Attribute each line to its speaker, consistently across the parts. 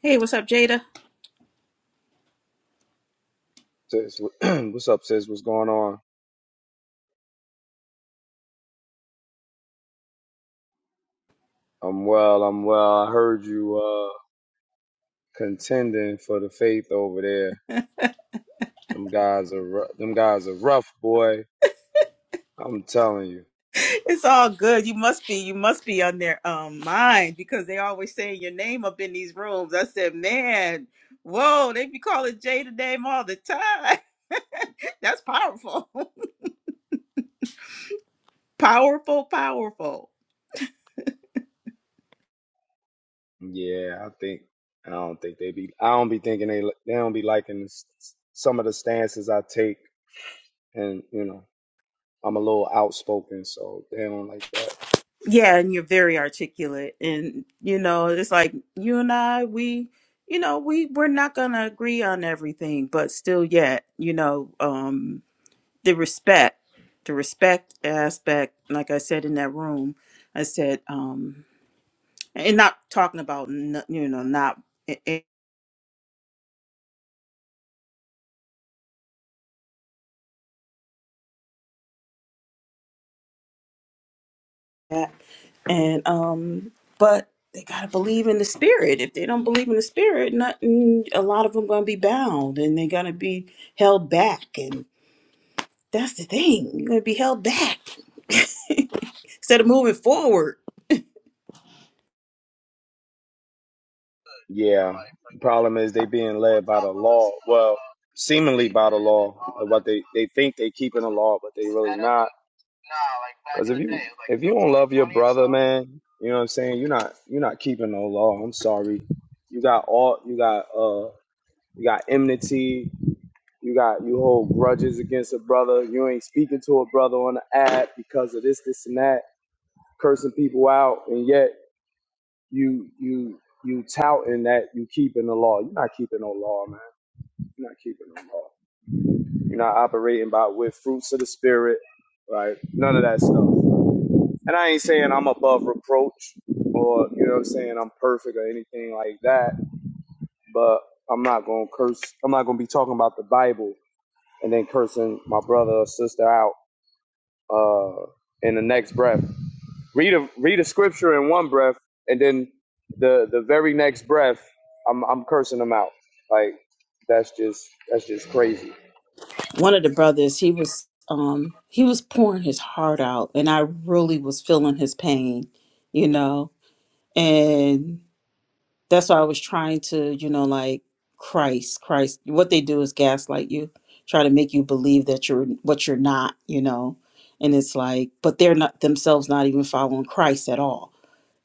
Speaker 1: Hey, what's up, Jada?
Speaker 2: Sis, what's up, sis? What's going on? I'm well. I'm well. I heard you uh contending for the faith over there. Them guys are ru- them guys are rough, boy. I'm telling you.
Speaker 1: It's all good. You must be you must be on their um mind because they always saying your name up in these rooms. I said, man, whoa, they be calling Jada name all the time. That's powerful. Powerful, powerful.
Speaker 2: Yeah, I think I don't think they be. I don't be thinking they li- they don't be liking s- s- some of the stances I take, and you know I'm a little outspoken, so they don't like that.
Speaker 1: Yeah, and you're very articulate. And you know, it's like you and I, we you know, we we're not gonna agree on everything, but still yet, you know, um the respect the respect aspect like i said in that room i said um and not talking about n- you know not i- i- that and um but they gotta believe in the spirit if they don't believe in the spirit nothing a lot of them gonna be bound and they gonna be held back that's the thing. You're gonna be held back instead of moving forward.
Speaker 2: Yeah. The problem is they being led by the law. Well, seemingly by the law, or what they they think they keeping the law, but they really not. Cause if you like if you don't love your brother, man, you know what I'm saying. You're not you're not keeping no law. I'm sorry. You got all you got uh you got enmity. You got you hold grudges against a brother. You ain't speaking to a brother on the app because of this this and that. Cursing people out, and yet you you you touting that you keeping the law. You're not keeping no law, man. You're not keeping no law. You're not operating by with fruits of the spirit, right? None of that stuff. And I ain't saying I'm above reproach or, you know what I'm saying, I'm perfect or anything like that, but I'm not going to curse. I'm not going to be talking about the Bible and then cursing my brother or sister out uh, in the next breath. Read a, read a scripture in one breath and then the, the very next breath, I'm, I'm cursing them out. Like, that's just, that's just crazy.
Speaker 1: One of the brothers, he was um he was pouring his heart out and I really was feeling his pain, you know. And that's why I was trying to, you know, like Christ, Christ. What they do is gaslight you, try to make you believe that you're what you're not, you know. And it's like, but they're not themselves not even following Christ at all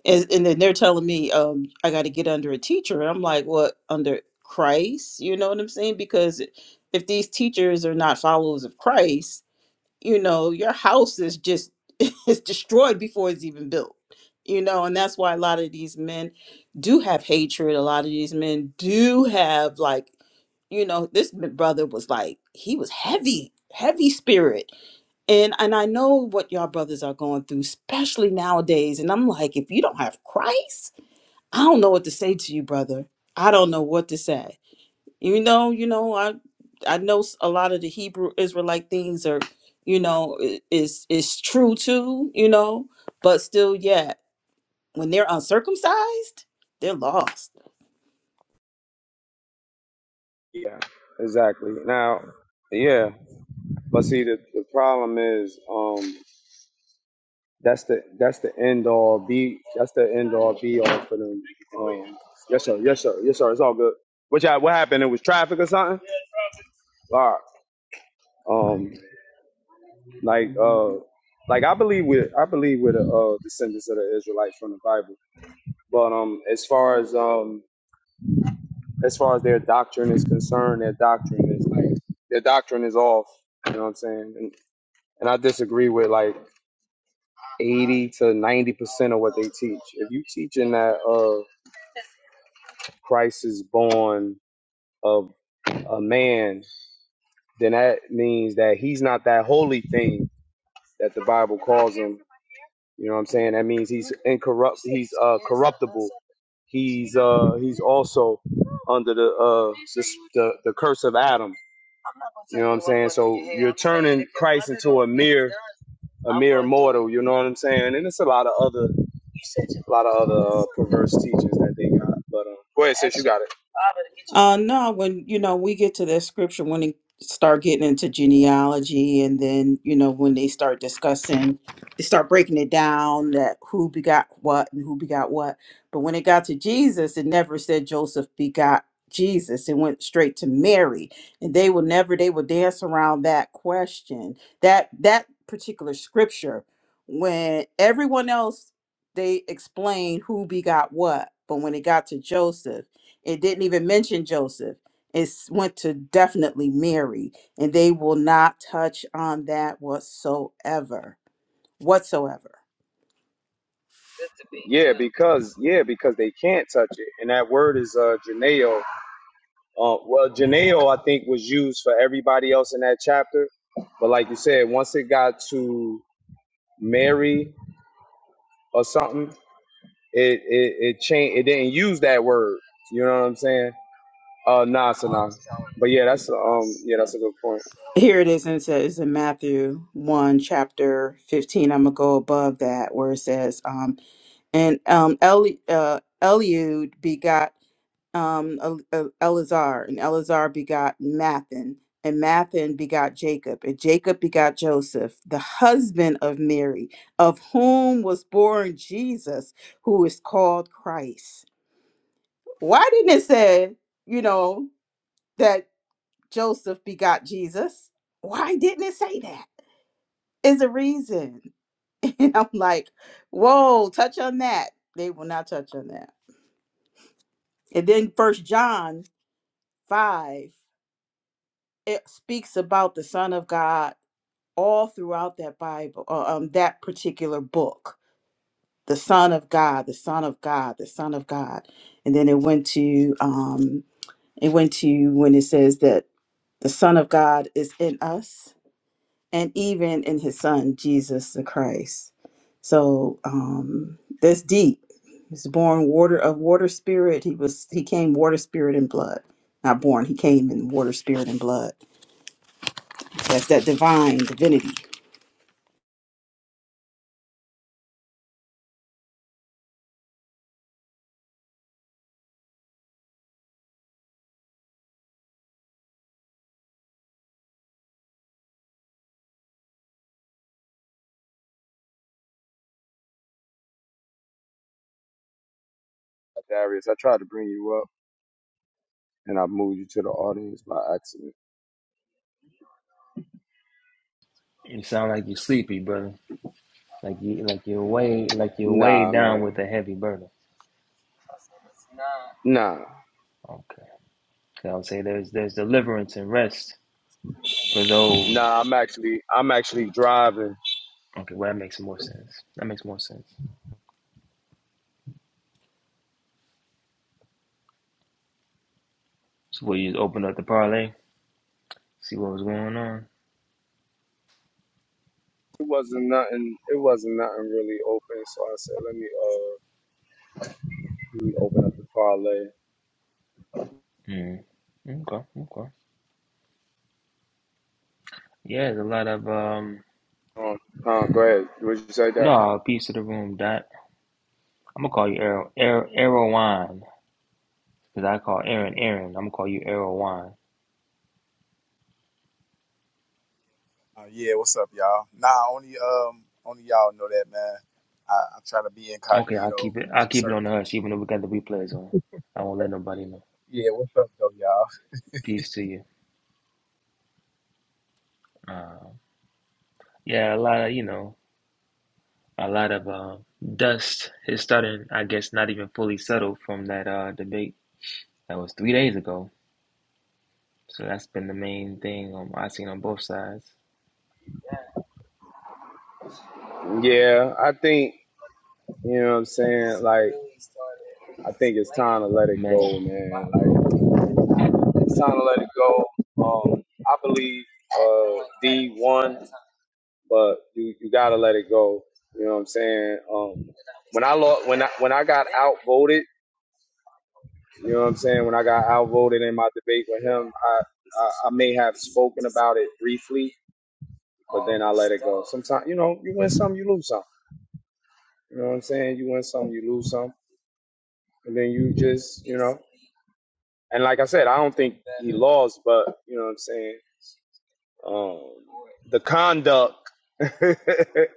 Speaker 1: and, and then they're telling me um i got to get under a teacher and i'm like what under christ you know what i'm saying because if these teachers are not followers of christ you know your house is just is destroyed before it's even built you know and that's why a lot of these men do have hatred a lot of these men do have like you know this m- brother was like he was heavy heavy spirit and and I know what y'all brothers are going through, especially nowadays. And I'm like, if you don't have Christ, I don't know what to say to you, brother. I don't know what to say. You know, you know, I I know s- a lot of the Hebrew Israelite things are, you know, i- is is true too, you know, but still, yeah, when they're uncircumcised, they're lost
Speaker 2: Yeah, exactly. Now, yeah, but see, the, the problem is, um. That's the that's the end all be that's the end all be all for them. Um, yes sir, yes sir, yes sir. It's all good. What y'all, what happened? It was traffic or something. All right. Um, like uh, like I believe we I believe we're the uh, descendants of the Israelites from the Bible. But um, as far as um as far as their doctrine is concerned, their doctrine is like their doctrine is off. You know what I'm saying? And, and I disagree with like 80 to 90 percent of what they teach. If you teaching that uh Christ is born of a man, then that means that he's not that holy thing that the Bible calls him. You know what I'm saying? That means he's incorrupt. He's uh, corruptible. He's uh, he's also under the uh, the, the the curse of Adam. You know what I'm saying? So you're turning Christ into a mere a mere mortal. You know what I'm saying? And it's a lot of other a lot of other uh, perverse teachers that they got. But um, go ahead, sis. You got it.
Speaker 1: Uh, no, when you know we get to that scripture when they start getting into genealogy, and then you know when they start discussing, they start breaking it down that who begot what and who begot what. But when it got to Jesus, it never said Joseph begot Jesus. It went straight to Mary, and they will never they will dance around that question. That that particular scripture, when everyone else they explained who begot what, but when it got to Joseph it didn't even mention Joseph. It s- went to definitely Mary, and they will not touch on that whatsoever. Whatsoever.
Speaker 2: Yeah, because yeah, because they can't touch it, and that word is uh, Janeo. Uh, well, Janeo, I think, was used for everybody else in that chapter, but like you said, once it got to Mary or something, it it, it changed. It didn't use that word. You know what I'm saying? Uh, nah, so nah. But yeah, that's um, yeah, that's a good point,
Speaker 1: Here it is, and it says in Matthew 1, chapter 15. I'm going to go above that, where it says, um, And um, Eli- uh, Eliud begot um, El- El- Elazar, and Elazar begot Mathan, and Mathan begot Jacob, and Jacob begot Joseph, the husband of Mary, of whom was born Jesus, who is called Christ. Why didn't it say, you know, that Joseph begot Jesus? Why didn't it say that? Is a reason. And I'm like, whoa, touch on that. They will not touch on that. And then first John 5. it speaks about the Son of God all throughout that Bible, uh, um, that particular book. The Son of God, the Son of God, the Son of God, and then it went to um, it went to when it says that the Son of God is in us, and even in His Son Jesus the Christ. So um, that's deep. He was born water of water spirit. He was he came water spirit and blood. Not born. He came in water spirit and blood. That's that divine divinity
Speaker 2: Darius. I tried to bring you up, and I moved you to the audience by accident.
Speaker 3: You sound like you're sleepy, brother. Like you, like you're way, like you're way
Speaker 2: Nah,
Speaker 3: down with
Speaker 2: man,
Speaker 3: a heavy burden.
Speaker 2: nah,
Speaker 3: Okay. So I would say there's there's deliverance and rest for those.
Speaker 2: nah. I'm actually I'm actually driving.
Speaker 3: Okay, well that makes more sense. That makes more sense. So we just opened up the parlay, see what was going on.
Speaker 2: It wasn't nothing. It wasn't nothing really open. So I said, let me uh, let me open up the parlay.
Speaker 3: Mm. Okay, okay. Yeah, there's a lot of um.
Speaker 2: Um, uh, go ahead. What you say there?
Speaker 3: No, piece of the room. Dot. I'm gonna call you Arrow Arrow Arrowwine because I call Aaron Aaron. I'm gonna call you Arrowwine.
Speaker 4: Uh, yeah, what's up, y'all? Nah, only um, only y'all know that, man. I, I try to be
Speaker 3: Okay, I'll
Speaker 4: incognito
Speaker 3: keep it.
Speaker 4: to
Speaker 3: I'll keep it
Speaker 4: certain
Speaker 3: on the hush, even though we got the replays on. I won't let nobody know.
Speaker 4: people. Yeah, what's up, though, y'all?
Speaker 3: Peace to you. Uh, yeah, a lot of you know, a lot of uh, dust is starting. I guess not even fully settled from that uh, debate that was three days ago. So that's been the main thing um, I've seen on both sides.
Speaker 2: Yeah, I think you know what I'm saying. Like, I think it's time to let it
Speaker 3: Man,
Speaker 2: go, man. Like, it's time to let it go. Um, I believe uh D won, but you you gotta let it go. You know what I'm saying? Um, when I lost, when I when I got outvoted. You know what I'm saying? When I got outvoted in my debate with him, I, I, I may have spoken about it briefly, but then I let it go. Sometimes, you know, you win some, you lose some. You know what I'm saying? You win some, you lose some. And then you just, you know. And like I said, I don't think he lost, but, you know what I'm saying? Um, the conduct, the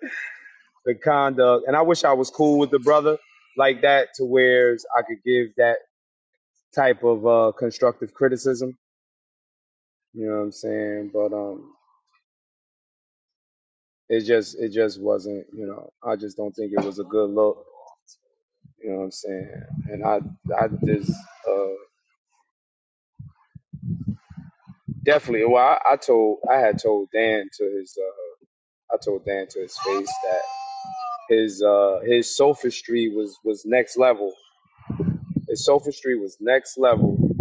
Speaker 2: conduct. And I wish I was cool with the brother like that to where I could give that type of uh, constructive criticism. You know what I'm saying? But, um, It just it just wasn't, you know, I just don't think it was a good look. You know what I'm saying? And I I just uh definitely well I, I told I had told Dan to his uh I told Dan to his face that his uh his sophistry was was next level. His sophistry was next level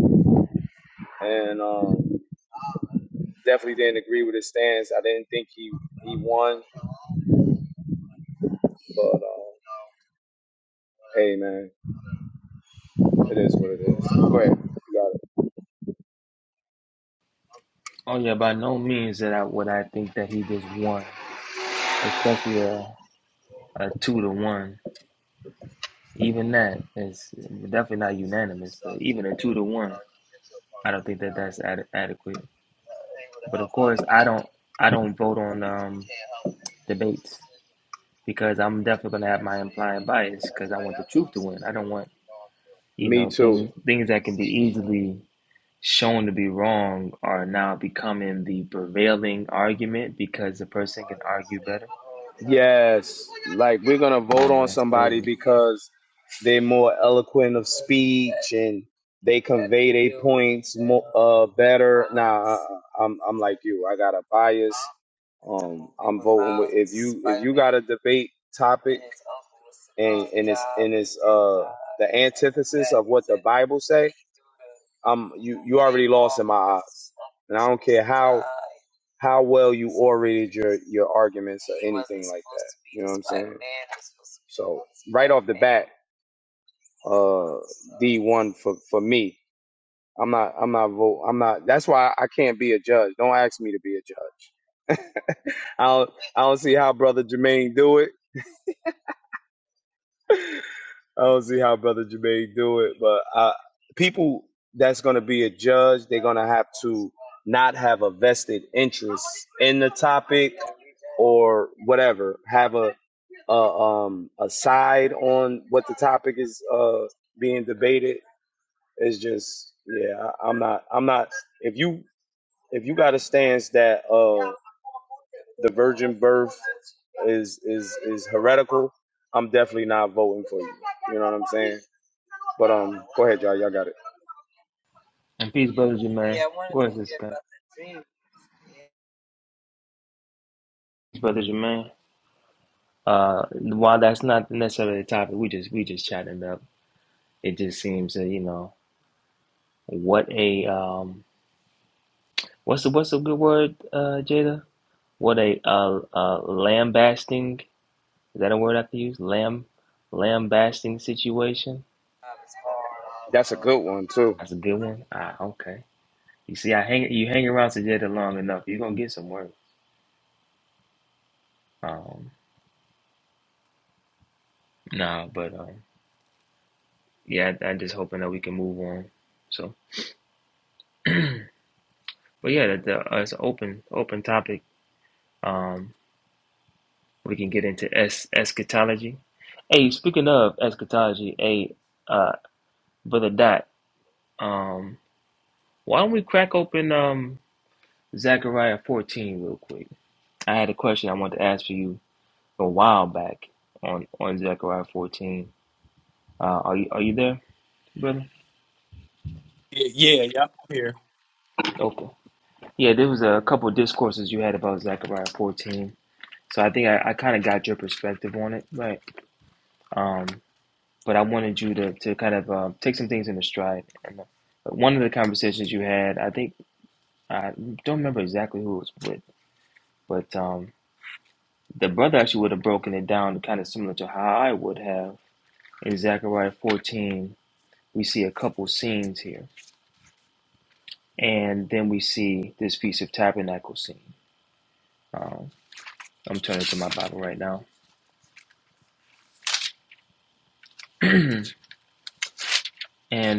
Speaker 2: and um definitely didn't agree with his stance. I didn't think he he won, but uh, hey man, it is what it is. Go ahead. You got it.
Speaker 3: oh yeah, by no means that I would I think that he just won, especially a a two to one. Even that is definitely not unanimous, but even a two to one, I don't think that that's ad- adequate. But of course, I don't I don't vote on um, debates. because I'm definitely gonna have my implying bias because I want the truth to win. I don't want you
Speaker 2: Me
Speaker 3: know
Speaker 2: too.
Speaker 3: things things that can be easily shown to be wrong are now becoming the prevailing argument because the person can argue better.
Speaker 2: Yes, like we're gonna vote
Speaker 3: Yeah,
Speaker 2: on
Speaker 3: that's
Speaker 2: somebody
Speaker 3: crazy.
Speaker 2: because they're more eloquent of speech and they convey their points more uh better. Nah, I- I'm I'm like you. I got a bias. Um, I'm voting with if you if you got a debate topic and and it's and it's uh the antithesis of what the Bible say, um you you already lost in my eyes, and I don't care how how well you orated your your arguments or anything like that. You know what I'm saying? So right off the bat, uh, D one for for me. I'm not I'm not vote. I'm not. That's why I can't be a judge. Don't ask me to be a judge. I don't, I don't see how brother Jermaine do it. I don't see how brother Jermaine do it. But uh, people that's going to be a judge, they're going to have to not have a vested interest in the topic or whatever. Have a a, um, a side on what the topic is uh, being debated. It's just yeah, I- I'm not I'm not. If you if you got a stance that uh, the virgin birth is is is heretical, I'm definitely not voting for you. You know what I'm saying? But um, go ahead, y'all. Y'all got it.
Speaker 3: And peace, brother Jermaine. Where's this guy? Peace, brother Jermaine. Uh, while that's not necessarily the topic, we just we just chatting it up. It just seems that you know what a um what's the what's a good word uh Jada? What a uh, uh lambasting Is that a word I could use? Lamb, lambasting situation.
Speaker 2: That's a good one too.
Speaker 3: That's a good one. Ah, okay. You see, I hang you hang around Sajeda long enough, you're gonna get some work. Um, nah, but um, yeah, I, I'm just hoping that we can move on. So, but yeah, that the, uh, it's an open open topic. Um, we can get into es- eschatology. Hey, speaking of eschatology, hey, uh, brother Dot, um, why don't we crack open um Zechariah 14 real quick? I had a question I wanted to ask for you a while back on on Zechariah 14. Uh, are you are you there, brother?
Speaker 4: Yeah, yeah, yeah, I'm here.
Speaker 3: Okay. Yeah, there was a couple of discourses you had about Zechariah 14. So I think I, I kind of got your perspective on it, right? Um, but I wanted you to, to kind of uh, take some things in the stride. And uh, one of the conversations you had, I think I don't remember exactly who it was with, but um, the brother actually would have broken it down kind of similar to how I would have in Zechariah 14. We see a couple scenes here And then we see this Feast of Tabernacle scene. Um, I'm turning to my Bible right now. and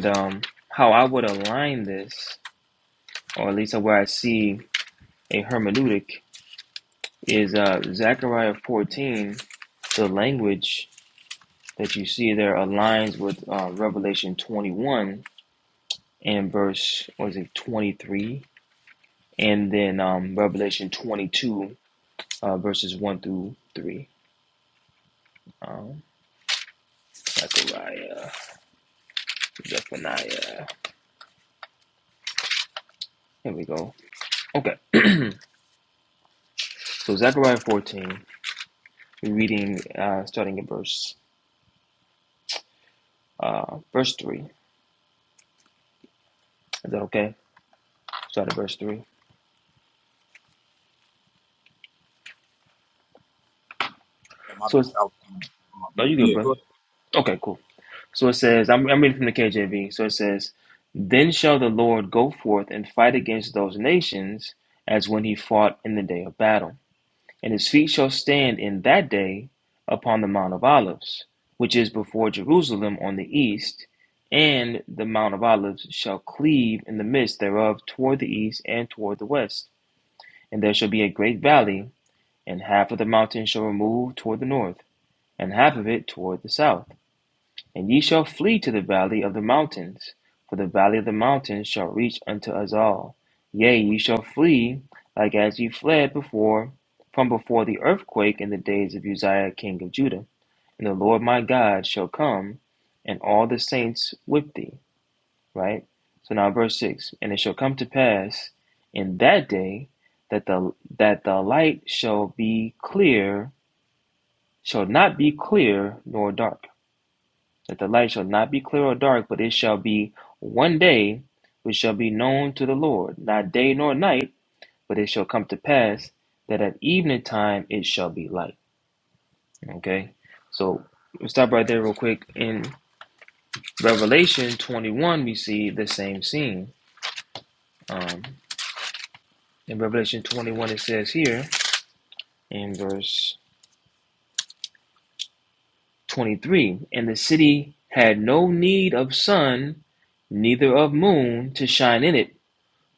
Speaker 3: um, how I would align this, or at least where I see a hermeneutic, is uh, Zechariah 14, the language that you see there aligns with uh, Revelation 21 and verse, what is it, 23, and then um, Revelation 22, uh, verses 1 through 3. Um, Zechariah, Zephaniah. Here we go. Okay. So Zechariah 14, we're reading uh, starting at verse uh, verse 3. Is that okay? Start at verse 3.
Speaker 4: Yeah, my bad.
Speaker 3: So it's,
Speaker 4: I was, on my on my
Speaker 3: are
Speaker 4: mute.
Speaker 3: you good,
Speaker 4: yeah, go.
Speaker 3: brother? Okay, cool. So it says, I'm, I'm reading from the KJV. So it says, Then shall the Lord go forth and fight against those nations as when he fought in the day of battle. And his feet shall stand in that day upon the Mount of Olives, which is before Jerusalem on the east, and the Mount of Olives shall cleave in the midst thereof toward the east and toward the west. And there shall be a great valley, and half of the mountain shall remove toward the north, and half of it toward the south. And ye shall flee to the valley of the mountains, for the valley of the mountains shall reach unto us all. Yea, ye shall flee like as ye fled before from before the earthquake in the days of Uzziah king of Judah. And the Lord my God shall come, and all the saints with thee. Right? So now verse six, and it shall come to pass in that day that the that the light shall be clear, shall not be clear nor dark that the light shall not be clear or dark, but it shall be one day which shall be known to the Lord, not day nor night, but it shall come to pass that at evening time it shall be light. Okay, so we'll stop right there real quick. In Revelation 21, we see the same scene. Um, in Revelation 21, it says here in verse 23 And the city had no need of sun, neither of moon to shine in it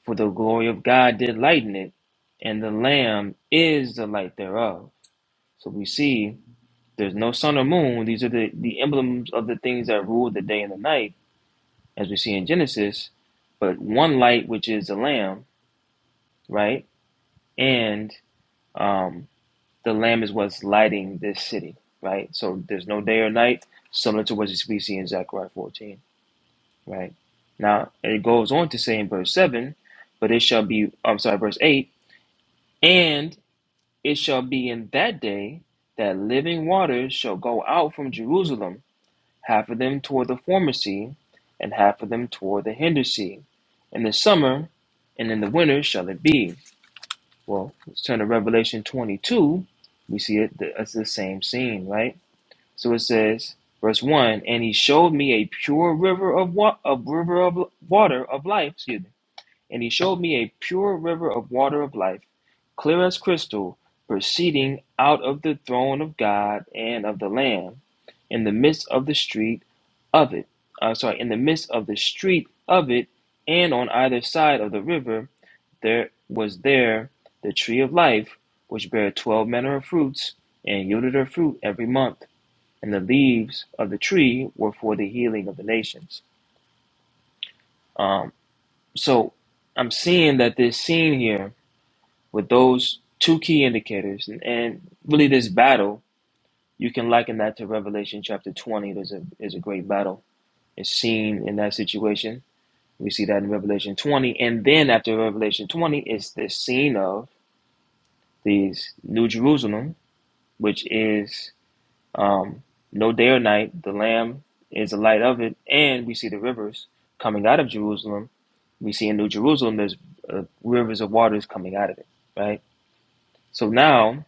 Speaker 3: For the glory of God did lighten it, and the Lamb is the light thereof. So we see there's no sun or moon. These are the, the emblems of the things that rule the day and the night, as we see in Genesis, but one light, which is the Lamb, right? And um, the Lamb is what's lighting this city, right? So there's no day or night, similar to what we see in Zechariah 14, right? Now, it goes on to say in verse 7, but it shall be, I'm sorry, verse 8, and It shall be in that day that living waters shall go out from Jerusalem, half of them toward the former sea, and half of them toward the hinder sea. In the summer and in the winter shall it be. Well, let's turn to Revelation 22. We see it, it's the same scene, right? So it says, verse 1 And he showed me a pure river of, wa- of, river of water of life, excuse me. And he showed me a pure river of water of life, clear as crystal, proceeding out of the throne of God and of the Lamb, in the midst of the street of it. I'm sorry, in the midst of the street of it, and on either side of the river there was there the tree of life, which bare twelve manner of fruits, and yielded her fruit every month. And the leaves of the tree were for the healing of the nations. Um, so I'm seeing that this scene here With those two key indicators, and, and really this battle, you can liken that to Revelation chapter 20. There's a, there's a great battle. It's seen in that situation. We see that in Revelation 20. And then after Revelation 20, it's the scene of these New Jerusalem, which is um, no day or night. The Lamb is the light of it. And we see the rivers coming out of Jerusalem. We see in New Jerusalem, there's uh, rivers of waters coming out of it, right? So now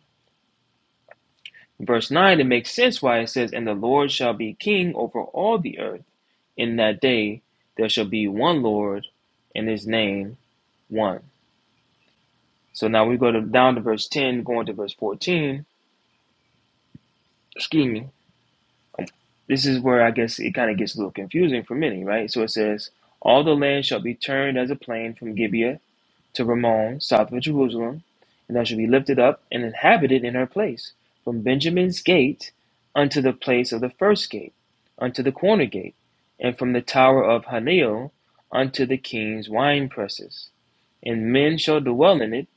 Speaker 3: Verse 9, it makes sense why it says, And the Lord shall be king over all the earth. In that day there shall be one Lord, and his name one. So now we go to, down to verse 10, going to verse 14. Excuse me. This is where I guess it kind of gets a little confusing for many, right? So it says, All the land shall be turned as a plain from Gibeah to Ramon south of Jerusalem, and thou shalt be lifted up and inhabited in her place, from Benjamin's gate unto the place of the first gate, unto the corner gate, and from the tower of Hanel unto the king's wine presses. And men shall dwell in it,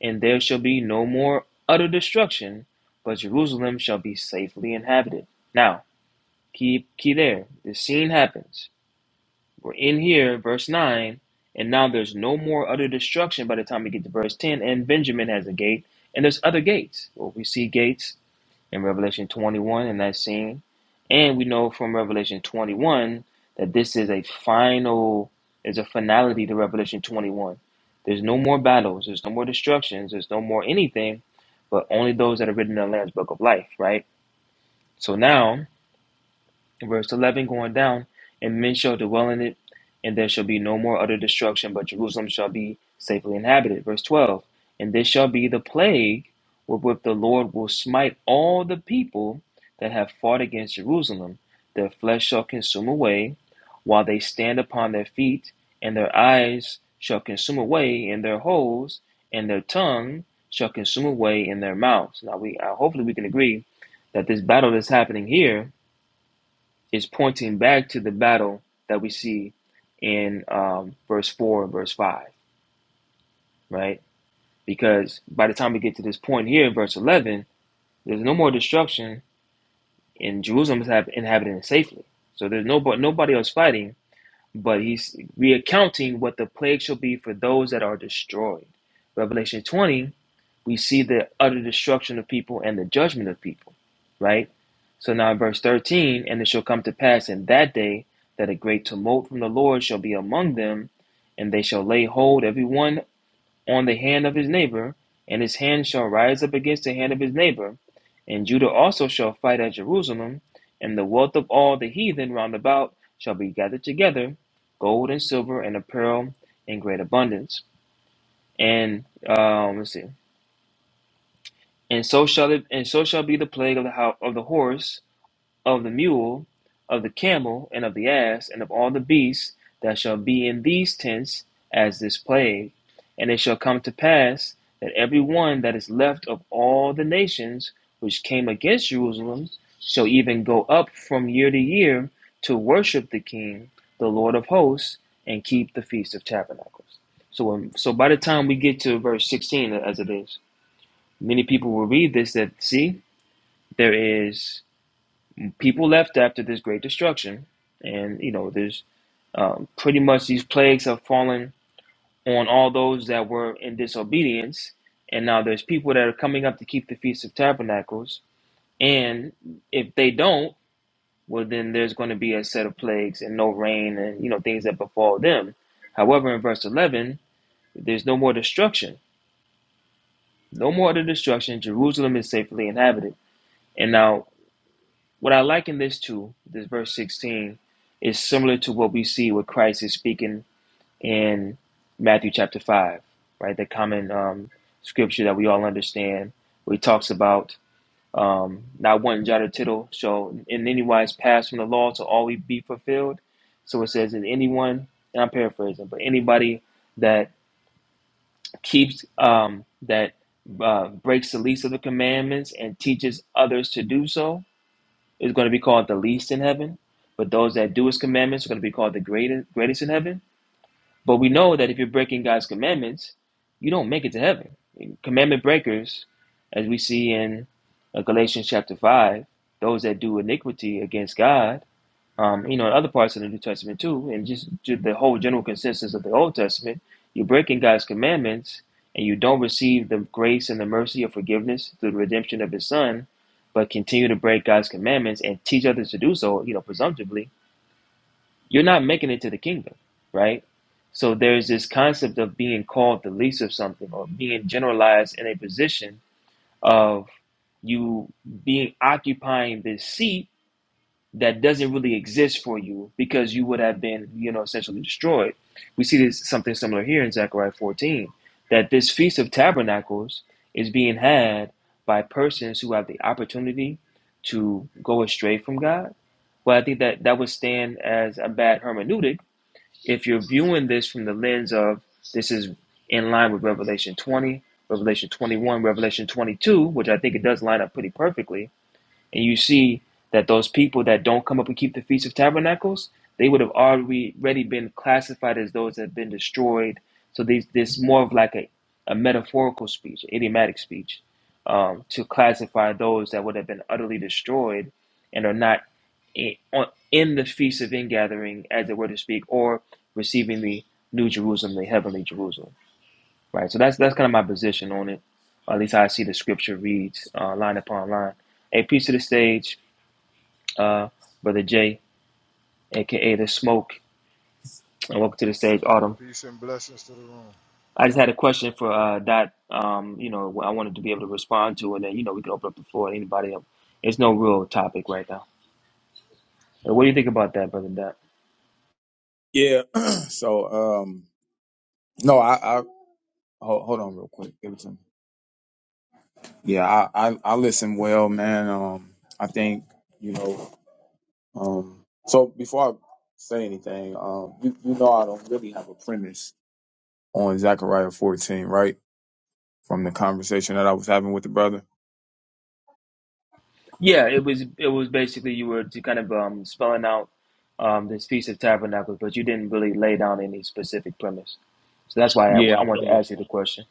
Speaker 3: and there shall be no more utter destruction, but Jerusalem shall be safely inhabited. Now, keep key there. This scene happens. We're in here, verse 9, and now there's no more utter destruction by the time we get to verse 10. And Benjamin has a gate, and there's other gates. Well, we see gates in Revelation 21 in that scene. And we know from Revelation 21 that this is a final, is a finality to Revelation 21. There's no more battles, there's no more destructions, there's no more anything, but only those that are written in the Lamb's Book of Life, right? So now verse 11 going down, and men shall dwell in it, and there shall be no more utter destruction, but Jerusalem shall be safely inhabited. Verse 12, and this shall be the plague wherewith the Lord will smite all the people that have fought against Jerusalem. Their flesh shall consume away, while they stand upon their feet, and their eyes shall consume away in their holes, and their tongue shall consume away in their mouths. Now, we uh, hopefully we can agree that this battle that's happening here is pointing back to the battle that we see in um, verse 4 and verse 5, right? Because by the time we get to this point here in verse 11, there's no more destruction, and Jerusalem is hab- inhabited safely. So there's no, nobody else fighting but he's reaccounting what the plague shall be for those that are destroyed. Revelation 20, we see the utter destruction of people and the judgment of people, right? So now in verse 13, and it shall come to pass in that day that a great tumult from the Lord shall be among them, and they shall lay hold every one on the hand of his neighbor, and his hand shall rise up against the hand of his neighbor. And Judah also shall fight at Jerusalem, and the wealth of all the heathen round about shall be gathered together, gold and silver and apparel in great abundance. And um, let's see. And so shall it, and so shall be the plague of the house of the horse of the mule, of the camel, and of the ass, and of all the beasts that shall be in these tents as this plague. And it shall come to pass that every one that is left of all the nations which came against Jerusalem shall even go up from year to year to worship the King, the Lord of hosts, and keep the Feast of Tabernacles. So, when, so by the time we get to verse 16, as it is, many people will read this that see there is People left after this great destruction, and you know, there's um, pretty much these plagues have fallen on all those that were in disobedience, and now there's people that are coming up to keep the feast of tabernacles, and if they don't, well, then there's going to be a set of plagues and no rain and you know things that befall them. However, in verse 11, there's no more destruction, no more of the destruction. Jerusalem is safely inhabited, and now What I liken this to, this verse 16, is similar to what we see what Christ is speaking in Matthew chapter 5, right? The common um, scripture that we all understand, where he talks about um, not one jot or tittle shall in any wise pass from the law to always be fulfilled. So it says that anyone, and I'm paraphrasing, but anybody that keeps, um, that uh, breaks the least of the commandments and teaches others to do so, is going to be called the least in heaven, but those that do his commandments are going to be called the greatest, greatest in heaven. But we know that if you're breaking God's commandments, you don't make it to heaven. Commandment breakers, as we see in uh, Galatians chapter 5, those that do iniquity against God um, you know, in other parts of the New Testament too, and just, ju- the whole general consensus of the Old Testament, you're breaking God's commandments and you don't receive the grace and the mercy of forgiveness through the redemption of His Son, but continue to break God's commandments and teach others to do so, you know, presumptively, you're not making it to the kingdom, right? So there's this concept of being called the least of something or being generalized in a position of you being occupying this seat that doesn't really exist for you because you would have been, you know, essentially destroyed. We see this something similar here in Zechariah 14, that this feast of tabernacles is being had by persons who have the opportunity to go astray from God. Well, I think that that would stand as a bad hermeneutic if you're viewing this from the lens of this is in line with Revelation 20, Revelation 21, Revelation 22, which I think it does line up pretty perfectly and you see that those people that don't come up and keep the Feast of Tabernacles, they would have already already been classified as those that have been destroyed. So these, this more of like a, a metaphorical speech, idiomatic speech, um, to classify those that would have been utterly destroyed and are not in, on, in the Feast of Ingathering, as it were to speak, or receiving the New Jerusalem, the heavenly Jerusalem. Right. So that's that's kind of my position on it. Or at least how I see the scripture reads uh, line upon line. Hey, peace to the stage uh, Brother Jay, aka The Smoke, and welcome to the stage, Autumn.
Speaker 5: Peace and blessings to the room.
Speaker 3: I just had a question for uh, Dot. Um, you know, I wanted to be able to respond to, and then you know we can open up the floor to anybody else. It's no real topic right now. Uh, What do you think about that, Brother Dot?
Speaker 4: ahead. Yeah. so, um, no, I, I hold, hold on real quick. Give it to me. Yeah, I, I, I listen well, man. Um, I think you know. Um, so before I say anything, um, you, you know, I don't really have a premise on Zechariah 14, right? from the conversation that I was having with the brother.
Speaker 3: Yeah, it was it was basically you were to kind of um, spelling out um, this feast of tabernacles, but you didn't really lay down any specific premise. So that's why I,
Speaker 4: Yeah.
Speaker 3: I wanted to
Speaker 4: so-
Speaker 3: ask you the question.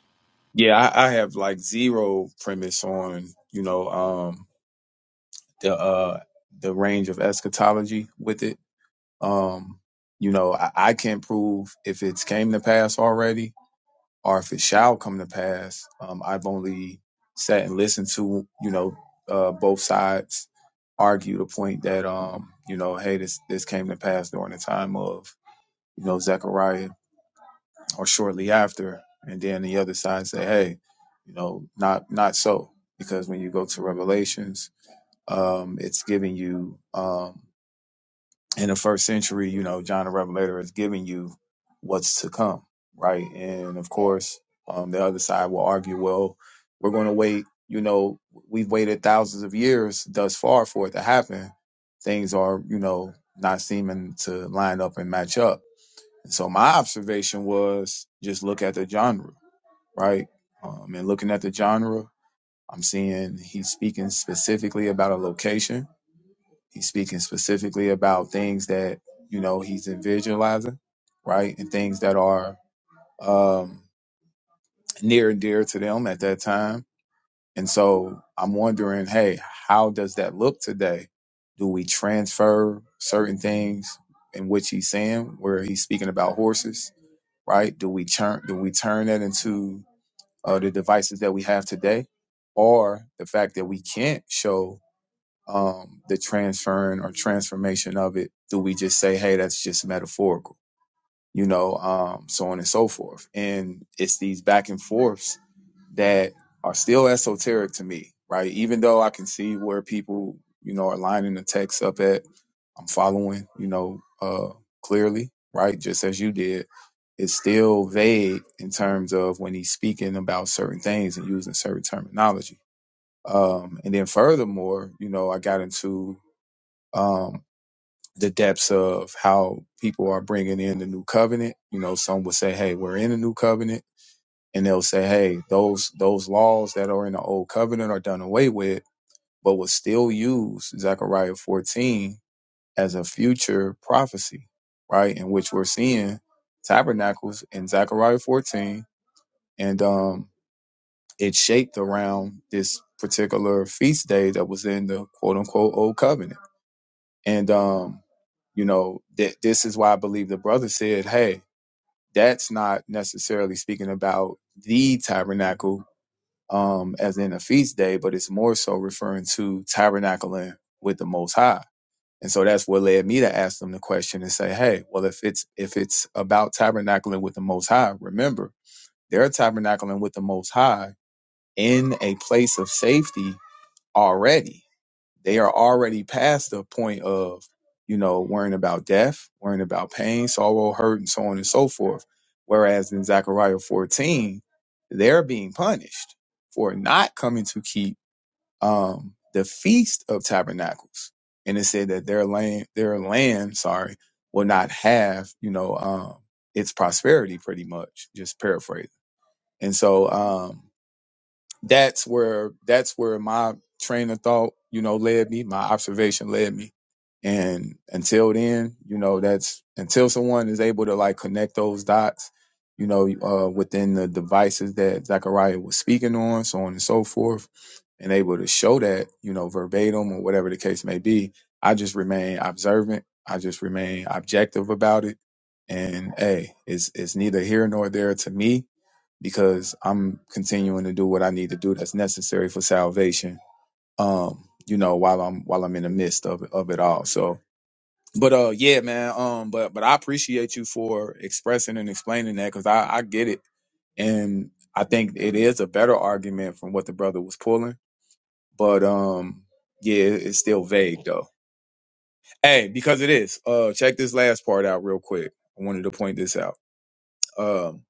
Speaker 4: Yeah, I, I have like zero premise on, you know, um the uh the range of eschatology with it. Um, you know, I, I can't prove if it's came to pass already or if it shall come to pass. Um, I've only sat and listened to, you know, uh both sides argue the point that um, you know, hey, this this came to pass during the time of, you know, Zechariah or shortly after, and then the other side say, "Hey, you know, not not so," because when you go to Revelations, um, it's giving you um, in the first century, you know, John the Revelator is giving you what's to come, right? And of course, um, the other side will argue, "Well, we're going to wait." You know, we've waited thousands of years thus far for it to happen. Things are, you know, not seeming to line up and match up and So my observation was just look at the genre, right? Um, and looking at the genre, I'm seeing he's speaking specifically about a location. He's speaking specifically about things that you know he's visualizing, right, and things that are um, near and dear to them at that time and so I'm wondering, hey, how does that look today? Do we transfer certain things in which he's saying, where he's speaking about horses, right? Do we turn do we turn that into uh, the devices that we have today, or the fact that we can't show um, the transferring or transformation of it? Do we just say, hey, that's just metaphorical? you know, um, so on and so forth. And it's these back and forths that are still esoteric to me, right? Even though I can see where people, you know, are lining the text up at, I'm following, you know, uh, clearly, right? Just as you did. It's still vague in terms of when he's speaking about certain things and using certain terminology. Um, and then furthermore, you know, I got into um, the depths of how people are bringing in the new covenant. You know, some will say, "Hey, we're in the new covenant," and they'll say, "Hey, those those laws that are in the old covenant are done away with, but will still use Zechariah 14 as a future prophecy, right? In which we're seeing tabernacles in Zechariah 14, and um, it's shaped around this particular feast day that was in the quote unquote old covenant." And um, you know, that this is why I believe the brother said, Hey, that's not necessarily speaking about the tabernacle, um, as in a feast day, but it's more so referring to tabernacling with the most high. And so that's what led me to ask them the question and say, Hey, well, if it's if it's about tabernacling with the most high, remember, they're tabernacling with the most high in a place of safety already they are already past the point of, you know, worrying about death, worrying about pain, sorrow, hurt, and so on and so forth. Whereas in Zechariah 14, they're being punished for not coming to keep um, the feast of tabernacles. And it said that their land, their land, sorry, will not have, you know, um, its prosperity pretty much, just paraphrasing, And so, um, that's where that's where my train of thought, you know, led me, my observation led me. And until then, you know, that's until someone is able to like connect those dots, you know, uh, within the devices that Zachariah was speaking on, so on and so forth, and able to show that, you know, verbatim or whatever the case may be, I just remain observant. I just remain objective about it. And hey, it's it's neither here nor there to me because I'm continuing to do what I need to do that's necessary for salvation. Um, you know, while I'm while I'm in the midst of of it all. So, but uh, yeah, man. Um, but but I appreciate you for expressing and explaining that because I I get it, and I think it is a better argument from what the brother was pulling. But um, yeah, it- it's still vague though. Hey, because it is. Uh, check this last part out real quick. I wanted to point this out. Um,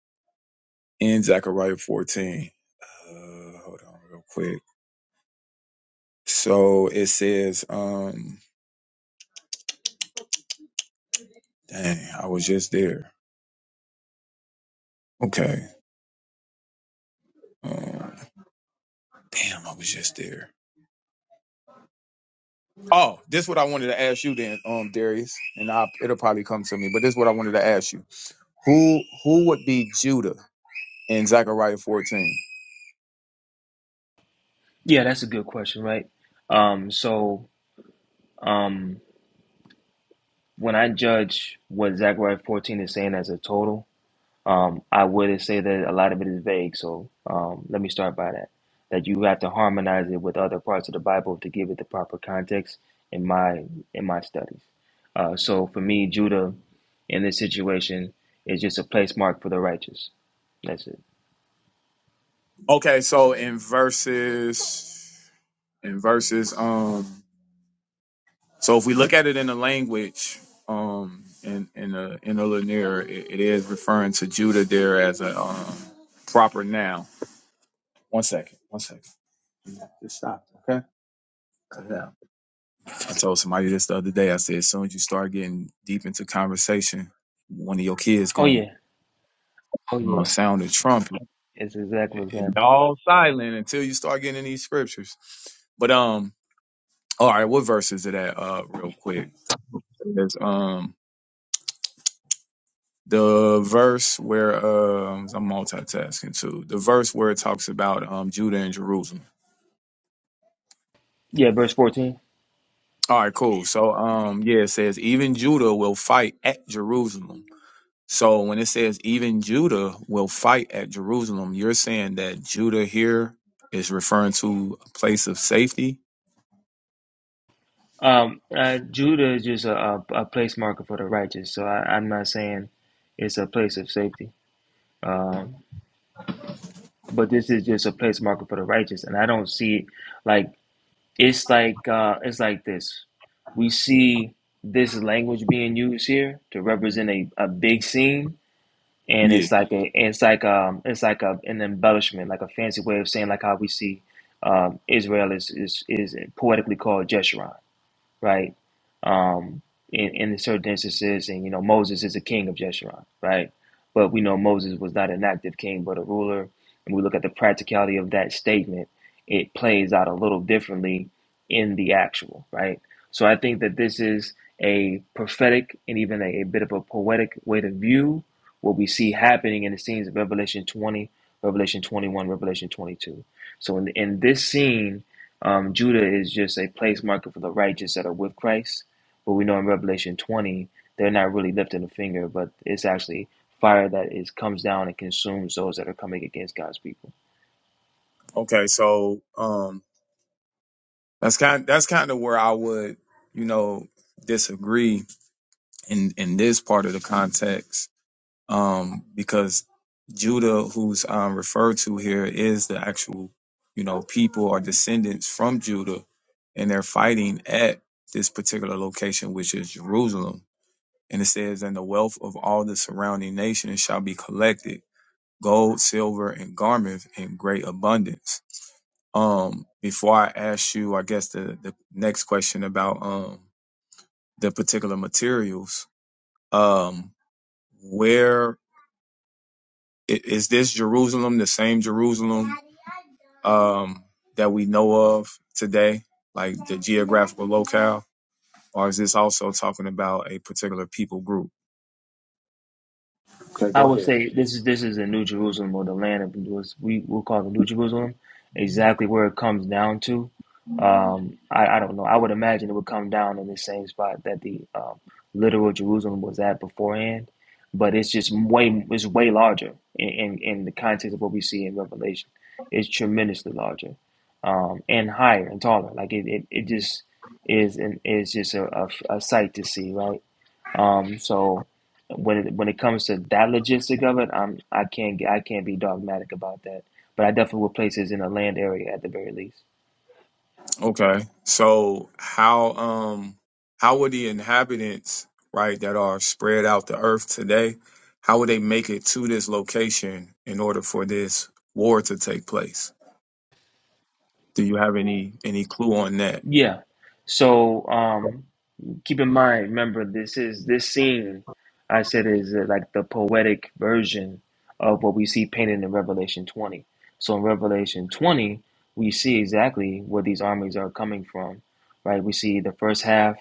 Speaker 4: in Zechariah 14. Uh, hold on real quick. So it says, um, dang, I was just there. Okay. Um, damn, I was just there. Oh, this is what I wanted to ask you then, um, Darius, and I, it'll probably come to me, but this is what I wanted to ask you. Who who would be Judah in Zechariah 14?
Speaker 3: Yeah, that's a good question, right? Um, so. Um, when I judge what Zechariah 14 is saying as a total, um, I would say that a lot of it is vague. So um, let me start by that. That you have to harmonize it with other parts of the Bible to give it the proper context in my in my studies. Uh, so for me, Judah in this situation is just a place mark for the righteous. That's it.
Speaker 4: Okay, so in verses in verses um so if we look at it in the language um in in the in the linear it, it is referring to Judah there as a um proper noun One second. One second. Just stop. Okay. Cut it out. I told somebody this the other day. I said, as soon as you start getting deep into conversation, one of your kids
Speaker 3: Oh
Speaker 4: going
Speaker 3: yeah. Oh
Speaker 4: to
Speaker 3: yeah.
Speaker 4: sound a trumpet.
Speaker 3: It's exactly what's
Speaker 4: And
Speaker 3: happening.
Speaker 4: all silent until you start getting in these scriptures. But um, all right, what verse is it at? Uh, real quick. It's um the verse where um I'm multitasking too. The verse where it talks about um Judah and Jerusalem.
Speaker 3: Yeah, verse 14.
Speaker 4: All right, cool. So um, yeah, it says even Judah will fight at Jerusalem So when it says even Judah will fight at Jerusalem, you're saying that Judah here is referring to a place of safety?
Speaker 3: Um, uh, Judah is just a, a, a place marker for the righteous, so I, I'm not saying it's a place of safety. Um, but this is just a place marker for the righteous, and I don't see it like it's like uh, it's like this. We see this language being used here to represent a, a big scene, and
Speaker 4: Yeah.
Speaker 3: it's like a it's like um it's like a an embellishment, like a fancy way of saying like how we see um, Israel is is is poetically called Jeshurun right? Um, in, in certain instances, and you know, Moses is a king of Jeshurun, right? But we know Moses was not an active king, but a ruler. And we look at the practicality of that statement; it plays out a little differently in the actual, right? So I think that this is a prophetic and even a, a bit of a poetic way to view what we see happening in the scenes of Revelation 20, Revelation 21, Revelation 22. So in, in this scene, um, Judah is just a place marker for the righteous that are with Christ. But we know in Revelation 20, they're not really lifting a finger, but it's actually fire that is comes down and consumes those that are coming against God's people.
Speaker 4: Okay, so um that's kind that's kind of where I would, you know, disagree in in this part of the context. Um because Judah who's um referred to here is the actual, you know, people or descendants from Judah and they're fighting at this particular location which is Jerusalem. And it says, And the wealth of all the surrounding nations shall be collected, gold, silver, and garments in great abundance. Um, before I ask you, I guess the, the next question about um the particular materials, um, where i- is this Jerusalem the same Jerusalem um that we know of today, like the geographical locale, or is this also talking about a particular people group?
Speaker 3: I would say this is this is the New Jerusalem or the land of was we will call the New Jerusalem. Exactly where it comes down to, um, I, I don't know. I would imagine it would come down in the same spot that the um, literal Jerusalem was at beforehand, but it's just way it's way larger in, in, in the context of what we see in Revelation. It's tremendously larger, um, and higher and taller. Like it, it, it just is an is just a, a, a sight to see, right? Um, so when it, when it comes to that logistic of it, I'm I can't I can't be dogmatic about that. But I definitely would place it in a land area at the very least.
Speaker 4: Okay. So how um how would the inhabitants, right, that are spread out the earth today, how would they make it to this location in order for this war to take place? Do you have any any clue on that?
Speaker 3: Yeah. So um, keep in mind, remember this is this scene I said is uh, like the poetic version of what we see painted in Revelation 20. So in Revelation 20, we see exactly where these armies are coming from, right? We see the first half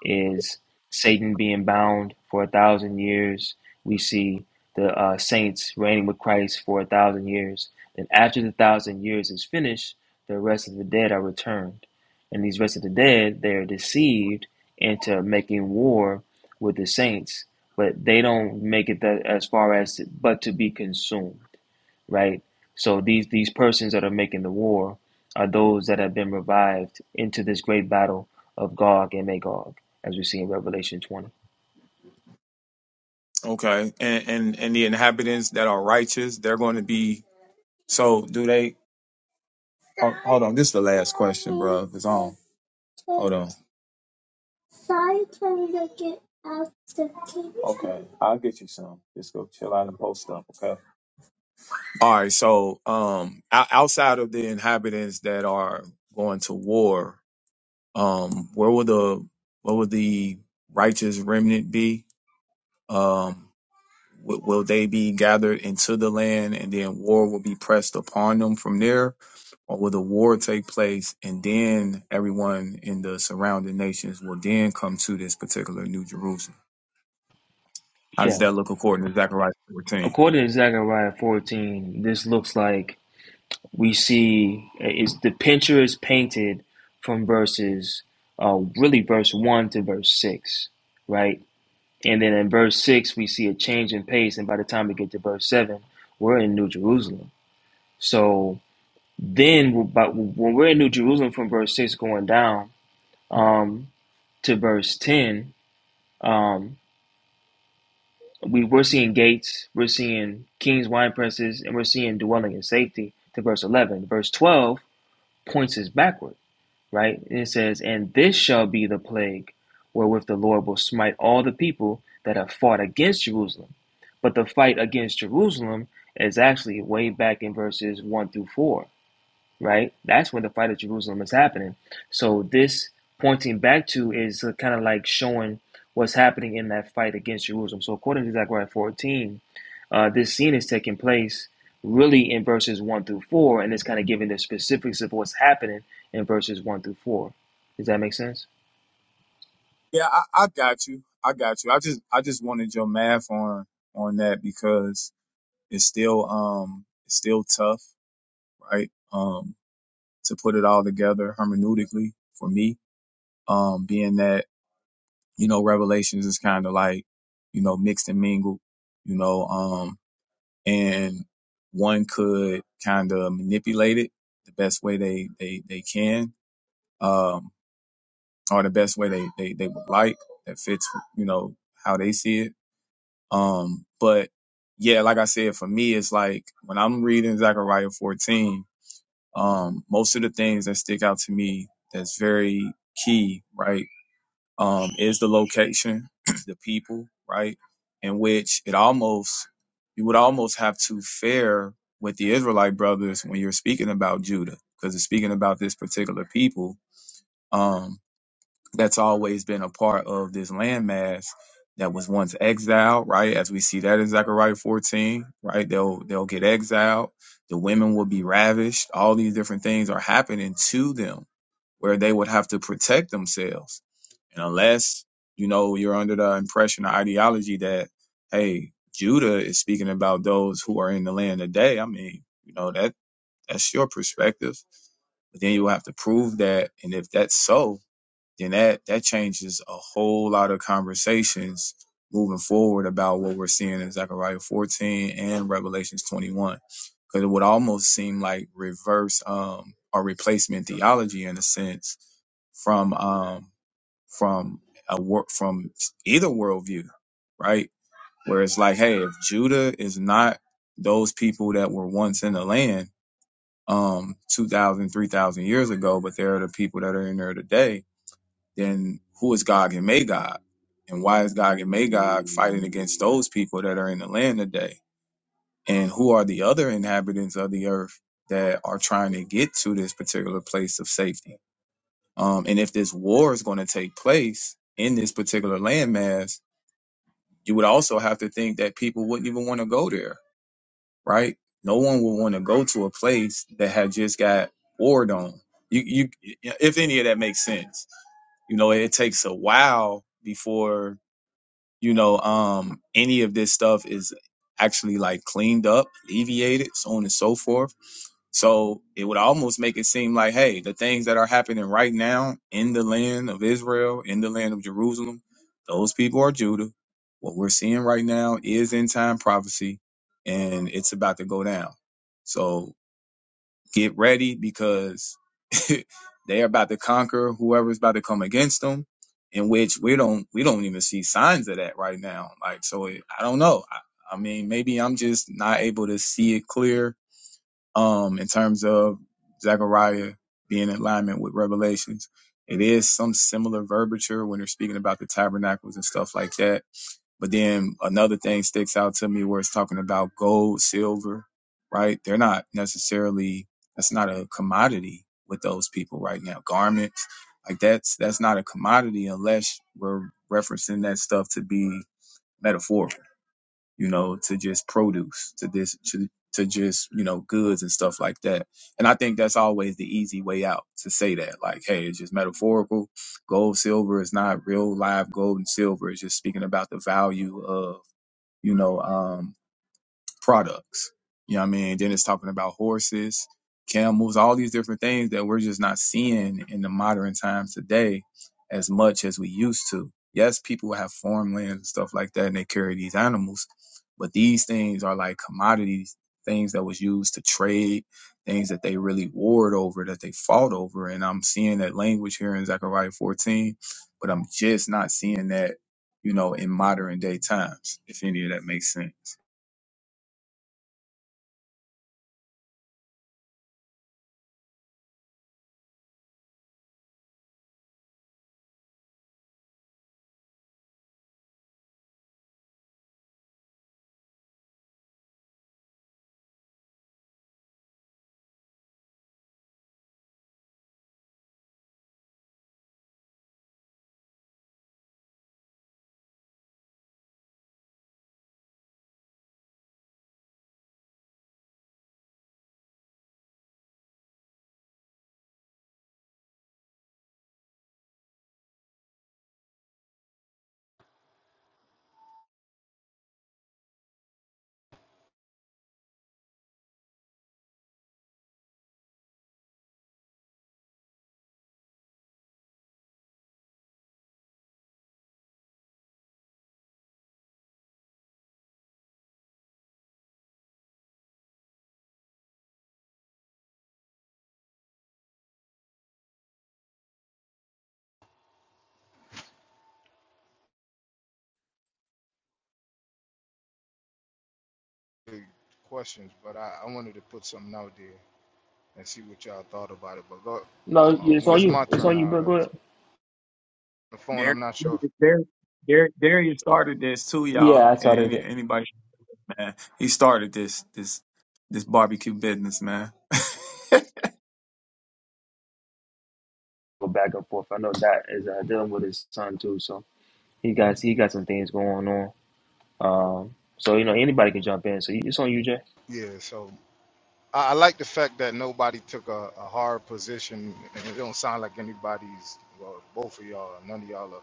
Speaker 3: is Satan being bound for a thousand years. We see the uh, saints reigning with Christ for a thousand years. And after the thousand years is finished, the rest of the dead are returned. And these rest of the dead, they are deceived into making war with the saints, but they don't make it that as far as to, but to be consumed, right? So these these persons that are making the war are those that have been revived into this great battle of Gog and Magog, as we see in Revelation 20.
Speaker 4: Okay. And and and the inhabitants that are righteous, they're going to be so do they Hold on, this is the last. I'll get you some. Just go chill out and post up, okay? All right. So, um, o- outside of the inhabitants that are going to war, um, where will the where will the righteous remnant be? Um, will, will they be gathered into the land, and then war will be pressed upon them from there, or will the war take place, and then everyone in the surrounding nations will then come to this particular New Jerusalem? How does
Speaker 3: Yeah.
Speaker 4: that look according to Zechariah 14?
Speaker 3: According to Zechariah 14, this looks like we see is the picture is painted from verses, uh, really verse 1 to verse 6, right? And then in verse 6, we see a change in pace. And by the time we get to verse 7, we're in New Jerusalem. So then, but when we're in New Jerusalem from verse 6 going down um, to verse 10, um, we, we're seeing gates, we're seeing kings, wine presses, and we're seeing dwelling in safety to verse 11. Verse 12 points us backwards right? it says, And this shall be the plague wherewith the Lord will smite all the people that have fought against Jerusalem. But the fight against Jerusalem is actually way back in verses 1 through 4 right? That's when the fight at Jerusalem is happening. So this pointing back to is kind of like showing what's happening in that fight against Jerusalem. So according to Zechariah 14, uh, this scene is taking place really in verses 1 through 4, and it's kind of giving the specifics of what's happening in verses 1 through 4. Does that make sense?
Speaker 4: Yeah, I, I got you. I got you. I just I just wanted your math on on that because it's still um it's still tough, right? Um. to put it all together hermeneutically for me. Um, being that, you know, Revelations is kind of like, you know, mixed and mingled, you know, um, and one could kind of manipulate it the best way they, they, they can, um, or the best way they, they, they would like that fits, you know, how they see it. Um, but yeah, like I said, for me, it's like when I'm reading Zechariah 14, um, most of the things that stick out to me that's very key, right, um, is the location, the people, right, in which it almost you would almost have to fare with the Israelite brothers when you're speaking about Judah, because it's speaking about this particular people. Um that's always been a part of this landmass that was once exiled, right? As we see that in Zechariah 14, right? They'll they'll get exiled, the women will be ravished, all these different things are happening to them where they would have to protect themselves. And unless, you know, you're under the impression or ideology that, hey, Judah is speaking about those who are in the land today, I mean, you know, that that's your perspective. But then you will have to prove that. And if that's so, then that that changes a whole lot of conversations moving forward about what we're seeing in Zechariah 14 and Revelations 21. Because it would almost seem like reverse um or replacement theology in a sense from um from a work from either worldview, right? Where it's like, hey, if Judah is not those people that were once in the land um 2000 years ago but they're the people that are in there today then who is Gog and Magog? And why is Gog and Magog fighting against those people that are in the land today? And who are the other inhabitants of the earth that are trying to get to this particular place of safety? Um, and if this war is going to take place in this particular landmass, you would also have to think that people wouldn't even want to go there right? No one would want to go to a place that had just got warred on. You, you, if any of that makes sense, you know, it takes a while before you know, um, any of this stuff is actually like cleaned up, alleviated, so on and so forth. So it would almost make it seem like, hey, the things that are happening right now in the land of Israel, in the land of Jerusalem, those people are Judah. What we're seeing right now is end time prophecy, and it's about to go down. So Get ready because they're about to conquer whoever's about to come against them. In which we don't we don't even see signs of that right now. Like so, it, I don't know. I, I mean, maybe I'm just not able to see it clear. Um, in terms of Zechariah being in alignment with Revelations, it is some similar verbiage when they're speaking about the tabernacles and stuff like that but then another thing sticks out to me where it's talking about gold, silver, right? They're not necessarily that's not a commodity with those people right now. Garments, like that's that's not a commodity unless we're referencing that stuff to be metaphorical, you know, to just produce, to this to to just, you know, goods and stuff like that. And I think that's always the easy way out to say that. Like, hey, it's just metaphorical. Gold, silver is not real live gold and silver. It's just speaking about the value of you know, um, products. You know what I mean? Then it's talking about horses, camels, all these different things that we're just not seeing in the modern times today as much as we used to. Yes, people have farmland and stuff like that and they carry these animals, but these things are like commodities, things that was used to trade, things that they really warred over, that they fought over. And I'm seeing that language here in Zechariah 14, but I'm just not seeing that, you know, in modern day times, if any of that makes sense.
Speaker 5: Big questions, but I, I wanted to put something out there and see what y'all thought about it. But go,
Speaker 3: No,
Speaker 5: um,
Speaker 3: it's
Speaker 5: when
Speaker 3: on
Speaker 5: it's
Speaker 3: you.
Speaker 5: my
Speaker 3: It's
Speaker 5: turn,
Speaker 3: on you,
Speaker 5: I,
Speaker 3: bro. Go ahead.
Speaker 5: the phone,
Speaker 4: Darius,
Speaker 5: I'm not sure.
Speaker 4: Darius, Darius Darius started this too,
Speaker 3: Yeah,
Speaker 4: y'all.
Speaker 3: I
Speaker 4: And
Speaker 3: saw
Speaker 4: any,
Speaker 3: that
Speaker 4: anybody, man, he started this this this barbecue business, man.
Speaker 3: go back and forth. I know that is uh, dealing with his son too, so he got he got some things going on. Um, so you know anybody can jump in. So you- it's on you, Jay.
Speaker 5: If, yeah, so I, I like the fact that nobody took a, a hard position, and it don't sound like anybody's. Well, both of y'all, none of y'all are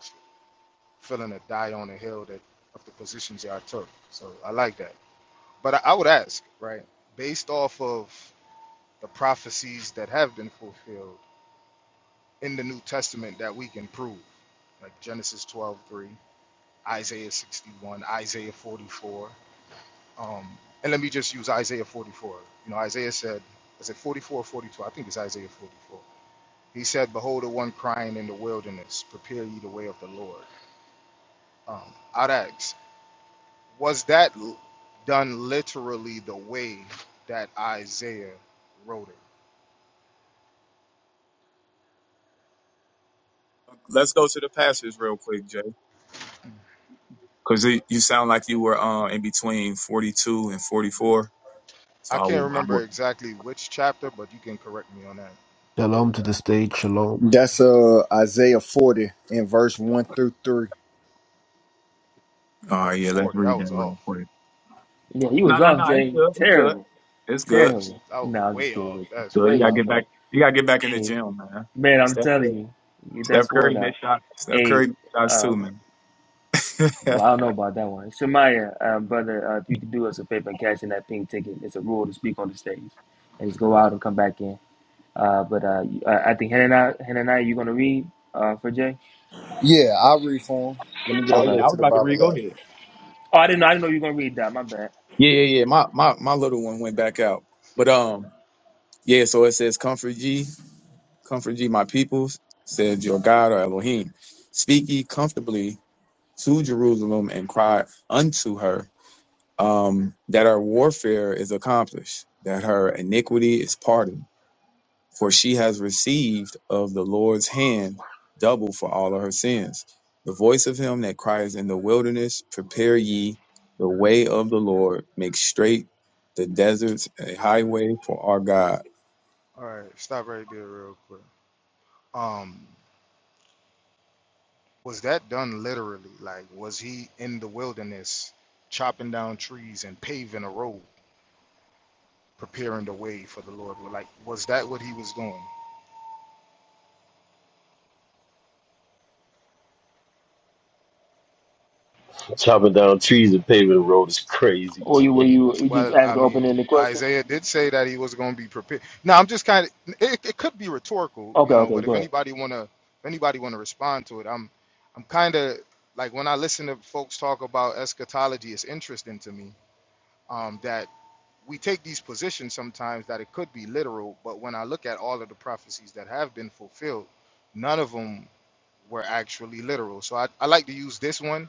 Speaker 5: feeling a die on the hill that of the positions y'all took. So I like that. But I, I would ask, right, based off of the prophecies that have been fulfilled in the New Testament that we can prove, like Genesis 12 3, Isaiah 61, Isaiah 44. Um, and let me just use Isaiah 44. You know, Isaiah said, is it 44 or 42? I think it's Isaiah 44. He said, Behold, the one crying in the wilderness, prepare ye the way of the Lord. Um, I'd ask, was that l- done literally the way that Isaiah wrote it?
Speaker 4: Let's go to the pastors real quick, Jay, because you sound like you were uh, in between forty two and forty four.
Speaker 5: I
Speaker 4: So I
Speaker 5: can't
Speaker 4: will, I
Speaker 5: remember
Speaker 4: will.
Speaker 5: exactly which chapter, but you can correct me on that.
Speaker 6: Shalom to the stage. Shalom.
Speaker 7: That's uh Isaiah 40 in verse 1 through 3.
Speaker 4: All
Speaker 5: Oh,
Speaker 4: right, yeah, let's
Speaker 5: 40, I
Speaker 4: read
Speaker 5: was
Speaker 4: that real
Speaker 5: off.
Speaker 4: quick.
Speaker 3: Yeah, he
Speaker 4: No,
Speaker 3: was
Speaker 4: no, no,
Speaker 3: off,
Speaker 4: it's
Speaker 3: Jay.
Speaker 4: good, it's good,
Speaker 3: Terrible.
Speaker 4: it's
Speaker 5: I
Speaker 4: good.
Speaker 5: was
Speaker 3: Terrible.
Speaker 5: I was
Speaker 3: No, I'm just
Speaker 5: way
Speaker 3: kidding
Speaker 5: off.
Speaker 3: with
Speaker 4: It's
Speaker 5: That's
Speaker 3: you.
Speaker 4: good. You
Speaker 3: Way
Speaker 5: crazy.
Speaker 4: gotta
Speaker 3: off,
Speaker 4: get back,
Speaker 3: brother.
Speaker 4: you gotta get back in the
Speaker 3: Hey,
Speaker 4: gym, man.
Speaker 3: man, I'm
Speaker 4: Steph Curry,
Speaker 3: telling you, get that
Speaker 4: Steph
Speaker 3: sword
Speaker 4: Curry missed
Speaker 3: out.
Speaker 4: shots. Steph Curry
Speaker 3: Hey,
Speaker 4: missed shots too,
Speaker 3: um,
Speaker 4: man. oh
Speaker 3: well, I don't know about that one. Shemaya, uh, brother, uh, if you could do us a favor and cash in that pink ticket, it's a rule to speak on the stage and just go out and come back in. Uh, but uh, you- uh, I think Hannah and I, you going to read uh, for Jay?
Speaker 7: Yeah, I'll read for him. Let me get over
Speaker 4: yeah,
Speaker 7: there
Speaker 4: I
Speaker 3: Okay.
Speaker 7: to
Speaker 4: was
Speaker 7: the
Speaker 4: about to read.
Speaker 7: Bible
Speaker 4: Go
Speaker 7: app.
Speaker 4: ahead.
Speaker 3: Oh, I didn't know. I didn't know you were going to read that. My bad.
Speaker 4: Yeah, yeah, yeah. My my my little one went back out. But um, yeah, so it says comfort ye, comfort ye my peoples, said your God or Elohim. Speak ye comfortably to Jerusalem and cry unto her, um, that her warfare is accomplished, that her iniquity is pardoned for she has received of the Lord's hand double for all of her sins. The voice of him that cries in the wilderness, Prepare ye the way of the Lord, make straight the deserts a highway for our God.
Speaker 5: All right, stop right there real quick. Um, was that done literally? Like, was he in the wilderness chopping down trees and paving a road, preparing the way for the Lord? Like, was that what he was doing?
Speaker 8: Chopping down trees and paving the road is crazy.
Speaker 3: Or you were you, you just
Speaker 5: Well,
Speaker 3: asked
Speaker 5: I
Speaker 3: to open
Speaker 5: mean,
Speaker 3: ended question?
Speaker 5: Isaiah did say that he was going to be prepared. Now, I'm just kind of it, it could be rhetorical, you
Speaker 3: Okay,
Speaker 5: know.
Speaker 3: okay,
Speaker 5: But
Speaker 3: go
Speaker 5: if
Speaker 3: ahead.
Speaker 5: anybody wanna if anybody wanna respond to it, I'm I'm kind of like when I listen to folks talk about eschatology, it's interesting to me um, that we take these positions sometimes that it could be literal, but when I look at all of the prophecies that have been fulfilled, none of them were actually literal. So I, I like to use this one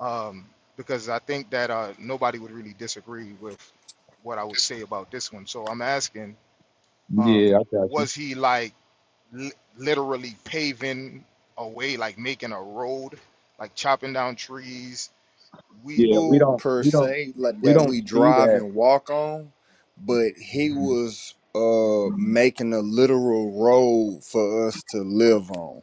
Speaker 5: um, because I think that uh, nobody would really disagree with what I would say about this one. So I'm asking, um,
Speaker 4: Yeah, I got you.
Speaker 5: was he like li- literally paving a way, like making a road, like chopping down trees? We,
Speaker 4: Yeah, we
Speaker 7: Food
Speaker 4: don't,
Speaker 7: per
Speaker 4: we don't,
Speaker 7: se, like
Speaker 4: we
Speaker 7: that
Speaker 4: don't
Speaker 7: we
Speaker 4: see
Speaker 7: drive
Speaker 4: that
Speaker 7: and walk on, but he
Speaker 5: Mhm.
Speaker 7: was uh making a literal road for us to live on.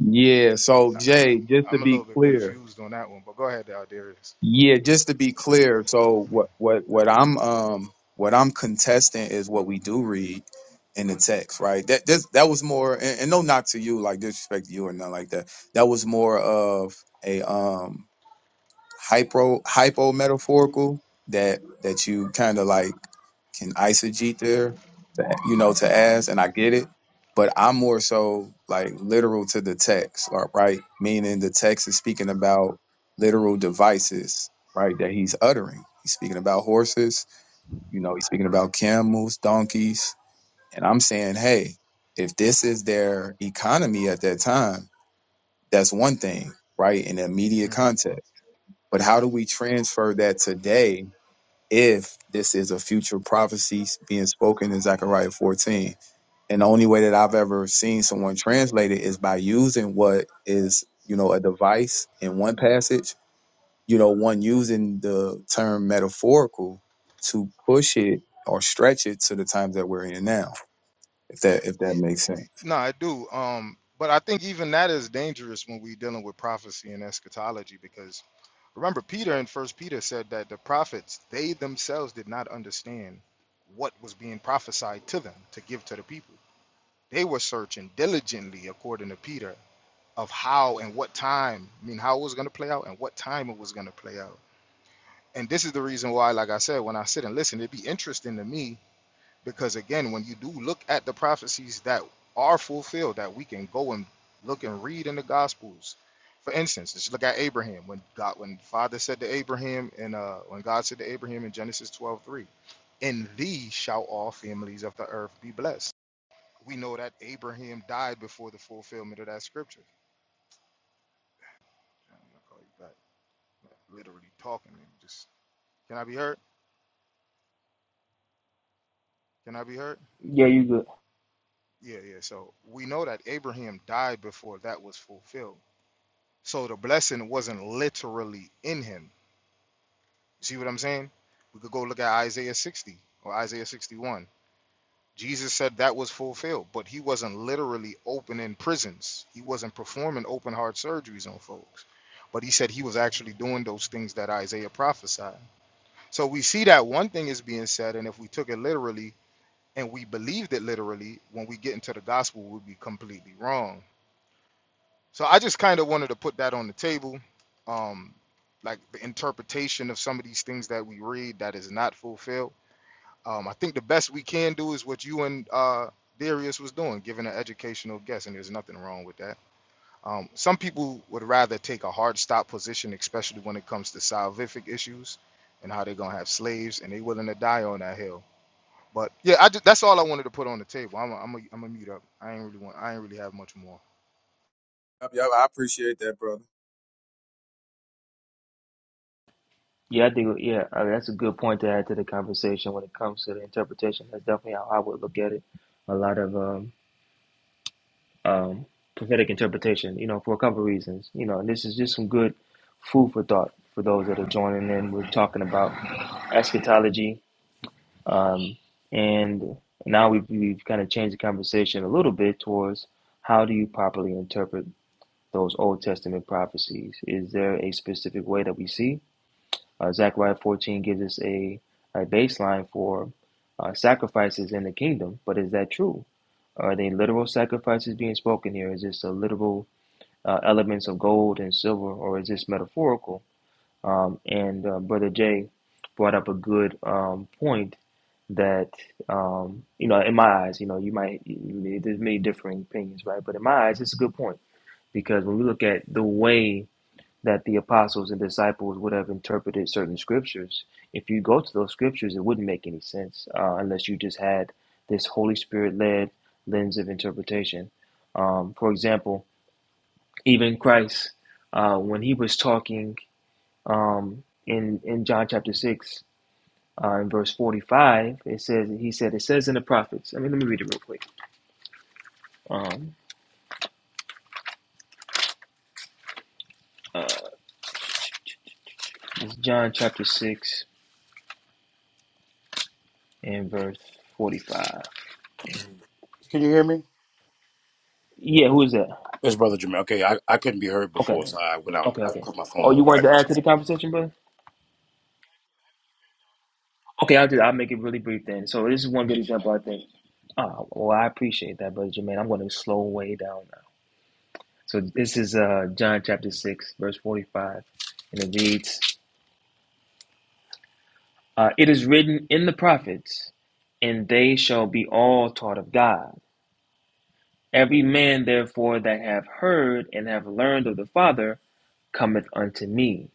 Speaker 4: Yeah, so
Speaker 5: Nah,
Speaker 4: Jay, just to
Speaker 5: I'm a little
Speaker 4: be
Speaker 5: bit
Speaker 4: clear.
Speaker 5: confused on that one, but go ahead, uh, Darius.
Speaker 4: Yeah, just to be clear. So what what what I'm um what I'm contesting is what we do read in the text, right? That this, that was more and, and no knock to you, like disrespect to you or nothing like that. That was more of a um hypo hypo metaphorical that that you kind of like can eisegete there, to, you know, to ask, and I get it. But I'm more so like literal to the text, or- right? Meaning the text is speaking about literal devices, right? That he's uttering. He's speaking about horses, you know, he's speaking about camels, donkeys. And I'm saying, hey, if this is their economy at that time, that's one thing, right? In the immediate
Speaker 5: Mm.
Speaker 4: context. But how do we transfer that today if this is a future prophecy being spoken in Zechariah 14? And the only way that I've ever seen someone translate it is by using what is, you know, a device in one passage, you know, one using the term metaphorical to push it or stretch it to the times that we're in now, if that if
Speaker 5: Y-
Speaker 4: that makes sense.
Speaker 5: y- No, I do. Um, but I think even that is dangerous when we're dealing with prophecy and eschatology because remember Peter in First Peter said that the prophets they themselves did not understand what was being prophesied to them to give to the people. They were searching diligently, according to Peter, of how and what time. I mean, how it was going to play out and what time it was going to play out. And this is the reason why, like I said, when I sit and listen, it'd be interesting to me Because again, when you do look at the prophecies that are fulfilled, that we can go and look and read in the Gospels. For instance, just look at Abraham. When God, when Father said to Abraham, and uh, when God said to Abraham in Genesis 12:3, "In thee shall all families of the earth be blessed." We know that Abraham died before the fulfillment of that scripture. Damn, I call you back. I'm Literally talking, man. Just can I be heard? Can I be heard?
Speaker 3: Yeah, you good.
Speaker 5: Yeah, yeah. So we know that Abraham died before that was fulfilled. So the blessing wasn't literally in him. See what I'm saying? We could go look at Isaiah 60 or Isaiah 61. Jesus said that was fulfilled, but he wasn't literally opening prisons. He wasn't performing open heart surgeries on folks. But he said he was actually doing those things that Isaiah prophesied. So we see that one thing is being said, and if we took it literally and we believed it literally, when we get into the gospel, we'd be completely wrong So I just kind of wanted to put that on the table, um, like the interpretation of some of these things that we read that is not fulfilled. Um, I think the best we can do is what you and uh, Darius was doing, giving an educational guess, and there's nothing wrong with that. Um, some people would rather take a hard stop position, especially when it comes to salvific issues and how they're gonna have slaves, and they willing to die on that hill. But yeah, I ju- that's all I wanted to put on the table. I'm a, I'm a, I'm a mute up. I ain't really want. I ain't really have much more.
Speaker 4: Yup, yup, I appreciate that, brother.
Speaker 3: Yeah, I think yeah, uh, that's a good point to add to the conversation when it comes to the interpretation. That's definitely how I would look at it. A lot of um, um, prophetic interpretation, you know, for a couple of reasons, you know, and this is just some good food for thought for those that are joining in. We're talking about eschatology, um, and now we've, we've kind of changed the conversation a little bit towards how do you properly interpret those Old Testament prophecies? Is there a specific way that we see? Uh, Zechariah 14 gives us a, a baseline for uh, sacrifices in the kingdom, but is that true? Are they literal sacrifices being spoken here? Is this a literal uh, elements of gold and silver, or is this metaphorical? Um, and uh, Brother Jay brought up a good um, point that um, you know, in my eyes, you know, you might there's many differing opinions, right? But in my eyes, it's a good point because when we look at the way that the apostles and disciples would have interpreted certain scriptures. If you go to those scriptures, it wouldn't make any sense uh, unless you just had this Holy Spirit led lens of interpretation. Um, for example, even Christ, uh, when he was talking um, in in John chapter six. Uh, in verse 45, it says, he said, it says in the prophets, I mean, let me read it real quick. Um, uh, it's John chapter 6 and verse 45.
Speaker 9: Can you hear me?
Speaker 3: Yeah, who is that?
Speaker 9: It's Brother Jermaine. Okay, I, I couldn't be heard
Speaker 3: Okay.
Speaker 9: before, so I went out. and
Speaker 3: Okay.
Speaker 9: I
Speaker 3: Okay.
Speaker 9: put my phone
Speaker 3: Oh,
Speaker 9: on.
Speaker 3: you
Speaker 9: All
Speaker 3: wanted
Speaker 9: right.
Speaker 3: to add to the conversation, brother? Okay, I'll do that. I'll make it really brief then. So this is one good example, I think. Oh, well, I appreciate that, brother Jermaine. I'm going to slow way down now. So this is uh, John chapter 6, verse 45, and it reads, uh, It is written in the prophets, and they shall be all taught of God. Every man, therefore, that have heard and have learned of the Father cometh unto me.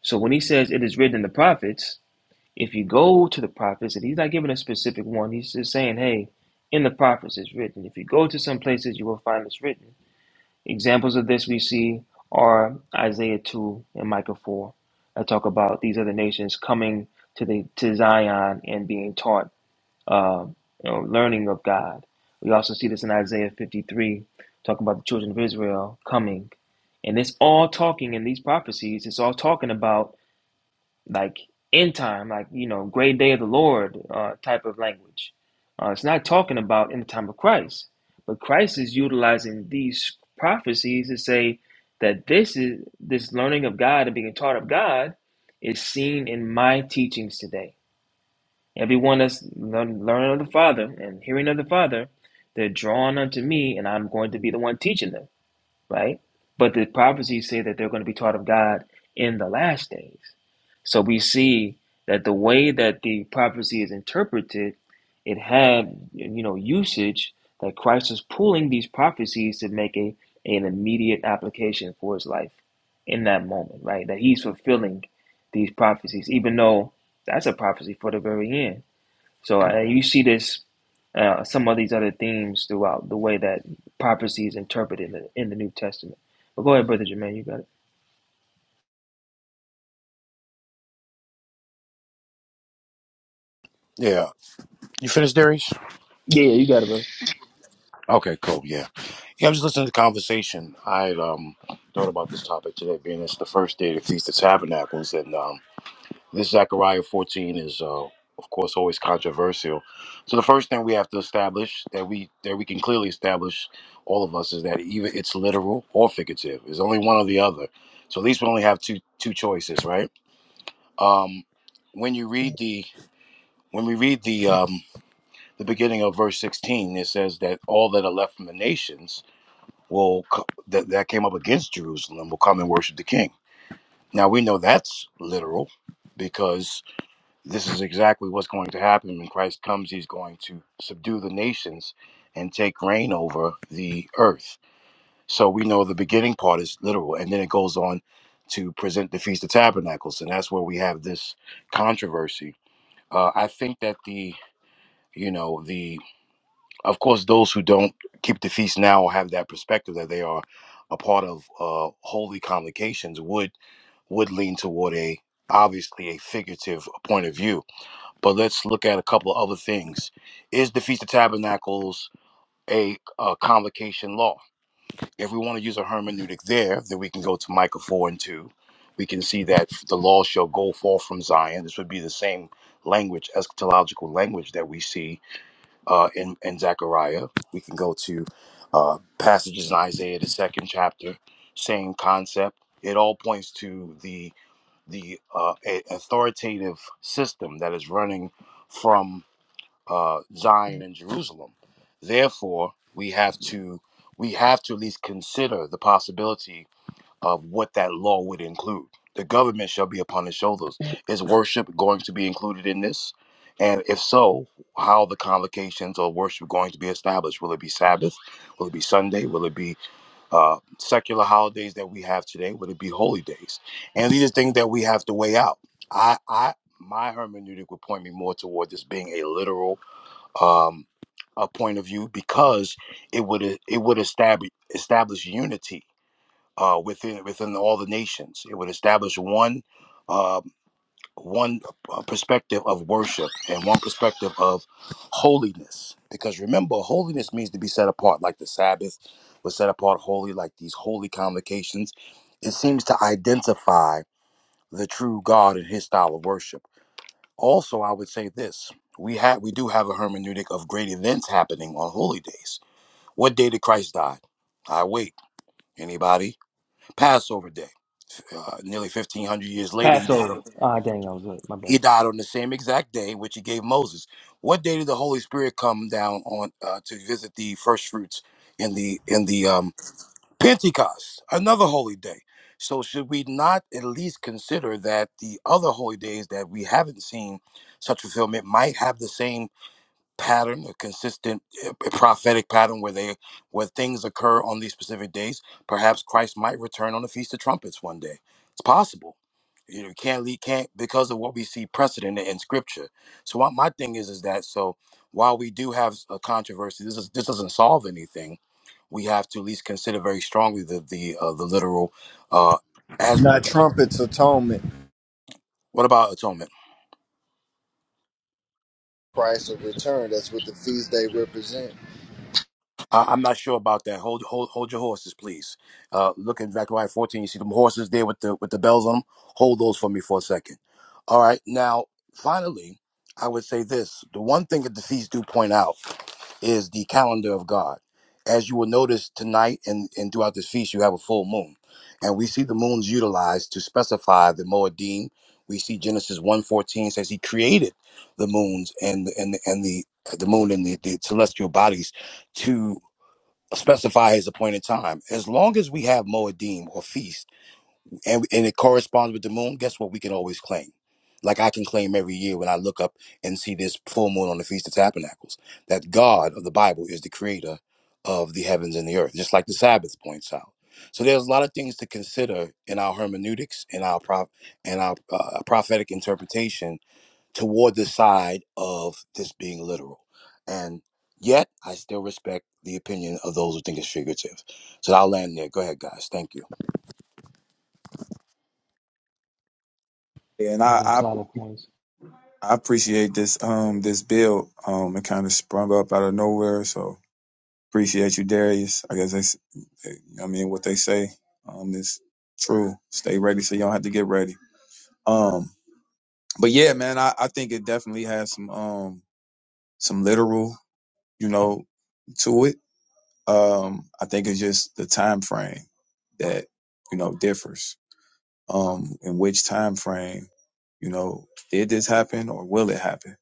Speaker 3: So when he says it is written in the prophets, If you go to the prophets, and he's not giving a specific one, he's just saying, hey, in the prophets it's written. If you go to some places, you will find it's written. Examples of this we see are Isaiah 2 and Micah 4. I talk about these other nations coming to the to Zion and being taught, uh, you know, learning of God. We also see this in Isaiah 53, talking about the children of Israel coming. And it's all talking in these prophecies, it's all talking about like end time, like you know, great day of the Lord uh, type of language. Uh, it's not talking about in the time of Christ, but Christ is utilizing these prophecies to say that this is this learning of God and being taught of God is seen in my teachings today. Everyone that's learn, learning of the Father and hearing of the Father, they're drawn unto me, and I'm going to be the one teaching them right? But the prophecies say that they're going to be taught of God in the last days. So we see that the way that the prophecy is interpreted, it had you know usage that Christ is pulling these prophecies to make a an immediate application for his life in that moment, right? That he's fulfilling these prophecies, even though that's a prophecy for the very end. So uh, you see this, uh, some of these other themes throughout the way that prophecy is interpreted in the, in the New Testament. But go ahead, brother Jermaine, you got it.
Speaker 9: Yeah. You finished, Darius?
Speaker 3: Yeah, yeah, you got it, bro.
Speaker 9: Okay, cool. Yeah. Yeah, I was listening to the conversation. I had, um thought about this topic today, being it's the first day of the Feast of Tabernacles, and um, this Zechariah 14 is, uh, of course, always controversial. So the first thing we have to establish that we that we can clearly establish, all of us, is that either it's literal or figurative. It's only one or the other. So at least we only have two two choices, right? Um, when you read the when we read the um, the beginning of verse 16, it says that all that are left from the nations will co- that that came up against Jerusalem will come and worship the King. Now we know that's literal because this is exactly what's going to happen when Christ comes. He's going to subdue the nations and take reign over the earth. So we know the beginning part is literal, and then it goes on to present the Feast of Tabernacles, and that's where we have this controversy Uh, I think that the you know the of course those who don't keep the feast now or have that perspective that they are a part of uh, holy convocations would would lean toward a obviously a figurative point of view. But let's look at a couple of other things. Is the Feast of Tabernacles a, a convocation law? If we want to use a hermeneutic there, then we can go to Micah four and two. We can see that the law shall go forth from Zion. This would be the same language, eschatological language that we see uh, in, in Zechariah. We can go to uh, passages in Isaiah, the second chapter, same concept. It all points to the the uh, a- authoritative system that is running from uh, Zion and Jerusalem. Therefore, we have to we have to at least consider the possibility of what that law would include. The government shall be upon his shoulders. Is worship going to be included in this? And if so, how are the convocations of worship going to be established? Will it be Sabbath? Will it be Sunday? Will it be uh, secular holidays that we have today? Will it be holy days? And these are things that we have to weigh out. I, I, my hermeneutic would point me more toward this being a literal um, a point of view because it would it would establish establish unity uh, within within all the nations. It would establish one uh, one uh, perspective of worship and one perspective of holiness. Because remember, holiness means to be set apart, like the Sabbath was set apart holy, like these holy convocations. It seems to identify the true God and His style of worship. Also, I would say this: we have we do have a hermeneutic of great events happening on holy days. What day did Christ die? I wait. Anybody? Passover day uh, nearly 1500 years later he died,
Speaker 3: Passover.
Speaker 9: on,
Speaker 3: Ah, dang, I was late. My bad.
Speaker 9: he died on the same exact day which he gave moses what day did the holy spirit come down on uh, to visit the first fruits in the in the um, pentecost another holy day so should we not at least consider that the other holy days that we haven't seen such fulfillment might have the same pattern, a consistent uh, prophetic pattern where they where things occur on these specific days. Perhaps Christ might return on the Feast of Trumpets one day. It's possible. You know, you can't lead can't because of what we see precedent in Scripture. So my, my thing is is that so while we do have a controversy, this is this doesn't solve anything. We have to at least consider very strongly the the uh, the literal uh, as we
Speaker 7: Not
Speaker 9: look at.
Speaker 7: trumpets atonement.
Speaker 9: What about atonement?
Speaker 7: Christ of return. That's what the feast day represent.
Speaker 9: I, I'm not sure about that. Hold, hold, hold your horses, please. Uh, look in Zechariah 14. You see them horses there with the with the bells on them. Hold those for me for a second. All right. Now, finally, I would say this: the one thing that the feasts do point out is the calendar of God. As you will notice tonight and, and throughout this feast, you have a full moon. And we see the moons utilized to specify the Moedim. We see Genesis 1.14 says he created the moons and and and the the moon and the, the celestial bodies to specify his appointed time. As long as we have Moedim or feast and, and it corresponds with the moon, guess what? We can always claim. Like I can claim every year when I look up and see this full moon on the Feast of Tabernacles, that God of the Bible is the creator of the heavens and the earth, just like the Sabbath points out. So there's a lot of things to consider in our hermeneutics, in our prop, in our uh, prophetic interpretation toward the side of this being literal. And yet, I still respect the opinion of those who think it's figurative. So I'll land there. Go ahead, guys. Thank you.
Speaker 4: Yeah, and
Speaker 3: That's
Speaker 4: I,
Speaker 3: some
Speaker 4: I
Speaker 3: solid points.
Speaker 4: I appreciate this um this bill. Um it kind of sprung up out of nowhere. So Appreciate you, Darius. I guess that's, I mean, what they say um, is true. Stay ready so you don't have to get ready. Um, but yeah, man, I, I think it definitely has some um, some literal, you know, to it. Um, I think it's just the time frame that you know differs. Um, in which time frame, you know, did this happen or will it happen?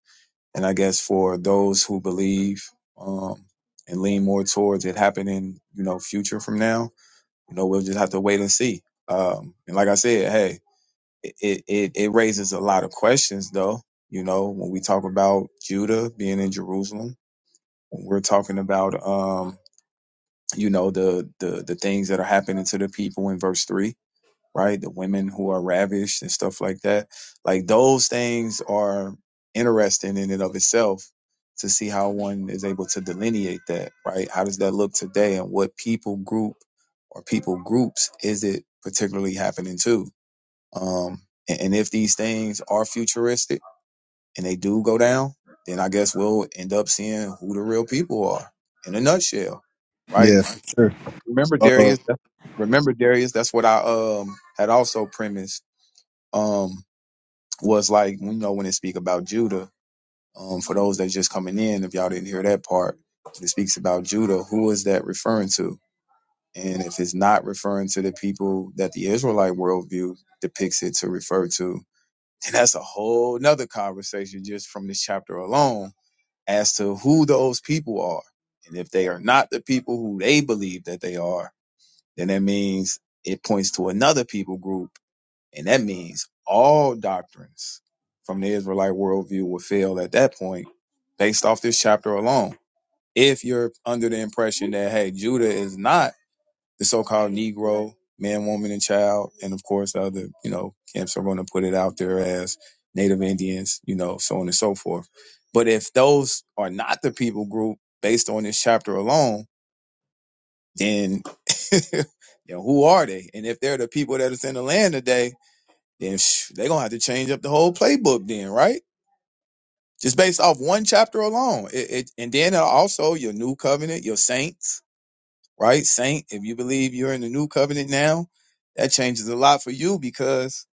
Speaker 4: And I guess for those who believe um, and lean more towards it happening, you know, future from now You know, we'll just have to wait and see. Um, and like I said, hey, it, it, it it raises a lot of questions though. You know, when we talk about Judah being in Jerusalem, when we're talking about, um, you know, the, the, the things that are happening to the people in verse three, right? The women who are ravished and stuff like that. Like those things are interesting in and of itself to see how one is able to delineate that, right? How does that look today and what people group or people groups is it particularly happening to? Um, and, and if these things are futuristic and they do go down, then I guess we'll end up seeing who the real people are in a nutshell, right?
Speaker 7: Yeah, for sure.
Speaker 4: Remember
Speaker 7: Uh,
Speaker 4: Darius, remember Darius, that's what I um had also premised um, was like, you know, when it speak about Judah, um, for those that's just coming in, if y'all didn't hear that part, it speaks about Judah, who is that referring to? And if it's not referring to the people that the Israelite worldview depicts it to refer to, then that's a whole nother conversation just from this chapter alone as to who those people are. And if they are not the people who they believe that they are, then that means it points to another people group and that means all doctrines from the Israelite worldview will fail at that point based off this chapter alone. If you're under the impression that, hey, Judah is not the so called Negro, man, woman, and child, and of course, the other, you know, camps are going to put it out there as Native Indians, you know, so on and so forth. But if those are not the people group based on this chapter alone, then, you know who are they? And if they're the people that is in the land today, then they're gonna have to change up the whole playbook then right just based off one chapter alone it, it and then also your new covenant your saints right saint if you believe you're in the new covenant now that changes a lot for you because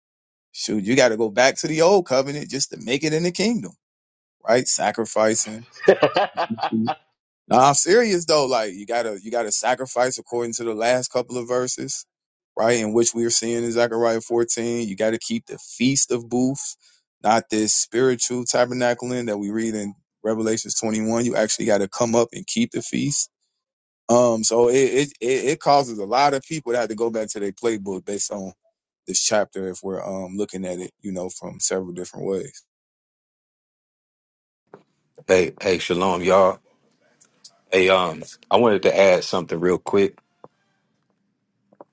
Speaker 4: shoot you got to go back to the old covenant just to make it in the kingdom right sacrificing No, I'm serious though. Like you gotta you gotta sacrifice according to the last couple of verses, right? In which we are seeing in Zechariah 14. You gotta keep the feast of booths, not this spiritual tabernacling that we read in Revelations 21. You actually gotta come up and keep the feast. Um, so it it it, it causes a lot of people to have to go back to their playbook based on this chapter if we're um looking at it, you know, from several different ways.
Speaker 10: Hey, hey, shalom, y'all. Hey, um, I wanted to add something real quick.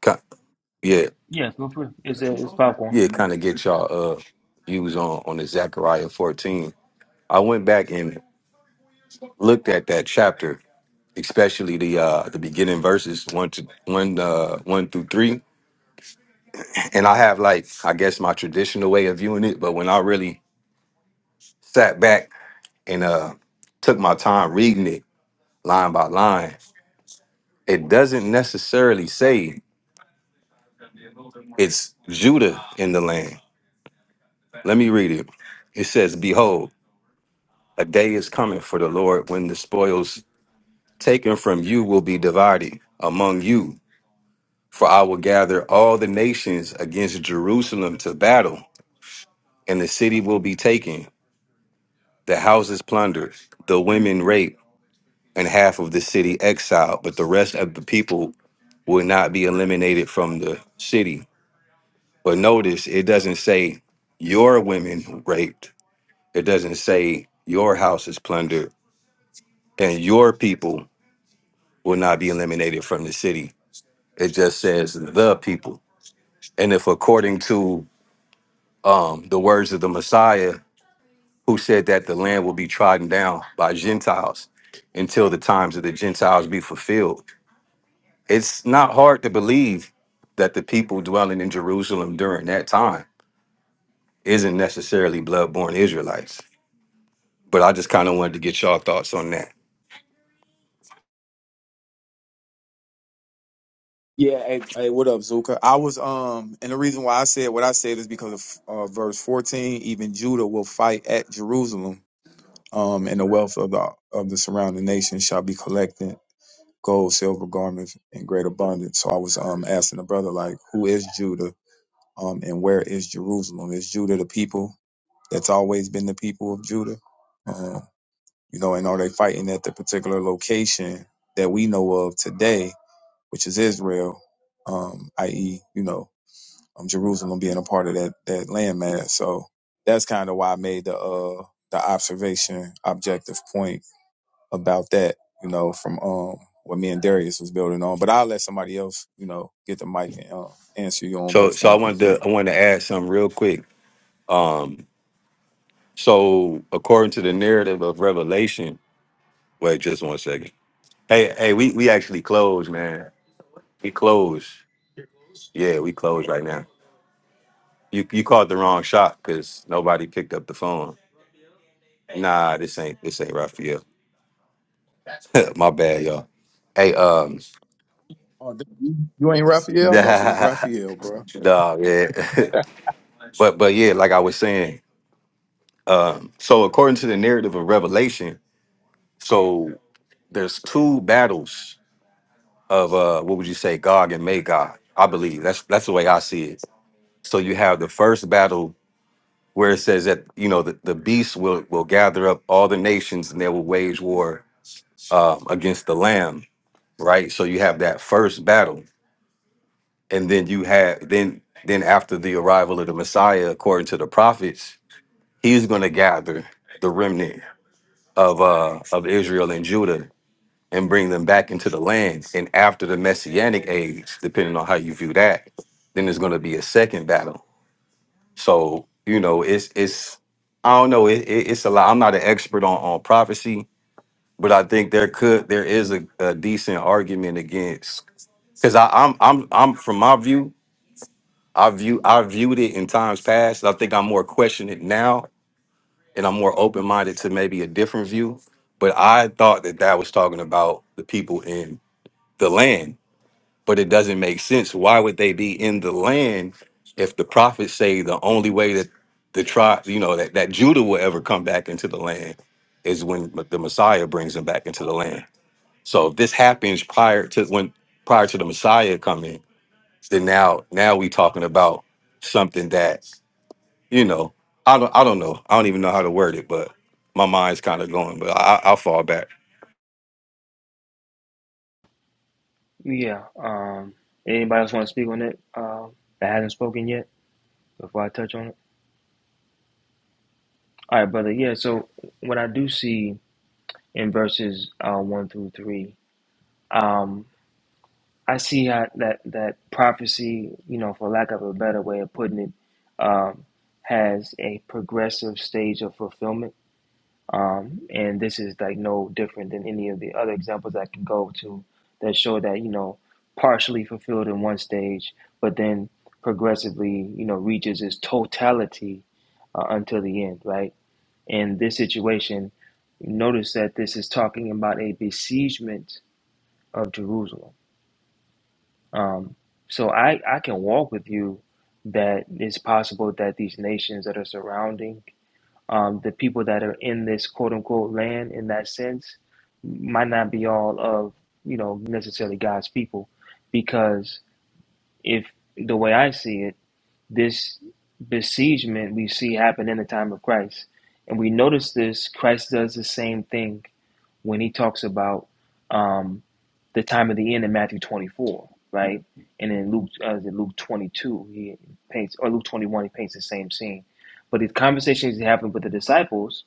Speaker 10: Ki- Yeah,
Speaker 3: Yeah, go for it. It's, uh, it's popcorn.
Speaker 10: yeah, kind of get y'all uh views on on the Zechariah 14. I went back and looked at that chapter, especially the uh the beginning verses one to one uh one through three. And I have like I guess my traditional way of viewing it, but when I really sat back and uh took my time reading it line by line, it doesn't necessarily say it's Judah in the land Let me read it. It says, Behold, a day is coming for the Lord when the spoils taken from you will be divided among you. For I will gather all the nations against Jerusalem to battle, and the city will be taken, the houses plundered, the women raped, and half of the city exiled. But the rest of the people will not be eliminated from the city. But notice it doesn't say your women raped, it doesn't say your house is plundered and your people will not be eliminated from the city. It just says the people. And if according to um, the words of the Messiah, who said that the land will be trodden down by Gentiles until the times of the Gentiles be fulfilled, it's not hard to believe that the people dwelling in Jerusalem during that time isn't necessarily blood-born Israelites. But I just kind of wanted to get y'all thoughts on that.
Speaker 4: Yeah, hey, hey, what up, Zuka? I was um, and the reason why I said what I said is because of uh, verse fourteen. Even Judah will fight at Jerusalem, um, and the wealth of the of the surrounding nations shall be collected, gold, silver, garments in great abundance. So I was um asking the brother like, who is Judah, um, and where is Jerusalem? Is Judah the people that's always been the people of Judah, um, you know, and are they fighting at the particular location that we know of today, which is Israel, um, i.e., you know um, Jerusalem being a part of that that landmass. So that's kind of why I made the uh, the observation objective point about that. You know, from um, what me and Darius was building on. But I'll let somebody else, you know, get the mic and uh, answer you on
Speaker 10: So,
Speaker 4: verse
Speaker 10: so I
Speaker 4: one through
Speaker 10: wanted
Speaker 4: three.
Speaker 10: to I wanted to add something real quick. So, according to the narrative of Revelation, Wait, just one second. Hey, hey, we we actually closed, man. We closed. Yeah, we closed right now. You you called the wrong shot because nobody picked up the phone. Nah, this ain't this ain't Raphael. My bad, y'all. Hey, um,
Speaker 4: Oh, th- you ain't Raphael? I thought you was Raphael, bro.
Speaker 10: dog, yeah, but but yeah, like I was saying. So according to the narrative of Revelation, so there's two battles of uh, what would you say, Gog and Magog? I believe that's that's the way I see it. So you have the first battle where it says that you know the, the beast will will gather up all the nations and they will wage war um, against the lamb right so you have that first battle and then you have then then after the arrival of the messiah according to the prophets he's going to gather the remnant of uh of israel and judah and bring them back into the land and after the messianic age depending on how you view that then there's going to be a second battle So you know, it's it's I don't know. It, it, it's a lot. I'm not an expert on on prophecy, but I think there could there is a, a decent argument against because I'm I'm I'm from my view. I view I viewed it in times past. I think I'm more questioning it now, and I'm more open minded to maybe a different view. But I thought that that was talking about the people in the land but it doesn't make sense. Why would they be in the land if the prophets say the only way that the tribe, you know, that, that Judah will ever come back into the land is when the Messiah brings them back into the land. So if this happens prior to when prior to the Messiah coming, then now now we talking about something that you know I don't I don't know I don't even know how to word it, but my mind's kind of going, but I, I'll fall back.
Speaker 3: Yeah. Um, anybody else want to speak on it uh, that hasn't spoken yet before I touch on it? All right, brother. Yeah. So what I do see in verses uh, one through three. um. I see how that that prophecy, you know, for lack of a better way of putting it, um, has a progressive stage of fulfillment, um, and this is like no different than any of the other examples I can go to that show that you know partially fulfilled in one stage, but then progressively, you know, reaches its totality uh, until the end, right? In this situation, notice that this is talking about a besiegement of Jerusalem um, so I, I can walk with you that it's possible that these nations that are surrounding um, the people that are in this quote unquote land in that sense might not be all of, you know, necessarily God's people. Because if the way I see it, this besiegement we see happen in the time of Christ. And we notice this, Christ does the same thing when he talks about um, the time of the end in Matthew 24, right? And in Luke, uh, is it Luke 22, he paints, or Luke 21, he paints the same scene. But the conversations he happened with the disciples,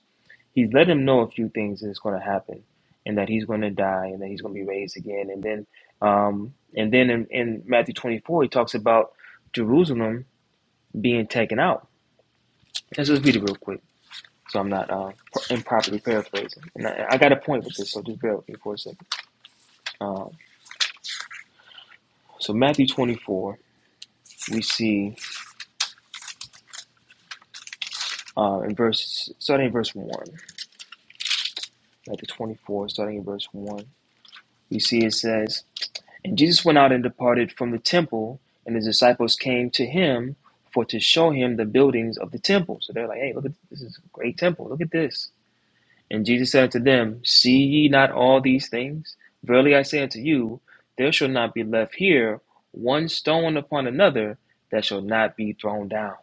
Speaker 3: he's let them know a few things that's going to happen, and that he's going to die, and that he's going to be raised again. And then, um, and then in, in Matthew 24, he talks about Jerusalem being taken out. Let's just read it real quick, so I'm not uh, improperly paraphrasing. And I, I got a point with this, so just bear with me for a second. Uh, So Matthew 24, we see uh, in verse starting in verse one, Matthew 24, starting in verse one, we see it says, "And Jesus went out and departed from the temple, and his disciples came to him for to show him the buildings of the temple." So they're like, "Hey, look at this is a great temple. Look at this." And Jesus said unto them, "See ye not all these things? Verily I say unto you, there shall not be left here one stone upon another that shall not be thrown down."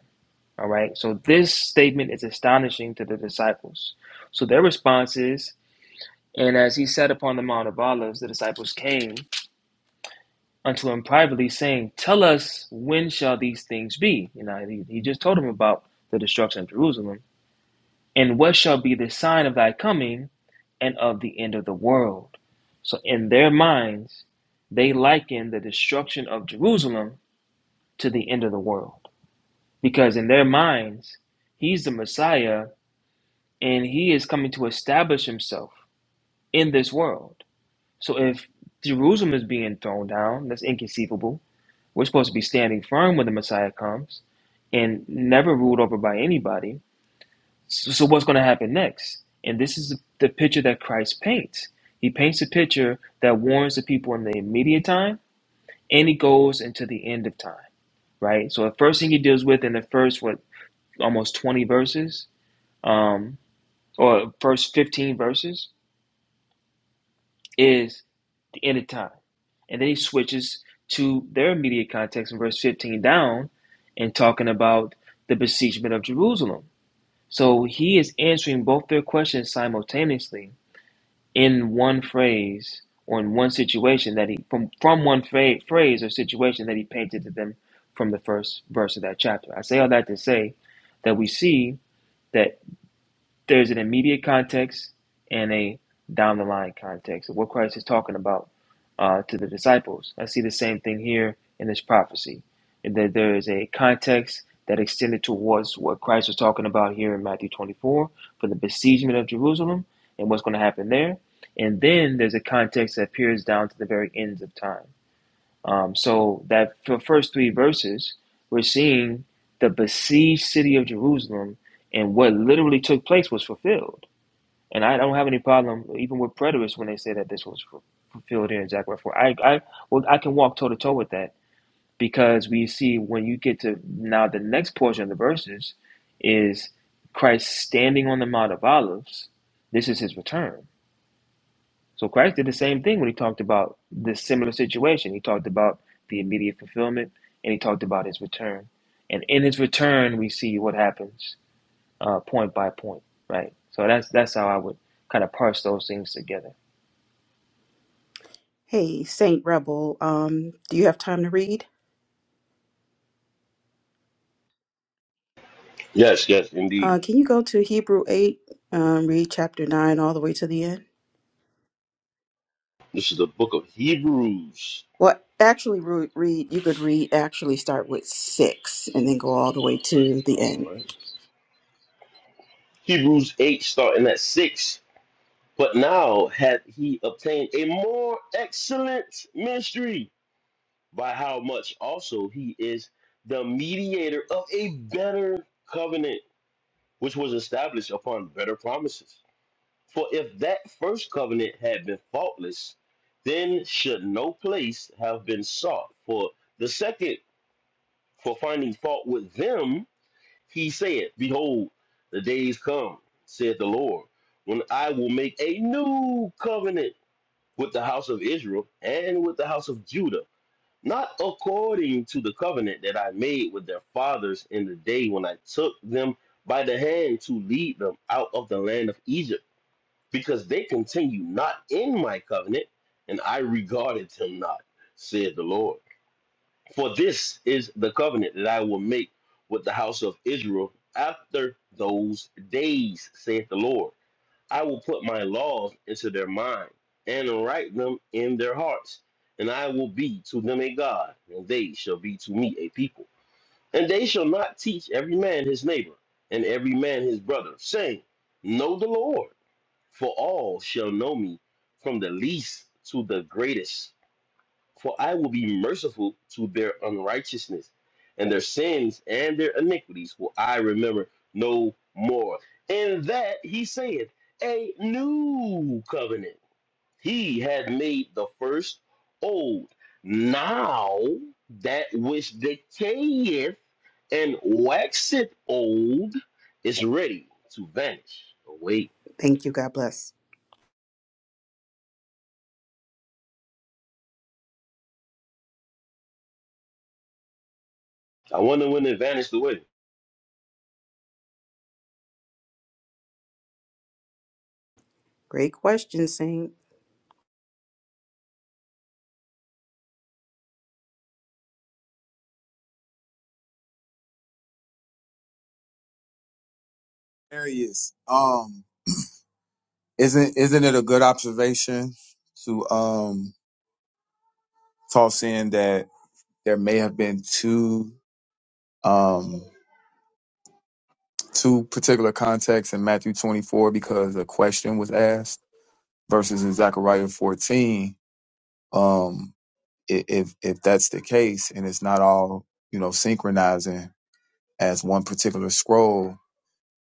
Speaker 3: All right. So this statement is astonishing to the disciples. So their response is, and as he sat upon the Mount of Olives, the disciples came unto him privately, saying, Tell us when shall these things be? You know, he, he just told them about the destruction of Jerusalem. And what shall be the sign of thy coming and of the end of the world? So in their minds, they liken the destruction of Jerusalem to the end of the world. Because in their minds, he's the Messiah and he is coming to establish himself in this world. So if Jerusalem is being thrown down, that's inconceivable. We're supposed to be standing firm when the Messiah comes and never ruled over by anybody. So, so what's going to happen next? And this is the picture that Christ paints. He paints a picture that warns the people in the immediate time and he goes into the end of time, right? So the first thing he deals with in the first, what, almost 20 verses, um, or first 15 verses, is anytime. And then he switches to their immediate context in verse 15 down and talking about the besiegement of Jerusalem. So he is answering both their questions simultaneously in one phrase or in one situation that he from from one phrase, phrase or situation that he painted to them from the first verse of that chapter. I say all that to say that we see that. There's an immediate context and a down the line context of what Christ is talking about uh, to the disciples. I see the same thing here in this prophecy. and That there is a context that extended towards what Christ was talking about here in Matthew 24 for the besiegement of Jerusalem and what's going to happen there. And then there's a context that peers down to the very ends of time. Um, so that for the first three verses, we're seeing the besieged city of Jerusalem and what literally took place was fulfilled. And I don't have any problem even with preterists when they say that this was fulfilled here in Zechariah 4. I, I, well, I can walk toe to toe with that because we see when you get to now the next portion of the verses is Christ standing on the Mount of Olives. This is his return so Christ did the same thing when he talked about this similar situation. He talked about the immediate fulfillment and he talked about his return. And in his return, we see what happens uh, point by point, right? So that's that's how I would kind of parse those things together.
Speaker 1: Hey, Saint Rebel, um, do you have time to read?
Speaker 8: yes, yes, indeed.
Speaker 1: Uh, can you go to Hebrew 8, um, read chapter 9 all the way to the end?
Speaker 8: This is the book of Hebrews.
Speaker 1: Well, actually, re- read, you could read, actually start with 6 and then go all the way to the end.
Speaker 8: All right. Hebrews 8, starting at 6. But now hath he obtained a more excellent ministry, by how much also he is the mediator of a better covenant, which was established upon better promises. For if that first covenant had been faultless, then should no place have been sought for the second for finding fault with them. He said, Behold, the days come, said the Lord, when I will make a new covenant with the house of Israel and with the house of Judah, not according to the covenant that I made with their fathers in the day when I took them by the hand to lead them out of the land of Egypt because they continue not in my covenant, and I regarded them not, said the Lord. For this is the covenant that I will make with the house of Israel after those days, saith the Lord. I will put my laws into their mind and write them in their hearts, and I will be to them a God, and they shall be to me a people. And they shall not teach every man his neighbor and every man his brother, saying, Know the Lord for all shall know me, from the least to the greatest. For I will be merciful to their unrighteousness, and their sins and their iniquities will I remember no more. And that he saith, a new covenant. He had made the first old. Now that which decayeth and waxeth old is ready to vanish away.
Speaker 1: Thank you. God bless.
Speaker 8: I wonder when it vanished away.
Speaker 1: Great question, Saint.
Speaker 4: There he is. Um, Isn't isn't it a good observation to um toss in that there may have been two um. two particular contexts in Matthew 24 because a question was asked versus in Zechariah 14. Um, i- if if that's the case and it's not all you know synchronizing as one particular scroll,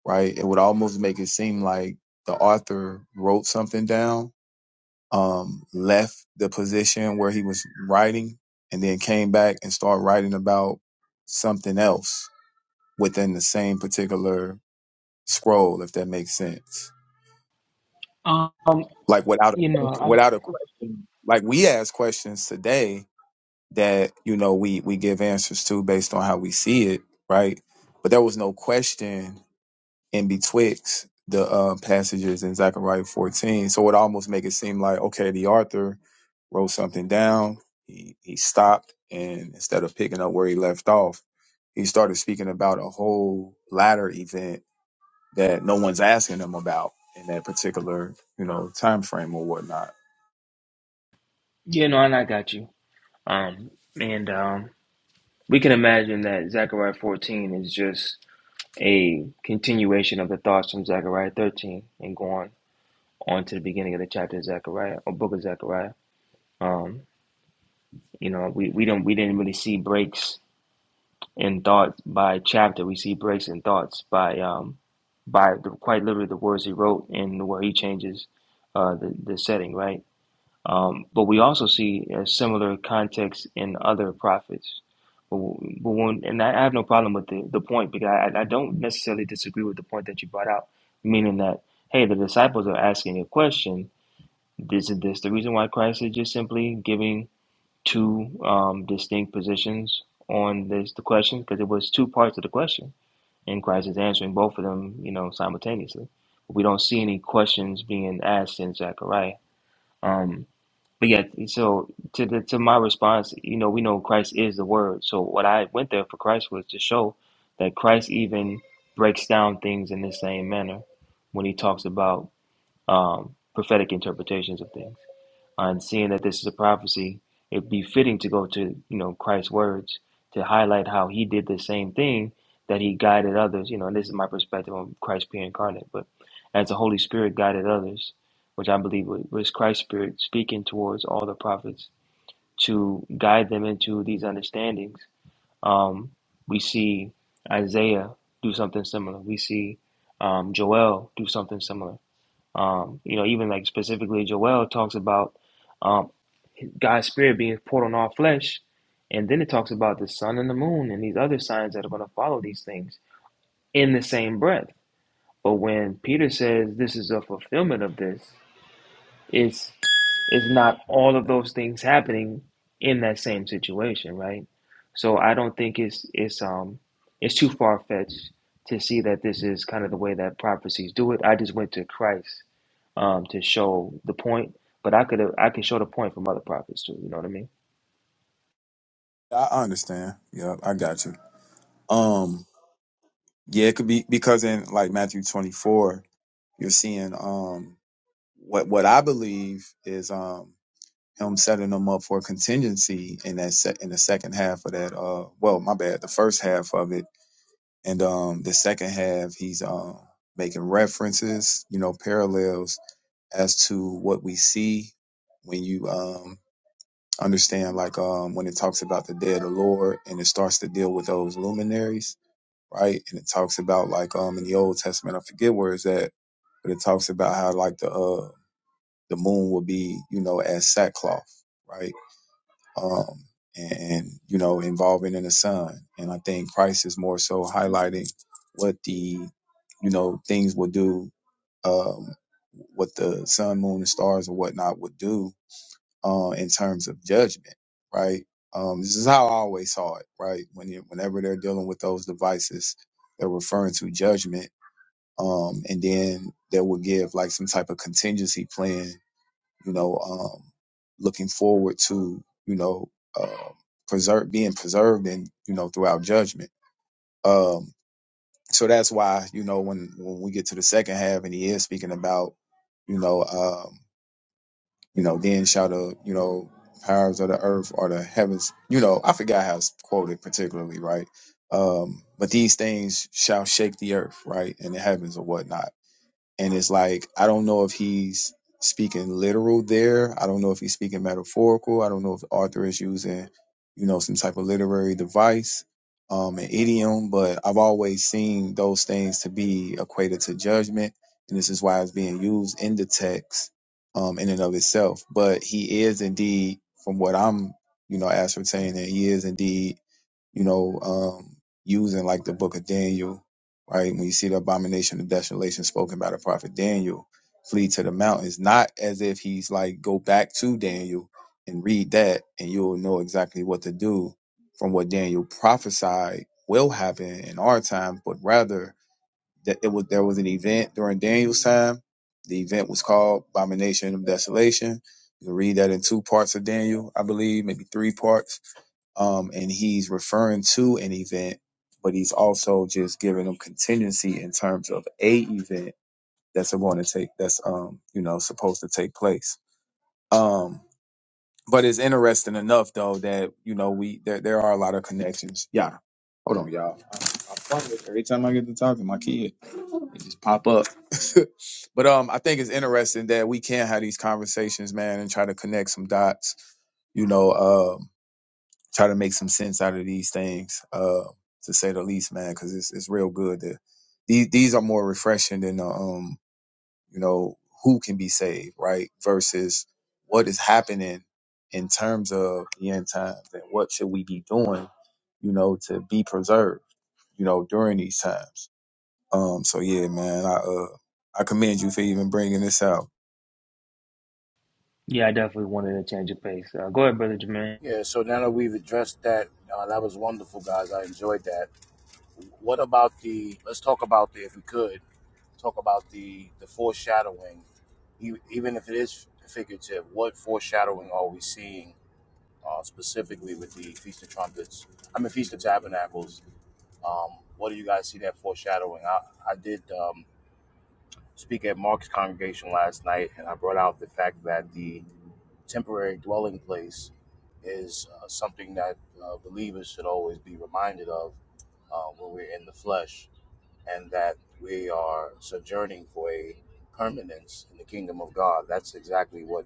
Speaker 4: right? It would almost make it seem like the author wrote something down, um, left the position where he was writing, and then came back and started writing about something else within the same particular scroll, if that makes sense.
Speaker 3: Um,
Speaker 4: like without a
Speaker 3: you know,
Speaker 4: question,
Speaker 3: I,
Speaker 4: without a question like we ask questions today that you know we we give answers to based on how we see it right but there was no question in betwixt the uh, passages in Zechariah 14 so it almost make it seem like okay the author wrote something down he he stopped and instead of picking up where he left off he started speaking about a whole latter event that no one's asking him about in that particular you know time frame or whatnot
Speaker 3: you know, and I got you. Um, and um, we can imagine that Zechariah 14 is just a continuation of the thoughts from Zechariah 13 and going on to the beginning of the chapter of Zechariah or book of Zechariah. Um. You know, we, we don't we didn't really see breaks in thought by chapter. We see breaks in thoughts by um by the, quite literally the words he wrote and where he changes uh, the the setting, right? Um, but we also see a similar context in other prophets. But, but when, and I have no problem with the, the point because I, I don't necessarily disagree with the point that you brought out, meaning that hey, the disciples are asking a question. This is this the reason why Christ is just simply giving two um, distinct positions on this the question because it was two parts of the question, and Christ is answering both of them, you know, simultaneously. We don't see any questions being asked in Zechariah. Um, but yeah, so to the, to my response, you know, we know Christ is the Word. So what I went there for Christ was to show that Christ even breaks down things in the same manner when he talks about um, prophetic interpretations of things and seeing that this is a prophecy, it'd be fitting to go to you know Christ's words to highlight how he did the same thing that he guided others. You know, and this is my perspective on Christ being incarnate, but as the Holy Spirit guided others, which I believe was was Christ's Spirit speaking towards all the prophets to guide them into these understandings. Um, we see Isaiah do something similar. We see um, Joel do something similar. Um, you know, even like specifically, Joel talks about. um, God's spirit being poured on all flesh. And then it talks about the sun and the moon and these other signs that are going to follow these things in the same breath. But when Peter says this is a fulfillment of this, it's it's not all of those things happening in that same situation, right? So I don't think it's it's um it's too far fetched to see that this is kind of the way that prophecies do it. I just went to Christ um to show the point, but I could I could show the point from other prophets too. You know what I mean?
Speaker 4: I understand. Yeah, I got you. Um, yeah, it could be because in like Matthew 24, you're seeing um what what I believe is um him setting them up for contingency in that se- in the second half of that uh well my bad the first half of it and um the second half he's um making references you know parallels as to what we see when you um understand like um when it talks about the day of the Lord and it starts to deal with those luminaries right? And it talks about like um in the Old Testament, I forget where it's at, but it talks about how like the uh the moon will be, you know, as sackcloth, right? Um and, and you know, involving in the sun. And I think Christ is more so highlighting what the you know things will do, um what the sun, moon, and stars and whatnot would do uh, in terms of judgment, right? Um, this is how I always saw it, right? When you, whenever they're dealing with those devices, they're referring to judgment, um, and then they will give like some type of contingency plan, you know, um, looking forward to, you know, uh, preserve being preserved and you know throughout judgment. Um, so that's why you know when when we get to the second half and he is speaking about, you know. um, you know, then shall the, you know, powers of the earth or the heavens, you know, I forgot how it's quoted particularly, right? Um, but these things shall shake the earth, right? And the heavens or whatnot and it's like I don't know if he's speaking literal there. I don't know if he's speaking metaphorical. I don't know if the author is using, you know, some type of literary device, um, an idiom. But I've always seen those things to be equated to judgment, and this is why it's being used in the text, um, in and of itself. But he is indeed, from what I'm, you know, ascertaining, he is indeed you know, um, using like the book of Daniel, right? When you see the abomination of desolation spoken by the prophet Daniel, flee to the mountains, not as if he's like, go back to Daniel and read that, and you'll know exactly what to do from what Daniel prophesied will happen in our time, but rather that it was there was an event during Daniel's time. The event was called Abomination of Desolation. You can read that in two parts of Daniel, I believe, maybe three parts um, and he's referring to an event, but he's also just giving them contingency in terms of a event that's going to take that's um you know supposed to take place. Um, but it's interesting enough though that you know we there there are a lot of connections. Yeah, hold on, y'all. I, I fun with every time I get to talk to my kid, it just pop up. but um, I think it's interesting that we can have these conversations, man, and try to connect some dots. You know, um, try to make some sense out of these things, uh, to say the least, man, because it's it's real good. To, these these are more refreshing than the, um, you know, who can be saved, right? Versus what is happening in terms of the end times and what should we be doing, you know, to be preserved, you know, during these times. Um, so yeah, man, I uh, I commend you for even bringing this out.
Speaker 3: Yeah, I definitely wanted a change of pace. Uh, go ahead, brother Jermaine.
Speaker 9: Yeah, so now that we've addressed that, uh, that was wonderful, guys. I enjoyed that. What about the? Let's talk about the, if we could, talk about the the foreshadowing. E- Even if it is figurative, what foreshadowing are we seeing uh, specifically with the Feast of Trumpets? I mean, Feast of Tabernacles Um, what do you guys see that foreshadowing? I, I did um, speak at Mark's congregation last night, and I brought out the fact that the temporary dwelling place is uh, something that uh, believers should always be reminded of uh, when we're in the flesh, and that we are sojourning for a permanence in the kingdom of God. That's exactly what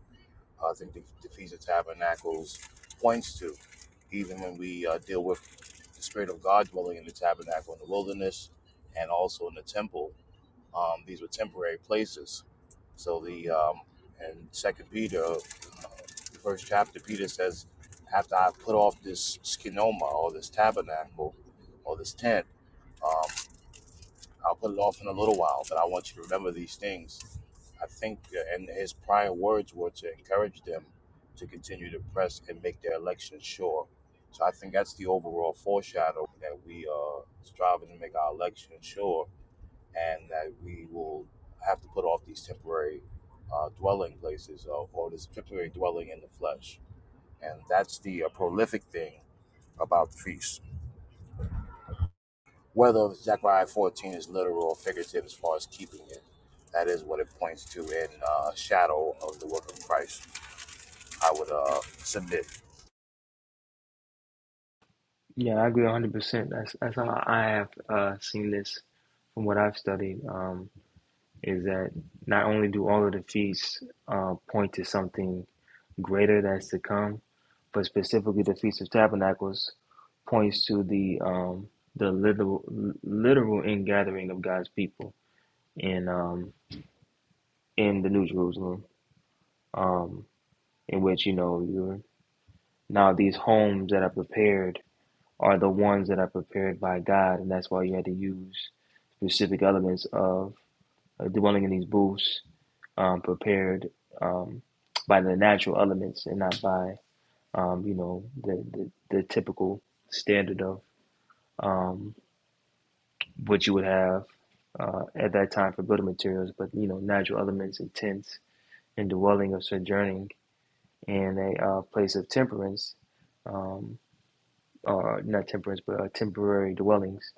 Speaker 9: uh, I think the, the Feast of Tabernacles points to, even when we uh, deal with the Spirit of God dwelling in the tabernacle in the wilderness and also in the temple. Um, these were temporary places. So the um, and Second Peter, the first chapter, Peter says, after I put off this skinoma or this tabernacle or this tent, um, I'll put it off in a little while. But I want you to remember these things I think, uh, and his prior words were to encourage them to continue to press and make their election sure. So I think that's the overall foreshadow that we are striving to make our election sure, and that we will have to put off these temporary uh, dwelling places or, or this temporary dwelling in the flesh. And that's the uh, prolific thing about the feast. Whether Zechariah 14 is literal or figurative as far as keeping it, that is what it points to in uh, shadow of the work of Christ. I would uh submit.
Speaker 3: Yeah, I agree 100%. That's that's how I have uh, seen this from what I've studied um, is that not only do all of the feasts uh, point to something greater that's to come, but specifically the Feast of Tabernacles points to the um, the literal literal ingathering of God's people in um, in the New Jerusalem, um, in which you know you're now these homes that are prepared are the ones that are prepared by God, and that's why you had to use specific elements of uh, dwelling in these booths, um, prepared um, by the natural elements and not by um, you know the, the the typical standard of um, what you would have uh, at that time for building materials, but you know natural elements and tents and dwelling of sojourning in a uh, place of temperance, um, or not temperance, but uh, temporary dwellings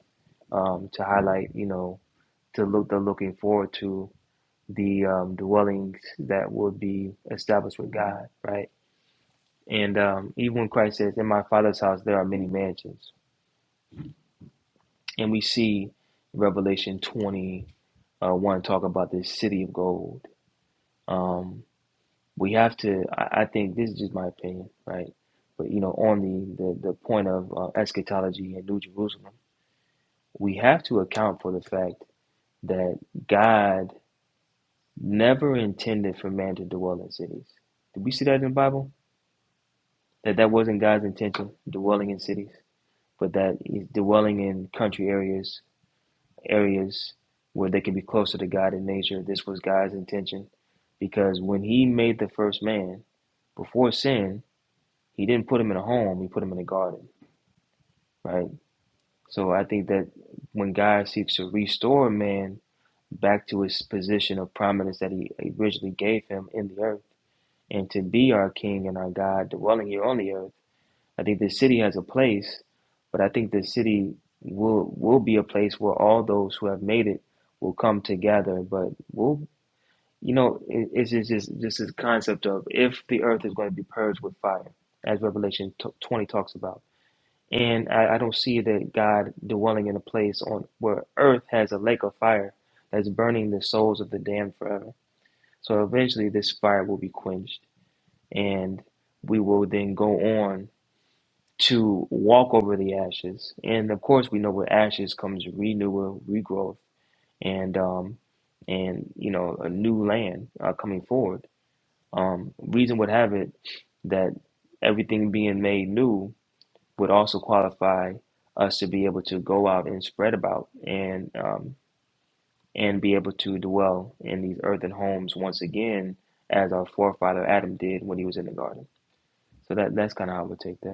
Speaker 3: um, to highlight you know to look they're looking forward to the um, dwellings that will be established with God, right? And um, even when Christ says, "In my Father's house there are many mansions," and we see Revelation twenty uh, one talk about this city of gold. Um, we have to. I, I think this is just my opinion, right? But you know, on the the, the point of uh, eschatology and New Jerusalem, we have to account for the fact that God never intended for man to dwell in cities. Did we see that in the Bible? That that wasn't God's intention, dwelling in cities, but that he's dwelling in country areas, areas where they can be closer to God in nature. This was God's intention, because when He made the first man before sin, He didn't put him in a home; He put him in a garden, right? So I think that when God seeks to restore man back to his position of prominence that He originally gave him in the earth and to be our King and our God, dwelling here on the earth. I think the city has a place, but I think the city will will be a place where all those who have made it will come together. But we'll, you know, it, it's just just just this is concept of if the earth is going to be purged with fire, as Revelation t- twenty talks about. And I, I don't see that God dwelling in a place on where earth has a lake of fire that's burning the souls of the damned forever. So eventually, this fire will be quenched and we will then go on to walk over the ashes. And of course, we know with ashes comes renewal, regrowth, and um, and you know a new land uh, coming forward. Um, reason would have it that everything being made new would also qualify us to be able to go out and spread about and um, and be able to dwell in these earthen homes once again, as our forefather Adam did when he was in the garden. So that that's kind of how I would take that.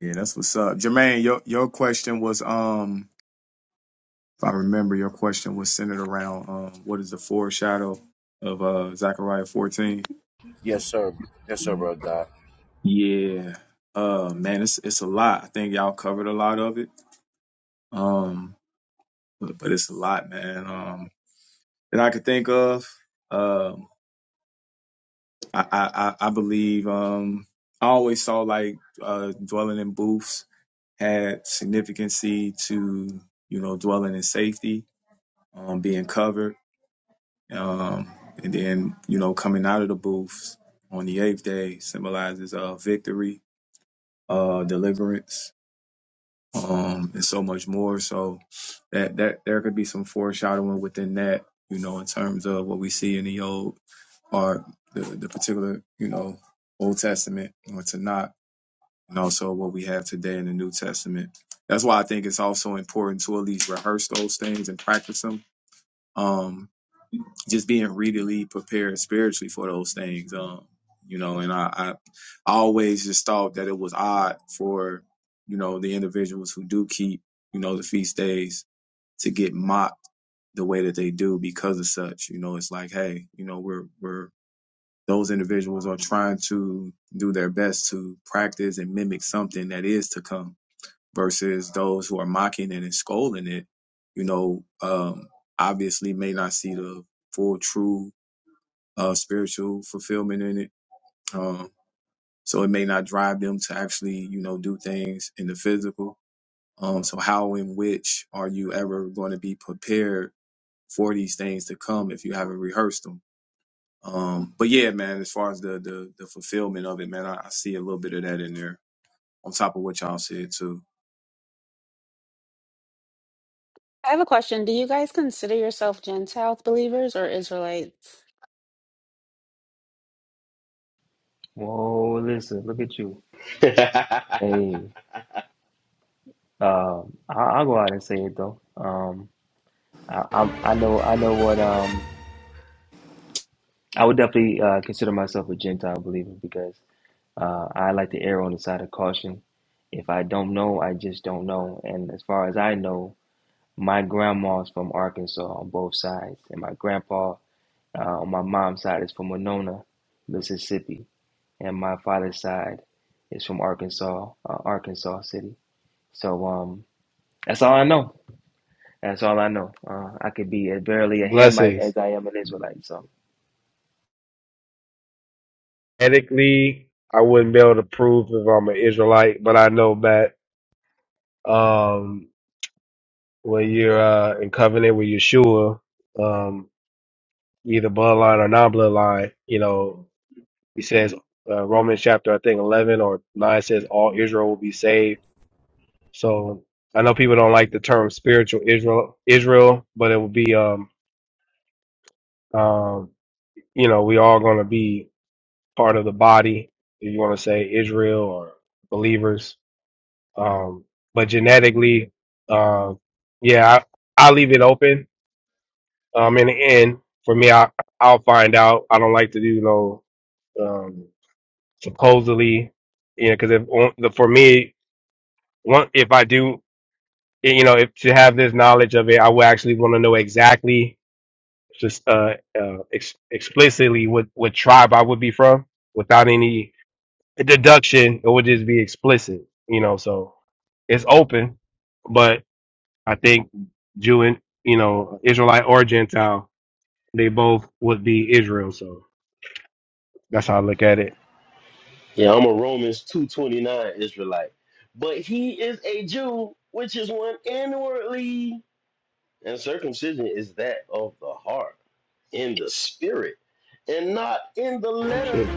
Speaker 4: Yeah, that's what's up, Jermaine. Your your question was um. if I remember, your question was centered around um, what is the foreshadow of uh, Zechariah 14?
Speaker 9: Yes, sir. Yes, sir, bro. Doc.
Speaker 4: Yeah, uh, man, it's it's a lot. I think y'all covered a lot of it, um, but, but it's a lot, man, um, that I could think of. Um, I, I I I believe um, I always saw like uh, dwelling in booths had significancy to you know dwelling in safety, um, being covered Um, and then, you know, coming out of the booths on the eighth day symbolizes uh, victory, uh, deliverance, um, and so much more. So that that there could be some foreshadowing within that, you know, in terms of what we see in the old or the, the particular, you know, Old Testament or Tanakh, and also what we have today in the New Testament. That's why I think it's also important to at least rehearse those things and practice them Um, just being really prepared spiritually for those things. Um, you know, and I, I I always just thought that it was odd for, you know, the individuals who do keep, you know, the feast days to get mocked the way that they do because of such. You know, it's like, hey, you know, we're we're those individuals are trying to do their best to practice and mimic something that is to come versus those who are mocking it and scolding it, you know, um, obviously may not see the full true uh, spiritual fulfillment in it. Um, so it may not drive them to actually, you know, do things in the physical. Um, so how in which are you ever going to be prepared for these things to come if you haven't rehearsed them? Um, but yeah, man, as far as the, the, the fulfillment of it, man, I, I see a little bit of that in there on top of what y'all said too.
Speaker 11: I have a question. Do you guys consider yourself Gentiles believers or Israelites?
Speaker 3: Whoa, listen, look at you.
Speaker 8: yeah,
Speaker 3: Hey, um, I, I'll go out and say it though. Um, I, i I know, I know what. Um, I would definitely uh, consider myself a Gentile believer because uh, I like to err on the side of caution. If I don't know, I just don't know. And as far as I know, my grandma's from Arkansas on both sides, and my grandpa uh, on my mom's side is from Winona, Mississippi, and my father's side is from Arkansas, uh, Arkansas City. So, um. That's all I know. That's all I know. Uh, I could be as barely a Hamite
Speaker 12: blessings.
Speaker 3: as I am an Israelite. So,
Speaker 12: Ethically, I wouldn't be able to prove if I'm an Israelite, but I know that um, when you're uh, in covenant with Yeshua, um, either bloodline or non-bloodline, you know, he says uh, Romans chapter I think 11 or 9 says all Israel will be saved. So I know people don't like the term spiritual Israel, Israel, but it will be um, um, you know, we all going to be part of the body, if you want to say Israel or believers Um, but genetically, um, yeah, I, I'll leave it open. Um, in the end, for me, I, I'll find out. I don't like to do, you know, um, supposedly, you know, because if on- the, for me, one, if I do, you know, if to have this knowledge of it, I would actually want to know exactly, just uh, uh, ex- explicitly what what tribe I would be from, without any deduction. It would just be explicit, you know. So it's open, but. I think Jew and you know Israelite or Gentile, they both would be Israel. So that's how I look at it.
Speaker 8: I'm a Romans 229 Israelite. But he is a Jew, which is one inwardly. And circumcision is that of the heart, in the spirit, and not in the
Speaker 12: Shoot.
Speaker 8: letter,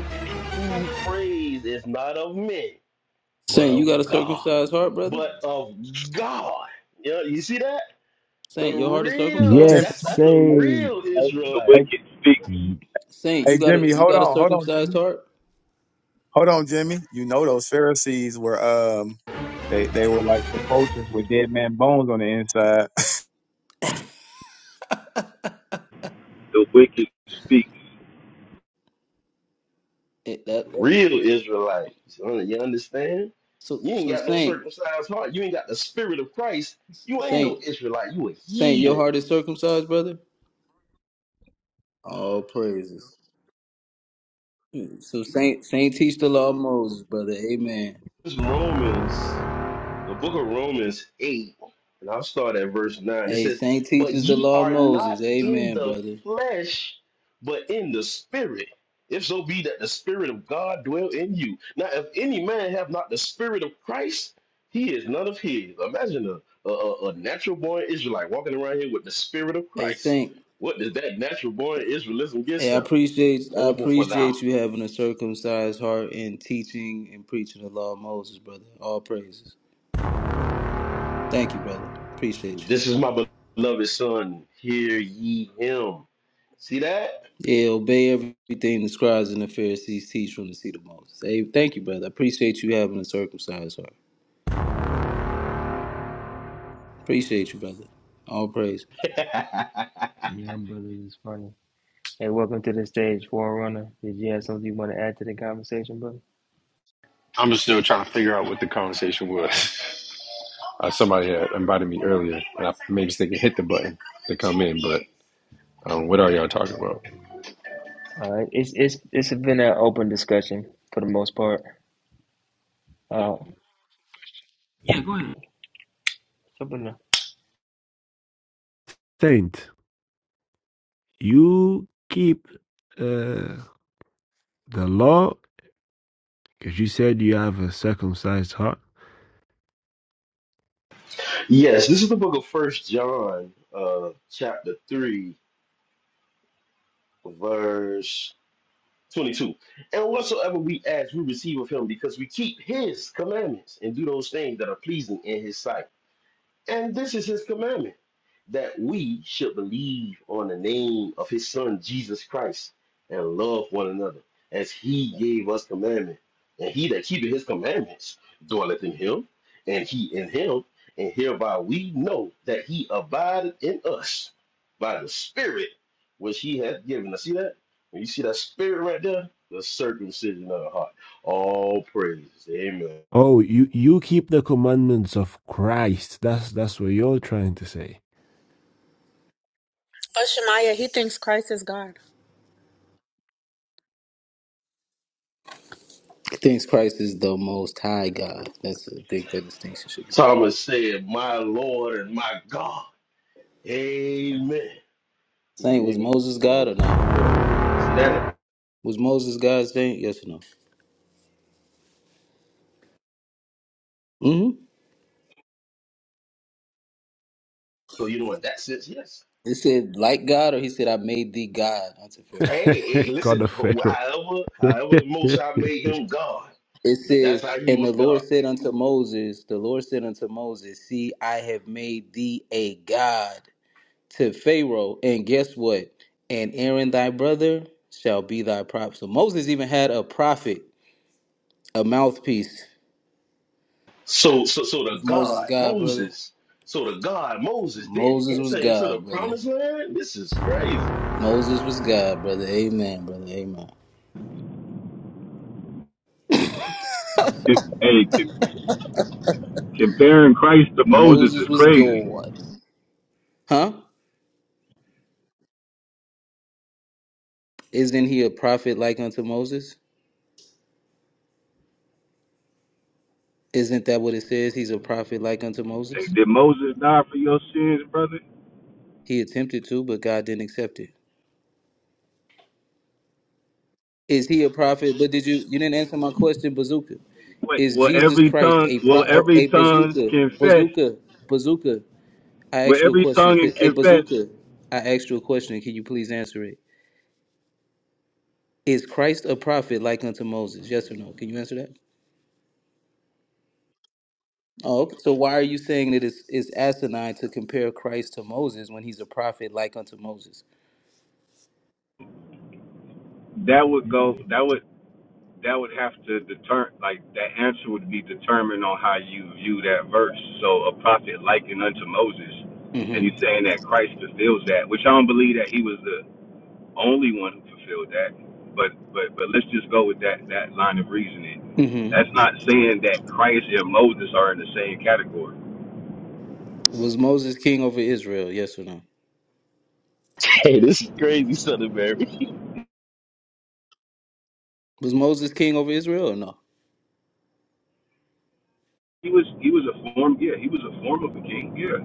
Speaker 8: whose praise is not of men, but
Speaker 13: Saint, you
Speaker 8: of
Speaker 13: got a
Speaker 8: God.
Speaker 13: circumcised heart, brother.
Speaker 8: But of God. You, know, you see that? The
Speaker 13: Saint, your heart is
Speaker 8: real,
Speaker 4: Jimmy,
Speaker 13: circumcised.
Speaker 8: that's
Speaker 6: Yes,
Speaker 8: that's a
Speaker 4: hey,
Speaker 6: Saint.
Speaker 8: real
Speaker 4: hey,
Speaker 8: Israelite.
Speaker 4: hey,
Speaker 13: Saint, you
Speaker 4: hey,
Speaker 13: got a
Speaker 4: Jimmy,
Speaker 13: you
Speaker 4: hold
Speaker 13: got a
Speaker 4: on, hold on,
Speaker 13: circumcised
Speaker 4: Jimmy,
Speaker 13: heart.
Speaker 4: hold on, Jimmy. You know those Pharisees were um they they were like sepulchres with dead man bones on the inside.
Speaker 10: The wicked speaks.
Speaker 13: It- that- that-
Speaker 8: Real Israelites. You understand?
Speaker 13: so
Speaker 8: You ain't
Speaker 13: so
Speaker 8: got no
Speaker 13: Saint,
Speaker 8: circumcised heart. You ain't got the spirit of Christ. You ain't no
Speaker 13: Saint,
Speaker 8: Israelite. You a
Speaker 13: Saint, your
Speaker 8: heathen.
Speaker 13: heart is circumcised, brother. All praises. So Saint Saint teach the law of Moses, brother. Amen.
Speaker 8: It's Romans. the book of Romans 8, and I'll start at verse 9. It
Speaker 13: Hey,
Speaker 8: says,
Speaker 13: Saint
Speaker 8: But
Speaker 13: teaches the
Speaker 8: ye
Speaker 13: law of
Speaker 8: are not
Speaker 13: Moses.
Speaker 8: in
Speaker 13: Amen,
Speaker 8: the
Speaker 13: brother.
Speaker 8: flesh, but in the spirit. If so be that the spirit of God dwell in you. Now, if any man have not the spirit of Christ, he is none of his. Imagine a, a, a natural born Israelite walking around here with the spirit of
Speaker 13: Hey
Speaker 8: Christ.
Speaker 13: Saint.
Speaker 8: What does that natural born Israelism gets
Speaker 13: Hey, I
Speaker 8: him?
Speaker 13: appreciate I
Speaker 8: Over for
Speaker 13: appreciate
Speaker 8: thou.
Speaker 13: you having a circumcised heart and teaching and preaching the law of Moses, brother. All praises. Thank you, brother. Appreciate you.
Speaker 8: This is my beloved son. Hear ye him. See that?
Speaker 13: Yeah, obey everything the scribes and the Pharisees teach from the seat of Moses. Hey, thank you, brother. I appreciate you having a circumcised heart. Appreciate you, brother. All praise.
Speaker 3: yeah, brother, it's funny. Hey, welcome to the stage, Forerunner. Did you have something you want to add to the conversation, brother?
Speaker 14: I'm still trying to figure out what the conversation was. Uh, somebody had invited me earlier, and I maybe they could hit the button to come in, but um, what are y'all talking about?
Speaker 3: Uh, it's it's it's been an open discussion for the most part. Uh, Yeah, go ahead. something.
Speaker 6: Saint, you keep uh, the law because you said you have a circumcised heart.
Speaker 8: yes, this is the book of First John, uh, chapter three, verse twenty-two. And whatsoever we ask, we receive of Him, because we keep His commandments and do those things that are pleasing in His sight. And this is his commandment that we should believe on the name of his son Jesus Christ and love one another as he gave us commandment. And he that keepeth his commandments dwelleth in him, and he in him, and hereby we know that he abideth in us by the spirit which he hath given us. See that? When you see that spirit right there, the circumcision of the heart. All praises. Amen.
Speaker 6: Oh, you you keep the commandments of Christ. That's that's what you're trying to say.
Speaker 11: But Shemaiah, he thinks Christ is God.
Speaker 13: Thinks Christ is the most high God. That's a big that distinction should be.
Speaker 8: Thomas said, My Lord and my God. Amen. You
Speaker 13: Saint, was Moses
Speaker 8: want
Speaker 13: God or
Speaker 8: to fix
Speaker 13: not?
Speaker 8: that.
Speaker 13: Was Moses God's thing? Yes or no? Mm-hmm.
Speaker 8: So you know what that says? Yes.
Speaker 13: It said, like God, or he said, I made thee God unto Pharaoh.
Speaker 8: Hey, hey,
Speaker 6: God
Speaker 8: listen.
Speaker 6: of Pharaoh,
Speaker 8: However, however, the Most High made him God.
Speaker 13: It
Speaker 8: That's
Speaker 13: says,
Speaker 8: how he
Speaker 13: and the
Speaker 8: was
Speaker 13: Lord
Speaker 8: God.
Speaker 13: said unto Moses, the Lord said unto Moses, see, I have made thee a God to Pharaoh, and guess what? And Aaron thy brother shall be thy prop. So Moses even had a prophet, a mouthpiece.
Speaker 8: So, so, so the
Speaker 13: Was Moses
Speaker 8: God
Speaker 13: God, brother?
Speaker 8: Moses. So the God Moses didn't
Speaker 13: Moses
Speaker 8: enter
Speaker 13: was
Speaker 8: into the
Speaker 13: God, brother.
Speaker 8: Promised Land. This is crazy.
Speaker 13: Moses was God, brother. Amen, brother. Amen.
Speaker 10: Hey, com- comparing Christ to Moses
Speaker 13: Moses
Speaker 10: is
Speaker 13: was
Speaker 10: crazy.
Speaker 13: God. Huh? Isn't he a prophet like unto Moses? Isn't that what it says? He's a prophet like unto
Speaker 10: Hey,
Speaker 13: Moses?
Speaker 10: did Moses die for your sins, brother?
Speaker 13: He attempted to, but God didn't accept it. Is he a prophet? But did you you didn't answer my question, Bazooka?
Speaker 10: Wait,
Speaker 13: Is
Speaker 10: will
Speaker 13: Jesus
Speaker 10: every
Speaker 13: Christ
Speaker 10: tongue
Speaker 13: a
Speaker 10: will
Speaker 13: pro-
Speaker 10: every
Speaker 13: a
Speaker 10: tongue
Speaker 13: bazooka?
Speaker 10: confess?
Speaker 13: Bazooka, bazooka. I
Speaker 10: Will
Speaker 13: asked you a
Speaker 10: every
Speaker 13: question.
Speaker 10: tongue and
Speaker 13: Could, a
Speaker 10: confess?
Speaker 13: bazooka. I asked you a question. Can you please answer it? Is Christ a prophet like unto Moses? Yes or no? Can you answer that? Oh, okay. So why are you saying that it's it's asinine to compare Christ to Moses when he's a prophet like unto Moses?
Speaker 10: That would go. That would that would have to deter. Like that answer would be determined on how you view that verse. So a prophet likened unto Moses, and you
Speaker 13: Mm-hmm.
Speaker 10: saying that Christ fulfills that, which I don't believe that he was the only one who fulfilled that. But but but let's just go with that that line of reasoning. That's
Speaker 13: Mm-hmm.
Speaker 10: not saying that Christ and Moses are in the same category
Speaker 13: Was Moses king over Israel? Yes or no?
Speaker 8: Hey, this is crazy, Son of Mary.
Speaker 13: Was Moses king over Israel or no?
Speaker 10: He was he was a form yeah he was a form of a king yeah.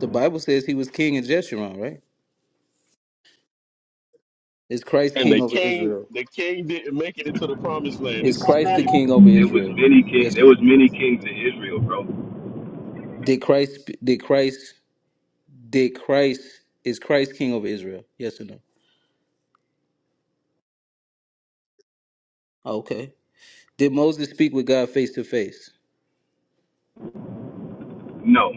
Speaker 13: The Bible says he was king in Jeshurun, right? Is Christ
Speaker 8: And the
Speaker 13: king over
Speaker 8: king,
Speaker 13: Israel?
Speaker 8: the king didn't make it into the Promised Land.
Speaker 13: Is
Speaker 8: This is
Speaker 13: Christ the
Speaker 8: crazy.
Speaker 13: king over
Speaker 10: There was
Speaker 13: Israel?
Speaker 10: many king
Speaker 13: Yes or
Speaker 10: there
Speaker 13: no?
Speaker 10: was many kings in Israel, bro.
Speaker 13: Did Christ did Christ did Christ is Christ king over Israel? Yes or no? Okay. Did Moses speak with God face to face?
Speaker 10: No,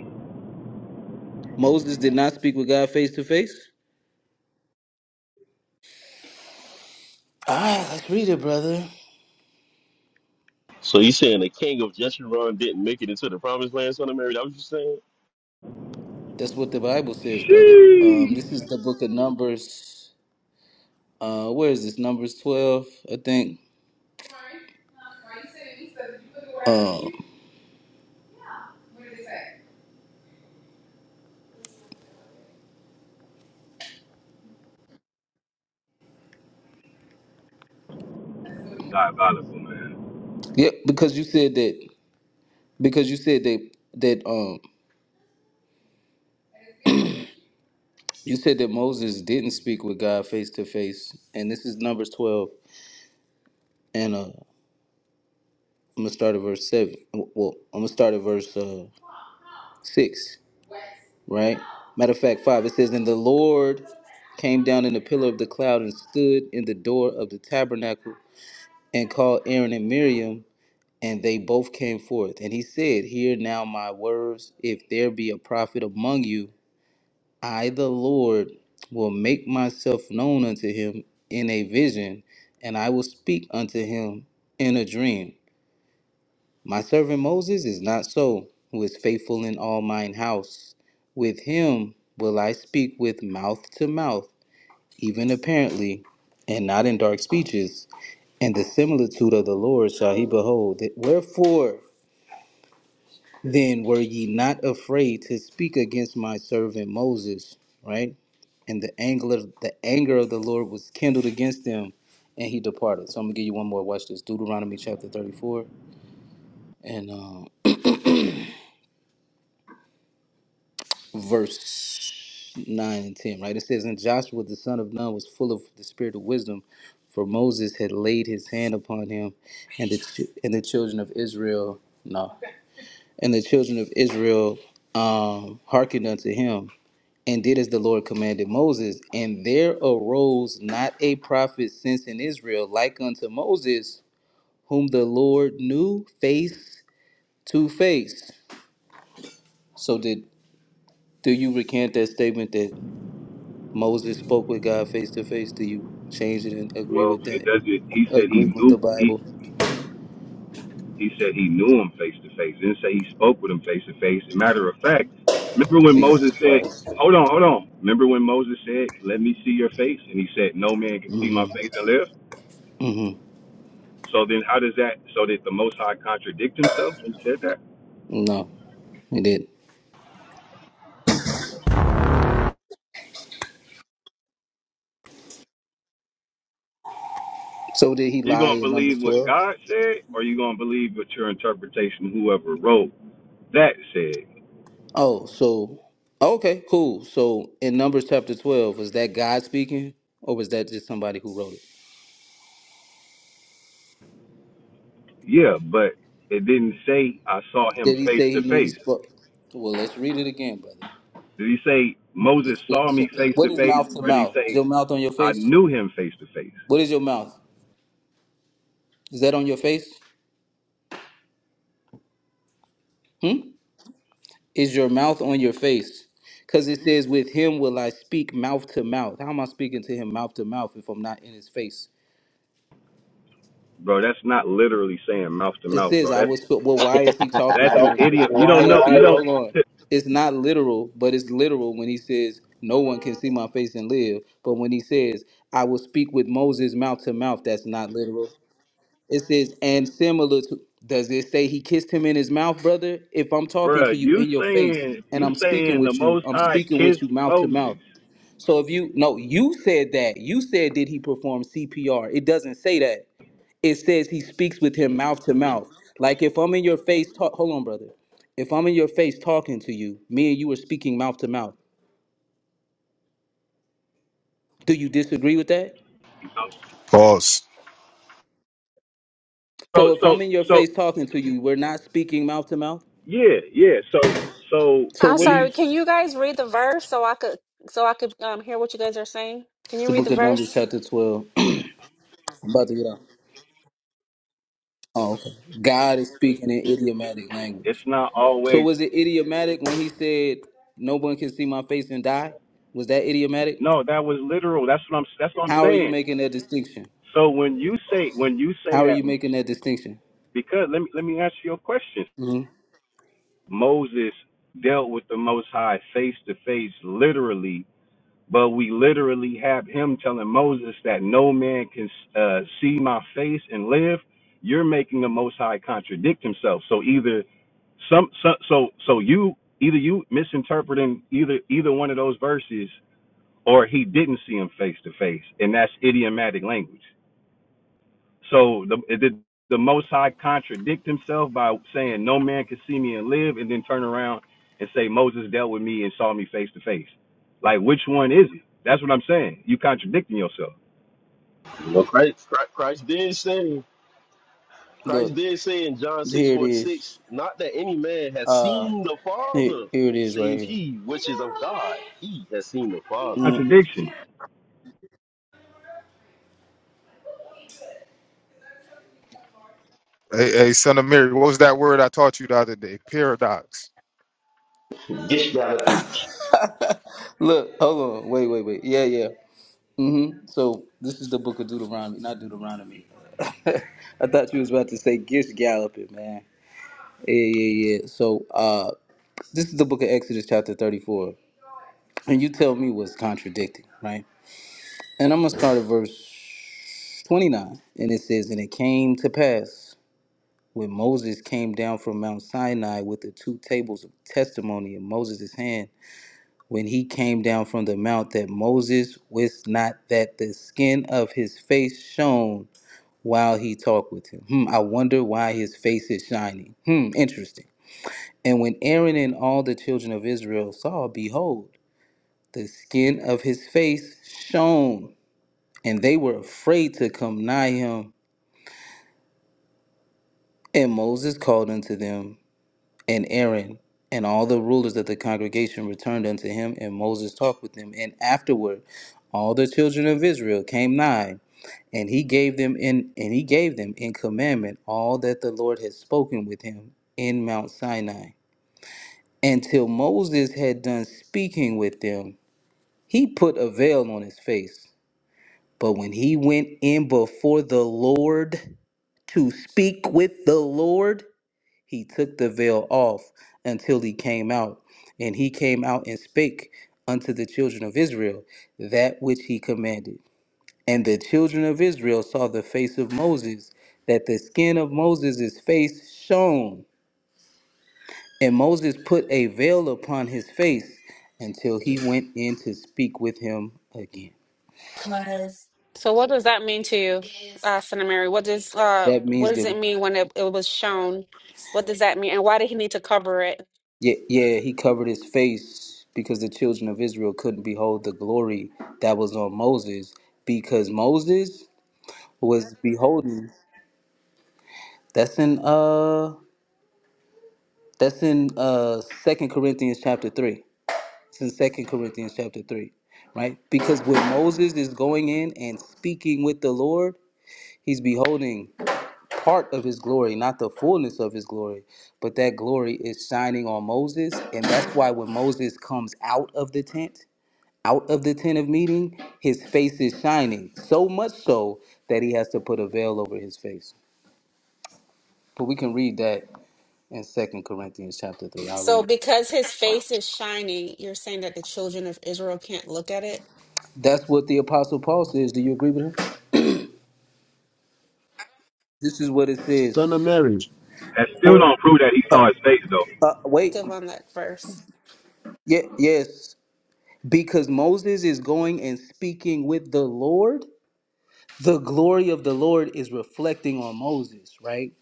Speaker 13: Moses did not speak with God face to face? Ah, let's read it, brother.
Speaker 8: So you saying the king of Jeshurun didn't make it into the Promised Land, Son of Mary? That was you saying?
Speaker 13: That's what the Bible says, brother. Um,
Speaker 10: she
Speaker 13: this is the book of Numbers. Uh, where is this? Numbers twelve, I think. Um,
Speaker 10: diabolical man.
Speaker 13: Yep. because you said that. Because you said that that um You said that Moses didn't speak with God face to face, and this is Numbers 12, and uh, I'm gonna start at verse seven. Well, I'm gonna start at verse uh, six, right? Matter of fact, five. It says, "And the Lord came down in the pillar of the cloud and stood in the door of the tabernacle and called Aaron and Miriam, and they both came forth. And he said, Hear now my words. If there be a prophet among you." I, the Lord, will make myself known unto him in a vision, and I will speak unto him in a dream. My servant Moses is not so, who is faithful in all mine house. With him will I speak with mouth to mouth, even apparently, and not in dark speeches. And the similitude of the Lord shall he behold. Wherefore then were ye not afraid to speak against my servant Moses? Right? and the anger of the anger of the Lord was kindled against them, and he departed. So I'm gonna give you one more. Watch this. Deuteronomy chapter 34 and um, verse nine and ten. Right. It says, and Joshua the son of Nun was full of the spirit of wisdom, for Moses had laid his hand upon him, and the ch- and the children of Israel no, and the children of Israel um hearkened unto him and did as the Lord commanded Moses. And there arose not a prophet since in Israel like unto Moses, whom the Lord knew face to face. So did do you recant that statement that Moses spoke with God face to face? Do you change it and agree
Speaker 10: Well,
Speaker 13: with
Speaker 10: it
Speaker 13: that?
Speaker 10: does it. He said
Speaker 13: Agree
Speaker 10: he
Speaker 13: with
Speaker 10: knew
Speaker 13: the
Speaker 10: he
Speaker 13: Bible?
Speaker 10: he said he knew him face to face. Didn't say he spoke with him face to face. Matter of fact, remember when
Speaker 13: Jesus
Speaker 10: Moses said,
Speaker 13: Christ.
Speaker 10: "Hold on, hold on." Remember when Moses said, "Let me see your face," and he said, "No man can see my face and live."
Speaker 13: hmm
Speaker 10: So then, how does that? So did the Most High contradict himself when he said that?
Speaker 13: No, he did. So did he
Speaker 10: You
Speaker 13: lie
Speaker 10: gonna
Speaker 13: in
Speaker 10: believe
Speaker 13: Numbers
Speaker 10: what
Speaker 13: twelve?
Speaker 10: God said, or you gonna believe what your interpretation, whoever wrote that said?
Speaker 13: Oh, so okay, cool. So in Numbers chapter twelve, was that God speaking, or was that just somebody who wrote it?
Speaker 10: Yeah, but it didn't say I saw him
Speaker 13: Did he
Speaker 10: face
Speaker 13: say
Speaker 10: to
Speaker 13: he knew he
Speaker 10: face.
Speaker 13: spoke? Well, let's read it again, brother.
Speaker 10: Did he say Moses
Speaker 13: Let's read.
Speaker 10: saw me
Speaker 13: So,
Speaker 10: face
Speaker 13: what
Speaker 10: to
Speaker 13: is
Speaker 10: face,
Speaker 13: mouth to
Speaker 10: or did he
Speaker 13: mouth? Is
Speaker 10: say
Speaker 13: your mouth on your
Speaker 10: I
Speaker 13: face?
Speaker 10: knew him face to face?
Speaker 13: What is your mouth? Is that on your face? Hmm. Is your mouth on your face? Because it says, "With him will I speak mouth to mouth." How am I speaking to him mouth to mouth if I'm not in his face?
Speaker 10: Bro, that's not literally saying mouth to
Speaker 13: It
Speaker 10: mouth,
Speaker 13: says,
Speaker 10: bro.
Speaker 13: I
Speaker 10: That's
Speaker 13: was, well, why is he talking
Speaker 10: that's
Speaker 13: to
Speaker 10: an
Speaker 13: them?
Speaker 10: idiom. You
Speaker 13: Why
Speaker 10: don't know.
Speaker 13: is
Speaker 10: You
Speaker 13: he, hold on.
Speaker 10: don't,
Speaker 13: It's not literal, but it's literal when he says, no one can see my face and live. But when he says, I will speak with Moses mouth to mouth, that's not literal. It says, and similar to, does it say he kissed him in his mouth, brother? If I'm talking
Speaker 10: bro.
Speaker 13: to you
Speaker 10: You
Speaker 13: in your face
Speaker 10: saying
Speaker 13: and
Speaker 10: you
Speaker 13: I'm speaking
Speaker 10: saying the
Speaker 13: with you,
Speaker 10: Most
Speaker 13: I'm
Speaker 10: High
Speaker 13: speaking
Speaker 10: kissed
Speaker 13: with you mouth to mouth.
Speaker 10: Moses.
Speaker 13: So if you, no, you said that. You said, did he perform CPR? It doesn't say that it says he speaks with him mouth to mouth. Like if I'm in your face, talk, hold on, brother. If I'm in your face talking to you, me and you are speaking mouth to mouth. Do you disagree with that?
Speaker 10: So
Speaker 13: So if
Speaker 10: so
Speaker 13: I'm in your
Speaker 10: so
Speaker 13: face talking to you, we're not speaking mouth to mouth.
Speaker 10: yeah yeah. So so
Speaker 13: So
Speaker 11: I'm
Speaker 10: do
Speaker 13: what do
Speaker 10: you?
Speaker 13: you?
Speaker 11: sorry, can you guys read the verse so I could so I could um hear what you guys are saying? Can
Speaker 13: It's
Speaker 11: you
Speaker 13: the
Speaker 11: read the
Speaker 13: book of Numbers,
Speaker 11: verse?
Speaker 13: chapter twelve. I'm about to get out. Oh, okay. God is speaking in idiomatic
Speaker 10: It's
Speaker 13: language.
Speaker 10: not
Speaker 13: So
Speaker 10: always.
Speaker 13: was it idiomatic when he said, "No one can see my face and die"? Was that idiomatic?
Speaker 10: No, that was literal. That's what I'm. That's what I'm
Speaker 13: How are you
Speaker 10: saying.
Speaker 13: making that distinction?
Speaker 10: So when you say when you say
Speaker 13: How are
Speaker 10: that,
Speaker 13: you making that distinction?
Speaker 10: because let me let me answer your question.
Speaker 13: Mm-hmm.
Speaker 10: Moses dealt with the Most High face to face, literally. But we literally have him telling Moses that no man can uh, see my face and live. You're making the Most High contradict himself. So either some, so so so you either you misinterpreting either either one of those verses or he didn't see him face to face, and that's idiomatic language. So the, the the Most High contradict himself by saying, "No man can see me and live," and then turn around and say, "Moses dealt with me and saw me face to face." Like, which one is it? That's what I'm saying. You contradicting yourself.
Speaker 8: Well, Christ, Christ, Christ did say, Christ
Speaker 13: Look,
Speaker 8: did say in John six
Speaker 13: here it
Speaker 8: forty six,
Speaker 13: is.
Speaker 8: not that any man has
Speaker 13: Uh,
Speaker 8: seen the
Speaker 13: here,
Speaker 8: Father,
Speaker 13: here it is right
Speaker 8: save
Speaker 13: here.
Speaker 8: he which is of God. He has seen the Father. Interesting.
Speaker 10: Contradiction.
Speaker 5: Hey, hey, son of Mary, what was that word I taught you the other day? Paradox.
Speaker 8: Get you out of here.
Speaker 13: Look, hold on. Wait, wait, wait. Yeah, yeah. Mm-hmm. So this is the book of Deuteronomy, not Deuteronomy. I thought you was about to say Gish Galloping, man. Yeah, yeah, yeah. So uh, this is the book of Exodus, chapter 34. And you tell me what's contradicting, right? And I'm going to start at verse 29. And it says, And it came to pass when Moses came down from Mount Sinai with the two tables of testimony in Moses' hand, when he came down from the mount, that Moses wist not that the skin of his face shone while he talked with him. Hmm, I wonder why his face is shining. Hmm, interesting. And when Aaron and all the children of Israel saw, behold, the skin of his face shone, and they were afraid to come nigh him. And Moses called unto them, And Aaron and all the rulers of the congregation returned unto him, and Moses talked with them. And afterward, all the children of Israel came nigh, and he gave them in and he gave them in commandment all that the Lord had spoken with him in Mount Sinai. Until Moses had done speaking with them, he put a veil on his face. But when he went in before the Lord to speak with the Lord, he took the veil off until he came out. And he came out and spake unto the children of Israel that which he commanded. And the children of Israel saw the face of Moses, that the skin of Moses' face shone. And Moses put a veil upon his face until he went in to speak with him again.
Speaker 11: So what does that mean to you, uh, Senator Mary? What does uh
Speaker 13: That
Speaker 11: what
Speaker 13: means
Speaker 11: does
Speaker 13: that,
Speaker 11: it mean when it, it was shown? What does that mean? And why did he need to cover it?
Speaker 13: yeah, yeah, he covered his face because the children of Israel couldn't behold the glory that was on Moses because Moses was beholding. That's in uh that's in uh Second Corinthians chapter three. It's in Second Corinthians chapter three, right? Because when Moses is going in and speaking with the Lord, he's beholding part of his glory, not the fullness of his glory, but that glory is shining on Moses, and that's why when Moses comes out of the tent, out of the tent of meeting, his face is shining so much so that he has to put a veil over his face. But we can read that in Second Corinthians chapter three. I'll
Speaker 11: So
Speaker 13: read.
Speaker 11: because his face is shining, you're saying that the children of Israel can't look at it?
Speaker 13: That's what the Apostle Paul says. Do you agree with him? This is what it says.
Speaker 6: son of Mary,
Speaker 10: That still
Speaker 13: For
Speaker 10: don't prove that he
Speaker 13: uh,
Speaker 10: saw his face though.
Speaker 13: uh wait,
Speaker 11: Active on that verse.
Speaker 13: yeah, yes, because Moses is going and speaking with the Lord. The glory of the Lord is reflecting on Moses, right?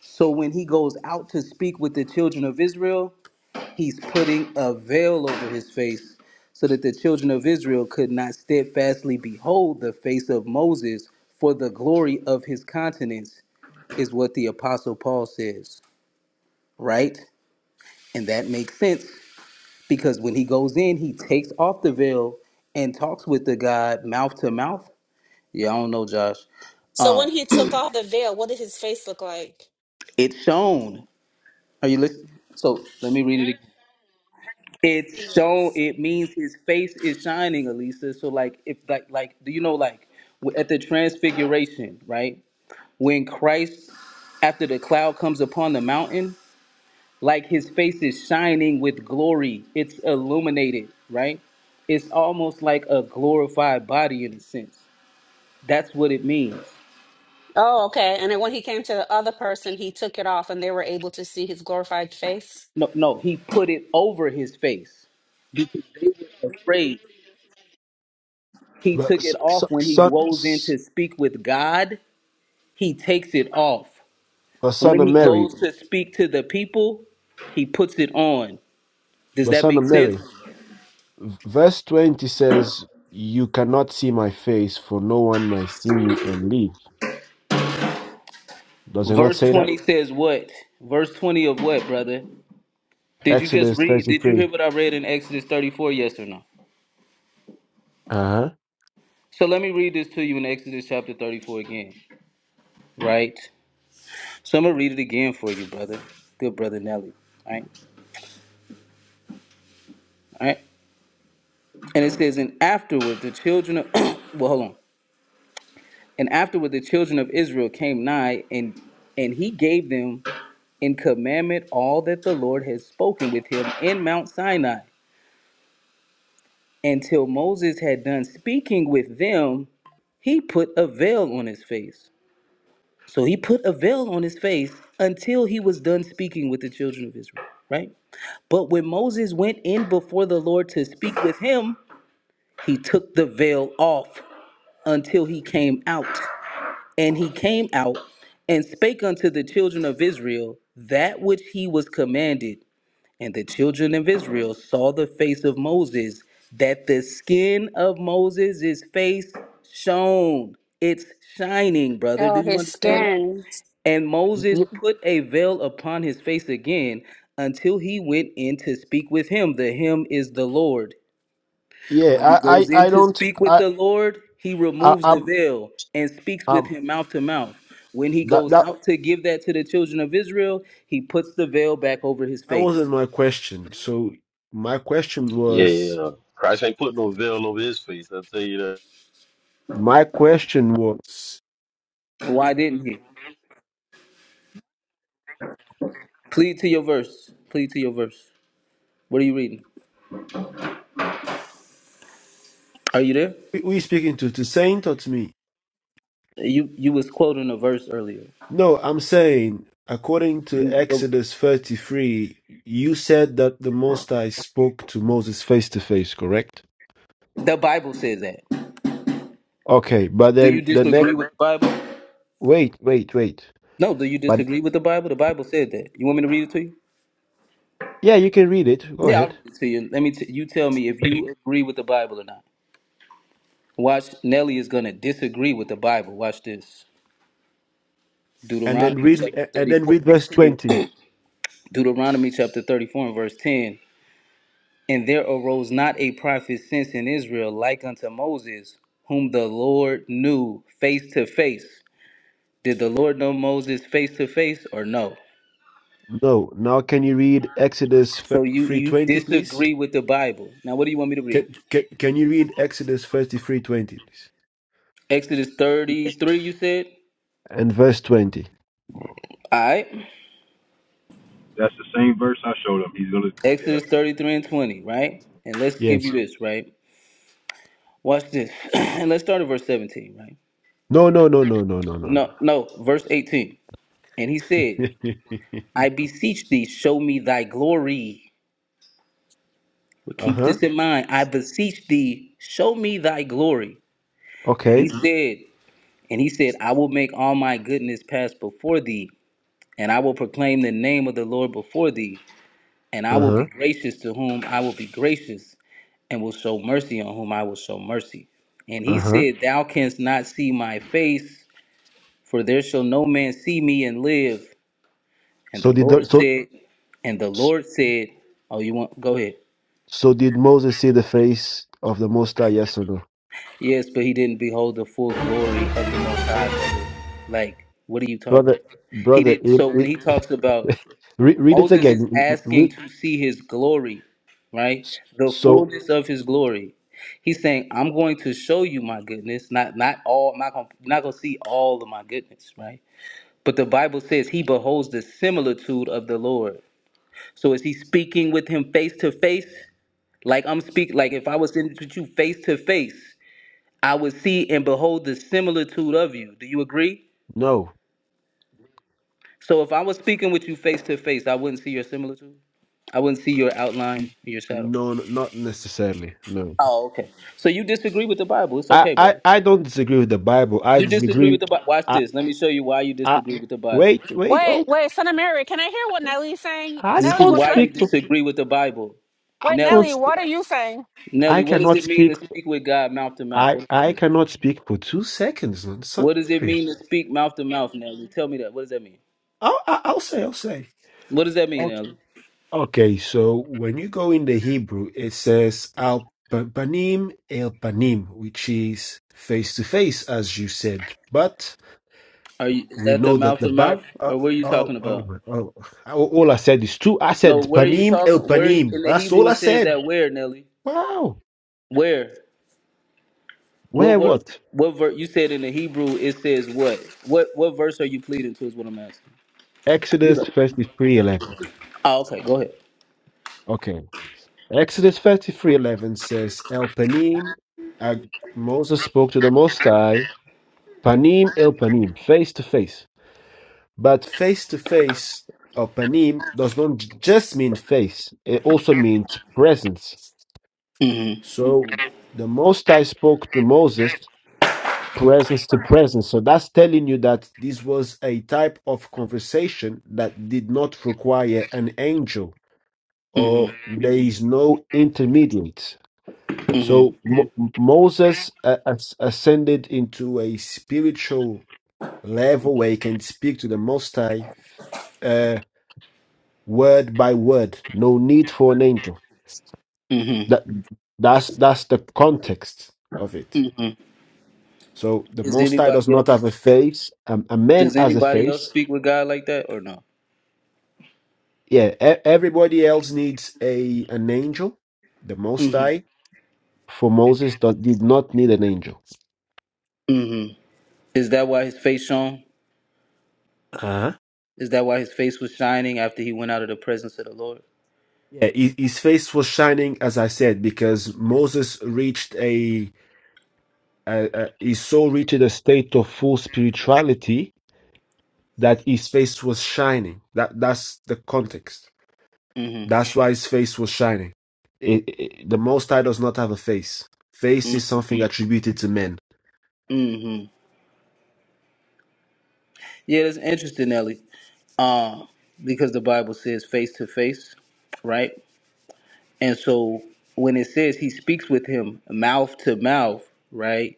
Speaker 13: So when he goes out to speak with the children of Israel, he's putting a veil over his face so that the children of Israel could not steadfastly behold the face of Moses for the glory of his countenance is what the Apostle Paul says, right? And that makes sense because when he goes in, he takes off the veil and talks with the God mouth to mouth. Yeah, I don't know, Josh.
Speaker 11: So when
Speaker 13: Um,
Speaker 11: he took off the veil, what did his face look like?
Speaker 13: it's shown. Are you listening? So let me read it again. It's shown. It means his face is shining, Elisa. So like, if like like, do you know like w- at the transfiguration, right? When Christ, after the cloud comes upon the mountain, like his face is shining with glory. It's illuminated, right? It's almost like a glorified body in a sense. That's what it means.
Speaker 11: Oh, okay. And then when he came to the other person, he took it off and they were able to see his glorified face.
Speaker 13: No, no, he put it over his face because they were afraid. He
Speaker 6: but
Speaker 13: took
Speaker 6: s-
Speaker 13: it
Speaker 6: s-
Speaker 13: off when he
Speaker 6: son,
Speaker 13: goes in
Speaker 6: s-
Speaker 13: to speak with God. He takes it off.
Speaker 6: but son
Speaker 13: When
Speaker 6: of
Speaker 13: he goes
Speaker 6: Mary,
Speaker 13: to speak to the people, he puts it on. Does
Speaker 6: but
Speaker 13: that
Speaker 6: son of
Speaker 13: make sense?
Speaker 6: Mary. V- Verse twenty says, "You cannot see my face, for no one might see me and live." Does it not
Speaker 13: Verse
Speaker 6: say that?
Speaker 13: 20 says what? Verse 20 of what, brother? Did you just
Speaker 6: Exodus
Speaker 13: read? Did you
Speaker 6: thirty-three.
Speaker 13: hear what I read in Exodus 34? Yes or no?
Speaker 6: Uh
Speaker 13: So let me read this to you in Exodus chapter 34 again, right? So I'm gonna read it again for you, brother. Good brother Nelly. All right, all right. And it says, and afterward the children of well, hold on. And afterward the children of Israel came nigh, and and he gave them in commandment all that the Lord had spoken with him in Mount Sinai. Until Moses had done speaking with them, he put a veil on his face So he put a veil on his face until he was done speaking with the children of Israel, right? But when Moses went in before the Lord to speak with him, he took the veil off until he came out. And he came out and spake unto the children of Israel that which he was commanded, and the children of Israel saw the face of Moses, that the skin of Moses' face shone. It's shining, brother. Do
Speaker 11: Oh,
Speaker 13: you
Speaker 11: his
Speaker 13: understand that?
Speaker 11: skin.
Speaker 13: And
Speaker 6: huh.
Speaker 13: Moses put a veil upon his face again until he went in to speak with him. The him is the Lord.
Speaker 6: Yeah,
Speaker 13: When he
Speaker 6: I,
Speaker 13: goes
Speaker 6: I,
Speaker 13: in
Speaker 6: I
Speaker 13: to
Speaker 6: don't,
Speaker 13: speak with
Speaker 6: I,
Speaker 13: the Lord, he
Speaker 6: I,
Speaker 13: removes the
Speaker 6: I'm,
Speaker 13: veil and speaks with
Speaker 6: I'm
Speaker 13: him mouth to mouth. When he
Speaker 6: that
Speaker 13: goes
Speaker 6: that.
Speaker 13: out to give that to the children of Israel, he puts the veil back over his
Speaker 6: That wasn't
Speaker 13: face.
Speaker 6: my question. So my question
Speaker 8: Yeah,
Speaker 6: was,
Speaker 8: yeah. Christ ain't put no veil over his face. I will tell you that.
Speaker 6: my question was,
Speaker 13: Why didn't he? Plead to your verse. Plead to your verse. What are you reading? Are you there?
Speaker 6: we we speaking to to saint or to me?
Speaker 13: You you was quoting a verse earlier.
Speaker 6: No, I'm saying according to
Speaker 13: You
Speaker 6: Exodus 33, you said that the Most High spoke to Moses face to face, correct?
Speaker 13: the Bible says that.
Speaker 6: Okay, but
Speaker 13: Do you
Speaker 6: then the next,
Speaker 13: disagree with the Bible?
Speaker 6: wait, wait, wait.
Speaker 13: No. Do you
Speaker 6: But
Speaker 13: disagree with the Bible? The Bible said that. You want me to read it to you?
Speaker 6: yeah, you can read it. Go
Speaker 13: Yeah, I'll
Speaker 6: ahead.
Speaker 13: read it to you. Let me. T- you tell me if you agree with the Bible or not. Watch. Nelly is gonna disagree with the Bible. Watch this.
Speaker 6: And then
Speaker 13: Deuteronomy
Speaker 6: read,
Speaker 13: chapter
Speaker 6: a- and then
Speaker 13: thirty-four,
Speaker 6: read verse
Speaker 13: verse ten.
Speaker 6: 20.
Speaker 13: Deuteronomy chapter thirty-four and verse ten. And there arose not a prophet since in Israel like unto Moses, whom the Lord knew face to face. Did the Lord know Moses face to face or no?
Speaker 6: No, now can you read Exodus
Speaker 13: So you you
Speaker 6: 33:20, please?
Speaker 13: disagree with the Bible. Now what do you want me to
Speaker 6: Can,
Speaker 13: read?
Speaker 6: can, can you read Exodus 33 20
Speaker 13: Exodus
Speaker 6: please?
Speaker 13: 33 you said?
Speaker 6: And verse 20.
Speaker 13: All right.
Speaker 10: That's the same verse I showed him. He's gonna. Yeah.
Speaker 13: Exodus 33 and 20, right? And let's give you
Speaker 6: Yes.
Speaker 13: this, right? Watch this. and let's start at verse 17, right?
Speaker 6: No, no, no, no, no, no, no, no.
Speaker 13: No, no, verse 18. And he said, I beseech thee, show me thy glory. But
Speaker 6: uh
Speaker 13: keep
Speaker 6: huh.
Speaker 13: this in mind. I beseech thee, show me thy glory. And
Speaker 6: Okay.
Speaker 13: he Mhm. said, and he said, I will make all my goodness pass before thee, and I will proclaim the name of the Lord before thee, and I
Speaker 6: Uh
Speaker 13: will be
Speaker 6: huh.
Speaker 13: gracious to whom I will be gracious, and will show mercy on whom I will show mercy. And
Speaker 6: Uh
Speaker 13: he
Speaker 6: huh.
Speaker 13: said, Thou canst not see my face, for there shall no man see me and live. And
Speaker 6: So
Speaker 13: the
Speaker 6: did the,
Speaker 13: Lord
Speaker 6: so
Speaker 13: said, and the Lord said, Oh, you want go ahead.
Speaker 6: so did Moses see the face of the Most High? Yes or no,
Speaker 13: Yes, but he didn't behold the full glory of the Most High, brother. Like, what are you talking
Speaker 6: brother?
Speaker 13: about? He
Speaker 6: Brother,
Speaker 13: didn't.
Speaker 6: it,
Speaker 13: So when
Speaker 6: it,
Speaker 13: he talks about
Speaker 6: re, read it
Speaker 13: Moses
Speaker 6: again.
Speaker 13: is
Speaker 6: Mm, mm, mm,
Speaker 13: asking
Speaker 6: Read.
Speaker 13: to see his glory, right? The
Speaker 6: So
Speaker 13: fullness of his glory. He's saying, "I'm going to show you my goodness. Not not all. I'm not gonna you're not gonna see all of my goodness, right? But the Bible says he beholds the similitude of the Lord. So is he speaking with him face to face? Like I'm speaking. Like if I was in with you face to face." I would see and behold the similitude of you. Do you agree?
Speaker 6: no,
Speaker 13: So if I was speaking with you face to face, I wouldn't see your similitude. I wouldn't see your outline, your shadow.
Speaker 6: no, n- not necessarily. No,
Speaker 13: Oh, okay. So you disagree with the Bible. It's
Speaker 6: I,
Speaker 13: okay,
Speaker 6: I,
Speaker 13: brother.
Speaker 6: I don't disagree with the Bible. I
Speaker 13: You disagree with
Speaker 6: disagree.
Speaker 13: the Bible. Watch
Speaker 6: I,
Speaker 13: this. Let me show you why you
Speaker 6: I
Speaker 13: disagree with the Bible.
Speaker 6: wait, wait, hold
Speaker 11: Wait, wait, son of Mary, can I hear what Nelly's saying?
Speaker 6: I
Speaker 13: This
Speaker 11: Nelly,
Speaker 13: is
Speaker 6: can't
Speaker 11: what's
Speaker 13: why
Speaker 11: your
Speaker 13: you
Speaker 6: speak to
Speaker 13: disagree with the Bible.
Speaker 6: I
Speaker 11: wait,
Speaker 6: can't
Speaker 13: Nelly,
Speaker 11: Nelly, what are you saying?
Speaker 6: I
Speaker 13: Nelly, what does
Speaker 6: cannot
Speaker 13: it mean to
Speaker 6: speak
Speaker 13: speak with God mouth to mouth?
Speaker 6: I
Speaker 13: What does that
Speaker 6: I
Speaker 13: mean?
Speaker 6: cannot speak for two seconds on Son
Speaker 13: What does it
Speaker 6: Mary.
Speaker 13: mean to speak mouth to mouth, Nelly? Tell me that. What does that mean?
Speaker 6: I'll I- I'll say I'll say.
Speaker 13: What does that mean,
Speaker 6: Okay,
Speaker 13: Nelly?
Speaker 6: Okay, so when you go in the Hebrew, it says al pa- panim el panim, which is face to face, as you said. But
Speaker 13: Are you is
Speaker 6: we
Speaker 13: that the
Speaker 6: know that
Speaker 13: mouth
Speaker 6: the
Speaker 13: to
Speaker 6: Bible.
Speaker 13: mouth,
Speaker 6: Uh,
Speaker 13: or what are you talking
Speaker 6: oh, oh,
Speaker 13: about?
Speaker 6: my- oh! All all I said is two. I said
Speaker 13: No, where are you
Speaker 6: panim el
Speaker 13: talking? Where you,
Speaker 6: panim.
Speaker 13: in the
Speaker 6: That's all
Speaker 13: Hebrew
Speaker 6: I
Speaker 13: it says
Speaker 6: said.
Speaker 13: that where, Nelly?
Speaker 6: Wow.
Speaker 13: Where? What
Speaker 6: Where
Speaker 13: what
Speaker 6: what?
Speaker 13: what ver, you said in the Hebrew it says what? What what verse are you pleading to is what I'm asking. You go.
Speaker 6: Exodus first verse three eleven.
Speaker 13: Oh, okay, go ahead.
Speaker 6: Okay. Exodus 33:11 says, El Panim, uh, Moses spoke to the Most High, Panim El Panim, face to face. But face to face, or Panim, does not j- just mean face, it also means presence.
Speaker 13: Mm-hmm.
Speaker 6: So the Most High spoke to Moses, presence to presence. So that's telling you that this was a type of conversation that did not require an angel, or
Speaker 13: Mm-hmm.
Speaker 6: there is no intermediate. So
Speaker 13: Mm-hmm.
Speaker 6: Mo- Moses uh, as- ascended into a spiritual level where he can speak to the Most High uh, word by word. No need for an angel. That
Speaker 13: Mm-hmm.
Speaker 6: that's that's the context of it.
Speaker 13: hmm
Speaker 6: So the
Speaker 13: Is
Speaker 6: Most High does
Speaker 13: anybody
Speaker 6: not have
Speaker 13: else
Speaker 6: a face. Um, a man
Speaker 13: does
Speaker 6: has a
Speaker 13: anybody else
Speaker 6: face.
Speaker 13: speak with God like that or no?
Speaker 6: Yeah, e- everybody else needs a an angel. The Most
Speaker 13: Mm-hmm.
Speaker 6: High for Moses do- did not need an angel.
Speaker 13: Mm-hmm. Is that why his face shone? Is that why his face was shining after he went out of the presence of the Lord?
Speaker 6: Yeah, his, his face was shining, as I said, because Moses reached a, a, a he so reached a state of full spirituality that his face was shining. That that's the context. That's why his face was shining. It- it- the Most High does not have a face. Face is
Speaker 13: Mm-hmm.
Speaker 6: something attributed to men.
Speaker 13: Yeah, that's interesting, Ellie. Um, because the Bible says face to face, right? And so when it says he speaks with him mouth to mouth, right?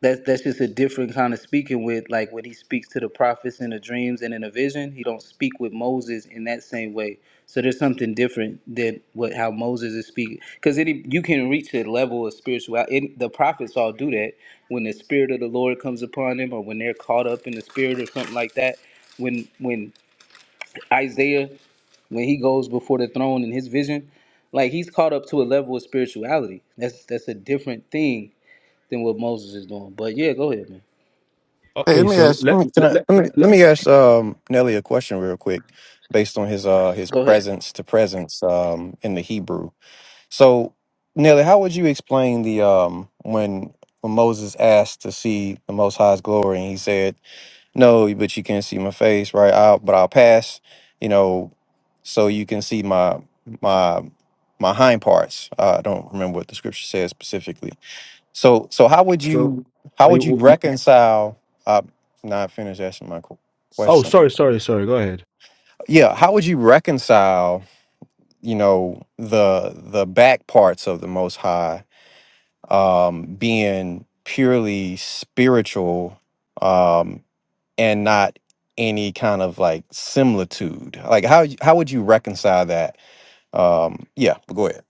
Speaker 13: That's that's just a different kind of speaking with like when he speaks to the prophets in the dreams and in a vision, he don't speak with Moses in that same way. So there's something different than what how Moses is speaking because any you can reach a level of spirituality. It, the prophets all do that when the spirit of the Lord comes upon them, or when they're caught up in the spirit or something like that. When when Isaiah when he goes before the throne in his vision, like he's caught up to a level of spirituality. That's that's a different thing than what Moses is doing. But yeah, go ahead, man.
Speaker 15: Hey, let
Speaker 6: Okay,
Speaker 15: me
Speaker 6: so
Speaker 15: ask. Let
Speaker 6: let,
Speaker 15: me, can
Speaker 6: let,
Speaker 15: I,
Speaker 6: let,
Speaker 15: let me let
Speaker 6: let-
Speaker 15: me ask um, Nelly a question real quick, based on his uh his
Speaker 13: Go ahead.
Speaker 15: presence to presence um in the Hebrew. So, Nelly, how would you explain the um when when Moses asked to see the Most High's glory and he said, "No, but you can't see my face, right? I'll but I'll pass, you know, so you can see my my my hind parts." Uh, I don't remember what the scripture says specifically, so so how would
Speaker 6: so.
Speaker 15: you how
Speaker 6: Wait,
Speaker 15: would you
Speaker 6: w-
Speaker 15: reconcile? I'm not finished asking my qu-
Speaker 6: oh,
Speaker 15: question.
Speaker 6: sorry, sorry, sorry. Go ahead.
Speaker 15: Yeah, how would you reconcile? You know the the back parts of the Most High um, being purely spiritual um, and not any kind of like similitude. Like how y- how would you reconcile that? Um, yeah, but go ahead.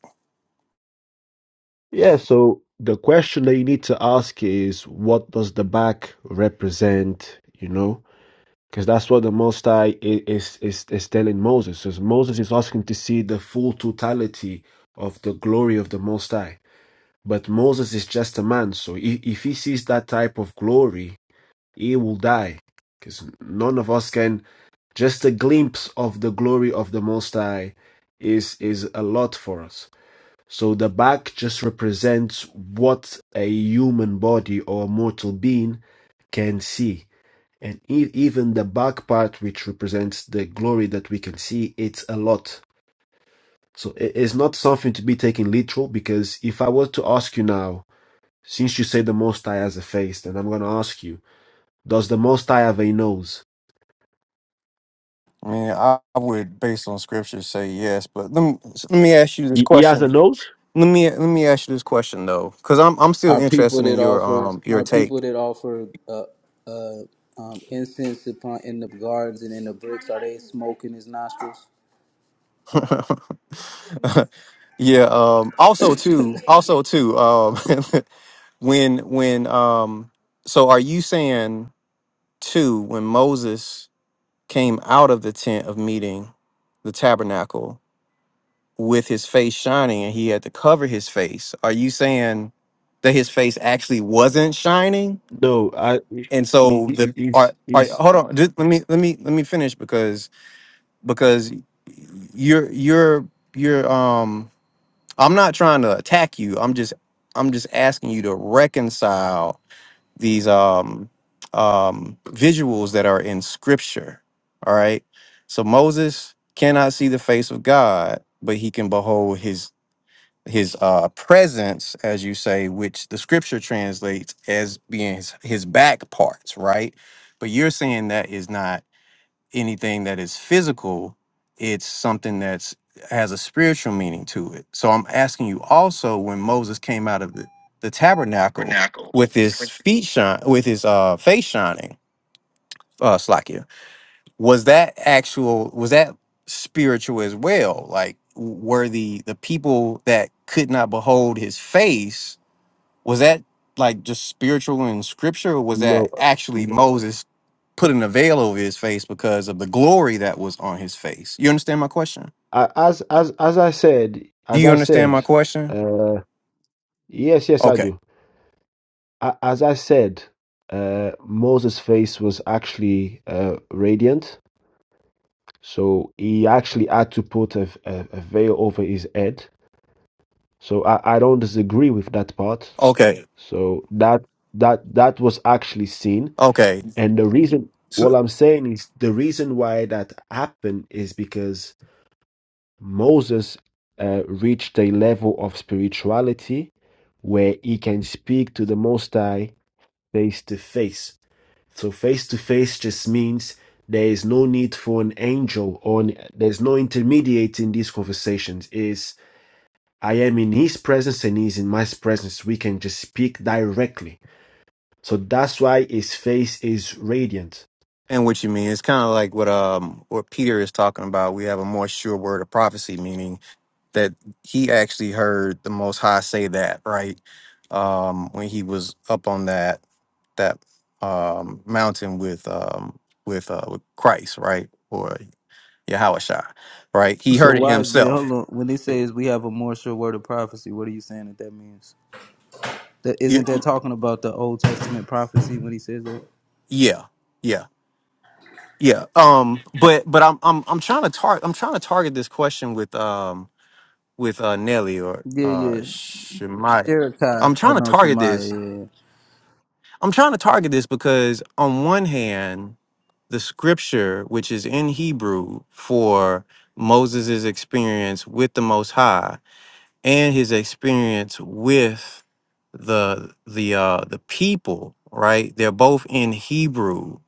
Speaker 6: Yeah, so the question that you need to ask is what does the back represent, you know? Because that's what the Most High i- is, is, is telling Moses. Is Moses is asking to see the full totality of the glory of the Most High. But Moses is just a man, so if, if he sees that type of glory, he will die. Because none of us can, just a glimpse of the glory of the Most High is, is a lot for us. So the back just represents what a human body or a mortal being can see. And e- even the back part, which represents the glory that we can see, it's a lot. So it is not something to be taken literal because if I were to ask you now, since you say the Most High has a face, then I'm going to ask you, does the Most High have a nose?
Speaker 15: I mean, I I would, based on scripture, say yes. But let me let me ask you this
Speaker 6: He he has
Speaker 15: question.
Speaker 6: a nose?
Speaker 15: Let me let me ask you this question though, because I'm I'm still
Speaker 13: Are people
Speaker 15: interested in
Speaker 13: that
Speaker 15: your
Speaker 13: offer
Speaker 15: um your
Speaker 13: are people
Speaker 15: take.
Speaker 13: that offer uh, uh, um, incense upon in the gardens and in the bricks? Are they smoking his nostrils?
Speaker 15: yeah. Um. Also too. Also too. Um. when when um. So are you saying too when Moses came out of the tent of meeting, the tabernacle with his face shining and he had to cover his face? Are you saying that his face actually wasn't shining?
Speaker 6: No, I, he,
Speaker 15: And so the
Speaker 6: he's,
Speaker 15: are are
Speaker 6: he's,
Speaker 15: hold on. Just let me let me let me finish because because you're you're you're um I'm not trying to attack you. I'm just I'm just asking you to reconcile these um um visuals that are in scripture. All right? So Moses cannot see the face of God, but he can behold his his uh presence as you say which the scripture translates as being his, his back parts, right? But you're saying that is not anything that is physical it's something that's has a spiritual meaning to it so i'm asking you also when moses came out of the, the tabernacle
Speaker 6: tabernacle.
Speaker 15: with his feet shine with his uh face shining uh slakia was that actual was that spiritual as well like w- were the the people that could not behold his face was that like just spiritual in scripture, or was
Speaker 6: No.
Speaker 15: that actually Moses putting a veil over his face because of the glory that was on his face? You understand my question?
Speaker 6: A- as as as I said,
Speaker 15: Do
Speaker 6: as
Speaker 15: you
Speaker 6: I
Speaker 15: understand
Speaker 6: said,
Speaker 15: my question?
Speaker 6: uh, yes, yes, I
Speaker 15: Okay.
Speaker 6: do. A- As I said, uh, Moses' face was actually uh, radiant, so he actually had to put a, a, a veil over his head. So I, I don't disagree with that part.
Speaker 15: Okay.
Speaker 6: So that that that was actually seen,
Speaker 15: Okay.
Speaker 6: and the reason what
Speaker 15: So
Speaker 6: I'm saying is the reason why that happened is because Moses uh, reached a level of spirituality where he can speak to the Most High face to face. So face to face just means there is no need for an angel or there's no intermediate in these conversations. Is I am in His presence and He's in my presence. We can just speak directly. So that's why His face is radiant.
Speaker 15: and what you mean? It's kind of like what um what Peter is talking about. We have a more sure word of prophecy, meaning that he actually heard the Most High say that, right? Um, when he was up on that that um, mountain with um, with uh, with Christ, right, or Yahweh Shai, right? He
Speaker 13: So
Speaker 15: heard it
Speaker 13: wise man, hold
Speaker 15: himself.
Speaker 13: on. When they say is we have a more sure word of prophecy, what are you saying that that means? That
Speaker 15: Yeah,
Speaker 13: isn't that talking about the Old Testament prophecy when he says that?
Speaker 15: yeah, yeah, yeah. Um, but but I'm I'm I'm trying to target I'm trying to target this question with um with uh Nelly or
Speaker 13: Yeah,
Speaker 15: uh
Speaker 13: yeah.
Speaker 15: Shemaya. I'm
Speaker 13: Sherekai or
Speaker 15: trying to
Speaker 13: no
Speaker 15: target this.
Speaker 13: Shemaiah.
Speaker 15: I'm trying to target this because on one hand the scripture which is in Hebrew for Moses' experience with the Most High and his experience with the the uh the people, right? They're both in Hebrew,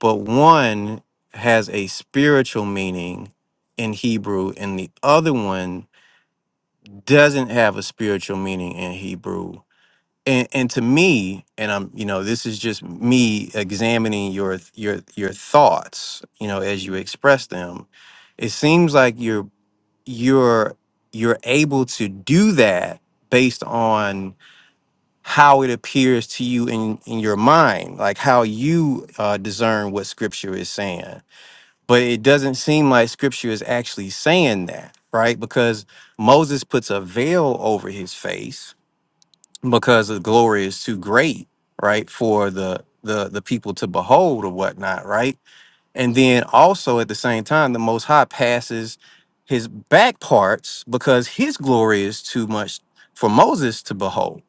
Speaker 15: but one has a spiritual meaning in Hebrew and the other one doesn't have a spiritual meaning in Hebrew and and to me and i'm you know this is just me examining your th- your your thoughts you know as you express them it seems like you're you're you're able to do that based on how it appears to you in in your mind like how you uh, discern what scripture is saying but it doesn't seem like scripture is actually saying that right because moses puts a veil over his face because the glory is too great, right, for the the the people to behold or whatnot, right? And then also at the same time, the Most High passes his back parts because his glory is too much for Moses to behold.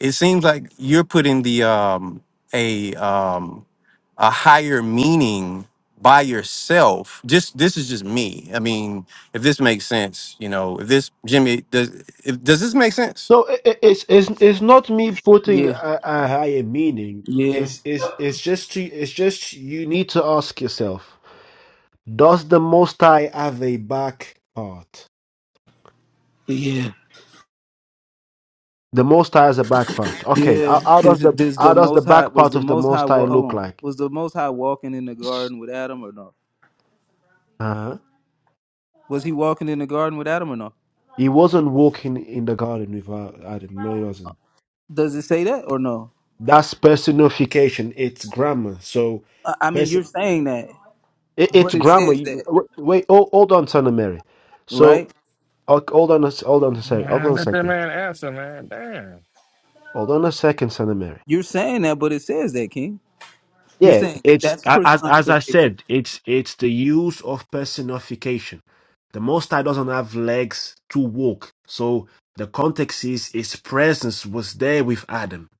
Speaker 15: It seems like you're putting the um a um a higher meaning by yourself. Just this is just me. I mean, if this makes sense, you know, if this Jimmy does if, does this make sense?
Speaker 6: No, it, it- it's it's it's not me putting
Speaker 13: Yeah,
Speaker 6: a, a higher meaning.
Speaker 13: yeah,
Speaker 6: It's it's it's just to it's just you need to ask yourself: Does the Most High have a back part?
Speaker 13: yeah, yeah,
Speaker 6: The Most High has a back part. Okay,
Speaker 13: yeah.
Speaker 6: how, how does
Speaker 13: Is it,
Speaker 6: the
Speaker 13: this
Speaker 6: how
Speaker 13: the
Speaker 6: does the
Speaker 13: Most High
Speaker 6: back
Speaker 13: was
Speaker 6: part
Speaker 13: the
Speaker 6: of the
Speaker 13: Most High?
Speaker 6: Most High
Speaker 13: wa- Hold
Speaker 6: look
Speaker 13: on,
Speaker 6: like?
Speaker 13: was the Most High walking in the garden with Adam or no?
Speaker 6: Uh-huh.
Speaker 13: Was he walking in the garden with Adam or no?
Speaker 6: He wasn't walking in the garden without Adam. No, he wasn't.
Speaker 13: Does it say that or no?
Speaker 6: That's personification. It's grammar. So,
Speaker 13: I I mean, you're
Speaker 6: person,
Speaker 13: saying that,
Speaker 6: it,
Speaker 13: but
Speaker 6: it's
Speaker 13: it
Speaker 6: grammar.
Speaker 13: says
Speaker 6: You-
Speaker 13: that,
Speaker 6: Wait, hold, hold on, Son of Mary. So
Speaker 13: right?
Speaker 6: Ho- Hold on a s- hold on a second. Hold
Speaker 16: Man,
Speaker 6: on a
Speaker 16: let that
Speaker 6: second.
Speaker 16: man answer, man. Damn.
Speaker 6: Hold on a second, Son of Mary.
Speaker 13: You're saying that, but it says that, King. You're
Speaker 6: Yeah,
Speaker 13: saying
Speaker 6: it's
Speaker 13: that's
Speaker 6: a- as as I
Speaker 13: personification.
Speaker 6: said, it's it's the use of personification. The Most High doesn't have legs to walk, so the context is His presence was there with Adam.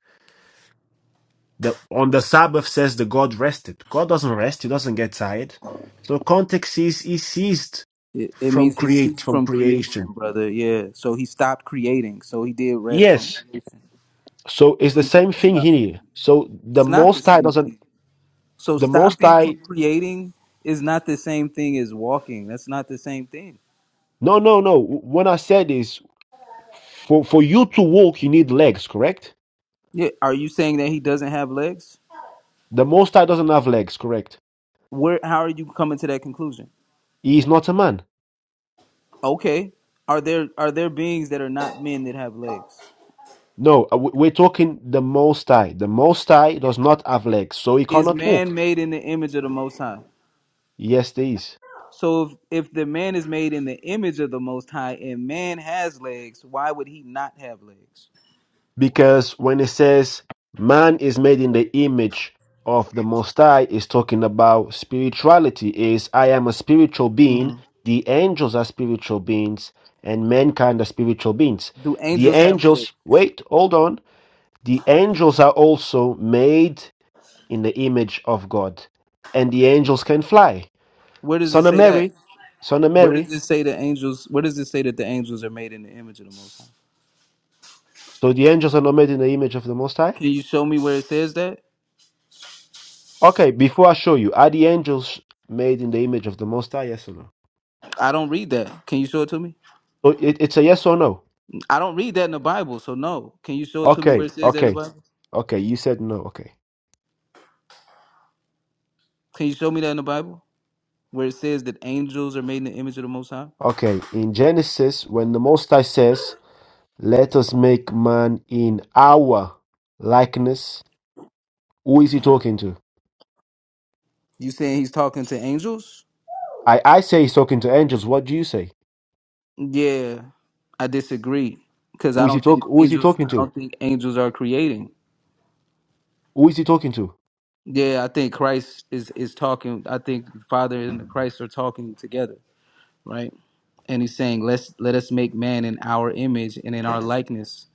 Speaker 6: The on the Sabbath says the God rested. God doesn't rest; He doesn't get tired. So context is He ceased
Speaker 13: It, it
Speaker 6: from
Speaker 13: means he
Speaker 6: create
Speaker 13: ceased
Speaker 6: from
Speaker 13: from creation,
Speaker 6: creation.
Speaker 13: brother. Yeah. So he stopped creating. So he did rest from
Speaker 6: Yes.
Speaker 13: creation.
Speaker 6: So it's
Speaker 13: So
Speaker 6: the
Speaker 13: he
Speaker 6: same
Speaker 13: did
Speaker 6: thing
Speaker 13: stop.
Speaker 6: here. So the
Speaker 13: It's not the
Speaker 6: Most High
Speaker 13: same
Speaker 6: doesn't.
Speaker 13: thing. So
Speaker 6: The Most
Speaker 13: stopping
Speaker 6: High
Speaker 13: from creating is not the same thing as walking. That's not the same thing.
Speaker 6: No, no, no. When I said is for for you to walk, you need legs, correct?
Speaker 13: Yeah. Are you saying that he doesn't have legs?
Speaker 6: The Most High doesn't have legs, correct?
Speaker 13: Where? How are you coming to that conclusion?
Speaker 6: He is not a man.
Speaker 13: Okay. Are there are there beings that are not men that have legs?
Speaker 6: No, uh, we- we're talking the Most High. The Most High does not have legs, so he
Speaker 13: Is
Speaker 6: cannot
Speaker 13: man
Speaker 6: walk.
Speaker 13: made in the image of the Most High?
Speaker 6: Yes, there is.
Speaker 13: So if, if the man is made in the image of the Most High and man has legs, why would he not have legs?
Speaker 6: Because when it says man is made in the image of the Most High, is talking about spirituality. Is I am a spiritual being.
Speaker 13: hmm
Speaker 6: The angels are spiritual beings, and mankind are spiritual beings.
Speaker 13: Do
Speaker 6: The
Speaker 13: angels have legs?
Speaker 6: angels. Wait, hold on The angels are also made in the image of God, and the angels can fly.
Speaker 13: Where does it
Speaker 6: Son of
Speaker 13: say that?
Speaker 6: Mary, son of
Speaker 13: Where does
Speaker 6: Mary.
Speaker 13: it say the angels? Where does it say that the angels are made in the image of the Most High?
Speaker 6: So the angels are not made in the image of the Most High.
Speaker 13: Can you show me where it says that?
Speaker 6: Okay, before I show you, are the angels made in the image of the Most High? Yes or no?
Speaker 13: I don't read that. Can you show it to me?
Speaker 6: So it, it's a yes or no.
Speaker 13: I don't read that in the Bible, so no. Can you show it to me where
Speaker 6: Okay,
Speaker 13: it says that in the
Speaker 6: okay,
Speaker 13: Bible?
Speaker 6: okay. You said no. Okay,
Speaker 13: Can you show me that in the Bible? where it says that angels are made in the image of the Most High?
Speaker 6: okay. In Genesis, when the Most High says, "Let us make man in our likeness," who is he talking to?
Speaker 13: You saying he's talking to angels?
Speaker 6: I I say he's talking to angels. What do you say?
Speaker 13: Yeah, I disagree because
Speaker 6: Who
Speaker 13: I
Speaker 6: is he
Speaker 13: don't
Speaker 6: talk?
Speaker 13: think
Speaker 6: Who is he
Speaker 13: angels.
Speaker 6: talking
Speaker 13: I
Speaker 6: to?
Speaker 13: don't think angels are creating.
Speaker 6: Who is he talking to?
Speaker 13: Yeah, I think Christ is is talking. I think the Father and Christ are talking together, right? And he's saying, "Let's let us make man in our image and in our likeness."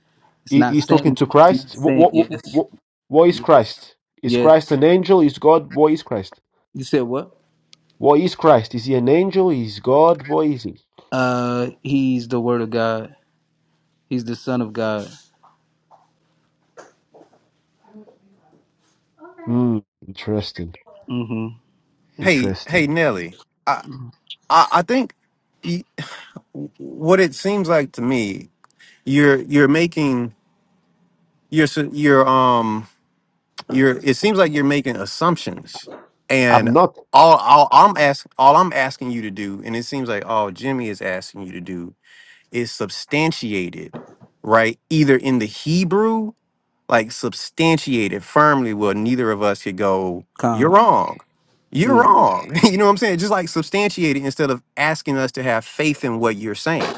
Speaker 13: It's
Speaker 6: He,
Speaker 13: not
Speaker 6: he's talking
Speaker 13: saying.
Speaker 6: to
Speaker 13: It's not
Speaker 6: Christ. What,
Speaker 13: saying.
Speaker 6: what, what,
Speaker 13: Yes.
Speaker 6: what, what is
Speaker 13: Yes.
Speaker 6: Christ? Is Christ
Speaker 13: Yes.
Speaker 6: an angel? Is God? What is Christ?
Speaker 13: You said what?
Speaker 6: What is Christ? Is he an angel? Is God? What is he?
Speaker 13: Uh, he's the Word of God. He's the Son of God.
Speaker 6: Hmm. Interesting.
Speaker 13: Mm-hmm.
Speaker 15: Hey, hey,
Speaker 6: Interesting.
Speaker 15: Nelly. I, I, I think y- what it seems like to me, you're you're making you're s- you're um you're it seems like you're making assumptions, and
Speaker 6: I'm not.
Speaker 15: all, all I'm asking all I'm asking you to do, and it seems like all Jimmy is asking you to do is substantiated, right? Either in the Hebrew like substantiated firmly where neither of us could go, you're
Speaker 13: Con.
Speaker 15: wrong. You're
Speaker 13: Yeah.
Speaker 15: wrong. you know what I'm saying? Just like substantiate it instead of asking us to have faith in what you're saying.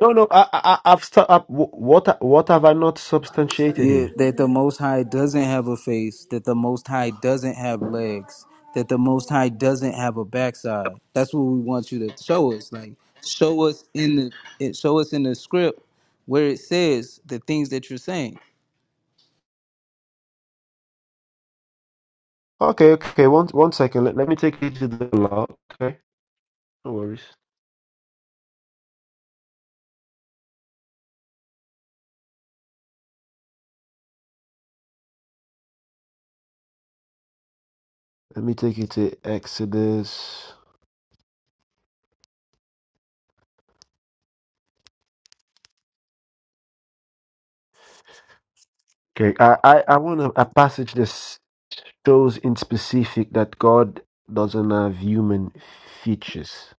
Speaker 6: No, no. I, I, I- I've. St- I've wh- what, what have I not substantiated
Speaker 13: Yeah,
Speaker 6: here?
Speaker 13: that the Most High doesn't have a face, that the Most High doesn't have legs, that the Most High doesn't have a backside. That's what we want you to show us. Like, show us in the it, show us in the script where it says the things that you're saying.
Speaker 6: Okay, okay. One, one second. Let, let me take you to the law. Okay. No worries. Let me take you to Exodus. Okay, I I, I want a, a passage this. shows in specific that God doesn't have human features.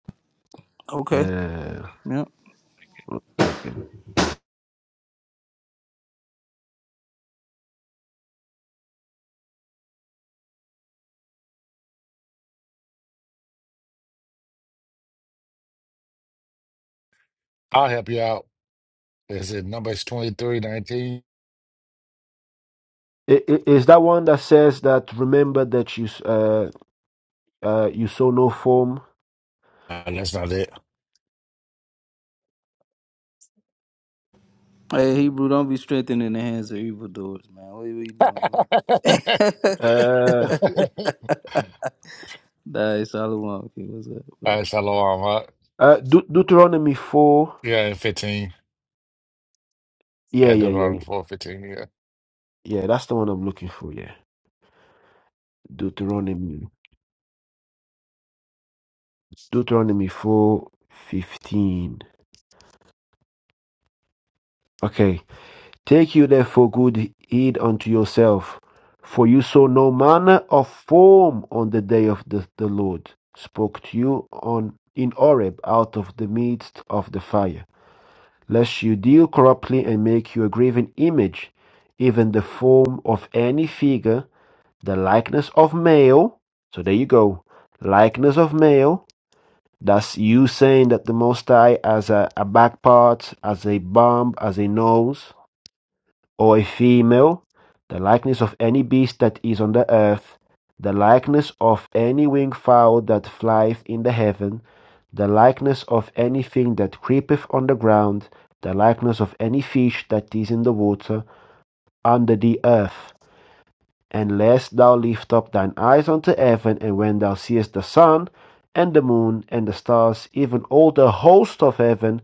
Speaker 13: Okay.
Speaker 6: Uh,
Speaker 13: Yeah.
Speaker 6: one second.
Speaker 17: I'll help you out. Is it numbers 2319?
Speaker 6: I- i- Is that one that says that remember that you s- uh, uh, you saw no form?
Speaker 17: Uh, that's not it.
Speaker 13: Hey, Hebrew, don't be strengthened in the hands of evildoers, man. What are you doing, man?
Speaker 6: Uh,
Speaker 13: nah, it's all along. Okay, what's up?
Speaker 17: uh, Shalom, huh?
Speaker 6: uh, Deut- Deuteronomy four.
Speaker 17: Yeah, and 15.
Speaker 6: Yeah,
Speaker 17: Yeah,
Speaker 6: yeah, yeah,
Speaker 17: Deuteronomy 4, 15, yeah.
Speaker 6: yeah. That's the one I'm looking for. Yeah, Deuteronomy, Deuteronomy four fifteen. Okay. Take you therefore good heed unto yourself, for you saw no manner of form on the day of the, the Lord spoke to you on in Oreb out of the midst of the fire, lest you deal corruptly and make you a graven image, even the form of any figure, the likeness of male. So there you go, likeness of male. That's you saying that the Most High has a, a back part, as a bump, as a nose or a female, the likeness of any beast that is on the earth, the likeness of any winged fowl that flieth in the heaven, the likeness of anything that creepeth on the ground, the likeness of any fish that is in the water under the earth. Unless thou lift up thine eyes unto heaven, and when thou seest the sun, and the moon, and the stars, even all the host of heaven,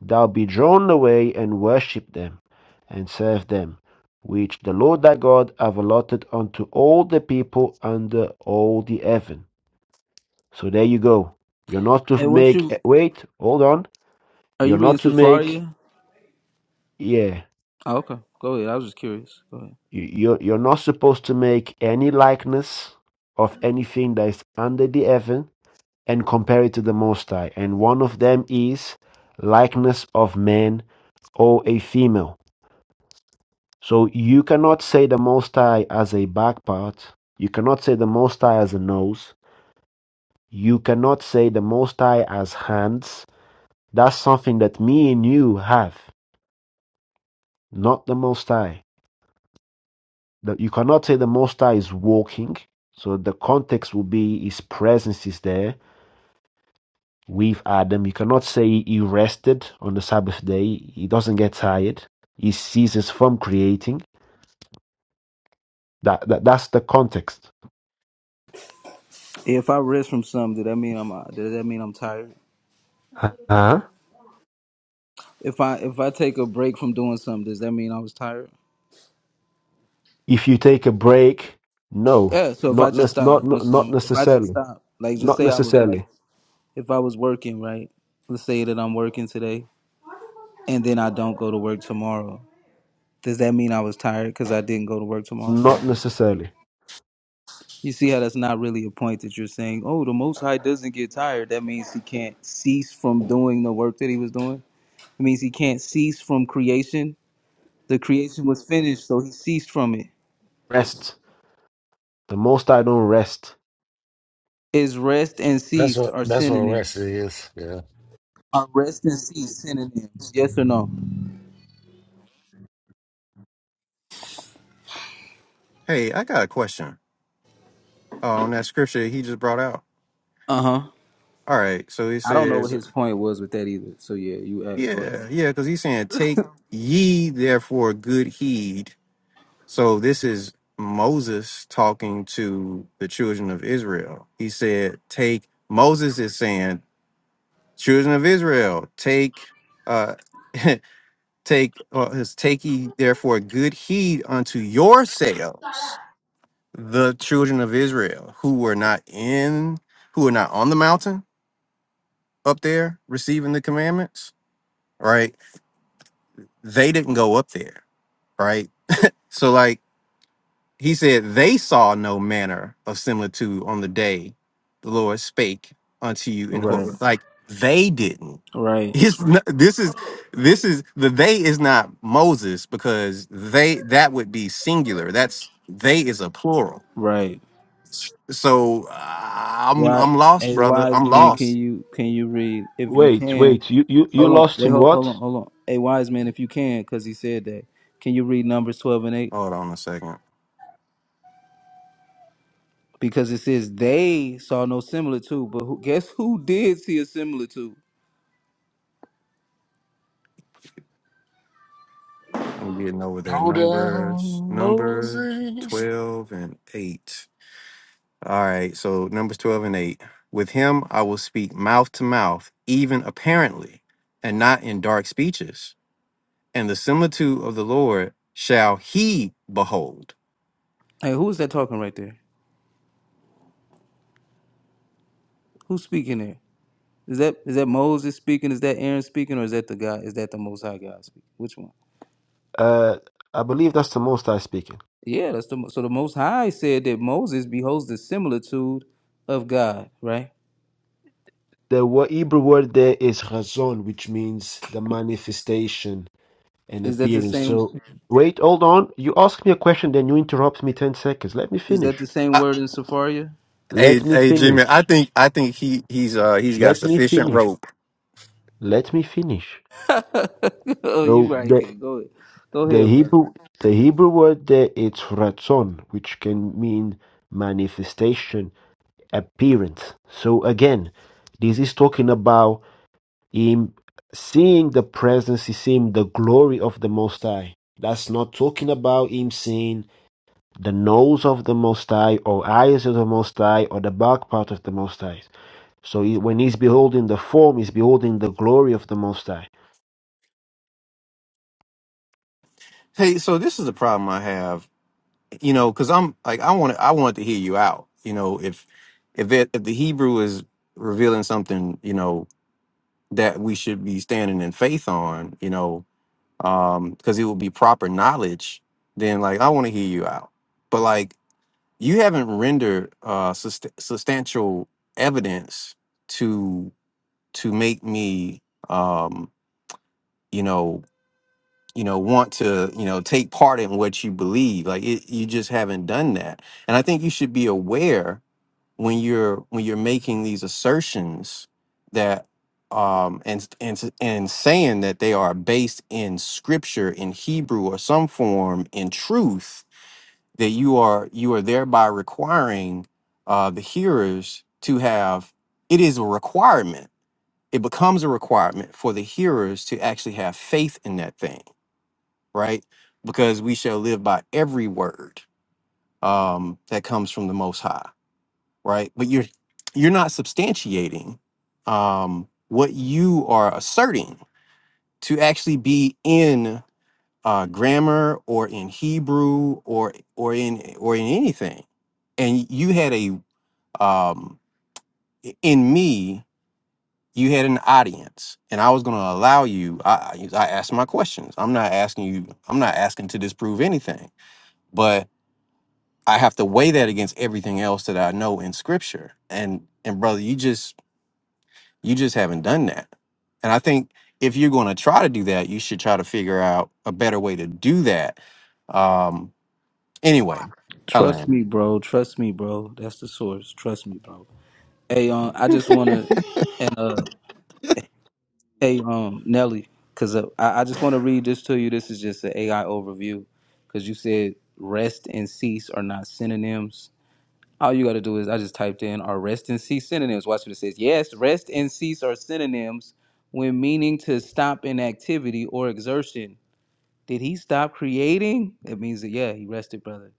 Speaker 6: Thou be drawn away and worship them, and serve them, which the Lord thy God have allotted unto all the people under all the heaven. So there you go. You're not to
Speaker 13: Hey, what
Speaker 6: make,
Speaker 13: you
Speaker 6: eh, wait, hold on.
Speaker 13: are
Speaker 6: You're
Speaker 13: you reading
Speaker 6: not to make,
Speaker 13: Safaria?
Speaker 6: yeah,
Speaker 13: Oh, okay, go ahead. I was just curious. Go ahead.
Speaker 6: you're, you're not supposed to make any likeness of anything that is under the heaven and compare it to the Most High. And one of them is likeness of man or a female. So you cannot say the Most High as a back part. You cannot say the Most High as a nose. You cannot say the Most High as hands. That's something that me and you have, not the Most High. That you cannot say the Most High is walking. So the context will be His presence is there with Adam. You cannot say He rested on the Sabbath day. He doesn't get tired. He ceases from creating. That, that that's the context.
Speaker 13: If I rest from something, does that mean I'm uh, does that mean I'm tired?
Speaker 6: Huh?
Speaker 13: If I if I take a break from doing something, does that mean I was tired?
Speaker 6: If you take a break, no,
Speaker 13: Yeah. So if I
Speaker 6: not
Speaker 13: just
Speaker 6: nec-
Speaker 13: stop
Speaker 6: not
Speaker 13: doing
Speaker 6: not not
Speaker 13: something, if I just
Speaker 6: necessarily,
Speaker 13: stop, like just
Speaker 6: not
Speaker 13: say I was like,
Speaker 6: necessarily,
Speaker 13: if I was working, right? Let's say that I'm working today, and then I don't go to work tomorrow. Does that mean I was tired because I didn't go to work tomorrow?
Speaker 6: not necessarily.
Speaker 13: You see how that's not really a point that you're saying. Oh, the Most High doesn't get tired. That means he can't cease from doing the work that he was doing. It means he can't cease from creation The creation was finished, so he ceased from it.
Speaker 6: Rest. The most I don't rest.
Speaker 13: Is rest and
Speaker 17: That's
Speaker 13: ceased
Speaker 17: what
Speaker 13: are
Speaker 17: that's what rest
Speaker 13: synonyms?
Speaker 17: is. Yeah.
Speaker 13: Are rest and cease synonyms? Yes or no?
Speaker 15: Hey, I got a question uh, on that scripture he just brought out.
Speaker 13: Uh huh.
Speaker 15: All right, so he
Speaker 13: I don't know what
Speaker 15: says,
Speaker 13: his point was with that either. So yeah, you act, go ahead.
Speaker 15: yeah, yeah, because he's saying, take ye therefore good heed. So this is Moses talking to the children of Israel. He said, take, Moses is saying, children of Israel, take uh take uh, his take ye therefore good heed unto yourselves, the children of Israel, who were not in who were not on the mountain up there receiving the commandments, right? They didn't go up there, right? So like He said, They saw no manner of similitude on the day the Lord spake unto you in
Speaker 13: Right,
Speaker 15: Horeb. Like they didn't.
Speaker 13: right,
Speaker 15: It's not, this is this is the they is not Moses because they that would be singular. That's they is a plural.
Speaker 13: right.
Speaker 15: So uh, I'm
Speaker 13: Why
Speaker 15: I'm lost,
Speaker 13: a
Speaker 15: brother.
Speaker 13: wise
Speaker 15: I'm
Speaker 13: man can
Speaker 15: lost.
Speaker 13: you can you read if you
Speaker 6: Wait,
Speaker 13: can?
Speaker 6: wait. You you you
Speaker 13: Hold on,
Speaker 6: lost
Speaker 13: wait,
Speaker 6: in
Speaker 13: hold, hold
Speaker 6: what?
Speaker 13: on, hold on. A wise man if you can, because he said that. Can you read Numbers twelve and eight?
Speaker 15: Hold on a second.
Speaker 13: Because it says they saw no similitude, but who, guess who did see a similitude?
Speaker 15: I'm getting over there.
Speaker 17: Go
Speaker 15: Numbers,
Speaker 17: down,
Speaker 15: number
Speaker 17: Moses.
Speaker 15: twelve and eight. All right, so Numbers 12 and 8. With him I will speak mouth to mouth, even apparently, and not in dark speeches. And the similitude of the Lord shall he behold.
Speaker 13: Hey, who's that talking right there? Who's speaking there? Is that is that Moses speaking? Is that Aaron speaking, or is that the God? Is that the Most High God speaking? Which one?
Speaker 6: Uh, I believe that's the most I speaking.
Speaker 13: Yeah, that's the Mo- so the Most High said that Moses beholds the similitude of God. Right?
Speaker 6: The wo- Hebrew word there is razon, which means the manifestation and
Speaker 13: Is that the
Speaker 6: appearance.
Speaker 13: same?
Speaker 6: So wait, hold on. You ask me a question, then you interrupt me ten seconds. Let me
Speaker 13: Is that
Speaker 6: finish.
Speaker 13: the same
Speaker 15: I,
Speaker 13: word in Sepharia?
Speaker 15: hey,
Speaker 6: Let me
Speaker 15: hey,
Speaker 6: finish.
Speaker 15: Jimmy, I think I think he he's uh he's got
Speaker 6: Let me
Speaker 15: sufficient
Speaker 6: finish.
Speaker 15: rope.
Speaker 6: Let me finish.
Speaker 13: oh,
Speaker 6: So
Speaker 13: you right,
Speaker 6: the
Speaker 13: King. Go ahead, go
Speaker 6: The
Speaker 13: ahead, brother.
Speaker 6: Hebrew the Hebrew word there is ratzon, which can mean manifestation, appearance. So again, this is talking about him seeing the presence, he's seeing the glory of the Most High. That's not talking about him seeing the nose of the Most High or eyes of the Most High or the back part of the Most High. So he- when he's beholding the form, he's beholding the glory of the Most High.
Speaker 15: Hey, so this is the problem I have, you know, because I'm like I want I want to hear you out. You know, if if it, if the Hebrew is revealing something, you know, that we should be standing in faith on, you know, um because it would be proper knowledge then like i want to hear you out but like you haven't rendered uh sust- substantial evidence to to make me um you know you know want to you know take part in what you believe like it, you just haven't done that and i think you should be aware when you're when you're making these assertions that um and and and saying that they are based in scripture in Hebrew or some form in truth that you are you are thereby requiring uh the hearers to have it is a requirement it becomes a requirement for the hearers to actually have faith in that thing right because we shall live by every word um that comes from the most high right? But you're you're not substantiating um, what you are asserting to actually be in uh, grammar or in Hebrew or or in or in anything. And you had a um, i- in me, you had an audience, and I was going to allow you. I, I I asked my questions. I'm not asking you. I'm not asking to disprove anything, but I have to weigh that against everything else that I know in Scripture. And and brother, you just You just haven't done that. And I think if you're going to try to do that, you should try to figure out a better way to do that. Um, anyway, I
Speaker 13: Trust
Speaker 15: learned.
Speaker 13: me, bro. Trust me, bro. That's the source. Trust me, bro. Hey, um, I just wanna and uh Hey, um, Nelly, because uh, I, I just want to read this to you. This is just an AI overview because you said rest and cease are not synonyms. All you got to do is I just typed in are rest and cease synonyms. Watch what it says. Yes, rest and cease are synonyms when meaning to stop in activity or exertion. Did he stop creating? It means that, yeah, he rested, brother.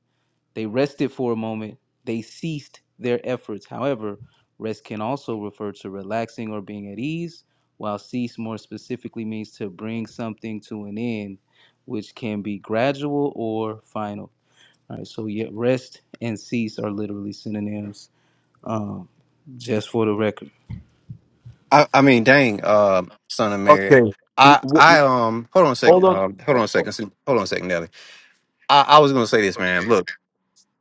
Speaker 13: They rested for a moment. They ceased their efforts. However, rest can also refer to relaxing or being at ease, while cease more specifically means to bring something to an end, which can be gradual or final. All right, so yet rest and cease are literally synonyms, um, just for the record.
Speaker 15: I, I mean, dang, uh, son of Mary.
Speaker 6: Okay. He-
Speaker 15: I, I, um, hold on a second.
Speaker 6: Hold
Speaker 15: Um, hold on a second.
Speaker 6: on.
Speaker 15: Hold on a second, Nelly. I, I was going to say this, man. Look,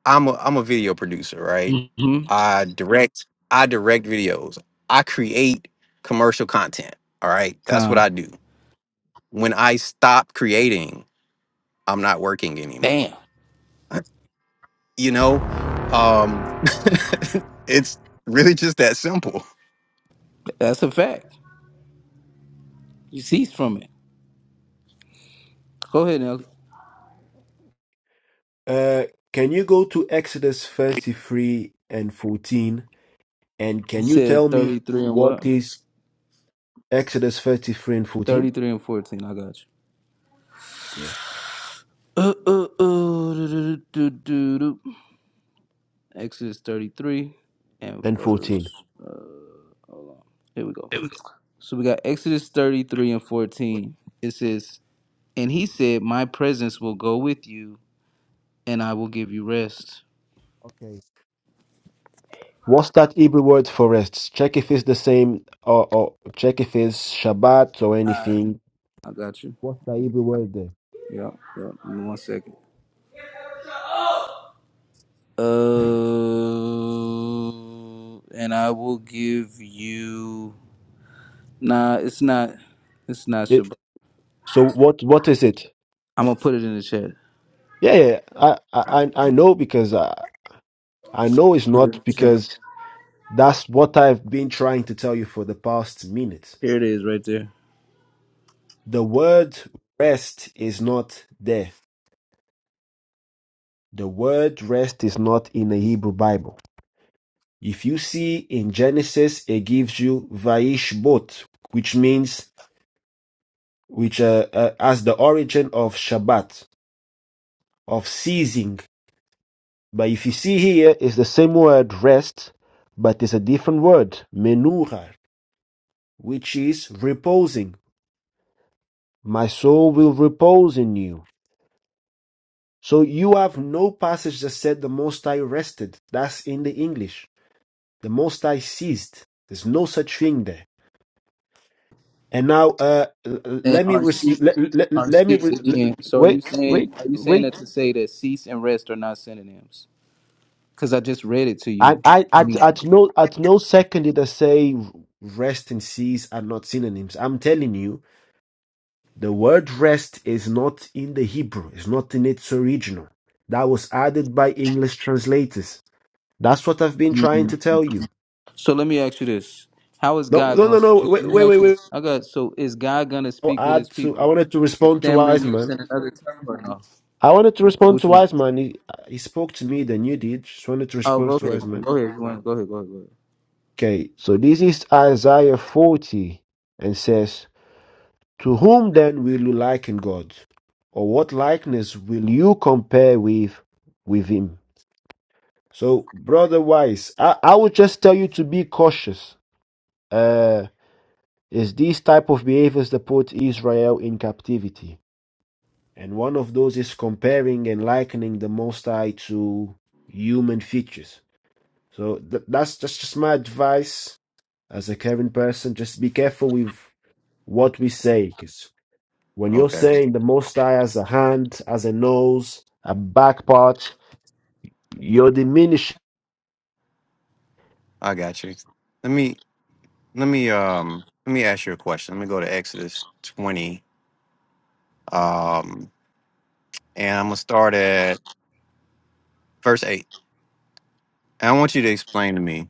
Speaker 15: I'm a, I'm a video producer, right?
Speaker 13: Mm-hmm.
Speaker 15: I direct, I direct videos. I create commercial content. All right. That's what
Speaker 13: Con.
Speaker 15: I do. When I stop creating, I'm not working anymore.
Speaker 13: Bam.
Speaker 15: You know, um, it's really just that simple.
Speaker 13: That's a fact. You cease from it. Go ahead, Nelly.
Speaker 6: Uh, can you go to Exodus 33 and 14? And
Speaker 13: You
Speaker 6: can you tell
Speaker 13: said
Speaker 6: me
Speaker 13: 33 and what?
Speaker 6: what is Exodus 33 and 14?
Speaker 13: 33 and 14. I got you.
Speaker 6: Yeah.
Speaker 13: Uh, uh, uh, do, do, do, do, do. Exodus 33 and
Speaker 6: And
Speaker 13: verse.
Speaker 6: 14.
Speaker 13: Uh, here we go.
Speaker 6: There we
Speaker 13: So we got Exodus 33 and
Speaker 6: go.
Speaker 13: 14. It says, And he said, My presence will go with you, and I will give you rest.
Speaker 6: Okay. What's that Hebrew word for rest? Check if it's the same or, or check if it's Shabbat or anything.
Speaker 13: I got you.
Speaker 6: What's the Hebrew word there?
Speaker 13: Yeah, yeah. Give me one second. Uh, and I will give you. Nah, it's not. It's not
Speaker 6: It,
Speaker 13: Shabbat.
Speaker 6: so what what is it?
Speaker 13: I'm gonna put it in the chat.
Speaker 6: Yeah, yeah. I I I I know because I I know it's
Speaker 13: Put it
Speaker 6: not
Speaker 13: in the chat.
Speaker 6: because that's what I've been trying to tell you for the past minute.
Speaker 13: Here it is, right there.
Speaker 6: The word rest is not there. The word rest is not in the Hebrew Bible. If you see in Genesis, it gives you Vaishbot, which means, which uh, uh, as the origin of Shabbat, of ceasing. But if you see here, it's the same word rest, but it's a different word, menura, which is reposing. My soul will repose in you. So you have no passage that said the Most High rested. That's in the English. The Most High ceased. There's no such thing there. And now, uh, l- l-
Speaker 13: And
Speaker 6: let me
Speaker 13: are
Speaker 6: receive.
Speaker 13: cease
Speaker 6: let, let,
Speaker 13: are
Speaker 6: let me
Speaker 13: cease
Speaker 6: re- l-
Speaker 13: again. So are you
Speaker 6: wait,
Speaker 13: saying
Speaker 6: wait,
Speaker 13: are you saying
Speaker 6: wait.
Speaker 13: that to say that cease and rest are not synonyms? Because I just read it to
Speaker 6: I,
Speaker 13: you.
Speaker 6: I at at no at no second did I say rest and cease are not synonyms. I'm telling you, the word rest is not in the Hebrew. It's not in its original. That was added by English translators. That's what I've been trying
Speaker 13: Mhm.
Speaker 6: to tell you.
Speaker 13: So let me ask you this: How is
Speaker 6: No,
Speaker 13: God
Speaker 6: no, no,
Speaker 13: going?
Speaker 6: no.
Speaker 13: to Let
Speaker 6: Wait,
Speaker 13: me
Speaker 6: wait, wait.
Speaker 13: ask you
Speaker 6: wait.
Speaker 13: this: I got so is God going to
Speaker 6: I'll
Speaker 13: speak with
Speaker 6: add
Speaker 13: His
Speaker 6: to. I
Speaker 13: people,
Speaker 6: wanted to
Speaker 13: with
Speaker 6: respond to
Speaker 13: stammering lips
Speaker 6: Wiseman
Speaker 13: and another tongue, or no?
Speaker 6: I wanted to respond to
Speaker 13: Which one?
Speaker 6: Wiseman. He, he spoke to me, then you did. Just wanted to
Speaker 13: Oh,
Speaker 6: respond
Speaker 13: go
Speaker 6: to
Speaker 13: ahead, man.
Speaker 6: Wiseman.
Speaker 13: go ahead, you want, go ahead, go ahead, go ahead.
Speaker 6: Okay, so this is Isaiah 40 and says, To whom then will you liken God? Or what likeness will you compare with with him? So, brother Wise, I, I would just tell you to be cautious. Uh, is these type of behaviors that put Israel in captivity? And one of those is comparing and likening the Most High to human features So th- that's that's just my advice as a caring person. Just be careful with what we say, because when you're
Speaker 15: Okay,
Speaker 6: saying the Most High has a hand, has a nose, a back part, you're diminishing.
Speaker 15: I got you. Let me let me um let me ask you a question. Let me go to Exodus twenty, um, and I'm gonna start at verse eight. And I want you to explain to me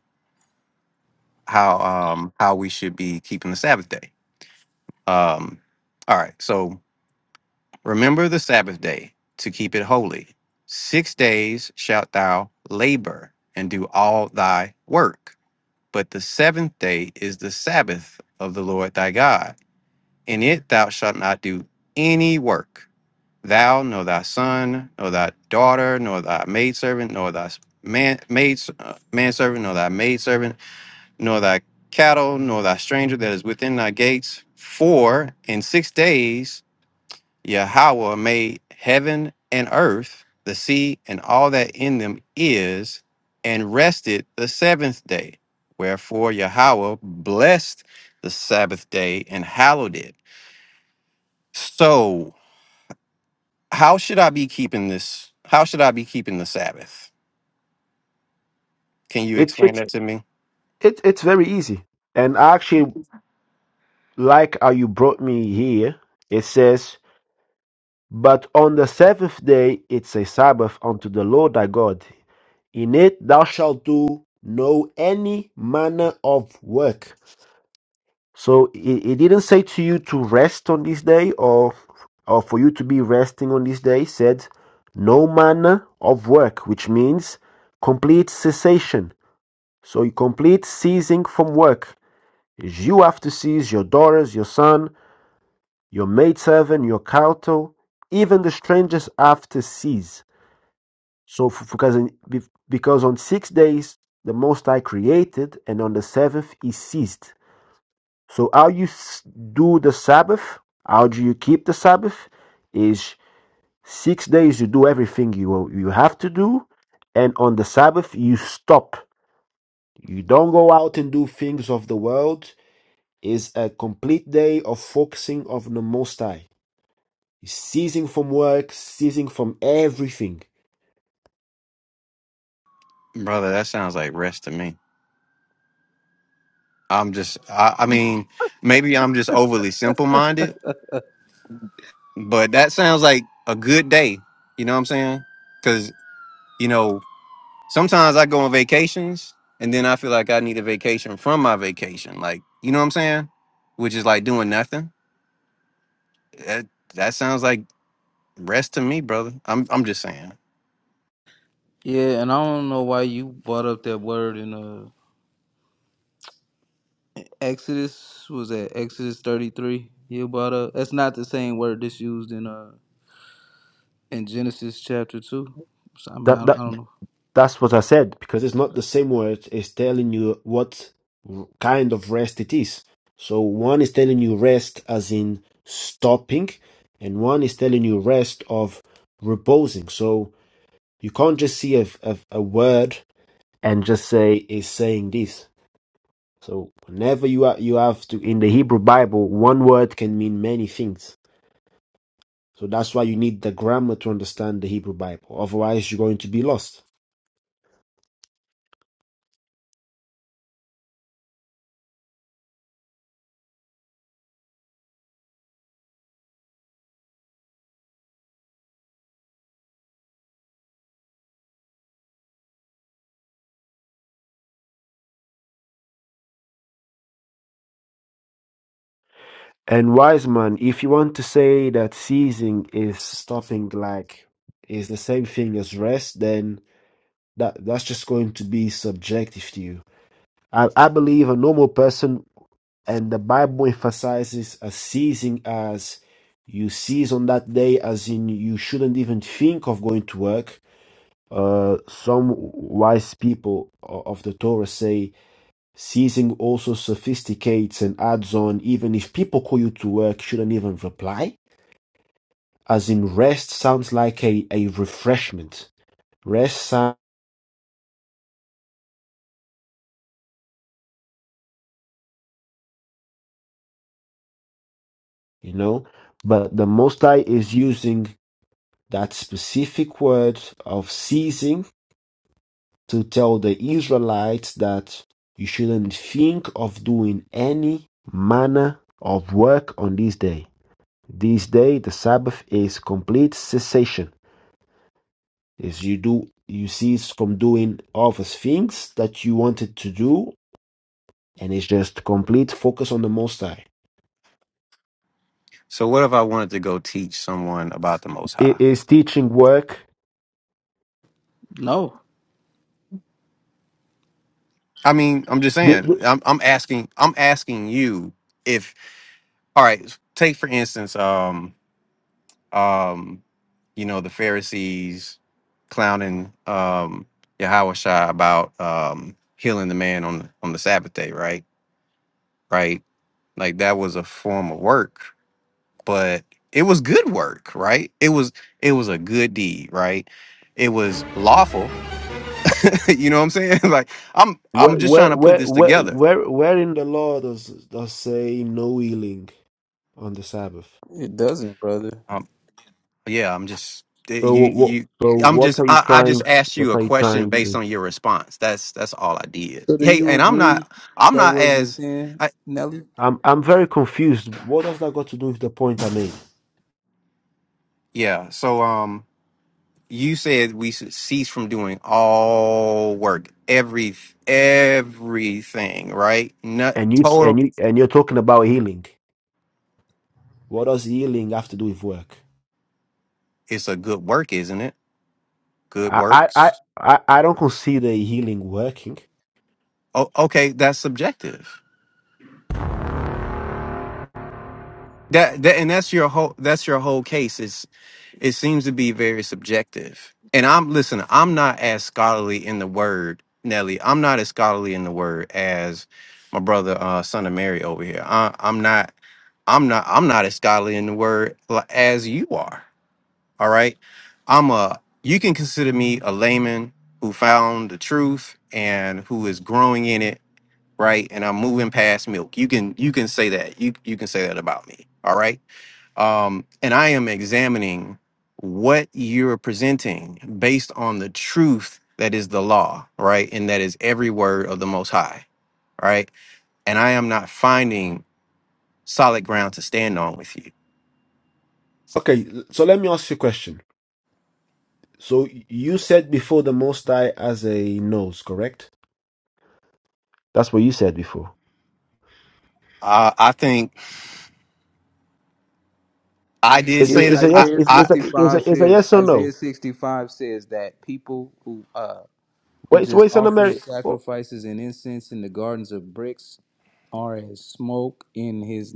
Speaker 15: how um how we should be keeping the Sabbath day. Um, all right. So remember the Sabbath day to keep it holy. Six days shalt thou labor and do all thy work. But the seventh day is the Sabbath of the Lord thy God. In it thou shalt not do any work, thou, nor thy son, nor thy daughter, nor thy maidservant, nor thy man, maid, uh, manservant, nor thy maidservant, nor thy cattle, nor thy stranger that is within thy gates. For in six days Yahweh made heaven and earth, the sea, and all that in them is, and rested the seventh day. Wherefore Yahweh blessed the Sabbath day and hallowed it. So, how should I be keeping this? How should I be keeping the Sabbath? Can you
Speaker 6: It
Speaker 15: explain
Speaker 6: it's
Speaker 15: that to me?
Speaker 6: it, it's very easy. And I actually like how you brought me here. It says, "But on the seventh day, it's a Sabbath unto the Lord thy God. In it thou shalt do no any manner of work." So it, it didn't say to you to rest on this day or or for you to be resting on this day. It said no manner of work, which means complete cessation. So you complete ceasing from work. You have to cease your daughters, your son, your maidservant, your cattle, even the strangers have to cease. So f- because in, be- because on six days the Most High created, and on the seventh he ceased. So how you s- do the Sabbath, how do you keep the Sabbath is six days you do everything you you have to do, and on the Sabbath you stop. You don't go out and do things of the world. Is a complete day of focusing of the Most High, ceasing from work, ceasing from everything.
Speaker 15: Brother, that sounds like rest to me. I'm just, I, I mean, maybe I'm just overly simple minded, but that sounds like a good day. You know what I'm saying? Because, you know, Sometimes I go on vacations and then I feel like I need a vacation from my vacation. Like, you know what I'm saying? Which is like doing nothing. That, that sounds like rest to me, brother. I'm I'm just saying.
Speaker 13: Yeah, and I don't know why you brought up that word in uh Exodus. what Was that Exodus thirty three? You brought up. That's not the same word that's used in uh in Genesis chapter two. So I mean,
Speaker 6: That
Speaker 13: I, I
Speaker 6: that.
Speaker 13: don't know.
Speaker 6: That's what I said because it's not the same word. It's telling you what r- kind of rest it is. So one is telling you rest as in stopping, and one is telling you rest of reposing. So you can't just see a, a, a word and just say is saying this. So whenever you are, you have to in the Hebrew Bible, one word can mean many things. So that's why you need the grammar to understand the Hebrew Bible. Otherwise, you're going to be lost. And wise man, if you want to say that ceasing is stopping, like is the same thing as rest, then that that's just going to be subjective to you. I, I believe a normal person, and the Bible emphasizes a ceasing as you cease on that day, as in you shouldn't even think of going to work. Uh, some wise people o- of the Torah say ceasing also sophisticates and adds on, even if people call you to work, shouldn't even reply as in rest sounds like a, a refreshment rest sound you know but the most high is using that specific word of ceasing to tell the israelites that you shouldn't think of doing any manner of work on this day this day the sabbath is complete cessation is you do you cease from doing all the things that you wanted to do and it's just complete focus on the most high
Speaker 15: So what if I wanted to go teach someone about the most
Speaker 6: i-
Speaker 15: high?
Speaker 6: is teaching work.
Speaker 13: No,
Speaker 15: I mean, I'm just
Speaker 6: The,
Speaker 15: saying.
Speaker 6: the-
Speaker 15: I'm I'm asking I'm asking you if all right, take for instance, um um, you know, the Pharisees clowning um Yahweh Shai about um healing the man on on the Sabbath day, right? right? Like that was a form of work, but it was good work, right? It was it was a good deed, right? It was lawful. you know what I'm saying? like I'm
Speaker 6: where,
Speaker 15: I'm just trying
Speaker 6: where,
Speaker 15: to put
Speaker 6: where,
Speaker 15: this
Speaker 6: where,
Speaker 15: together.
Speaker 6: where where in the law does does say no healing on the Sabbath?
Speaker 13: It doesn't, brother.
Speaker 15: Um yeah, I'm just eh,
Speaker 6: So
Speaker 15: you
Speaker 6: what?
Speaker 15: you
Speaker 6: So
Speaker 15: I'm
Speaker 6: what
Speaker 15: just
Speaker 6: are you
Speaker 15: I, I just
Speaker 6: trying?
Speaker 15: asked
Speaker 6: What
Speaker 15: you a
Speaker 6: are you
Speaker 15: question
Speaker 6: trying
Speaker 15: based
Speaker 6: to?
Speaker 15: on your response. That's that's all I did.
Speaker 13: So do
Speaker 15: Hey,
Speaker 13: you
Speaker 15: and I'm
Speaker 13: agree
Speaker 15: not I'm
Speaker 13: that
Speaker 15: not
Speaker 13: wasn't
Speaker 15: as
Speaker 13: sin,
Speaker 15: I
Speaker 13: Nelly?
Speaker 6: I'm I'm very confused. What does that got to do with the point I made?
Speaker 15: yeah, so um you said we should cease from doing all work, every everything, right? Not
Speaker 6: And you s- and
Speaker 15: total.
Speaker 6: you and you're talking about healing. What does healing have to do with work?
Speaker 15: It's a good work, isn't it? Good
Speaker 6: I I I,
Speaker 15: works.
Speaker 6: I I don't consider healing working.
Speaker 15: Oh, okay, that's subjective. That that and that's your whole that's your whole case. Is it seems to be very subjective. And I'm listen, I'm not as scholarly in the word, Nelly. I'm not as scholarly in the word as my brother, uh, son of Mary over here. I, I'm not I'm not I'm not as scholarly in the word li- as you are. All right. I'm a you can consider me a layman who found the truth and who is growing in it, right? And I'm moving past milk. You can you can say that. You you can say that about me. All right um, and I am examining what you're presenting based on the truth that is the law, right? And that is every word of the Most High, right? And I am not finding solid ground to stand on with you.
Speaker 6: Okay, l- so let me ask you a question. So y- you said before the Most High as a nose, correct? That's what you said before.
Speaker 15: I I think I did
Speaker 6: It's, it's,
Speaker 13: yeah,
Speaker 15: say that.
Speaker 6: it's a
Speaker 15: I,
Speaker 6: yes.
Speaker 13: Isaiah
Speaker 6: It's,
Speaker 15: I,
Speaker 6: it's, a,
Speaker 13: sixty
Speaker 6: it's,
Speaker 13: five
Speaker 6: a, it's a
Speaker 13: says
Speaker 6: yes or
Speaker 13: Isaiah
Speaker 6: no.
Speaker 13: sixty five says that people who uh who
Speaker 6: Wait, so
Speaker 13: just
Speaker 6: wait, Son of
Speaker 13: offer
Speaker 6: Mary. Oh,
Speaker 13: sacrifices and incense in the gardens of bricks are as smoke in his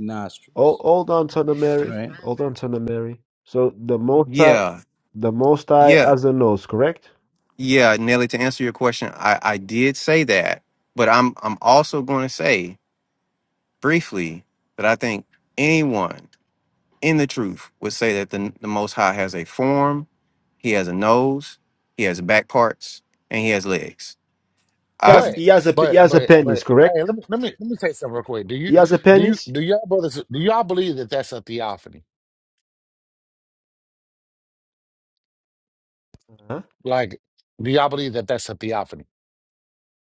Speaker 6: oh,
Speaker 13: nostrils.
Speaker 6: hold on, Son of Mary.
Speaker 13: Right?
Speaker 6: Hold on, Son of Mary. So the Most High,
Speaker 15: yeah,
Speaker 6: the Most High
Speaker 15: yeah,
Speaker 6: has a nose, correct?
Speaker 15: yeah, Nelly. To answer your question, I, I did say that, but I'm, I'm also going to say briefly that I think anyone in the truth would say that the, the Most High has a form He has a nose. He has back parts, and he has legs.
Speaker 6: He
Speaker 15: I,
Speaker 6: has,
Speaker 17: But
Speaker 6: he has a, he
Speaker 17: but
Speaker 6: has a
Speaker 17: but
Speaker 6: penis,
Speaker 17: but
Speaker 6: correct?
Speaker 17: hey, let me let me let me say something real quick. Do you
Speaker 6: He has a
Speaker 17: do you
Speaker 6: penis.
Speaker 17: do y'all brothers do y'all believe that that's a theophany?
Speaker 6: Huh?
Speaker 17: Like, do y'all believe that that's a theophany?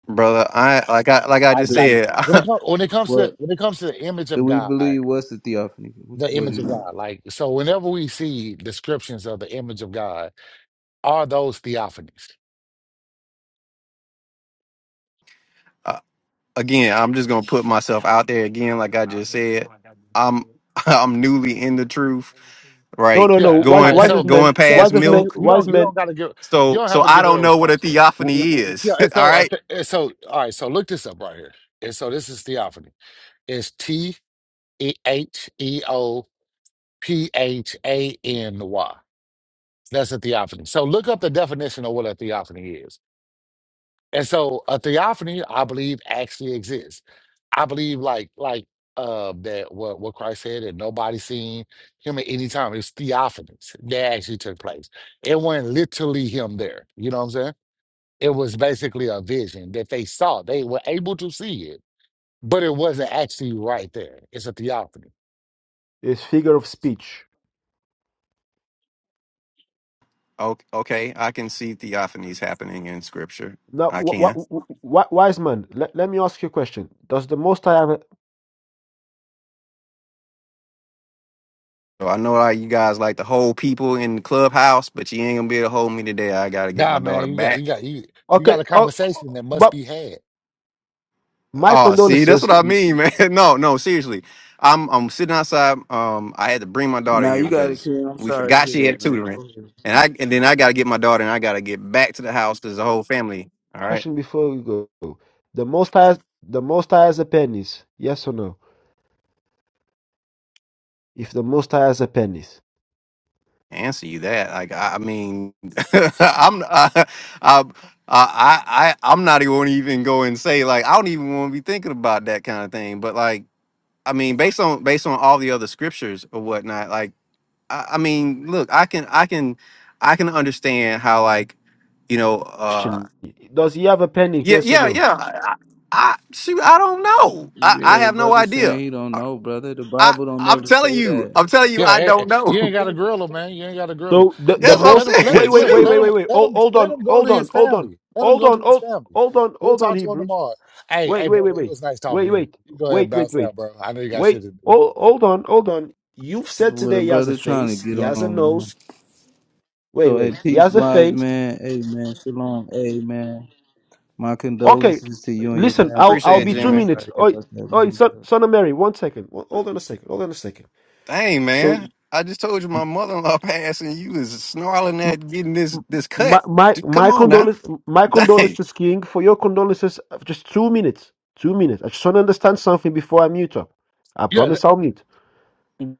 Speaker 15: brother, I like I like I just
Speaker 17: Like
Speaker 13: Do
Speaker 17: like
Speaker 15: said.
Speaker 17: when it comes when it comes to
Speaker 13: what?
Speaker 17: when it comes to the image
Speaker 13: Do
Speaker 17: of
Speaker 13: we
Speaker 17: God,
Speaker 13: believe what's the theophany?
Speaker 17: the
Speaker 13: What do
Speaker 17: image of
Speaker 13: you?
Speaker 17: God. Like so, whenever we see descriptions of the image of God, are those theophanies?
Speaker 15: uh, again, I'm just gonna put myself out there again. Like I just said, I'm I'm newly in the truth,
Speaker 6: No,
Speaker 15: right?
Speaker 6: no, no.
Speaker 17: Yeah. All
Speaker 6: Wise,
Speaker 15: Going
Speaker 17: right.
Speaker 6: wise
Speaker 15: pa-
Speaker 6: of
Speaker 17: So
Speaker 6: men,
Speaker 15: going
Speaker 17: so
Speaker 15: past
Speaker 6: wise of
Speaker 17: so
Speaker 6: men,
Speaker 17: you,
Speaker 15: milk.
Speaker 17: you don't
Speaker 6: wise
Speaker 17: you
Speaker 6: men
Speaker 17: don't gotta give you
Speaker 15: So
Speaker 17: don't
Speaker 15: so
Speaker 17: have to
Speaker 15: I
Speaker 17: give
Speaker 15: don't
Speaker 17: a
Speaker 15: know what a
Speaker 17: response then.
Speaker 6: w- w-
Speaker 15: theophany is.
Speaker 17: Yeah. And
Speaker 15: All
Speaker 17: so I
Speaker 15: right.
Speaker 17: th- and so all right. So look this up right here. And so this is theophany. It's T E H E O P H A N Y. That's a theophany. So look up the definition of what a theophany is. And so a theophany, I believe, actually exists. I believe like like uh that what what Christ said that nobody seen him at any time. It's theophanies that actually took place. It wasn't literally him there. You know what I'm saying? It was basically a vision that they saw. They were able to see it, but it wasn't actually right there. It's a theophany.
Speaker 6: is figure of speech.
Speaker 15: Okay, okay, I can see theophanies happening in scripture.
Speaker 6: Now,
Speaker 15: I
Speaker 6: wh-
Speaker 15: can.
Speaker 6: wh- wh- wh- wise man, let, let me ask you a question. Does the Most High have a...
Speaker 15: So I know how you guys like to hold people in the clubhouse, but you ain't gonna be able to hold me today. I gotta get my
Speaker 17: Nah, man,
Speaker 15: daughter
Speaker 17: you got you
Speaker 15: back.
Speaker 17: got you you got
Speaker 6: Okay,
Speaker 17: a
Speaker 6: oh, oh,
Speaker 17: conversation that must
Speaker 6: but
Speaker 17: be had.
Speaker 6: my
Speaker 15: Oh, see, that's what
Speaker 6: condolences.
Speaker 15: I mean, man. No, no, seriously. I'm I'm sitting outside. Um, I had to bring my daughter
Speaker 13: Nah,
Speaker 15: here
Speaker 13: you got it,
Speaker 15: because
Speaker 13: Ken. I'm
Speaker 15: we
Speaker 13: sorry to
Speaker 15: forgot
Speaker 13: hear
Speaker 15: she had
Speaker 13: that, man.
Speaker 15: tutoring,
Speaker 13: Go ahead.
Speaker 15: and I and then I got to get my daughter, and I got to get back to the house because the whole family. All right,
Speaker 6: question before we go. The Most High, the Most High has a penis. Yes or no? If the Most High has a penis,
Speaker 15: answer you that. Like I, I mean, I'm I, I I I I'm not even gonna even go and say like I don't even want to be thinking about that kind of thing. But like I mean, based on based on all the other scriptures or whatnot, like. I, I mean, look, I can, I can, I can understand how, like, you know, uh,
Speaker 6: question: Does he have a penis?
Speaker 15: yeah,
Speaker 6: Yes or
Speaker 15: yeah,
Speaker 6: no?
Speaker 15: yeah. I shoot, I don't know. I, I
Speaker 13: Yeah,
Speaker 15: have no
Speaker 13: brother saying
Speaker 15: idea.
Speaker 13: he don't
Speaker 15: I,
Speaker 13: know, brother. The
Speaker 15: I,
Speaker 13: Bible don't
Speaker 15: I'm
Speaker 13: never
Speaker 15: telling
Speaker 13: say
Speaker 15: you,
Speaker 13: that.
Speaker 15: I'm telling you,
Speaker 17: Yeah,
Speaker 15: I
Speaker 17: eh, eh,
Speaker 15: don't know.
Speaker 17: you ain't got to grill him, man. You ain't got to grill him.
Speaker 6: So the the
Speaker 13: Yeah,
Speaker 15: That's
Speaker 17: Let
Speaker 15: what
Speaker 17: him, let
Speaker 6: most
Speaker 17: him,
Speaker 15: I'm
Speaker 17: let him
Speaker 15: saying.
Speaker 6: wait wait
Speaker 17: look.
Speaker 6: wait
Speaker 17: Let
Speaker 15: Shoot,
Speaker 6: wait
Speaker 17: him,
Speaker 6: wait wait
Speaker 17: let
Speaker 6: hold,
Speaker 17: him,
Speaker 6: hold
Speaker 17: let
Speaker 6: on
Speaker 17: him go
Speaker 6: hold
Speaker 17: to his
Speaker 6: on hold on
Speaker 17: family. Let him
Speaker 6: hold
Speaker 17: go to
Speaker 6: on
Speaker 17: his
Speaker 6: hold
Speaker 17: family.
Speaker 6: hold on
Speaker 17: We'll
Speaker 6: hold on
Speaker 17: talk to him
Speaker 6: Hebrews
Speaker 17: tomorrow. Hey, hey,
Speaker 6: wait wait
Speaker 17: brother,
Speaker 6: wait
Speaker 17: it
Speaker 6: wait
Speaker 17: was nice talking
Speaker 6: wait
Speaker 17: to you.
Speaker 6: wait
Speaker 17: You go ahead and
Speaker 6: wait wait
Speaker 17: bounce
Speaker 6: wait
Speaker 17: out, bro. I know you got shit
Speaker 6: wait
Speaker 17: to do.
Speaker 6: hold, hold on hold on you've said
Speaker 13: what a
Speaker 6: today he has a
Speaker 13: brother trying to
Speaker 6: face
Speaker 13: get
Speaker 6: he has a
Speaker 13: on, man.
Speaker 6: nose wait
Speaker 13: So, hey,
Speaker 6: wait he
Speaker 13: peace,
Speaker 6: has a
Speaker 13: wise
Speaker 6: face
Speaker 13: man. Hey, man, shalom. Hey, man, my
Speaker 6: Okay,
Speaker 13: condolences to you and your
Speaker 6: listen,
Speaker 13: family,
Speaker 6: I'll
Speaker 15: appreciate
Speaker 6: I'll
Speaker 15: it,
Speaker 6: be
Speaker 13: King. Man,
Speaker 6: two
Speaker 13: I'm
Speaker 15: Jimmy.
Speaker 6: minutes.
Speaker 13: sorry
Speaker 6: Oh,
Speaker 13: about that,
Speaker 6: oh,
Speaker 13: man.
Speaker 6: son, son of Mary, one second. Well, Hold on a second. Hold on a second.
Speaker 15: Dang,
Speaker 6: So,
Speaker 15: man, I just told you my mother-in-law passed, and you is snarling
Speaker 6: m-
Speaker 15: at getting this
Speaker 6: m-
Speaker 15: this cut.
Speaker 6: my my
Speaker 15: D- Come
Speaker 6: my
Speaker 15: on now,
Speaker 6: condolences, my
Speaker 15: dang.
Speaker 6: condolences, King. For your condolences, uh, just two minutes. Two minutes. I just want to understand something before I mute up. I
Speaker 17: Yeah, th-
Speaker 6: promise I'll mute.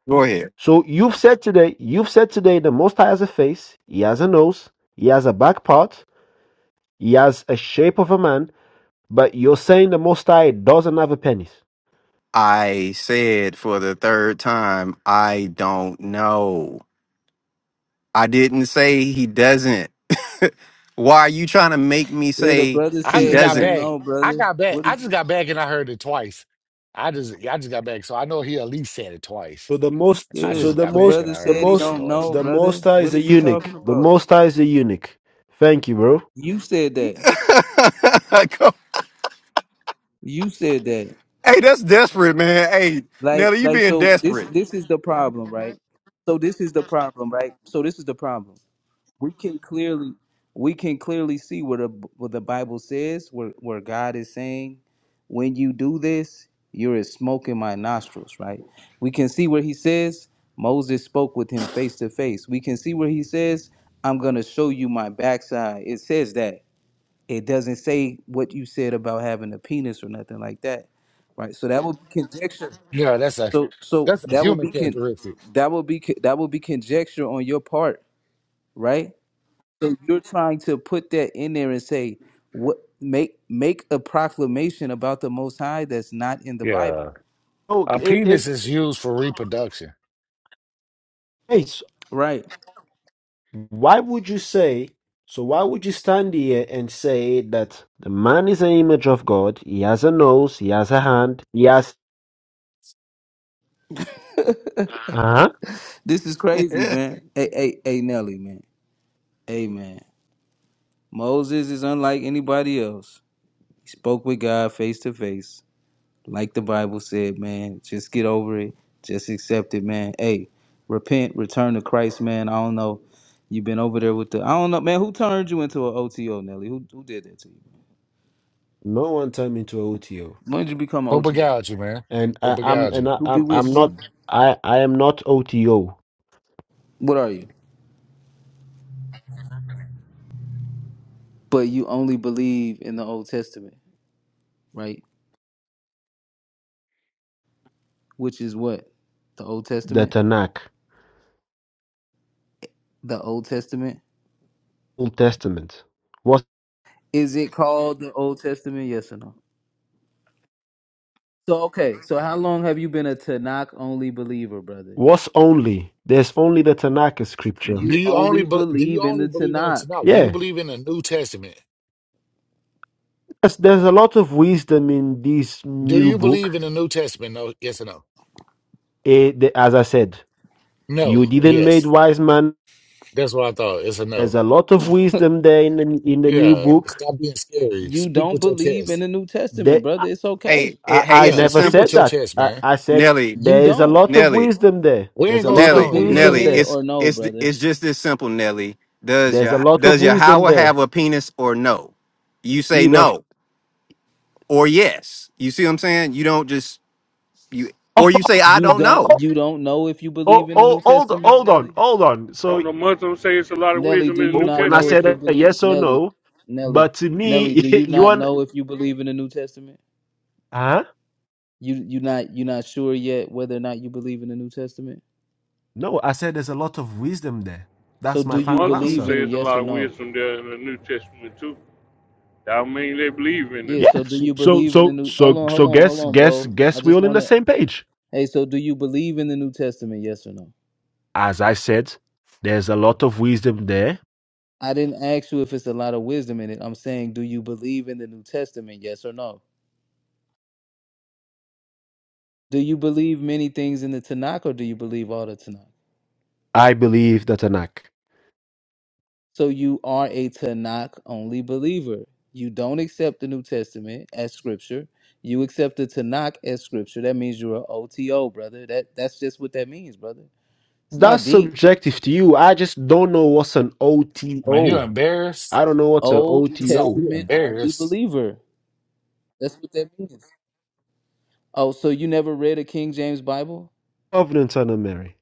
Speaker 15: Go ahead.
Speaker 6: So you've said today, you've said today, the Most High has a face. He has a nose. He has a back part. He has a shape of a man. But you're saying the Most High doesn't have a penis.
Speaker 15: I said for the third time, I don't know. I didn't say he doesn't. Why are you trying to make me
Speaker 13: Yeah, the
Speaker 15: say
Speaker 13: brother
Speaker 17: I
Speaker 15: he
Speaker 17: just
Speaker 13: said he
Speaker 17: got
Speaker 15: doesn't?
Speaker 13: don't
Speaker 17: back.
Speaker 13: know,
Speaker 17: I
Speaker 13: brother.
Speaker 17: got back.
Speaker 13: What
Speaker 17: I
Speaker 13: is?
Speaker 17: just got back, and I heard it twice. I just, I just got back, so I know he at least said it twice.
Speaker 6: So the most, so
Speaker 17: I
Speaker 6: so
Speaker 13: Yeah,
Speaker 17: just
Speaker 6: the
Speaker 17: got
Speaker 13: the
Speaker 17: back,
Speaker 6: most,
Speaker 17: and
Speaker 13: brother
Speaker 17: I
Speaker 6: the
Speaker 17: heard
Speaker 13: said
Speaker 17: him
Speaker 13: he
Speaker 17: say it
Speaker 6: most,
Speaker 13: don't
Speaker 17: twice.
Speaker 13: know,
Speaker 6: the most
Speaker 13: brother.
Speaker 6: high is
Speaker 13: What
Speaker 6: a
Speaker 13: is you
Speaker 6: eunuch.
Speaker 13: talking
Speaker 6: The
Speaker 13: about?
Speaker 6: most high is a eunuch. Thank you, bro.
Speaker 13: You said that.
Speaker 15: Come-
Speaker 13: You said that.
Speaker 15: hey, that's desperate, man. Hey,
Speaker 13: like
Speaker 15: Nelly, you
Speaker 13: like
Speaker 15: being
Speaker 13: so this
Speaker 15: desperate.
Speaker 13: this is the problem right so this is the problem right so this is the problem we can clearly we can clearly see what the what the bible says where where god is saying when you do this you're a smoke in my nostrils right we can see where he says moses spoke with him face to face we can see where he says i'm gonna show you my backside it says that it doesn't say what you said about having a penis or nothing like that right so that would be conjecture
Speaker 17: Yeah, that's a,
Speaker 13: so so
Speaker 17: that's a
Speaker 13: that would
Speaker 17: human
Speaker 13: be con-
Speaker 17: characteristic.
Speaker 13: that would be con- that would be conjecture on your part, right? So you're trying to put that in there and say what make make a proclamation about the Most High that's not in the
Speaker 17: Yeah,
Speaker 13: Bible,
Speaker 6: Oh,
Speaker 17: a
Speaker 13: right?
Speaker 6: it, it,
Speaker 17: penis is used for reproduction.
Speaker 6: hey, s-
Speaker 13: Right.
Speaker 6: why would you say, so why would you stand here and say that the man is an image of God, he has a nose, he has a hand, he has, uh-huh.
Speaker 13: This is crazy,
Speaker 15: hey,
Speaker 13: man. Hey, hey, hey, Nelly, man. Hey, man. Moses is unlike anybody else. He spoke with God face to face. Like the Bible said, man, just get over it. Just accept it, man. Hey, repent, return to Christ, man. I don't know. You've been over there with the I don't know, man. Who turned you into an OTO, Nelly? Who who did that to you?
Speaker 6: No one turned me into a OTO.
Speaker 13: When did you become an
Speaker 17: What
Speaker 13: OTO?
Speaker 17: man?
Speaker 6: And
Speaker 17: What
Speaker 6: I, I'm, and I,
Speaker 13: Who
Speaker 6: I'm, I'm
Speaker 13: bewitched you?
Speaker 6: not, I, I am not OTO,
Speaker 13: What are you? But you only believe in the Old Testament, right? Which is what? The Old
Speaker 6: the
Speaker 13: Testament?
Speaker 6: Tanakh,
Speaker 13: The Old Testament?
Speaker 6: Old Testament. What's,
Speaker 13: Is it called the Old Testament? Yes or no? So okay, so how long have you been a Tanakh only believer, brother?
Speaker 6: what's only, there's only the Tanakh is scripture.
Speaker 17: Do
Speaker 13: You
Speaker 17: you only
Speaker 13: only
Speaker 17: be, do
Speaker 13: believe
Speaker 17: you
Speaker 13: in
Speaker 17: only
Speaker 13: the
Speaker 17: believe in the
Speaker 13: Tanakh.
Speaker 17: Tanakh? Do you
Speaker 6: Yeah,
Speaker 17: believe in the New Testament?
Speaker 6: there's, there's a lot of wisdom in this
Speaker 17: Do
Speaker 6: new
Speaker 17: you
Speaker 6: book.
Speaker 17: believe in the New Testament? No, yes or no?
Speaker 6: Eh, the- as I said, you
Speaker 17: No, or
Speaker 6: didn't made
Speaker 17: yes.
Speaker 6: wise man.
Speaker 17: That's what I thought. It's a
Speaker 6: There's
Speaker 17: no.
Speaker 6: a lot of wisdom there in the, in the new
Speaker 17: Yeah,
Speaker 6: book.
Speaker 17: stop being scary.
Speaker 13: You
Speaker 17: Speak
Speaker 13: don't
Speaker 17: with your
Speaker 13: believe in
Speaker 17: chest.
Speaker 13: the New Testament,
Speaker 6: That
Speaker 13: brother. It's
Speaker 15: it,
Speaker 13: okay.
Speaker 6: I,
Speaker 15: hey,
Speaker 6: I
Speaker 15: it's
Speaker 17: Yeah,
Speaker 15: a
Speaker 6: never
Speaker 17: speak
Speaker 15: simple
Speaker 17: with
Speaker 6: said
Speaker 17: your
Speaker 6: that.
Speaker 17: chest,
Speaker 6: I,
Speaker 17: man.
Speaker 6: I said
Speaker 15: Nelly,
Speaker 13: You
Speaker 6: there is a
Speaker 13: don't.
Speaker 6: lot of
Speaker 15: Nelly,
Speaker 6: wisdom there.
Speaker 17: We
Speaker 6: There's
Speaker 17: ain't
Speaker 6: a
Speaker 17: gonna
Speaker 13: Do
Speaker 6: lot
Speaker 13: you
Speaker 6: of
Speaker 15: Nelly,
Speaker 17: stone you,
Speaker 13: believe
Speaker 17: bro.
Speaker 6: wisdom
Speaker 15: Nelly.
Speaker 13: in it
Speaker 6: there.
Speaker 15: It's
Speaker 13: or no,
Speaker 15: it's
Speaker 13: brother?
Speaker 15: it's just this simple, Nelly. Does
Speaker 6: There's a
Speaker 15: your
Speaker 6: lot of
Speaker 15: does your
Speaker 6: wisdom
Speaker 15: Howard
Speaker 6: there.
Speaker 15: have a penis or no? You say
Speaker 6: He does.
Speaker 15: no or yes. You see what I'm saying? You don't just you
Speaker 6: Oh,
Speaker 15: or you say I
Speaker 13: You
Speaker 15: don't know.
Speaker 6: oh,
Speaker 13: don't you don't know if you believe
Speaker 6: oh,
Speaker 13: in the
Speaker 6: oh
Speaker 13: New
Speaker 6: hold,
Speaker 13: Testament,
Speaker 6: hold on,
Speaker 13: Nelly?
Speaker 6: hold on. So
Speaker 18: Don't the Muslims say it's a lot of
Speaker 13: Nelly,
Speaker 18: wisdom
Speaker 13: do
Speaker 18: in the
Speaker 13: you
Speaker 6: oh,
Speaker 18: New
Speaker 13: not
Speaker 6: when I
Speaker 13: know
Speaker 18: Testament
Speaker 13: if
Speaker 6: said
Speaker 13: you
Speaker 6: uh,
Speaker 18: too?
Speaker 13: believe
Speaker 6: yes or
Speaker 13: Nelly?
Speaker 6: no,
Speaker 13: Nelly.
Speaker 6: but to
Speaker 13: Nelly,
Speaker 6: me,
Speaker 13: do you
Speaker 6: you
Speaker 13: not
Speaker 6: want?
Speaker 13: know if you believe in the New Testament?
Speaker 6: Huh?
Speaker 13: You you not you not sure yet whether or not you believe in the New Testament?
Speaker 6: No, I said there's a lot of wisdom there.
Speaker 13: So
Speaker 6: That's my
Speaker 13: do
Speaker 18: The
Speaker 13: you
Speaker 6: final
Speaker 18: Muslims
Speaker 13: believe
Speaker 6: answer.
Speaker 13: in
Speaker 18: say
Speaker 13: it,
Speaker 18: it's a
Speaker 13: yes
Speaker 18: lot
Speaker 13: or
Speaker 18: of
Speaker 13: no?
Speaker 18: wisdom there in the New Testament too. That mean they believe in
Speaker 13: Yeah,
Speaker 18: it.
Speaker 13: so do
Speaker 6: Yes.
Speaker 13: you
Speaker 6: So
Speaker 13: believe in the
Speaker 6: so
Speaker 13: new hold
Speaker 6: so
Speaker 13: on,
Speaker 6: so
Speaker 13: hold on, hold
Speaker 6: guess
Speaker 13: on,
Speaker 6: guess
Speaker 13: Bo. I
Speaker 6: guess we're
Speaker 13: just
Speaker 6: all in the
Speaker 13: wanna
Speaker 6: same page.
Speaker 13: Hey, so do you believe in the New Testament? Yes or no?
Speaker 6: As I said, there's a lot of wisdom there.
Speaker 13: I didn't ask you if it's a lot of wisdom in it. I'm saying, do you believe in the New Testament? Yes or no? Do you believe many things in the Tanakh or do you believe all the Tanakh?
Speaker 6: I believe that Anak.
Speaker 13: So you are a Tanakh only believer. You don't accept the New Testament as scripture. You accept the Tanakh as scripture. That means you're an OTO, brother. That that's just what that means, brother. It's
Speaker 6: That's
Speaker 13: not deep.
Speaker 6: subjective to you. I just don't know what's an
Speaker 17: I mean, you
Speaker 6: OTO.
Speaker 17: embarrassed.
Speaker 6: I don't know what's an
Speaker 13: Old
Speaker 17: It's not
Speaker 6: OTO.
Speaker 17: you
Speaker 13: Testament only
Speaker 17: embarrassed.
Speaker 13: believer. That's what that means. Oh, so you never read a King James Bible?
Speaker 6: Covenant and a Mary.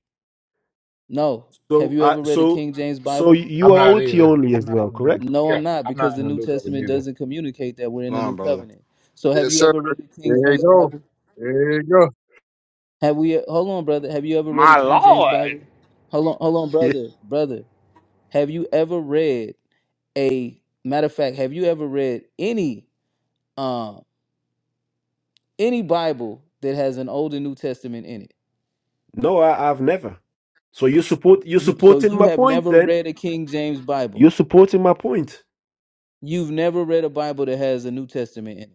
Speaker 13: No. Have
Speaker 6: So
Speaker 13: you
Speaker 6: I
Speaker 13: ever read a
Speaker 6: so
Speaker 13: King James
Speaker 6: so
Speaker 13: Bible?
Speaker 17: I'm
Speaker 6: you are
Speaker 17: not
Speaker 6: OT
Speaker 17: either.
Speaker 6: only
Speaker 17: I'm
Speaker 6: as
Speaker 17: not
Speaker 6: well,
Speaker 17: in the new.
Speaker 6: correct?
Speaker 13: No,
Speaker 17: Yeah,
Speaker 13: I'm not,
Speaker 17: I'm
Speaker 13: because
Speaker 17: not
Speaker 13: the
Speaker 17: in the
Speaker 13: New
Speaker 17: new cover
Speaker 13: Testament
Speaker 17: either.
Speaker 13: doesn't communicate that we're in
Speaker 15: Come
Speaker 13: the
Speaker 15: on,
Speaker 13: New
Speaker 15: brother.
Speaker 13: Covenant. So have
Speaker 19: Yes,
Speaker 13: you
Speaker 19: sir.
Speaker 13: ever read a
Speaker 19: There
Speaker 13: King
Speaker 19: you
Speaker 13: James
Speaker 19: go.
Speaker 13: Bible?
Speaker 19: There you go.
Speaker 13: Have we hold on, brother. Have you ever read a
Speaker 18: My
Speaker 13: King James
Speaker 18: Lord.
Speaker 13: Bible? Hold on, hold on,
Speaker 6: Yeah.
Speaker 13: brother, brother. Have you ever read a matter of fact, have you ever read any um any Bible that has an old and New Testament in it?
Speaker 6: No, I, I've never. So you support you
Speaker 13: You so
Speaker 6: supporting
Speaker 13: you
Speaker 6: my
Speaker 13: have
Speaker 6: point
Speaker 13: never
Speaker 6: then?
Speaker 13: read a King James Bible.
Speaker 6: You're supporting my point.
Speaker 13: You've never read a Bible that has a New Testament in it.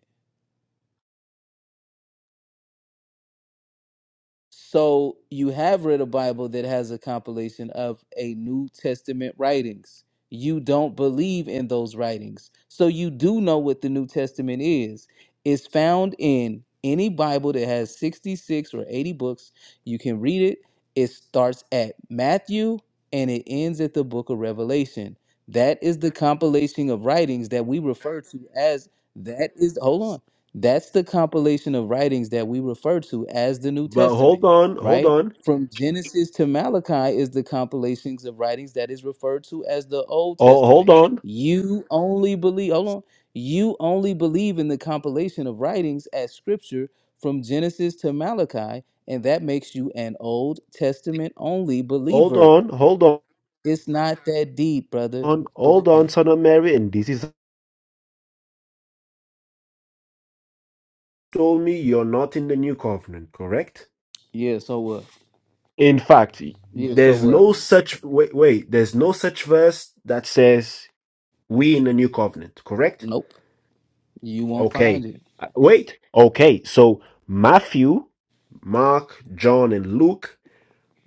Speaker 13: So you have read a Bible that has a compilation of a New Testament writings. You don't believe in those writings. So you do know what the New Testament is. It's found in any Bible that has 66 or 80 books. You can read it. It starts at Matthew and it ends at the book of Revelation. That is the compilation of writings that we refer to as that is hold on. That's the compilation of writings that we refer to as the New
Speaker 6: But hold
Speaker 13: Testament,
Speaker 6: on, hold
Speaker 13: right?
Speaker 6: on,
Speaker 13: From Genesis to Malachi is the compilations of writings that is referred to as the Old
Speaker 6: oh, hold
Speaker 13: Testament.
Speaker 6: on,
Speaker 13: You only believe, hold on, you only believe in the compilation of writings as scripture from Genesis to Malachi, and that makes you an Old Testament only
Speaker 6: hold
Speaker 13: believer.
Speaker 6: on, hold
Speaker 13: It's not that deep, brother.
Speaker 6: on,
Speaker 13: But go
Speaker 6: hold on,
Speaker 13: ahead.
Speaker 6: son of Mary. And this is told me you're not in the new covenant, correct?
Speaker 13: Yeah, so what?
Speaker 6: In fact,
Speaker 13: Yeah, so
Speaker 6: there's
Speaker 13: what?
Speaker 6: no such wait, wait. There's no such verse that says we in the new covenant, correct?
Speaker 13: Nope. You won't
Speaker 6: Okay,
Speaker 13: find it.
Speaker 6: Uh, wait. Okay, so Matthew, Mark, John, and Luke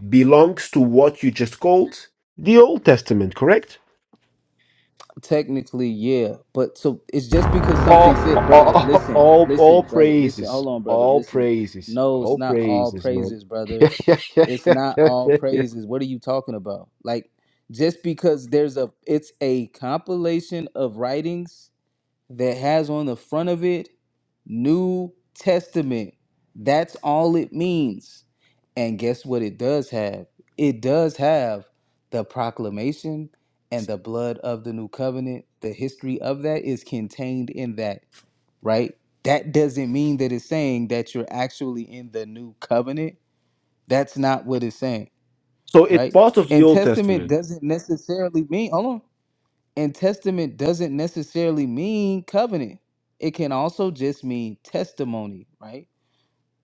Speaker 6: belongs to what you just called the Old Testament, correct?
Speaker 13: Technically, yeah, but so it's just because
Speaker 6: all,
Speaker 13: something said, brother.
Speaker 6: all,
Speaker 13: Listen,
Speaker 6: all, all
Speaker 13: listen, brother. Listen,
Speaker 6: praises,
Speaker 13: hold on, brother.
Speaker 6: all
Speaker 13: Listen.
Speaker 6: praises,
Speaker 13: No, it's
Speaker 6: all
Speaker 13: not all
Speaker 6: praises, man.
Speaker 13: praises, brother. It's not all praises. What are you talking about? Like, just because there's a, it's a compilation of writings that has on the front of it New Testament. That's all it means. And guess what it does have? It does have the proclamation and the blood of the new covenant. The history of that is contained in that, right? That doesn't mean that it's saying that you're actually in the new covenant. That's not what it's saying,
Speaker 6: So it's
Speaker 13: right?
Speaker 6: part of the
Speaker 13: And
Speaker 6: Old
Speaker 13: testament
Speaker 6: Testament.
Speaker 13: doesn't necessarily mean, hold on. And testament doesn't necessarily mean covenant. It can also just mean testimony, right?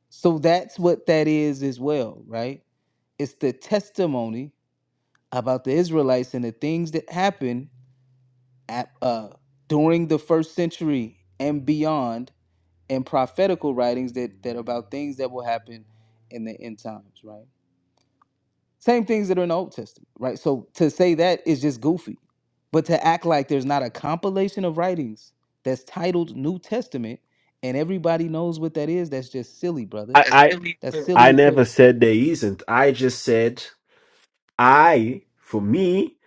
Speaker 13: So that's what that is as well, right? It's the testimony about the Israelites and the things that happened at, uh, during the first century and beyond, and prophetical writings that, that about things that will happen in the end times, right? Same things that are in the Old Testament, right? So to say that is just goofy. But to act like there's not a compilation of writings that's titled New Testament and everybody knows what that is, that's just silly, brother.
Speaker 6: I,
Speaker 13: That's
Speaker 6: I, I
Speaker 13: silly as
Speaker 6: never
Speaker 13: hell.
Speaker 6: said there isn't. I just said I, for me,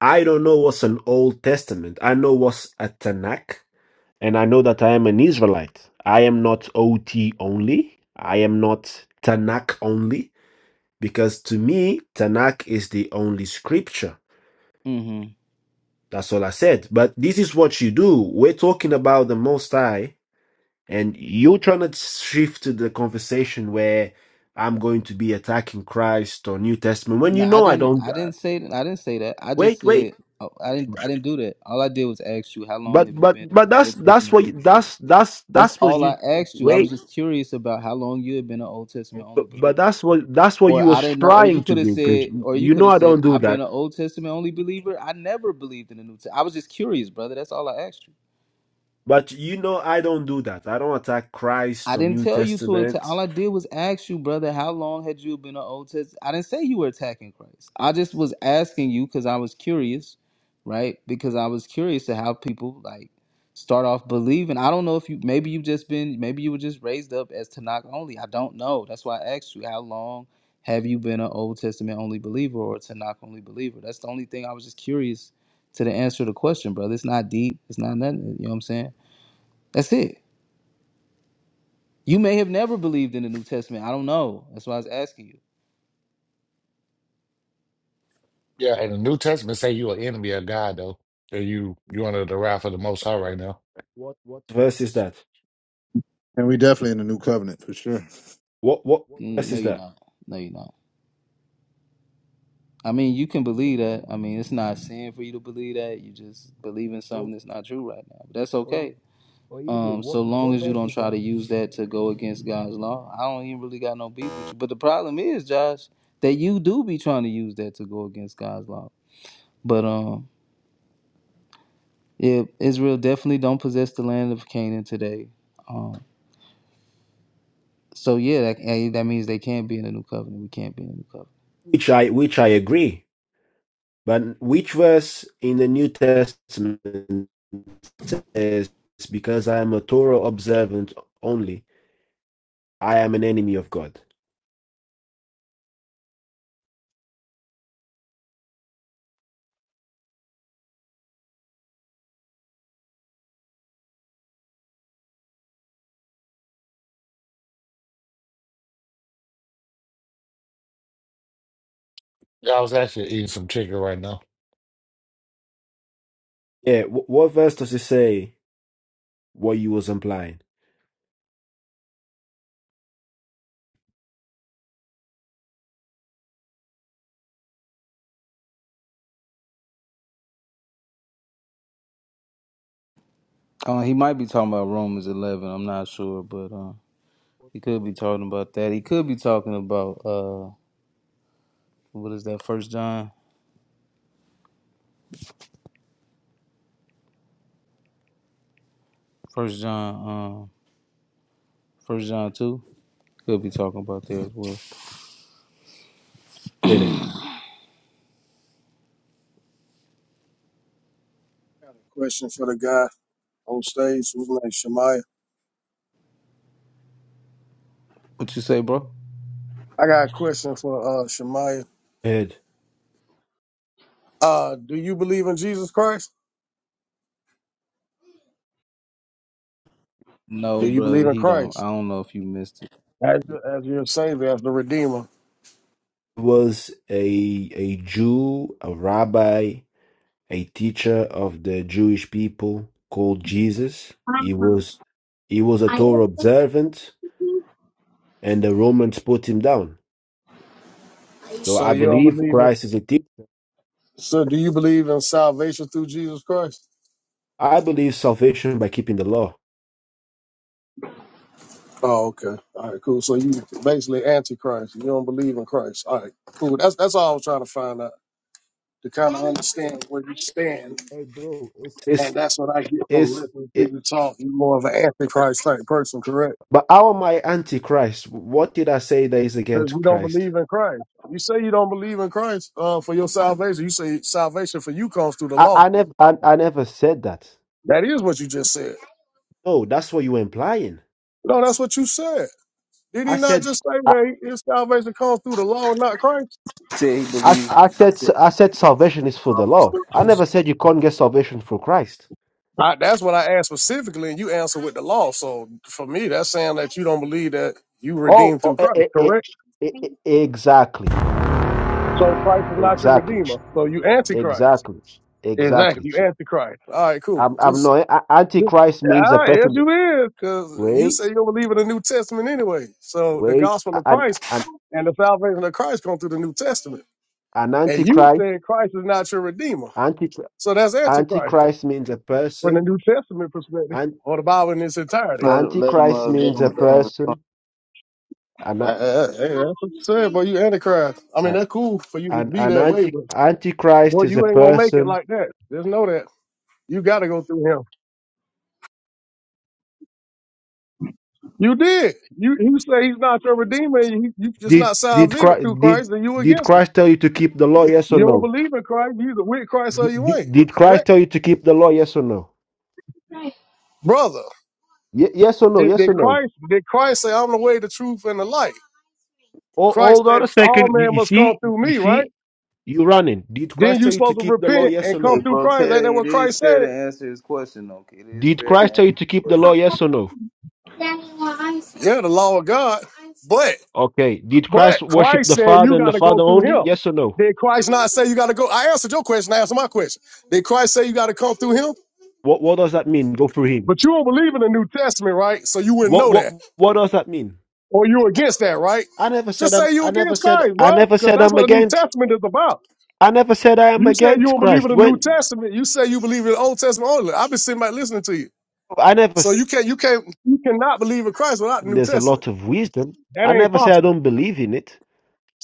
Speaker 6: I don't know what's an Old Testament. I know what's a Tanakh, and I know that I am an Israelite. I am not OT only. I am not Tanakh only, because to me, Tanakh is the only scripture.
Speaker 13: hmm
Speaker 6: That's all I said. But this is what you do. We're talking about the Most High, and you're trying to shift to the conversation where I'm going to be attacking Christ or New Testament when
Speaker 13: No,
Speaker 6: you
Speaker 13: I
Speaker 6: know I
Speaker 13: didn't.
Speaker 6: don't.
Speaker 13: I
Speaker 6: uh,
Speaker 13: didn't say that. I didn't say that. I just
Speaker 6: wait, wait.
Speaker 13: said oh, I didn't. I didn't do that. All I did was ask you how long
Speaker 6: But
Speaker 13: have you
Speaker 6: but
Speaker 13: been an
Speaker 6: but that's
Speaker 13: Old
Speaker 6: that's
Speaker 13: Testament
Speaker 6: what
Speaker 13: only believer.
Speaker 6: that's that's
Speaker 13: That's
Speaker 6: that's what
Speaker 13: all I
Speaker 6: you
Speaker 13: asked you. I was
Speaker 6: wait.
Speaker 13: just curious about how long you had been an Old Testament only
Speaker 6: But, but
Speaker 13: believer.
Speaker 6: that's what that's what you
Speaker 13: Or I
Speaker 6: was
Speaker 13: didn't know, or you
Speaker 6: trying to
Speaker 13: could have
Speaker 6: do. 'cause
Speaker 13: said,
Speaker 6: You
Speaker 13: or you
Speaker 6: you
Speaker 13: could
Speaker 6: know
Speaker 13: have
Speaker 6: I
Speaker 13: said,
Speaker 6: don't do
Speaker 13: I've been
Speaker 6: that.
Speaker 13: an Old Testament only believer. I never believed in the New Testament. I was just curious, brother. That's all I asked you.
Speaker 6: But you know I don't do that. I don't attack Christ
Speaker 13: I
Speaker 6: or
Speaker 13: didn't
Speaker 6: New
Speaker 13: tell you to attack.
Speaker 6: Testament.
Speaker 13: All I did was ask you, brother, how long had you been an Old Testament? I didn't say you were attacking Christ. I just was asking you because I was curious, right? Because I was curious to how people like start off believing. I don't know if you maybe you've just been maybe you were just raised up as Tanakh only. I don't know. That's why I asked you how long have you been an Old Testament only believer or a Tanakh only believer? That's the only thing I was just curious to the answer to the question, brother. It's not deep. It's not nothing. You know what I'm saying? That's it. You may have never believed in the New Testament. I don't know. That's why I was asking you.
Speaker 17: Yeah. and the New Testament say you an enemy of God though. That you you under the wrath of the Most High right now.
Speaker 6: What verse is that?
Speaker 19: And we definitely in the new covenant for sure.
Speaker 6: What what
Speaker 13: Mm,
Speaker 6: verse
Speaker 13: No,
Speaker 6: is
Speaker 13: you're
Speaker 6: that?
Speaker 13: not. No, you're not. I mean, you can believe that. I mean, it's not sin for you to believe that. You just believe in something that's not true right now. But that's okay.
Speaker 6: Oh, Hebrew,
Speaker 13: Um,
Speaker 6: what,
Speaker 13: so long
Speaker 6: what
Speaker 13: as you
Speaker 6: verse
Speaker 13: don't
Speaker 6: is
Speaker 13: try
Speaker 6: that?
Speaker 13: to use that to go against God's law, I don't even really got no beef with you. But the problem is, Josh, that you do be trying to use that to go against God's law. But um, yeah, Israel definitely don't possess the land of Canaan today. Um, so yeah, that, eh, that means they can't be in the new covenant. We can't be in the new covenant.
Speaker 6: which I which I agree. But which verse in the New Testament says, "Because I am a Torah observant only, I am an enemy of God"?
Speaker 17: Yeah, I was actually eating some chicken right now.
Speaker 6: Yeah, wh- what verse does it say what you was implying?
Speaker 13: Uh, he might be talking about Romans 11. I'm not sure, but uh, he could be talking about that. He could be talking about uh, what is that? First John, First John, um, First John two. Could be talking about that as well.
Speaker 6: Did it?
Speaker 20: Question for the guy on stage, who's name Shemaiah.
Speaker 13: What you say, bro?
Speaker 20: I got a question for uh Shemaiah.
Speaker 6: It
Speaker 20: Uh, do you believe in Jesus Christ? Do
Speaker 13: No,
Speaker 20: you believe
Speaker 13: brother,
Speaker 20: in
Speaker 13: he don't. I
Speaker 20: Christ
Speaker 13: don't know if you missed it.
Speaker 20: as your, as your Savior, as the Redeemer?
Speaker 6: was a a Jew, a rabbi, a teacher of the Jewish people called Jesus. He was he was a Torah observant, and the Romans put him down. So
Speaker 20: So
Speaker 6: I
Speaker 20: you don't
Speaker 6: believe
Speaker 20: believe in.
Speaker 6: Christ is a thief.
Speaker 20: So do you believe in salvation through Jesus Christ?
Speaker 6: I believe salvation by keeping the law.
Speaker 20: Oh, okay. All right, cool. So you basically antichrist. You don't believe in Christ. All right, cool. That's that's all I was trying to find out to kind of understand where you stand,
Speaker 6: Hey, bro, it's
Speaker 20: and
Speaker 6: It's
Speaker 20: that's what I get from
Speaker 6: it's
Speaker 20: listening to
Speaker 6: it,
Speaker 20: you talk. You're more of an antichrist type person, correct?
Speaker 6: but how am I anti-Christ? What did I say that is
Speaker 20: because
Speaker 6: against
Speaker 20: we don't
Speaker 6: Christ?
Speaker 20: believe in Christ. You say you don't believe in Christ uh, for your salvation. You say salvation for you comes through the
Speaker 6: I,
Speaker 20: law.
Speaker 6: I never I, I never said that.
Speaker 20: That is what you just said.
Speaker 6: No, that's what you were implying.
Speaker 20: No, that's what you said. Did he
Speaker 6: I
Speaker 20: not
Speaker 6: said
Speaker 20: just say
Speaker 6: I,
Speaker 20: that his salvation comes through the law and not Christ?
Speaker 13: He said he
Speaker 6: I
Speaker 13: believes. in
Speaker 6: I said
Speaker 13: his
Speaker 6: I said salvation is for the law. I
Speaker 13: salvation.
Speaker 6: never said you can't get salvation through Christ.
Speaker 20: I, that's what I asked specifically, and you answered with the law. So for me, that's saying that you don't believe that you
Speaker 6: Oh,
Speaker 20: redeemed through
Speaker 6: oh eh,
Speaker 20: Christ,
Speaker 6: eh, eh,
Speaker 20: correct?
Speaker 6: eh, eh, exactly,
Speaker 20: So Christ is not your redeemer.
Speaker 6: exactly,
Speaker 20: So you antichrist.
Speaker 6: exactly,
Speaker 20: Exactly.
Speaker 6: exactly.
Speaker 20: You antichrist. All right, cool.
Speaker 6: I'm, I'm
Speaker 20: Just
Speaker 6: not. a- Antichrist means a
Speaker 20: Ah, yes,
Speaker 6: person.
Speaker 20: you is, because you say
Speaker 6: Wait,
Speaker 20: you don't believe in the New Testament anyway. So the
Speaker 6: wait.
Speaker 20: gospel of
Speaker 6: An,
Speaker 20: Christ
Speaker 6: an,
Speaker 20: and the salvation of Christ come through the New Testament,
Speaker 6: an
Speaker 20: and you
Speaker 6: antichrist.
Speaker 20: saying Christ is not your redeemer.
Speaker 6: Anti,
Speaker 20: So that's antichrist
Speaker 6: antichrist means a
Speaker 20: from the
Speaker 6: person.
Speaker 20: New Testament perspective,
Speaker 6: An,
Speaker 20: or the Bible in its entirety.
Speaker 13: Let him, let him, uh,
Speaker 6: antichrist
Speaker 13: let
Speaker 6: means
Speaker 13: him,
Speaker 6: a
Speaker 13: let him respond.
Speaker 6: person. An,
Speaker 20: Uh, uh, hey, that's what you said, boy. You antichrist. I mean,
Speaker 6: an,
Speaker 20: that's cool for you to
Speaker 6: an,
Speaker 20: be
Speaker 6: an
Speaker 20: that way,
Speaker 6: anti,
Speaker 20: but
Speaker 6: antichrist
Speaker 20: boy,
Speaker 6: is
Speaker 20: you
Speaker 6: a
Speaker 20: ain't gonna make it
Speaker 6: person.
Speaker 20: like that. Just know that you got to go through him. You did. You you say he's not your redeemer, and you you just
Speaker 6: Did
Speaker 20: not
Speaker 6: did
Speaker 20: salvific
Speaker 6: Christ,
Speaker 20: through
Speaker 6: did
Speaker 20: Christ, and you
Speaker 6: did
Speaker 20: against him.
Speaker 6: Christ tell you to keep the law? Yes or
Speaker 20: You don't
Speaker 6: no?
Speaker 20: believe in Christ. You either with Christ or you ain't.
Speaker 6: Did, did Christ
Speaker 20: Correct,
Speaker 6: tell you to keep the law? Yes or no?
Speaker 20: brother.
Speaker 6: Ye- yes or no?
Speaker 20: Did,
Speaker 6: Yes
Speaker 20: did
Speaker 6: or no?
Speaker 20: Christ did Christ say I'm the way, the truth, and the light?
Speaker 6: Oh,
Speaker 20: Christ
Speaker 6: hold on a
Speaker 20: said all
Speaker 6: second. You,
Speaker 20: men
Speaker 6: you
Speaker 20: must come
Speaker 6: see,
Speaker 20: through
Speaker 6: you
Speaker 20: me, right?
Speaker 6: see, You running. Did
Speaker 20: Then
Speaker 6: Christ
Speaker 20: you
Speaker 6: tell you to
Speaker 20: supposed to
Speaker 6: keep the law?
Speaker 20: repent
Speaker 6: Yes
Speaker 20: and
Speaker 6: or
Speaker 20: come
Speaker 13: Hey,
Speaker 6: no?
Speaker 20: through
Speaker 13: bro,
Speaker 20: Christ. Ain't that
Speaker 13: Terry,
Speaker 20: what
Speaker 13: it is
Speaker 20: Christ
Speaker 13: fair
Speaker 20: said?
Speaker 13: to answer his question, Okay, It is
Speaker 6: Did
Speaker 13: fair to
Speaker 6: Christ tell you
Speaker 13: answer
Speaker 6: to
Speaker 13: his
Speaker 6: keep the
Speaker 13: question.
Speaker 6: law? Yes or no?
Speaker 20: Yeah, the law of God. But
Speaker 6: Okay. Did
Speaker 20: but
Speaker 6: Christ worship
Speaker 20: Christ
Speaker 6: the
Speaker 20: said
Speaker 6: Father
Speaker 20: you
Speaker 6: and
Speaker 20: got
Speaker 6: the
Speaker 20: to go
Speaker 6: Father
Speaker 20: through
Speaker 6: only?
Speaker 20: Him.
Speaker 6: Yes or no?
Speaker 20: Did Christ not say you got to go? I answered your question. I answered my question. Did Christ say you got to come through Him?
Speaker 6: What What does that mean? Go through him.
Speaker 20: But you don't believe in the New Testament, right? So you wouldn't
Speaker 6: What
Speaker 20: know
Speaker 6: what
Speaker 20: that.
Speaker 6: What does that mean?
Speaker 20: Or you against that, right?
Speaker 6: I never
Speaker 20: Just
Speaker 6: said I'm
Speaker 20: say you
Speaker 6: I never
Speaker 20: against
Speaker 6: said
Speaker 20: Christ,
Speaker 6: I
Speaker 20: bro,
Speaker 6: never
Speaker 20: because
Speaker 6: said
Speaker 20: that's
Speaker 6: I'm
Speaker 20: what the New
Speaker 6: against
Speaker 20: Testament is about.
Speaker 6: I never said I am
Speaker 20: You say you
Speaker 6: against
Speaker 20: don't believe in
Speaker 6: Christ.
Speaker 20: the New
Speaker 6: When
Speaker 20: Testament. You say you believe in the Old Testament only. I've been sitting back listening to you.
Speaker 6: I never
Speaker 20: So
Speaker 6: said
Speaker 20: you can't, you can't, you cannot believe in Christ without the New
Speaker 6: there's a
Speaker 20: Testament.
Speaker 6: lot of wisdom.
Speaker 20: That
Speaker 6: I
Speaker 20: ain't
Speaker 6: never say I
Speaker 20: possible,
Speaker 6: don't believe in it.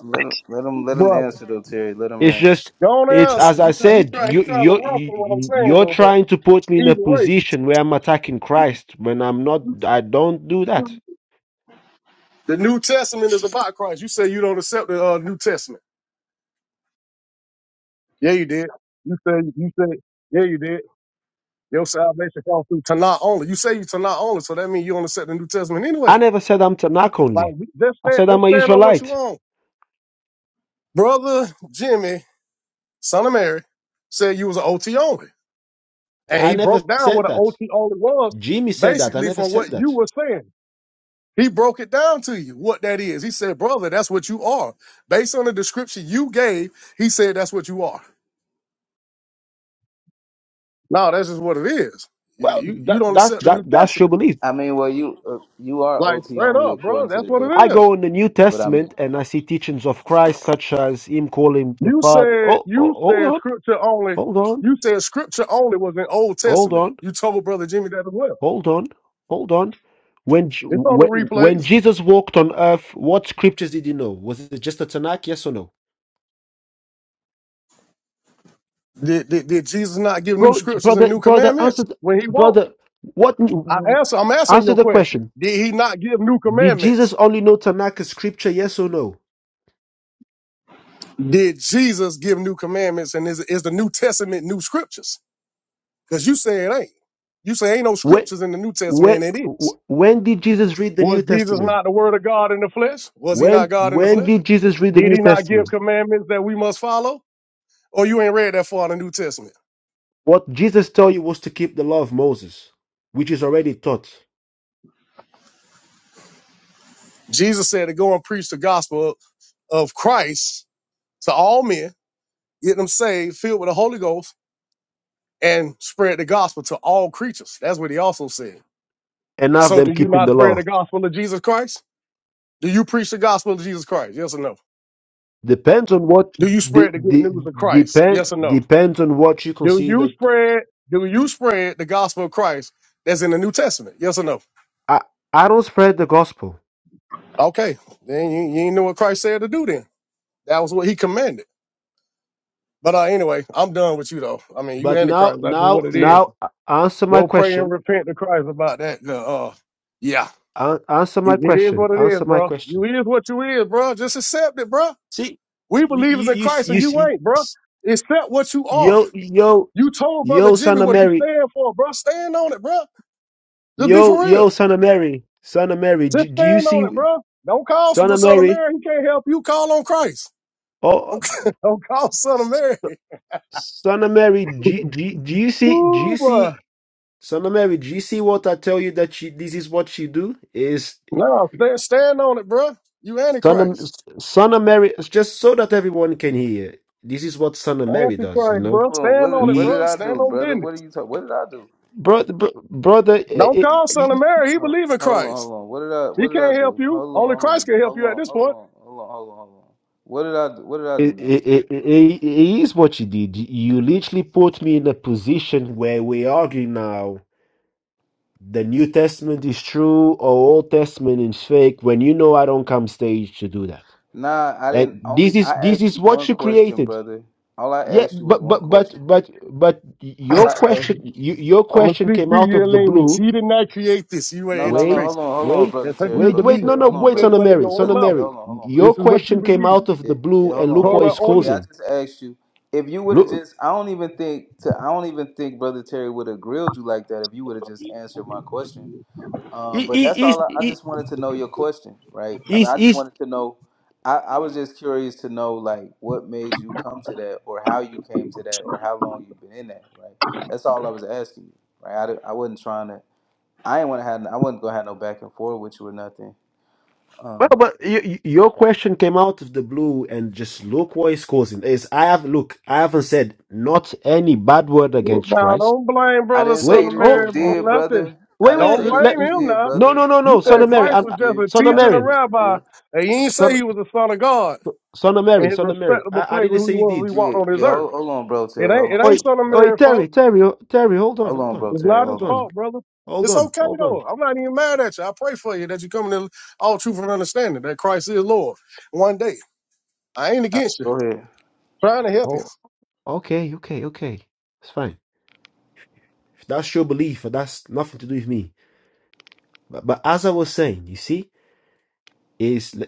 Speaker 13: Let him, let him, let him
Speaker 20: brother.
Speaker 13: answer though, Terry. Let him
Speaker 6: It's
Speaker 13: answer.
Speaker 6: just
Speaker 20: Don't
Speaker 6: it's
Speaker 20: answer.
Speaker 6: as I
Speaker 20: He trying, he
Speaker 6: said,
Speaker 20: trying, he
Speaker 6: you
Speaker 20: trying to
Speaker 6: you
Speaker 20: run from what I'm
Speaker 6: you-
Speaker 20: saying
Speaker 6: you're
Speaker 20: though. But
Speaker 6: trying to put me in
Speaker 20: either
Speaker 6: a
Speaker 20: way,
Speaker 6: position where I'm attacking Christ when I'm not. I don't do that.
Speaker 20: the New Testament is about Christ. You say you don't accept the uh, New Testament. Yeah, you did. You said, you said, yeah, you did. Your salvation comes through Tanah only. You say you Tanah only, so that means you only set the New Testament anyway.
Speaker 6: I never said I'm Tanakh
Speaker 20: Like
Speaker 6: only.
Speaker 20: we- just
Speaker 6: I
Speaker 20: stand,
Speaker 6: said
Speaker 20: just
Speaker 6: I'm an
Speaker 20: stand on what you
Speaker 6: Israelite.
Speaker 20: want. Brother Jimmy, son of Mary, said you was an OT only, and
Speaker 6: I
Speaker 20: he
Speaker 6: never
Speaker 20: broke down what
Speaker 6: said
Speaker 20: an
Speaker 6: that.
Speaker 20: OT only was,
Speaker 6: Jimmy said that. I
Speaker 20: basically
Speaker 6: never
Speaker 20: from
Speaker 6: said
Speaker 20: what you
Speaker 6: that.
Speaker 20: were saying. He broke it down to you what that is. He said, "Brother, that's what you are." Based on the description you gave, he said that's what you are. No, that's just what it is. You
Speaker 6: Well,
Speaker 20: you, you
Speaker 6: that
Speaker 20: don't
Speaker 6: that's
Speaker 20: accept the
Speaker 6: that
Speaker 20: New
Speaker 6: that's your
Speaker 20: Testament,
Speaker 6: belief.
Speaker 13: I mean, well, you uh, you are
Speaker 20: like
Speaker 13: OT
Speaker 20: straight
Speaker 13: only
Speaker 20: up, bro.
Speaker 13: according to
Speaker 20: That's
Speaker 13: the
Speaker 20: what
Speaker 6: I
Speaker 20: it is.
Speaker 6: go
Speaker 13: definition.
Speaker 6: in the New
Speaker 13: But I mean,
Speaker 6: Testament and I see teachings of Christ such as Him calling the
Speaker 20: You
Speaker 6: Father.
Speaker 20: said
Speaker 6: Oh, oh
Speaker 20: you
Speaker 6: hold
Speaker 20: said
Speaker 6: on,
Speaker 20: scripture only.
Speaker 6: hold on,
Speaker 20: You said scripture only was in Old
Speaker 6: hold on.
Speaker 20: Testament. You told Brother Jimmy that as well.
Speaker 6: Hold on, hold on. When J-
Speaker 20: It's on the
Speaker 6: when when
Speaker 20: replays.
Speaker 6: Jesus walked on earth, what scriptures did he know? Was it just the Tanakh? Yes or no?
Speaker 20: Did, did, did Jesus not give new
Speaker 6: Bro,
Speaker 20: scriptures and
Speaker 6: brother,
Speaker 20: new
Speaker 6: brother,
Speaker 20: commandments
Speaker 6: answer, th-
Speaker 20: when he walked?
Speaker 6: brother. What?
Speaker 20: I answer. I'm answering
Speaker 6: Answer
Speaker 20: your
Speaker 6: the
Speaker 20: question.
Speaker 6: question.
Speaker 20: Did he not give new
Speaker 6: Did Jesus
Speaker 20: commandments?
Speaker 6: only know Tanakh as scripture? Yes or no?
Speaker 20: Did Jesus give new commandments? And is is the New Testament new scriptures? Because you say it ain't. You say ain't no
Speaker 6: When
Speaker 20: scriptures in the New
Speaker 6: when
Speaker 20: Testament, and it is.
Speaker 6: wh- when did Jesus read the
Speaker 20: Was
Speaker 6: New
Speaker 20: Jesus
Speaker 6: Testament?
Speaker 20: not the Word of God in the flesh? Was he not
Speaker 6: When
Speaker 20: God in the
Speaker 6: when
Speaker 20: flesh?
Speaker 6: did Jesus read the
Speaker 20: Did
Speaker 6: New
Speaker 20: he not give
Speaker 6: Testament?
Speaker 20: commandments that we must follow? Or you ain't read that far in the New Testament.
Speaker 6: What Jesus told you was to keep the law of Moses, which is already taught.
Speaker 20: Jesus said to go and preach the gospel of Christ to all men, get them saved, filled with the Holy Ghost, and spread the gospel to all creatures. That's what he also said.
Speaker 6: Enough
Speaker 20: So do
Speaker 6: them
Speaker 20: you
Speaker 6: keeping
Speaker 20: not
Speaker 6: the law.
Speaker 20: spread the gospel of Jesus Christ? Do you preach the gospel of Jesus Christ? Yes or no?
Speaker 6: Depends on what
Speaker 20: Do you
Speaker 6: de-
Speaker 20: spread the good
Speaker 6: de-
Speaker 20: news of Christ?
Speaker 6: depend
Speaker 20: Yes or no?
Speaker 6: depends on what you
Speaker 20: Do you
Speaker 6: consider.
Speaker 20: spread do you spread the gospel of Christ that's in the New Testament? Yes or no?
Speaker 6: I I don't spread the gospel.
Speaker 20: Okay. Then you, you ain't know what Christ said to do then. That was what he commanded. But uh, anyway, I'm done with you though. I mean, you
Speaker 6: But now
Speaker 20: antichrist. That's just what
Speaker 6: now
Speaker 20: it is.
Speaker 6: now uh, answer my
Speaker 20: Go pray and
Speaker 6: question.
Speaker 20: repent to Christ about that. The, uh, yeah,
Speaker 6: An answer my
Speaker 20: it, it is
Speaker 6: question.
Speaker 20: what it is,
Speaker 6: Answer my
Speaker 20: bro. You
Speaker 6: question.
Speaker 20: is what you is, bro. Just accept it, bro.
Speaker 6: See,
Speaker 20: We
Speaker 6: you you
Speaker 20: believers in
Speaker 6: you, s-
Speaker 20: Christ,
Speaker 6: you
Speaker 20: and you
Speaker 6: s- you
Speaker 20: ain't, bro.
Speaker 6: s-
Speaker 20: Accept what you are.
Speaker 6: yo yo
Speaker 20: You told brother
Speaker 6: yo
Speaker 20: Jimmy
Speaker 6: son of
Speaker 20: what you
Speaker 6: Mary.
Speaker 20: stand for, bro. Stand on it, bro. Just be
Speaker 6: Yo
Speaker 20: for
Speaker 6: yo
Speaker 20: real.
Speaker 6: son of Mary. Son of Mary. Do,
Speaker 20: Just
Speaker 6: do you
Speaker 20: stand on
Speaker 6: see
Speaker 20: it, bro. Don't call
Speaker 6: son of
Speaker 20: son of
Speaker 6: Mary?
Speaker 20: Mary. He can't help you. Call on Christ. Don't,
Speaker 6: Oh,
Speaker 20: don't call son of
Speaker 6: s-
Speaker 20: Mary.
Speaker 6: son of Mary. Do, do, do you see? Do
Speaker 20: Ooh,
Speaker 6: you
Speaker 20: boy.
Speaker 6: see? Son of Mary, do you see what I tell you that she, this is what she do? Is
Speaker 20: No, stand, stand on it, bruh. You
Speaker 6: Son of,
Speaker 20: antichrist.
Speaker 6: Son of Mary, just so that everyone can hear. This is what Son of Mary does, you
Speaker 20: Antichrist,
Speaker 6: know?
Speaker 20: bruh.
Speaker 13: hold on, what
Speaker 20: Stand
Speaker 13: did,
Speaker 20: on it,
Speaker 13: what did
Speaker 6: He,
Speaker 20: bruh.
Speaker 13: I
Speaker 20: Stand
Speaker 13: do,
Speaker 20: on
Speaker 13: brother? What are
Speaker 20: business.
Speaker 13: you talking? What did I do?
Speaker 6: bro, bro, brother, it,
Speaker 20: Don't call
Speaker 6: it,
Speaker 20: son of
Speaker 6: it,
Speaker 20: Mary. He
Speaker 13: Oh,
Speaker 20: believe in
Speaker 13: hold on,
Speaker 20: Christ.
Speaker 13: hold on. What did I
Speaker 20: He
Speaker 13: what did
Speaker 20: can't
Speaker 13: I
Speaker 20: help
Speaker 13: do?
Speaker 20: you.
Speaker 13: Hold on,
Speaker 20: Only
Speaker 13: hold
Speaker 20: Christ
Speaker 13: on,
Speaker 20: can help
Speaker 13: hold
Speaker 20: you at
Speaker 13: on,
Speaker 20: this
Speaker 13: hold
Speaker 20: point.
Speaker 13: on, hold on, hold on, hold on. What did I do? What did I
Speaker 6: it,
Speaker 13: do, Nelly?
Speaker 6: it it is what you did. You literally put me in a position where we argue now the New Testament is true or Old Testament is fake when you know I don't come stage to do that.
Speaker 13: Nah, I
Speaker 6: And
Speaker 13: didn't. Only
Speaker 6: this is
Speaker 13: I
Speaker 6: this
Speaker 13: asked
Speaker 6: is
Speaker 13: you one
Speaker 6: what you
Speaker 13: question,
Speaker 6: created.
Speaker 13: brother. All I
Speaker 6: Yeah,
Speaker 13: asked you was
Speaker 6: but
Speaker 13: one
Speaker 6: but but
Speaker 13: question.
Speaker 6: but but
Speaker 20: I'm
Speaker 13: All
Speaker 6: your
Speaker 13: I asked.
Speaker 6: question you, your
Speaker 20: gonna
Speaker 6: question
Speaker 20: speak
Speaker 6: came
Speaker 20: to
Speaker 6: out
Speaker 20: your
Speaker 6: of the
Speaker 20: language.
Speaker 6: blue.
Speaker 20: He did not create this. You are
Speaker 13: No, no, no.
Speaker 6: Wait,
Speaker 13: Hold
Speaker 20: antichrist.
Speaker 13: on, hold on,
Speaker 6: wait,
Speaker 13: brother
Speaker 20: That's what
Speaker 13: Terry,
Speaker 20: you
Speaker 6: wait,
Speaker 13: brother
Speaker 6: wait.
Speaker 20: believe.
Speaker 6: No,
Speaker 13: Terry.
Speaker 6: no,
Speaker 13: Hold
Speaker 20: You
Speaker 13: on,
Speaker 6: wait,
Speaker 20: said
Speaker 6: Son
Speaker 13: brother
Speaker 6: of
Speaker 20: what in
Speaker 13: Terry,
Speaker 6: Mary,
Speaker 20: your
Speaker 6: Son
Speaker 20: own
Speaker 6: of
Speaker 13: brother
Speaker 20: mouth.
Speaker 13: Terry.
Speaker 6: Mary.
Speaker 13: Hold on, hold on, brother
Speaker 20: This
Speaker 6: Your
Speaker 20: is what you
Speaker 6: question came
Speaker 20: believe.
Speaker 6: out of
Speaker 13: Yeah,
Speaker 6: the blue,
Speaker 13: yeah, hold
Speaker 6: and
Speaker 13: on,
Speaker 6: look what
Speaker 13: hold
Speaker 20: Torah
Speaker 13: on.
Speaker 6: it's
Speaker 13: So yeah,
Speaker 20: only.
Speaker 13: I
Speaker 6: causing.
Speaker 13: just asked you if you would have
Speaker 6: Look,
Speaker 13: just. I don't even think to. I don't even think Brother Terry would have grilled you like that if you would have just answered my question. Um,
Speaker 6: he,
Speaker 13: but that's
Speaker 6: he, is
Speaker 13: all. I, I
Speaker 6: he,
Speaker 13: just wanted to know your question, right? I mean,
Speaker 6: is
Speaker 13: I just
Speaker 6: is.
Speaker 13: wanted to know. I, I was just curious to know like what made you come to that, or how you came to that, or how long you've been in that, right? That's all I was asking you, right? I, di- I wasn't trying to. I ain't want to have. I wasn't gonna have no back and forth with you or nothing.
Speaker 6: Well,
Speaker 13: Um,
Speaker 6: but y- y- your question came out of the blue, and just look what it's causing. Is I have look, I haven't said not any bad word against
Speaker 20: Now
Speaker 6: Christ.
Speaker 20: don't blame
Speaker 13: I
Speaker 20: brother
Speaker 13: didn't
Speaker 20: son
Speaker 13: say
Speaker 6: Wait,
Speaker 20: of
Speaker 13: that you
Speaker 20: Mary
Speaker 6: oh,
Speaker 20: for
Speaker 6: oh
Speaker 13: did,
Speaker 20: nothing.
Speaker 13: brother. I
Speaker 6: wait,
Speaker 13: didn't
Speaker 6: wait.
Speaker 20: Don't
Speaker 13: say that
Speaker 6: Let,
Speaker 20: blame
Speaker 13: you
Speaker 20: him
Speaker 13: did,
Speaker 20: now.
Speaker 6: no,
Speaker 13: brother.
Speaker 6: no, no,
Speaker 20: You
Speaker 6: no,
Speaker 13: I
Speaker 6: Son
Speaker 20: said
Speaker 6: of
Speaker 13: didn't say
Speaker 6: Mary,
Speaker 20: Christ
Speaker 13: that
Speaker 6: I'm,
Speaker 13: you
Speaker 20: was just a
Speaker 13: did.
Speaker 6: Son of
Speaker 13: I
Speaker 20: teacher
Speaker 13: didn't
Speaker 20: and a
Speaker 13: say
Speaker 6: Mary.
Speaker 13: that you
Speaker 20: rabbi,
Speaker 13: did.
Speaker 20: and you didn't say
Speaker 6: Son,
Speaker 20: he was the son of God.
Speaker 6: son of
Speaker 20: in
Speaker 6: Mary,
Speaker 20: his
Speaker 6: son of Mary.
Speaker 20: respectable
Speaker 6: I, I
Speaker 20: place where
Speaker 6: didn't
Speaker 20: he
Speaker 6: say he
Speaker 20: was when he
Speaker 6: did.
Speaker 20: walked
Speaker 13: Yeah,
Speaker 20: on this
Speaker 13: yeah.
Speaker 20: earth.
Speaker 13: Hold, hold on, bro,
Speaker 20: It
Speaker 13: Terry.
Speaker 20: ain't
Speaker 13: Hold
Speaker 20: it
Speaker 6: Oi,
Speaker 20: ain't
Speaker 13: on,
Speaker 20: Son of
Speaker 6: oi,
Speaker 20: Mary's fault.
Speaker 6: Terry, Terry, oh, Terry, hold on,
Speaker 13: hold
Speaker 6: hold
Speaker 13: on,
Speaker 6: on,
Speaker 13: bro,
Speaker 20: It's
Speaker 13: Terry.
Speaker 20: not his
Speaker 6: hold
Speaker 13: Hold on.
Speaker 6: on,
Speaker 20: fault, brother.
Speaker 6: hold
Speaker 20: It's
Speaker 6: on,
Speaker 20: okay
Speaker 6: hold on.
Speaker 20: though. I'm not even mad at you. I pray for you that you come to all truth and understanding that Christ is Lord. One day. I ain't
Speaker 13: All right,
Speaker 20: against you.
Speaker 13: go ahead.
Speaker 20: Trying to help you.
Speaker 6: Oh, okay, okay, okay. It's fine. That's your belief, and that's nothing to do with me. But, but as I was saying, you see, is le-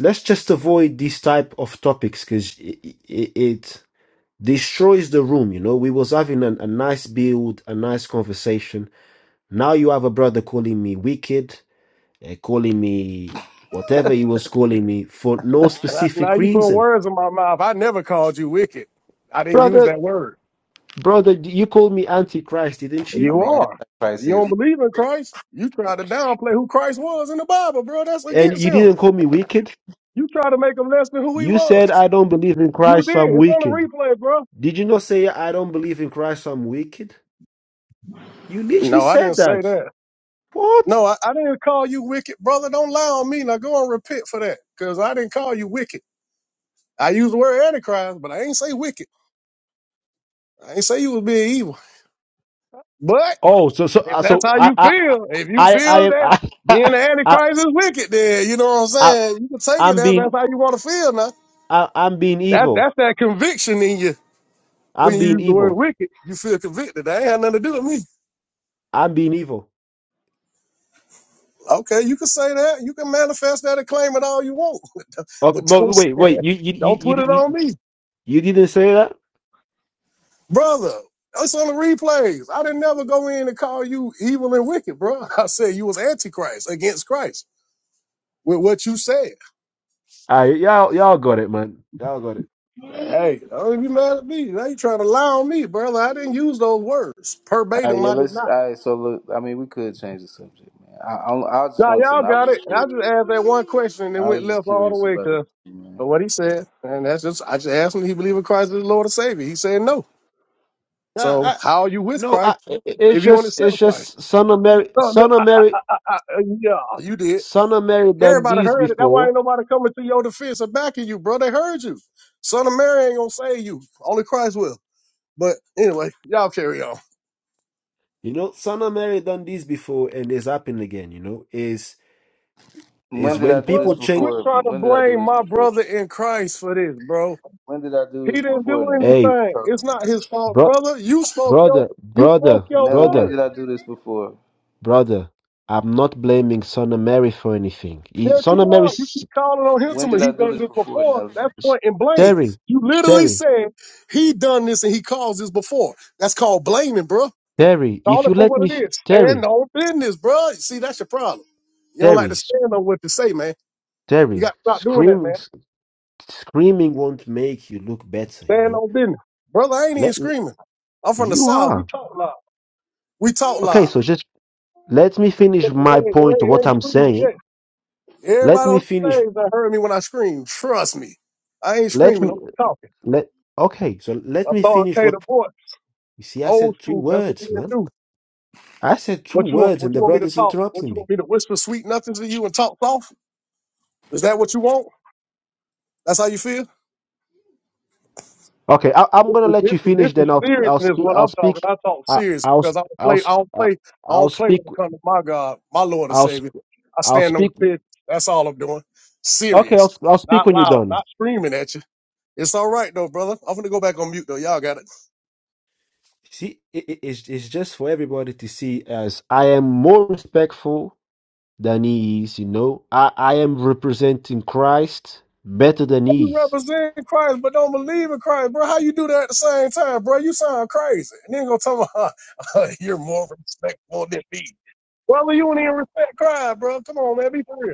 Speaker 6: let's just avoid these type of topics because it, it, it destroys the room. You know, we was having an, a nice build, a nice conversation. Now you have a brother calling me wicked uh, calling me whatever he was calling me for no
Speaker 20: Now now
Speaker 6: specific
Speaker 20: you put
Speaker 6: reason.
Speaker 20: words in my mouth. I never called you wicked. I didn't use
Speaker 6: Brother,
Speaker 20: that word.
Speaker 6: brother, you called me antichrist, didn't
Speaker 13: I
Speaker 6: you?
Speaker 20: You
Speaker 13: mean,
Speaker 20: are.
Speaker 13: Antichrist
Speaker 20: You
Speaker 13: is.
Speaker 20: don't believe in Christ. You try to downplay who Christ was in the Bible, bro. That's
Speaker 6: And
Speaker 20: against
Speaker 6: you
Speaker 20: him.
Speaker 6: didn't call me wicked.
Speaker 20: You try to make him less than who he
Speaker 6: You said
Speaker 20: was.
Speaker 6: I don't believe in
Speaker 20: You
Speaker 6: Christ, so
Speaker 20: did.
Speaker 6: I'm
Speaker 20: It's on the
Speaker 6: wicked.
Speaker 20: replay, bro.
Speaker 6: Did you not say I don't believe in Christ, so I'm wicked? You literally
Speaker 20: No, I didn't
Speaker 6: said
Speaker 20: say
Speaker 6: that.
Speaker 20: that.
Speaker 6: What?
Speaker 20: No, I, I didn't call you wicked, brother. Don't lie on me. Now go and repent for that, because I didn't call you wicked. I used the word antichrist, but I ain't say wicked. I ain't say you was being evil. But
Speaker 6: Oh, so so
Speaker 20: if
Speaker 6: uh,
Speaker 20: that's
Speaker 6: so
Speaker 20: how
Speaker 6: I
Speaker 20: you
Speaker 6: I
Speaker 20: feel, if you
Speaker 6: I I
Speaker 20: feel
Speaker 6: am
Speaker 20: that
Speaker 6: I,
Speaker 20: being the
Speaker 6: I,
Speaker 20: antichrist is wicked, then you know what I'm
Speaker 6: I
Speaker 20: saying. You can take it
Speaker 6: I'm
Speaker 20: as
Speaker 6: being
Speaker 20: that's how you want to feel. Now
Speaker 6: I, I'm being
Speaker 20: that
Speaker 6: evil.
Speaker 20: that's that conviction in you
Speaker 6: I'm
Speaker 20: when you
Speaker 6: being
Speaker 20: use the word
Speaker 6: evil.
Speaker 20: wicked. You feel convicted. That ain't had nothing to do with me.
Speaker 6: I'm being evil.
Speaker 20: Okay, you can say that. You can manifest that and claim it all you want,
Speaker 6: Okay,
Speaker 20: but
Speaker 6: but
Speaker 20: don't
Speaker 6: wait, wait. you you
Speaker 20: don't put
Speaker 6: you
Speaker 20: it
Speaker 6: you
Speaker 20: on me.
Speaker 6: You didn't say that?
Speaker 20: brother. That's on the replays. I didn't never go in and call you evil and wicked, bro. I said you was antichrist against Christ with what you said.
Speaker 6: All right, y'all, y'all got it, man. Y'all got it.
Speaker 20: Hey, don't be mad at me. Now you trying to lie on me, brother. I didn't use those words
Speaker 13: All right,
Speaker 20: verbatim.
Speaker 13: yeah.
Speaker 20: I did
Speaker 13: Let's.
Speaker 20: not.
Speaker 13: All right. So look, I mean, we could change the subject, man. I, I, I just
Speaker 20: Nah,
Speaker 13: wanted to
Speaker 20: y'all
Speaker 13: know. I was
Speaker 20: got it.
Speaker 13: just
Speaker 20: I
Speaker 13: curious.
Speaker 20: just asked that one question and it
Speaker 13: I
Speaker 20: went
Speaker 13: was just
Speaker 20: left all the
Speaker 13: curious
Speaker 20: way
Speaker 13: about it,
Speaker 20: because
Speaker 13: man.
Speaker 20: of what he said. And that's just I just asked him if he believed in Christ as the Lord and Savior. He said no.
Speaker 6: Nah,
Speaker 20: So
Speaker 6: I,
Speaker 20: how are you with
Speaker 6: no, I,
Speaker 20: Christ
Speaker 6: it- it's
Speaker 20: if you want to
Speaker 6: just,
Speaker 20: accept
Speaker 6: it's
Speaker 20: Christ?
Speaker 6: just son of Mary,
Speaker 20: No, no,
Speaker 6: son of Mary,
Speaker 20: I, I, yeah, you did.
Speaker 6: son of Mary done
Speaker 20: Everybody
Speaker 6: these
Speaker 20: heard it. That's why
Speaker 6: before.
Speaker 20: ain't nobody coming to your defense or backing you, bro. They heard you. Son of Mary ain't gonna save you. Only Christ will. But anyway, y'all carry on.
Speaker 6: You know, son of Mary done these before, and it's happened again. You know, is
Speaker 13: When
Speaker 6: is
Speaker 13: did
Speaker 6: when
Speaker 13: I
Speaker 20: Bro,
Speaker 13: do this
Speaker 6: people change.
Speaker 20: quit
Speaker 13: before?
Speaker 20: trying to
Speaker 13: When did I do
Speaker 20: blame
Speaker 13: this
Speaker 20: my
Speaker 13: before?
Speaker 20: brother in Christ for this, bro.
Speaker 13: When did I do
Speaker 20: He
Speaker 13: this
Speaker 20: didn't
Speaker 13: before,
Speaker 20: do
Speaker 13: Nelly? What
Speaker 6: Hey,
Speaker 13: are you
Speaker 20: anything.
Speaker 13: talking
Speaker 20: It's not
Speaker 13: about,
Speaker 20: his fault,
Speaker 6: bro,
Speaker 20: brother. You spoke your
Speaker 6: brother,
Speaker 20: you spoke
Speaker 6: brother,
Speaker 20: your
Speaker 13: Nelly? When
Speaker 6: brother,
Speaker 20: word.
Speaker 13: did I do this before?
Speaker 6: brother. I'm not blaming son of Mary for anything. He,
Speaker 20: Yes,
Speaker 6: son
Speaker 20: you
Speaker 6: of Mary,
Speaker 20: are. You
Speaker 6: s-
Speaker 20: keep calling on him to
Speaker 13: When
Speaker 20: me.
Speaker 13: did
Speaker 20: He
Speaker 13: I do
Speaker 20: done
Speaker 13: this
Speaker 20: this
Speaker 13: before,
Speaker 20: before.
Speaker 13: Nelly?
Speaker 20: That's
Speaker 6: s-
Speaker 20: point and blame.
Speaker 6: Terry,
Speaker 20: You literally
Speaker 6: Terry,
Speaker 20: said he done this and he caused this before. That's called blaming, bro.
Speaker 6: Terry. If
Speaker 20: Call it
Speaker 6: you
Speaker 20: for
Speaker 6: let me,
Speaker 20: what it
Speaker 6: f-
Speaker 20: is. Stand
Speaker 6: Terry,
Speaker 20: on business, bro. See, that's your problem. You don't like to
Speaker 6: Terry.
Speaker 20: stand on what to say, man. You
Speaker 6: Terry,
Speaker 20: got to stop doing that,
Speaker 6: screaming,
Speaker 20: man.
Speaker 6: screaming won't make you look better, you
Speaker 20: Stand
Speaker 6: know?
Speaker 20: on business. Brother, I ain't even
Speaker 6: Let me-
Speaker 20: screaming. I'm from the
Speaker 6: you
Speaker 20: South. We
Speaker 6: are.
Speaker 20: talk loud. We talk
Speaker 6: Okay,
Speaker 20: loud.
Speaker 6: so just let me finish my
Speaker 20: ain't, it ain't-
Speaker 6: point
Speaker 20: it
Speaker 6: what
Speaker 20: ain't
Speaker 6: I'm
Speaker 20: screaming yet.
Speaker 6: saying. Let
Speaker 20: Everybody
Speaker 6: me
Speaker 20: on
Speaker 6: finish.
Speaker 20: the stage that heard me when I screamed, trust me. I ain't
Speaker 6: Let
Speaker 20: screaming.
Speaker 6: me
Speaker 20: I'm talking.
Speaker 6: let okay, so let me finish what
Speaker 20: Authoritative voice.
Speaker 6: you see, I
Speaker 20: Old
Speaker 6: said three
Speaker 20: school. That's what we
Speaker 6: words,
Speaker 20: gonna
Speaker 6: man.
Speaker 20: do.
Speaker 6: I said two
Speaker 20: What you want?
Speaker 6: words
Speaker 20: What
Speaker 6: and the
Speaker 20: you want me to
Speaker 6: brother's
Speaker 20: talk? What
Speaker 6: interrupting
Speaker 20: you
Speaker 6: me.
Speaker 20: want me to whisper sweet nothings to you and talk soft? Is that what you want? That's how you feel?
Speaker 6: Okay, I, I'm
Speaker 20: This
Speaker 6: gonna
Speaker 20: is
Speaker 6: let
Speaker 20: this
Speaker 6: you
Speaker 20: is this
Speaker 6: finish,
Speaker 20: is
Speaker 6: then I'll I'll
Speaker 20: seriousness
Speaker 6: speak
Speaker 20: when
Speaker 6: I'll
Speaker 20: I'm
Speaker 6: speak
Speaker 20: talking. I talk
Speaker 6: I,
Speaker 20: serious
Speaker 6: I'll
Speaker 20: because I
Speaker 6: sp-
Speaker 20: don't
Speaker 6: I'll
Speaker 20: play. I
Speaker 6: sp-
Speaker 20: don't
Speaker 6: uh,
Speaker 20: play. I
Speaker 6: I'll
Speaker 20: don't play
Speaker 6: speak
Speaker 20: when it comes to my God, my Lord and
Speaker 6: I'll
Speaker 20: Savior.
Speaker 6: sp-
Speaker 20: I
Speaker 6: I'll
Speaker 20: stand on
Speaker 6: speak
Speaker 20: business. That's all I'm doing.
Speaker 6: okay
Speaker 20: Serious,
Speaker 6: I'll I'll speak
Speaker 20: not
Speaker 6: when you're
Speaker 20: loud,
Speaker 6: done.
Speaker 20: not screaming at you. It's all right though, brother. I'm gonna go back on mute though. Y'all got it.
Speaker 6: See, it, it- it's, it's just for everybody to see as I am more respectful than he is, you know. I, I am representing Christ better than he
Speaker 20: You
Speaker 6: is.
Speaker 20: represent Christ, but don't believe in Christ, bro. How you do that at the same time, bro? You sound crazy. And then go tell me you're more respectful than me, brother. You don't even respect Christ, bro. Come on, man. Be for real.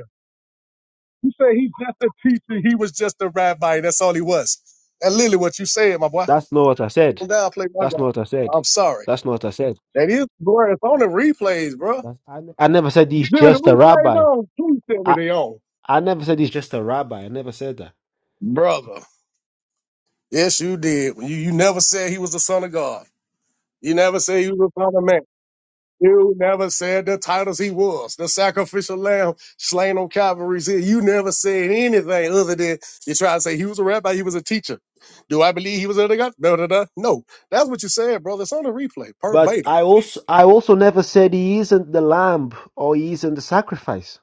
Speaker 20: You say he's just a teacher. He was just a rabbi. That's all he was. That's literally what you said, my boy.
Speaker 6: That's not what I said.
Speaker 20: Don't downplay my
Speaker 6: That's
Speaker 20: God.
Speaker 6: not what I said.
Speaker 20: I'm sorry.
Speaker 6: That's not what I said.
Speaker 20: That is glory. It's on the replays, bro.
Speaker 6: That's- I, ne- I never said he's
Speaker 20: Jimmy, the
Speaker 6: just a
Speaker 20: replays
Speaker 6: rabbi.
Speaker 20: on. Please tell me
Speaker 6: I,
Speaker 20: they on.
Speaker 6: I never said he's just a rabbi. I never said that.
Speaker 20: Brother. Yes, you did. You, you never said he was the son of God. You never said he was the son of man. You never said the titles he was, the sacrificial lamb slain on Calvary's hill. You never said anything other than you try to say he was a rabbi, he was a teacher. Do I believe he was a God? No, no, no. No. That's what you said, brother. It's on the replay,
Speaker 6: But
Speaker 20: verbatim.
Speaker 6: I also I also never said he isn't the lamb or he isn't the sacrifice.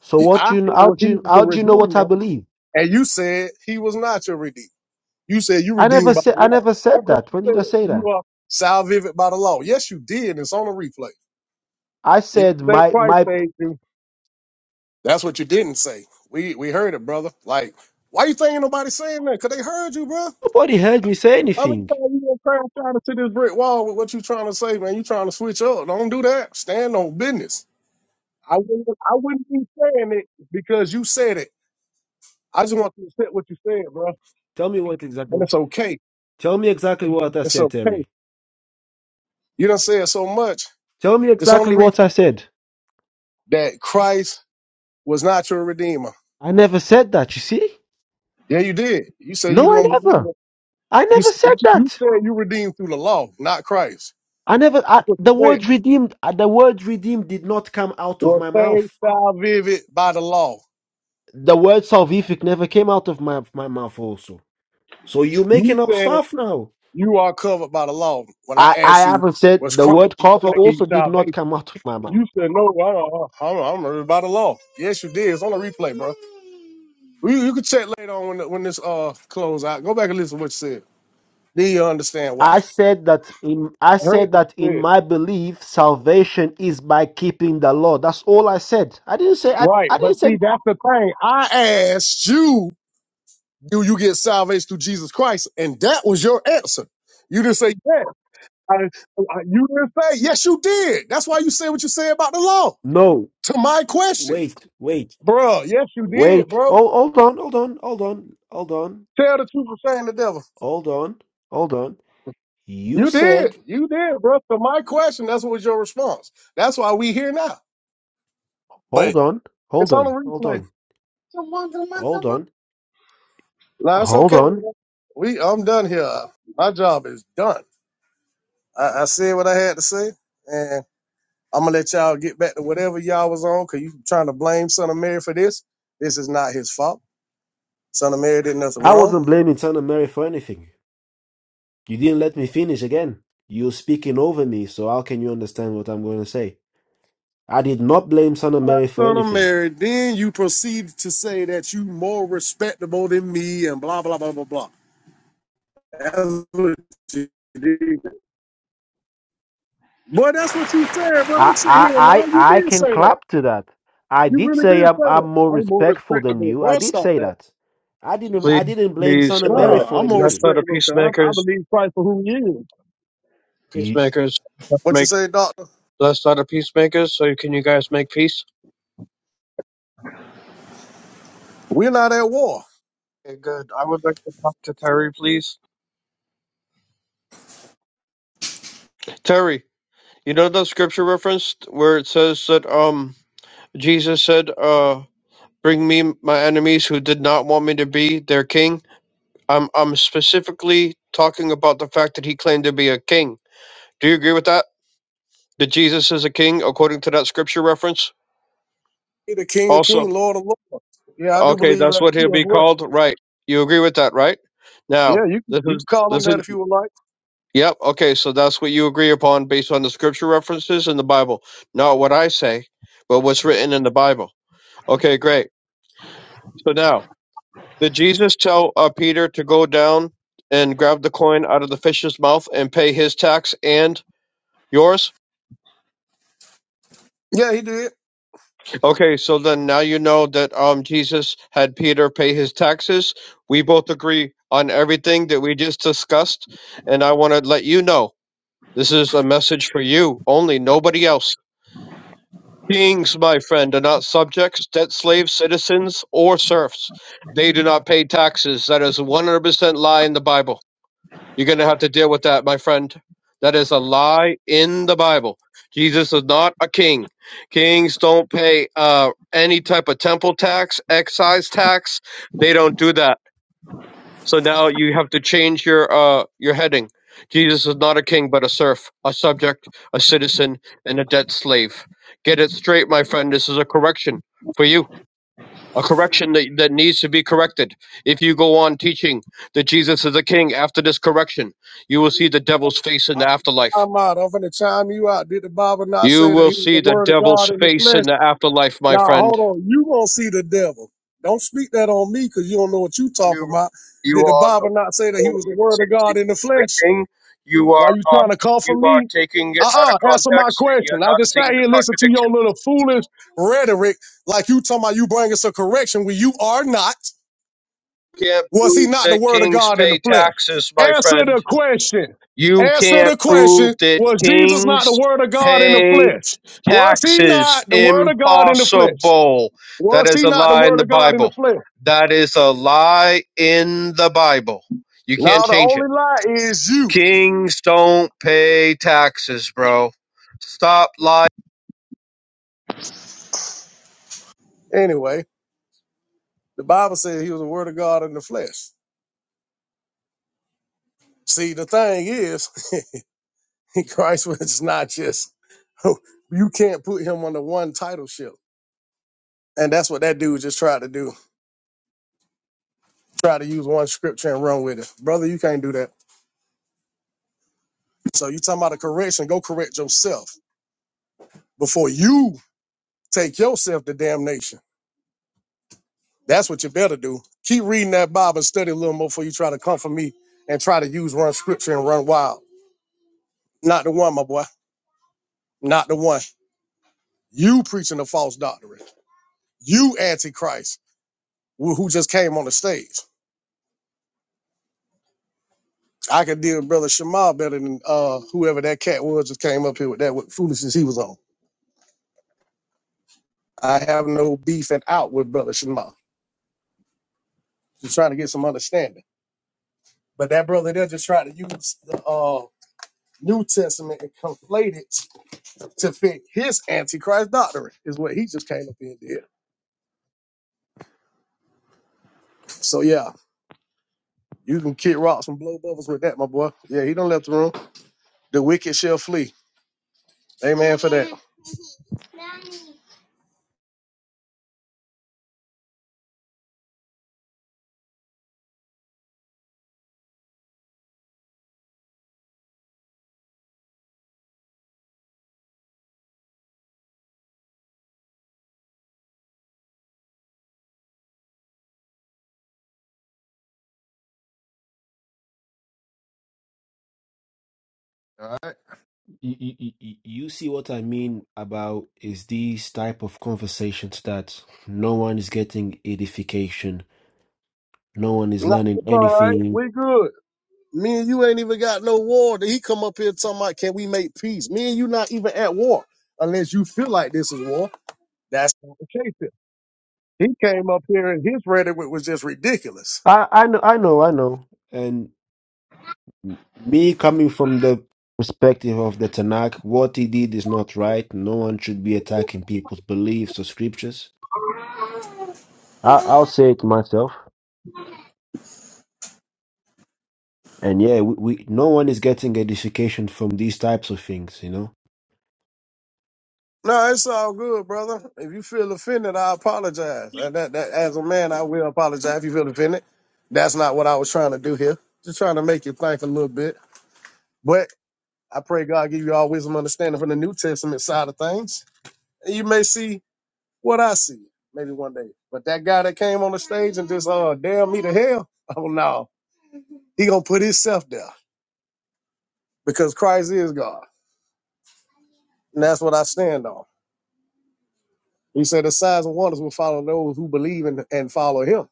Speaker 6: So what
Speaker 20: I
Speaker 6: do you
Speaker 20: said
Speaker 6: how
Speaker 20: well,
Speaker 6: do
Speaker 20: he
Speaker 6: you
Speaker 20: was the
Speaker 6: how do you know what I
Speaker 20: redeemer,
Speaker 6: believe?
Speaker 20: and you said he was not your redeemer. You said you
Speaker 6: I never
Speaker 20: redeemed by
Speaker 6: said
Speaker 20: the
Speaker 6: I
Speaker 20: law.
Speaker 6: never
Speaker 20: That's
Speaker 6: said
Speaker 20: what
Speaker 6: that.
Speaker 20: you
Speaker 6: When did I
Speaker 20: said.
Speaker 6: say that?
Speaker 20: You are salvific by the law. Yes, you did. It's on the replay.
Speaker 6: I
Speaker 20: You didn't
Speaker 6: said
Speaker 20: say
Speaker 6: my
Speaker 20: Christ
Speaker 6: my
Speaker 20: saved you. That's what you didn't say. We we heard it, brother. Like, why you think ain't nobody saying that? Cause they heard you, bro.
Speaker 6: nobody heard me say
Speaker 20: How many
Speaker 6: anything.
Speaker 20: times you gonna crash out into this brick wall with what you trying to say, man? You trying to switch up? Don't do that. Stand on business. I wouldn't. I wouldn't be saying it because you said it. I just want you to accept what you said, bro.
Speaker 6: Tell me what
Speaker 20: And
Speaker 6: exactly
Speaker 20: it's okay.
Speaker 6: tell me exactly what I
Speaker 20: It's
Speaker 6: said,
Speaker 20: okay.
Speaker 6: Terry.
Speaker 20: You done said so much.
Speaker 6: Tell me
Speaker 20: It's on the
Speaker 6: exactly
Speaker 20: reef
Speaker 6: what I said.
Speaker 20: that Christ was not your redeemer.
Speaker 6: I never said that, you see?
Speaker 20: Yeah, you did. You say you
Speaker 6: No, I
Speaker 20: don't believe
Speaker 6: never.
Speaker 20: it.
Speaker 6: I
Speaker 20: You
Speaker 6: never
Speaker 20: s-
Speaker 6: said
Speaker 20: you
Speaker 6: that.
Speaker 20: said you redeemed through the law, not Christ.
Speaker 6: I never I,
Speaker 20: That's what you
Speaker 6: the
Speaker 20: said.
Speaker 6: word redeemed uh, the word redeemed did not come out of
Speaker 20: Your
Speaker 6: my
Speaker 20: faith
Speaker 6: mouth.
Speaker 20: shall vivid by the law.
Speaker 6: The word salvific never came out of my my mouth also. So you
Speaker 20: You
Speaker 6: making up
Speaker 20: said
Speaker 6: stuff now.
Speaker 20: you are covered by the law. When I
Speaker 6: I, I
Speaker 20: asked you,
Speaker 6: haven't said
Speaker 20: was
Speaker 6: the
Speaker 20: Christ
Speaker 6: word cover
Speaker 20: that gave you
Speaker 6: also did not
Speaker 20: salvation?
Speaker 6: come out of my mouth.
Speaker 20: You said, no, I don't, I don't, I don't by the law. Yes, you did. It's on the replay, bro. You, you can check later on when, the- when this uh close out. Go back and listen to what you said. Then you understand why.
Speaker 6: I said that in I
Speaker 20: I heard what
Speaker 6: said that
Speaker 20: you
Speaker 6: in
Speaker 20: said.
Speaker 6: my belief, salvation is by keeping the law. That's all I said. I didn't say I,
Speaker 20: Right.
Speaker 6: I
Speaker 20: But
Speaker 6: didn't say
Speaker 20: see, that's the thing. I asked you, do you get salvation through Jesus Christ? And that was your answer. You didn't say yes. I- I- you didn't say. Yes, you did. That's why you said what you said about the law.
Speaker 6: no.
Speaker 20: To my question,
Speaker 6: Wait, wait.
Speaker 20: bro. Yes, you did,
Speaker 6: Wait.
Speaker 20: bro.
Speaker 6: Oh, hold on, hold on, hold on, hold on,
Speaker 20: Tell the truth or shame the devil.
Speaker 6: hold on, hold on. You
Speaker 20: You
Speaker 6: said
Speaker 20: did. You did, bro. To my question, that's what was your response. That's why we here now. But
Speaker 6: hold on, hold
Speaker 20: it's on the
Speaker 6: on, hold
Speaker 20: replay.
Speaker 6: on, hold on,
Speaker 20: Nah, it's
Speaker 6: hold
Speaker 20: okay.
Speaker 6: on.
Speaker 20: Man. We, I'm done here. My job is done. I, I said what I had to say, and I'm gonna let y'all get back to whatever y'all was on. Cause you trying to blame Son of Mary for this. This is not his fault. Son of Mary did nothing
Speaker 6: I
Speaker 20: wrong.
Speaker 6: wasn't blaming Son of Mary for anything. You didn't let me finish again. You're speaking over me, so how can you understand what I'm going to say? I did not blame Son of Mary for
Speaker 20: son of
Speaker 6: anything.
Speaker 20: Mary. Then you proceed to say that you more respectable than me and blah blah blah blah blah. That's what you did. Boy, that's what you said, bro. Don't sit here and lie.
Speaker 6: I, I,
Speaker 20: You
Speaker 6: I, I
Speaker 20: did
Speaker 6: can
Speaker 20: say that.
Speaker 6: clap to that. I
Speaker 20: You
Speaker 6: did
Speaker 20: really
Speaker 6: say
Speaker 20: did
Speaker 6: I'm,
Speaker 20: say
Speaker 6: I'm
Speaker 20: that.
Speaker 6: more
Speaker 20: I'm more
Speaker 6: respectful than
Speaker 20: respectable.
Speaker 6: you. I
Speaker 20: Boy,
Speaker 6: did
Speaker 20: stop
Speaker 6: say
Speaker 20: that.
Speaker 6: that. I didn't, I
Speaker 21: Please,
Speaker 6: didn't blame Son
Speaker 21: please,
Speaker 6: of
Speaker 21: uh,
Speaker 6: Mary
Speaker 20: Nah,
Speaker 6: for
Speaker 20: I'm more
Speaker 21: blessed
Speaker 6: anything.
Speaker 21: are the
Speaker 20: respectable because I, I
Speaker 21: peacemakers.
Speaker 20: believe Christ for who he is.
Speaker 6: You,
Speaker 21: Peacemakers, let's
Speaker 20: What you
Speaker 21: make
Speaker 20: say, doctor?
Speaker 21: blessed are the peacemakers. So can you guys make peace?
Speaker 20: We're not at war.
Speaker 21: Okay, good. I would like to talk to Terry, please. Terry, you know the scripture reference where it says that um Jesus said, uh, "Bring me my enemies who did not want me to be their king." I'm I'm specifically talking about the fact that he claimed to be a king. Do you agree with that? That Jesus is a king according to that scripture reference?
Speaker 20: You're the King of
Speaker 21: Also.
Speaker 20: Kings, Lord of Lords. Yeah, I do
Speaker 21: Okay,
Speaker 20: believe
Speaker 21: that's
Speaker 20: that
Speaker 21: what he'll
Speaker 20: too as
Speaker 21: be
Speaker 20: well.
Speaker 21: called, right? You agree with that, right? Now,
Speaker 20: Yeah, you can-
Speaker 21: this
Speaker 20: you can
Speaker 21: is
Speaker 20: call him
Speaker 21: this is
Speaker 20: that if you would like.
Speaker 21: yep. Okay, so that's what you agree upon based on the scripture references in the Bible, not what I say, but what's written in the Bible. Okay, great. So now, did Jesus tell uh, Peter to go down and grab the coin out of the fish's mouth and pay his tax and yours?
Speaker 20: Yeah, he did.
Speaker 21: Okay, so then now you know that um Jesus had Peter pay his taxes. We both agree on everything that we just discussed, and I want to let you know this is a message for you only, nobody else. Kings, my friend, are not subjects, debt slaves, citizens, or serfs. They do not pay taxes. That is a 100% lie in the Bible. You're going to have to deal with that, my friend. That is a lie in the Bible. Jesus is not a king. Kings don't pay uh, any type of temple tax, excise tax. They don't do that. So now you have to change your uh, your heading. Jesus is not a king, but a serf, a subject, a citizen, and a debt slave. Get it straight, my friend. This is a correction for you a correction that, that needs to be corrected. If you go on teaching that Jesus is a king after this correction, you will see the devil's face in
Speaker 20: I-
Speaker 21: the afterlife.
Speaker 20: I'm out. I'm finna chime you out. Did the Bible not
Speaker 21: You
Speaker 20: say that
Speaker 21: will
Speaker 20: he was the
Speaker 21: see the
Speaker 20: word of God
Speaker 21: devil's
Speaker 20: in the
Speaker 21: face
Speaker 20: flesh?
Speaker 21: in the afterlife, my
Speaker 20: Now hold
Speaker 21: friend.
Speaker 20: on. You gonna see the devil. Don't speak that on me because you don't know what you talking
Speaker 21: You
Speaker 20: about.
Speaker 21: you
Speaker 20: Did the
Speaker 21: are the
Speaker 20: Bible not say that he was the
Speaker 21: you
Speaker 20: word
Speaker 21: say
Speaker 20: of God
Speaker 21: Jesus
Speaker 20: in the
Speaker 21: is the
Speaker 20: flesh?
Speaker 21: king. You
Speaker 20: Why
Speaker 21: are
Speaker 20: you
Speaker 21: uh,
Speaker 20: trying to come for
Speaker 21: you are
Speaker 20: me?
Speaker 21: taking it out of
Speaker 20: Uh-uh, answer my
Speaker 21: context and you're
Speaker 20: question. I
Speaker 21: not
Speaker 20: just sat
Speaker 21: seeing
Speaker 20: here
Speaker 21: the
Speaker 20: and listened to
Speaker 21: contradiction.
Speaker 20: your little foolish rhetoric, like you talking about you bringing some correction when you are not.
Speaker 21: Can't
Speaker 20: Was he
Speaker 21: prove
Speaker 20: not the
Speaker 21: that
Speaker 20: word of
Speaker 21: kings
Speaker 20: God in the
Speaker 21: pay
Speaker 20: flesh?
Speaker 21: taxes, my
Speaker 20: Answer
Speaker 21: friend.
Speaker 20: the question.
Speaker 21: You
Speaker 20: Answer
Speaker 21: can't
Speaker 20: the
Speaker 21: prove
Speaker 20: question.
Speaker 21: that
Speaker 20: Was Jesus not the
Speaker 21: kings
Speaker 20: word of God in the
Speaker 21: pay
Speaker 20: flesh? Was he
Speaker 21: taxes.
Speaker 20: not the word of God in the flesh?
Speaker 21: Impossible. That
Speaker 20: Was
Speaker 21: is
Speaker 20: he
Speaker 21: a
Speaker 20: not the
Speaker 21: lie in
Speaker 20: word
Speaker 21: the
Speaker 20: of God in the
Speaker 21: Bible.
Speaker 20: flesh?
Speaker 21: That is a lie in the Bible. You can't
Speaker 20: Now the
Speaker 21: change it.
Speaker 20: only lie is you.
Speaker 21: Kings don't pay taxes, bro. Stop lying.
Speaker 20: Anyway, the Bible says he was the word of God in the flesh. See, the thing is, Christ was not just, you can't put him under one titleship. And that's what that dude just tried to do. Try to use one scripture and run with it. Brother, you can't do that. So you talking about a correction? Go correct yourself before you take yourself to damnation. That's what you better do. Keep reading that Bible, study a little more before you try to come for me and try to use run scripture and run wild. Not the one, my boy. Not the one. You preaching a false doctrine. You antichrist who who just came on the stage. I could deal with brother Shamal better than uh, whoever that cat was just came up here with that what foolishness he was on. I have no beef and out with brother Shamal. Just trying to get some understanding. But that brother there just tried to use the uh, New Testament and conflate it to fit his antichrist doctrine, is what he just came up in there. So yeah, you can kick rocks and blow bubbles with that, my boy. Yeah, he don't left the room. The wicked shall flee. Amen for that.
Speaker 19: All right.
Speaker 6: you, you, you you see what I mean about is these type of conversations that no one is getting edification, no one is
Speaker 20: No,
Speaker 6: learning
Speaker 20: it's all right.
Speaker 6: anything,
Speaker 20: We good. Me and you ain't even got no war. He come up here talking about can we make peace? Me and you not even at war unless you feel like this is war. That's not the case. Here. He came up here and his rhetoric was just ridiculous.
Speaker 6: I, I know, I know, I know. and me coming from the perspective of the Tanakh, what he did is not right. No one should be attacking people's beliefs or scriptures. I, I'll say it myself. And yeah, we, we no one is getting edification from these types of things, you know.
Speaker 20: No, it's all good, brother. If you feel offended, I apologize. Uh, That, that, as a man, I will apologize if you feel offended. That's not what I was trying to do here. Just trying to make you think a little bit. But I pray God give you all wisdom and understanding from the New Testament side of things. And you may see what I see maybe one day. But that guy that came on the stage and just, uh, damn me to hell, oh no. He going to put himself there because Christ is God. And that's what I stand on. He said the signs and wonders will follow those who believe and, and follow him.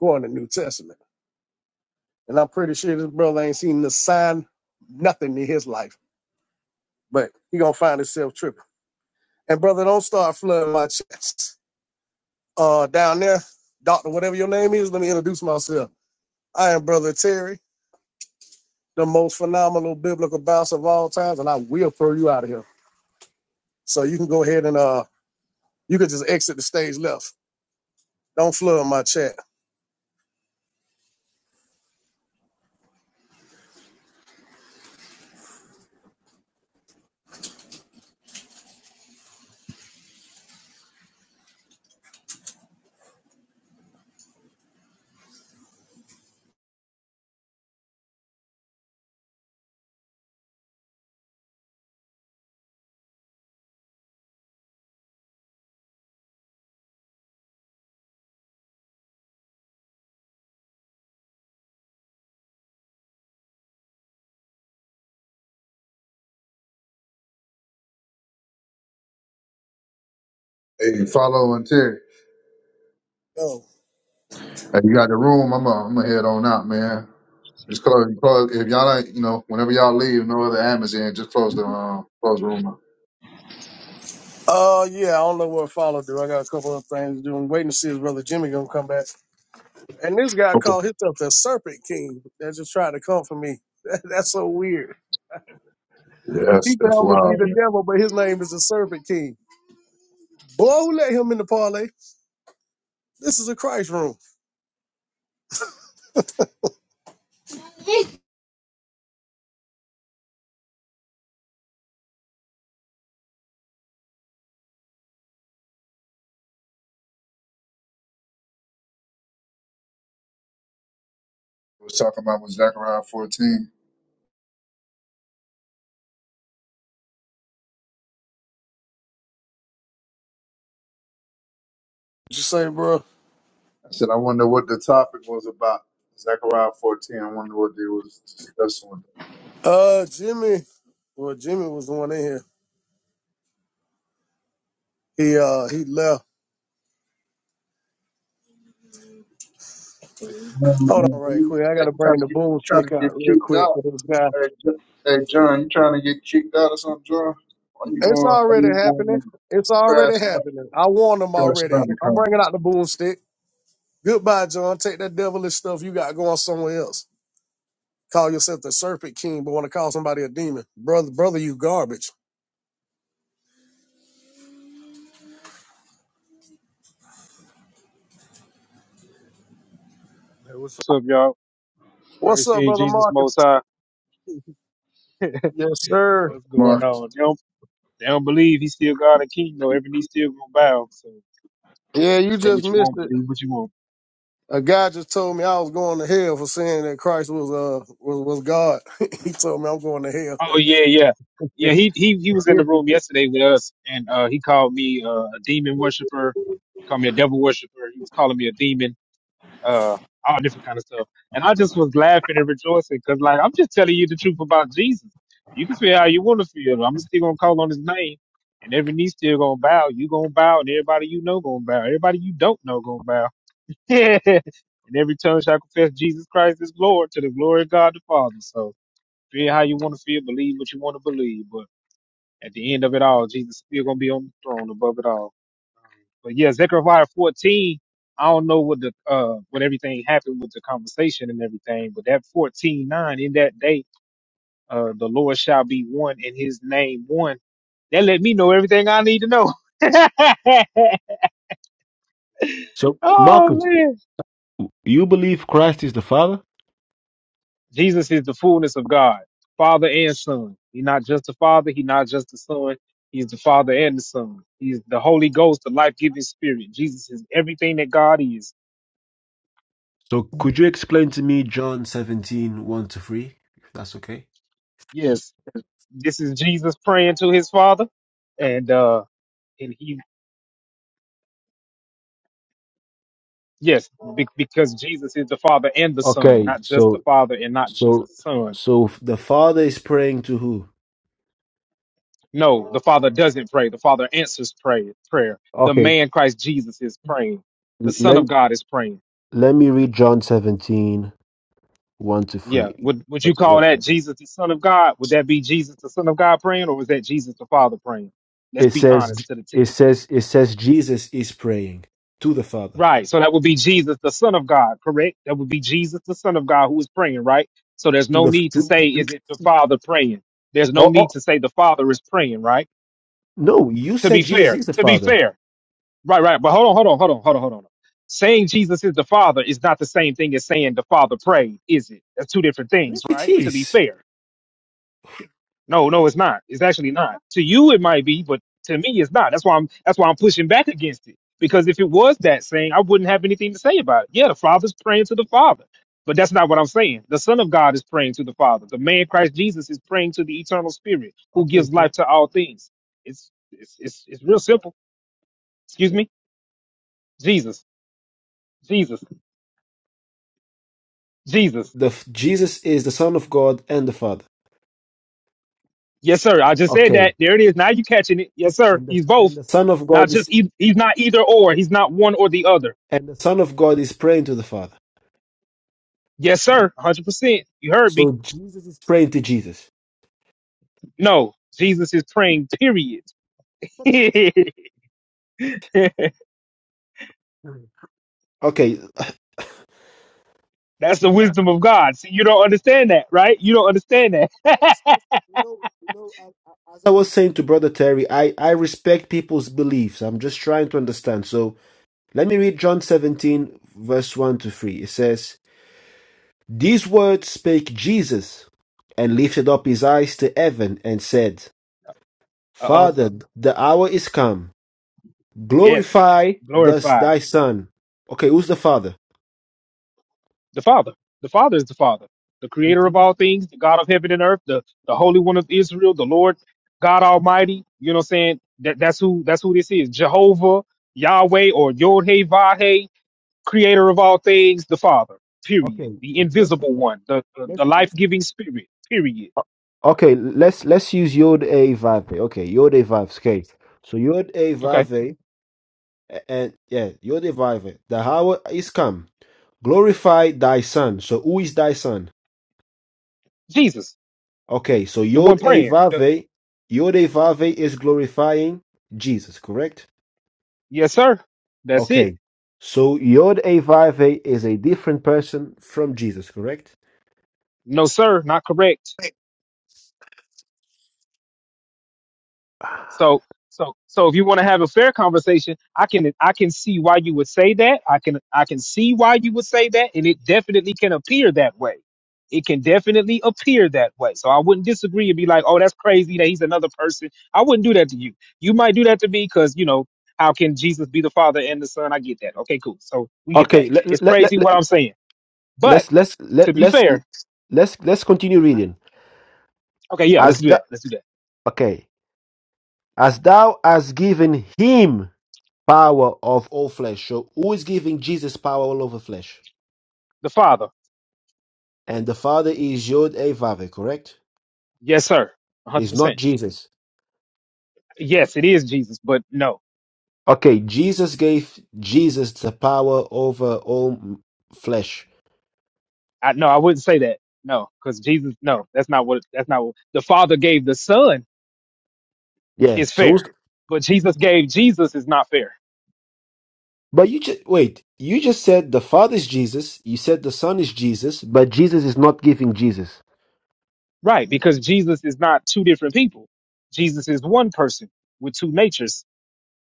Speaker 20: Go in the New Testament. And I'm pretty sure this brother ain't seen the sign, nothing in his life. But he gonna find himself tripping. And brother, don't start flooding my chest. Uh down there, doctor, whatever your name is, let me introduce myself. I am Brother Terry, the most phenomenal biblical bouncer of all times, and I will throw you out of here. So you can go ahead and uh you can just exit the stage left. Don't flood my chat.
Speaker 19: Hey, follow and Terry.
Speaker 20: Oh.
Speaker 19: Hey, you got the room. I'm gonna I'm gonna head on out, man. Just close, close. If y'all, ain't, you know, whenever y'all leave, no other Amazon. Just close the um, close the room. Up.
Speaker 20: Uh yeah, I don't know what follow through. I got a couple of things to do. I'm waiting to see if brother Jimmy gonna come back. And this guy
Speaker 19: Okay.
Speaker 20: called himself the Serpent King. That just tried to come for me. That, That's so weird.
Speaker 19: Yes,
Speaker 20: He could
Speaker 19: that's
Speaker 20: almost be
Speaker 19: wild.
Speaker 20: the
Speaker 19: Man.
Speaker 20: devil, but his name is the Serpent King. Boy, who let him in the parlay? This is a Christ room. What
Speaker 19: I was talking about was Zechariah 14.
Speaker 20: you say, bro?
Speaker 19: I said I wonder what the topic was about. Zechariah 14. I wonder what they was discussing. With
Speaker 20: Uh, Jimmy. Well, Jimmy was the one in here. He uh he left.
Speaker 19: them.
Speaker 20: Hold on, right quick. I gotta
Speaker 19: you trying
Speaker 20: bring
Speaker 19: to
Speaker 20: the
Speaker 19: get you trying to
Speaker 20: boomstick
Speaker 19: get
Speaker 20: out real
Speaker 19: kicked out?
Speaker 20: quick for this guy.
Speaker 19: Hey, J- hey, John, you trying to get kicked out or something, John? Why you
Speaker 20: It's
Speaker 19: going? Why
Speaker 20: already
Speaker 19: you going
Speaker 20: happening.
Speaker 19: on
Speaker 20: It's already
Speaker 19: crashing up?
Speaker 20: happening. I warned him
Speaker 19: Crashing
Speaker 20: already.
Speaker 19: out the
Speaker 20: I'm
Speaker 19: comment,
Speaker 20: bringing out the boomstick. Goodbye, John. Take that devilish stuff you got going somewhere else. Call yourself the serpent king, but want to call somebody a demon. Brother, brother, you garbage.
Speaker 22: Hey, what's up, y'all?
Speaker 20: What's
Speaker 22: Praise
Speaker 20: up,
Speaker 22: King
Speaker 20: brother
Speaker 22: Jesus
Speaker 20: Marcus?
Speaker 22: Most High.
Speaker 20: Yes, sir.
Speaker 22: What's going
Speaker 19: Marcus.
Speaker 22: on? They don't, they don't believe he's still God and King, though. Every knee still gonna bow. So
Speaker 20: Yeah, you
Speaker 22: say
Speaker 20: just
Speaker 22: what you
Speaker 20: missed
Speaker 22: want,
Speaker 20: it.
Speaker 22: believe what you want.
Speaker 20: A guy just told me I was going to hell for saying that Christ was uh was, was God. he told me I'm going to
Speaker 22: Oh
Speaker 20: hell.
Speaker 22: yeah, yeah, yeah. He he he was in the room yesterday with us, and uh, he called me uh, a demon worshiper. He called me a devil worshiper. He was calling me a demon. uh, all different kind of stuff. And I just was laughing and rejoicing because, like, I'm just telling you the truth about Jesus. You can feel how you want to feel. I'm still gonna call on His name, and every knee still gonna bow. You gonna bow, and everybody you know gonna bow. Everybody you don't know gonna bow. and every tongue shall confess Jesus Christ is Lord to the glory of God the Father. So feel how you want to feel, believe what you want to believe, but at the end of it all, Jesus is still gonna be on the throne above it all. But yeah, Zechariah 14, I don't know what the uh what everything happened with the conversation and everything, but that 14 9 in that day, uh the Lord shall be one and his name one. That let me know everything I need to know.
Speaker 6: So
Speaker 22: oh
Speaker 6: Marcus,
Speaker 22: man.
Speaker 6: you believe Christ is the Father?
Speaker 22: Jesus is the fullness of God, Father and Son. He's not just the Father, he's not just the Son. He's the Father and the Son. He's the Holy Ghost, the life-giving Spirit. Jesus is everything that God is.
Speaker 6: So could you explain to me John seventeen one to 3, if that's okay?
Speaker 22: Yes. this is Jesus praying to his father, and uh, and he yes, be- because Jesus is the Father and the Son,
Speaker 6: Okay,
Speaker 22: not just the
Speaker 6: so
Speaker 22: Father and not just
Speaker 6: so
Speaker 22: the Son.
Speaker 6: so the Father is praying to who?
Speaker 22: No, the Father doesn't pray. The Father answers pray, prayer. The
Speaker 6: Okay,
Speaker 22: man Christ Jesus is praying. The
Speaker 6: l-
Speaker 22: Son
Speaker 6: let
Speaker 22: of God is praying.
Speaker 6: let me read John seventeen one to
Speaker 22: Yeah,
Speaker 6: 3.
Speaker 22: would would you
Speaker 6: Let me- let
Speaker 22: call that
Speaker 6: me-
Speaker 22: Jesus the Son of God? Would that be Jesus the Son of God praying, or was that Jesus the Father praying? Let's
Speaker 6: It
Speaker 22: be
Speaker 6: says
Speaker 22: honest to the
Speaker 6: it
Speaker 22: text.
Speaker 6: says it says Jesus is praying to the Father.
Speaker 22: Right. So that would be Jesus, the Son of God, correct? That would be Jesus, the Son of God, who is praying, right? So there's
Speaker 6: To
Speaker 22: no
Speaker 6: the
Speaker 22: need to say,
Speaker 6: to,
Speaker 22: is it the Father praying? There's no
Speaker 6: Oh,
Speaker 22: need
Speaker 6: oh,
Speaker 22: to say the Father is praying, right?
Speaker 6: no, you
Speaker 22: To be
Speaker 6: said Jesus
Speaker 22: fair,
Speaker 6: is the
Speaker 22: to be
Speaker 6: Father.
Speaker 22: fair. Right, right. But hold on, hold on, hold on, hold on, hold on. Saying Jesus is the Father is not the same thing as saying the Father prayed, is it? That's two different things,
Speaker 6: Yes, it
Speaker 22: right? To be
Speaker 6: is.
Speaker 22: fair. No, no, it's not. It's actually not. To you, it might be, but to me, it's not. That's why I'm. That's why I'm pushing back against it. Because if it was that saying, I wouldn't have anything to say about it. Yeah, the Father's praying to the Father, but that's not what I'm saying. The Son of God is praying to the Father. The man Christ Jesus is praying to the Eternal Spirit, who
Speaker 6: Okay,
Speaker 22: gives
Speaker 6: so
Speaker 22: life to all things. It's it's it's, it's real simple. Excuse me, Jesus, Jesus, Jesus.
Speaker 6: the f- Jesus is the Son of God and the Father.
Speaker 22: Yes, sir. I just said
Speaker 6: Okay,
Speaker 22: that. There it is. Now you catching it. Yes, sir.
Speaker 6: and the
Speaker 22: He's
Speaker 6: and
Speaker 22: both.
Speaker 6: the Son of
Speaker 22: Not
Speaker 6: God is
Speaker 22: just e- he's not either or. He's not one or the other.
Speaker 6: and the Son of God is praying to the Father.
Speaker 22: Yes, sir. 100%. You heard me.
Speaker 6: So Jesus is praying to Jesus.
Speaker 22: No, Jesus is praying, period.
Speaker 6: Mhm. Okay.
Speaker 22: That's the
Speaker 6: Yeah.
Speaker 22: wisdom of God. See, you don't understand that, right? You don't understand that.
Speaker 6: I
Speaker 22: uh
Speaker 6: respect, you know, you know, I- I- as I was saying to Brother Terry, I I respect people's beliefs. I'm just trying to understand. So let me read John 17 verse 1 to 3. It says. These words spake Jesus, and lifted up his eyes to heaven, and said,
Speaker 22: oh.
Speaker 6: Father, the hour is come.
Speaker 22: Yes.
Speaker 6: Glorify thus
Speaker 22: Glorify
Speaker 6: thy Son. Okay, who's the Father?
Speaker 22: the Father. The Father is the Father, the
Speaker 6: With
Speaker 22: creator of
Speaker 6: you?
Speaker 22: all things, the God of heaven and earth, the, the Holy One of Israel, the Lord God Almighty. You know what I'm saying? That, that's who that's who this is. Jehovah, Yahweh, or Yod Hey creator of all things, the Father, period.
Speaker 6: Okay,
Speaker 22: The
Speaker 6: well, let's
Speaker 22: invisible one, the, the,
Speaker 6: let's
Speaker 22: the life
Speaker 6: let's.
Speaker 22: giving spirit, period.
Speaker 6: O- Okay, let's let's use Yod A Vave. Okay, Yod A Vav. Okay, so Yod A
Speaker 22: Okay.
Speaker 6: Vave, a- and yeah, Yod A Vave. The hour is come. Glorify thy Son. So who is thy Son?
Speaker 22: Jesus,
Speaker 6: Okay, so
Speaker 22: the one
Speaker 6: Yod A
Speaker 22: praying. The,
Speaker 6: Vave, Yod A Vave is glorifying Jesus, correct?
Speaker 22: yes, sir. That's it.
Speaker 6: Okay, so Yod A Vave is a different person from Jesus, correct?
Speaker 22: No, sir. Not correct. So so so if you want to have a fair conversation, I can I can see why you would say that. I can I can see why you would say that, and it definitely can appear that way. It can definitely appear that way. So I wouldn't disagree and be like, oh, that's crazy that he's another person. I wouldn't do that to you. You might do that to me because you know how can Jesus be the Father and the Son? I get that. Okay, cool. So we get that.
Speaker 6: Okay, let,
Speaker 22: It's
Speaker 6: let, let,
Speaker 22: crazy
Speaker 6: let,
Speaker 22: what I'm saying, but
Speaker 6: let's let's
Speaker 22: to
Speaker 6: let,
Speaker 22: be
Speaker 6: let's
Speaker 22: fair,
Speaker 6: let's let's continue reading.
Speaker 22: okay, yeah, let's
Speaker 6: As
Speaker 22: do
Speaker 6: that
Speaker 22: that. Let's do that.
Speaker 6: okay, as thou hast given him power of all flesh. So who is giving Jesus power all over flesh?
Speaker 22: The Father,
Speaker 6: And the Father is Yod A Vave, correct?
Speaker 22: yes, sir, 100.
Speaker 6: It's not
Speaker 22: percent
Speaker 6: Jesus.
Speaker 22: Yes, it is Jesus, but no.
Speaker 6: Okay, Jesus gave Jesus the power over all m- flesh.
Speaker 22: I no, I wouldn't say that. No, because Jesus, no, that's not what that's not what the Father gave the Son
Speaker 6: Yeah.
Speaker 22: is
Speaker 6: So,
Speaker 22: fair,
Speaker 6: who's,
Speaker 22: but Jesus gave Jesus is not fair,
Speaker 6: but you just wait. You just said the Father is Jesus. You said the Son is Jesus, but Jesus is not giving Jesus
Speaker 22: right? Because Jesus is not two different people. Jesus is one person with two natures.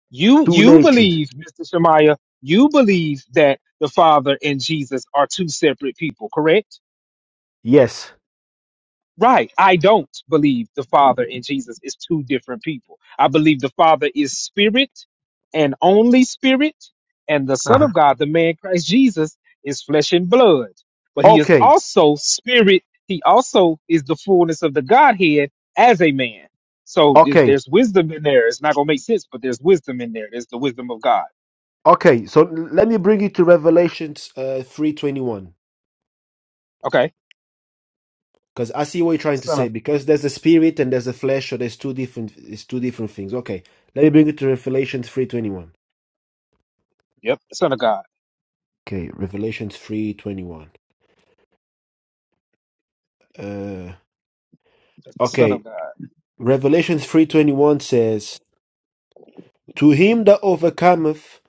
Speaker 22: You
Speaker 6: two
Speaker 22: you
Speaker 6: natures.
Speaker 22: believe, Mister Shemaiah, you believe that the Father and Jesus are two separate people, correct?
Speaker 6: Yes.
Speaker 22: Right. I don't believe the Father and Jesus is two different people. I believe the Father is spirit and only spirit, and the Son
Speaker 6: Uh-huh.
Speaker 22: of God, the man Christ Jesus, is flesh and blood. But he is
Speaker 6: Okay.
Speaker 22: also spirit. He also is the fullness of the Godhead as a man. So there's
Speaker 6: Okay.
Speaker 22: there's wisdom in there. It's not going to make sense, but there's wisdom in there. There's the wisdom of God.
Speaker 6: Okay. So l- let me bring you to Revelations uh, three twenty one
Speaker 22: Okay.
Speaker 6: because I see what you're
Speaker 22: The
Speaker 6: trying to
Speaker 22: Son
Speaker 6: say.
Speaker 22: of,
Speaker 6: Because there's a spirit and there's a flesh, so there's two different. It's two different things. Okay. Let me bring you to Revelations three twenty one.
Speaker 22: yep, the Son of God.
Speaker 6: Okay. Revelations three twenty one. Uh,
Speaker 22: That's the Son
Speaker 6: okay.
Speaker 22: of God.
Speaker 6: Revelations 3.21 says, To him that overcometh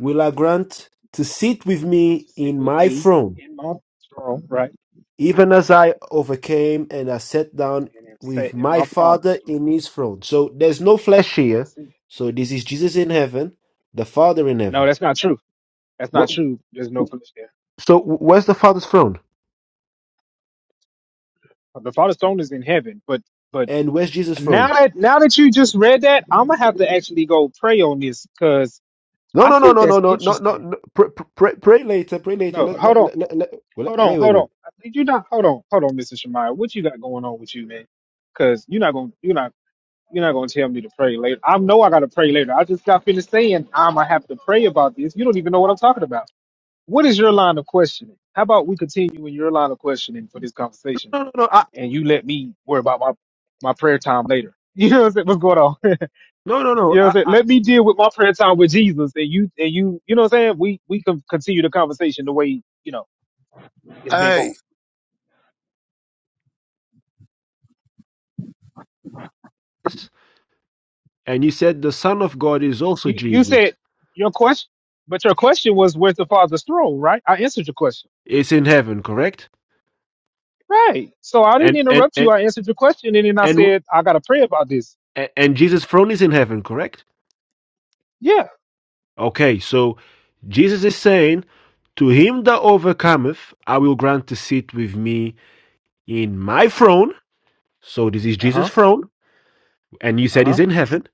Speaker 6: will I grant to sit with me
Speaker 22: Sit
Speaker 6: in
Speaker 22: with
Speaker 6: my
Speaker 22: me
Speaker 6: throne,
Speaker 22: in my throne, right?
Speaker 6: even as I overcame and I sat down
Speaker 22: and am
Speaker 6: with
Speaker 22: set in
Speaker 6: my
Speaker 22: my father's
Speaker 6: Father
Speaker 22: throne.
Speaker 6: in his throne. So there's no flesh here.
Speaker 22: That's it.
Speaker 6: So this is Jesus in heaven, the Father in
Speaker 22: No,
Speaker 6: heaven.
Speaker 22: that's not true. That's not
Speaker 6: What?
Speaker 22: true. There's no flesh there.
Speaker 6: So where's the Father's throne?
Speaker 22: The father's throne is in heaven. But but
Speaker 6: And where's Jesus'
Speaker 22: now
Speaker 6: throne?
Speaker 22: that now that you just read that, I'm gonna have to actually go pray on this because
Speaker 6: No,
Speaker 22: I
Speaker 6: no, no,
Speaker 22: think
Speaker 6: no, no,
Speaker 22: that's
Speaker 6: no, no, no.
Speaker 22: interesting.
Speaker 6: no. Pray, pray, pray later, pray later.
Speaker 22: No,
Speaker 6: Let,
Speaker 22: hold
Speaker 6: let,
Speaker 22: on,
Speaker 6: let, let, let-
Speaker 22: hold on,
Speaker 6: wait, wait,
Speaker 22: hold on.
Speaker 6: wait.
Speaker 22: I think you're not. Hold on, hold on, Mr. Shemaya. What you got going on with you, man? Because you're not gonna you're not you're not gonna tell me to pray later. I know I gotta pray later. I just got finished saying I'm gonna have to pray about this. You don't even know what I'm talking about. What is your line of questioning? How about we continue in your line of questioning for this conversation
Speaker 6: No, no, no.
Speaker 22: and you let me worry about my, my prayer time later. You know what I'm saying? What's going on?
Speaker 6: No, no,
Speaker 22: you
Speaker 6: no.
Speaker 22: know what I'm
Speaker 6: I,
Speaker 22: saying?
Speaker 6: I,
Speaker 22: Let me deal with my prayer time with Jesus and you, and you, you know what I'm saying? We, we can continue the conversation the way, you know, it's been going.
Speaker 20: hey,
Speaker 6: yes. and you said the Son of God is also
Speaker 22: You, you
Speaker 6: Jesus.
Speaker 22: said your question, but your question was, where's the father's throne, right? I answered your question.
Speaker 6: Is in heaven, correct?
Speaker 22: Right. So I didn't
Speaker 6: And and
Speaker 22: interrupt you.
Speaker 6: and
Speaker 22: I answered your question and then I
Speaker 6: and
Speaker 22: said, I got to pray about this.
Speaker 6: and, and Jesus' throne is in heaven, correct?
Speaker 22: Yeah.
Speaker 6: Okay, so Jesus is saying, "To him that overcometh, I will grant to sit with me in my throne." So this is
Speaker 22: Uh
Speaker 6: Jesus'
Speaker 22: huh.
Speaker 6: throne, and you
Speaker 22: Uh
Speaker 6: said
Speaker 22: huh.
Speaker 6: he's in heaven.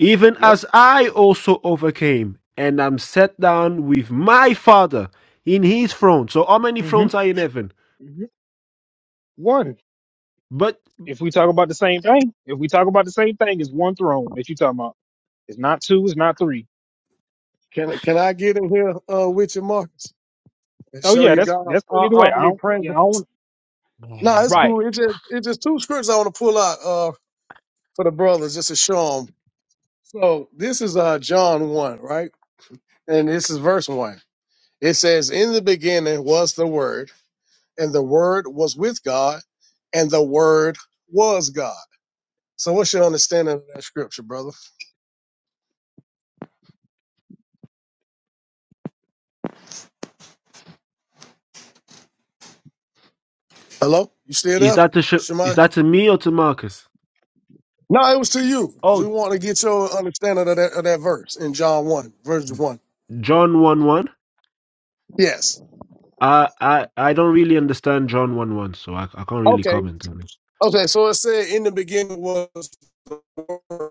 Speaker 6: Even
Speaker 22: Yep.
Speaker 6: as I also overcame, and am set down with my Father in His throne. So how many
Speaker 22: Mm
Speaker 6: thrones
Speaker 22: hmm.
Speaker 6: are in heaven?
Speaker 22: Mm-hmm. One.
Speaker 6: But
Speaker 22: if we talk about the same thing, if we talk about the same thing, it's one throne that you talking about. It's not two. It's not three.
Speaker 20: can can I get in here uh with you, Marcus, and
Speaker 22: So
Speaker 20: show
Speaker 22: yeah,
Speaker 20: you
Speaker 22: that's
Speaker 20: God
Speaker 22: that's
Speaker 20: uh,
Speaker 22: cool either way. I don't. Yeah, I
Speaker 20: omnipresent?
Speaker 22: don't.
Speaker 20: No, it's
Speaker 22: Right.
Speaker 20: cool. It just it's just two scriptures I want to pull out uh for the brothers just to show them. So this is uh John one, right? And this is verse one. It says, In the beginning was the Word, and the Word was with God, and the Word was God. So, what's your understanding of that scripture, brother? Hello? You still
Speaker 6: Is
Speaker 20: there,
Speaker 6: that to sh- is
Speaker 20: Shemai?
Speaker 6: that to me or to Marcus?
Speaker 20: No, it was to you. Just
Speaker 6: Oh,
Speaker 20: want to get your understanding of that, of that verse in John 1, verse 1.
Speaker 6: John one one.
Speaker 20: Yes.
Speaker 6: I I I don't really understand John one one, so I I can't really
Speaker 20: Okay.
Speaker 6: comment on it.
Speaker 20: Okay. So it said, In the beginning was the Word,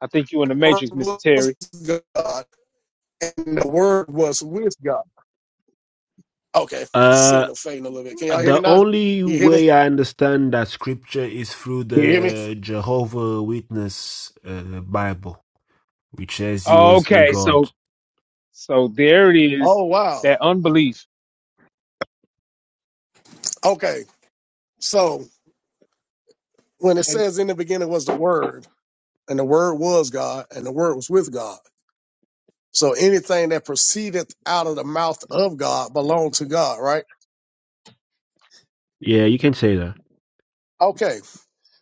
Speaker 22: I think you in the
Speaker 20: the
Speaker 22: matrix, Mister
Speaker 20: Word was
Speaker 22: Terry.
Speaker 20: God, and the Word was with God. Okay.
Speaker 6: Uh,
Speaker 20: Signal fading a little bit. Can y'all hear me
Speaker 6: the
Speaker 20: now? Can
Speaker 6: only
Speaker 20: you hear me?
Speaker 6: way I understand that scripture is through
Speaker 20: Can you hear me?
Speaker 6: the Jehovah Witness uh, Bible, which says he was a
Speaker 22: Okay. So
Speaker 6: god.
Speaker 22: so there it is.
Speaker 20: Oh wow.
Speaker 22: That unbelief.
Speaker 20: Okay. So when it
Speaker 22: And
Speaker 20: says in the beginning was the word, and the word was God, and the word was with God. So anything that proceedeth out of the mouth of God belonged to God, right?
Speaker 6: Yeah, you can say that.
Speaker 20: Okay.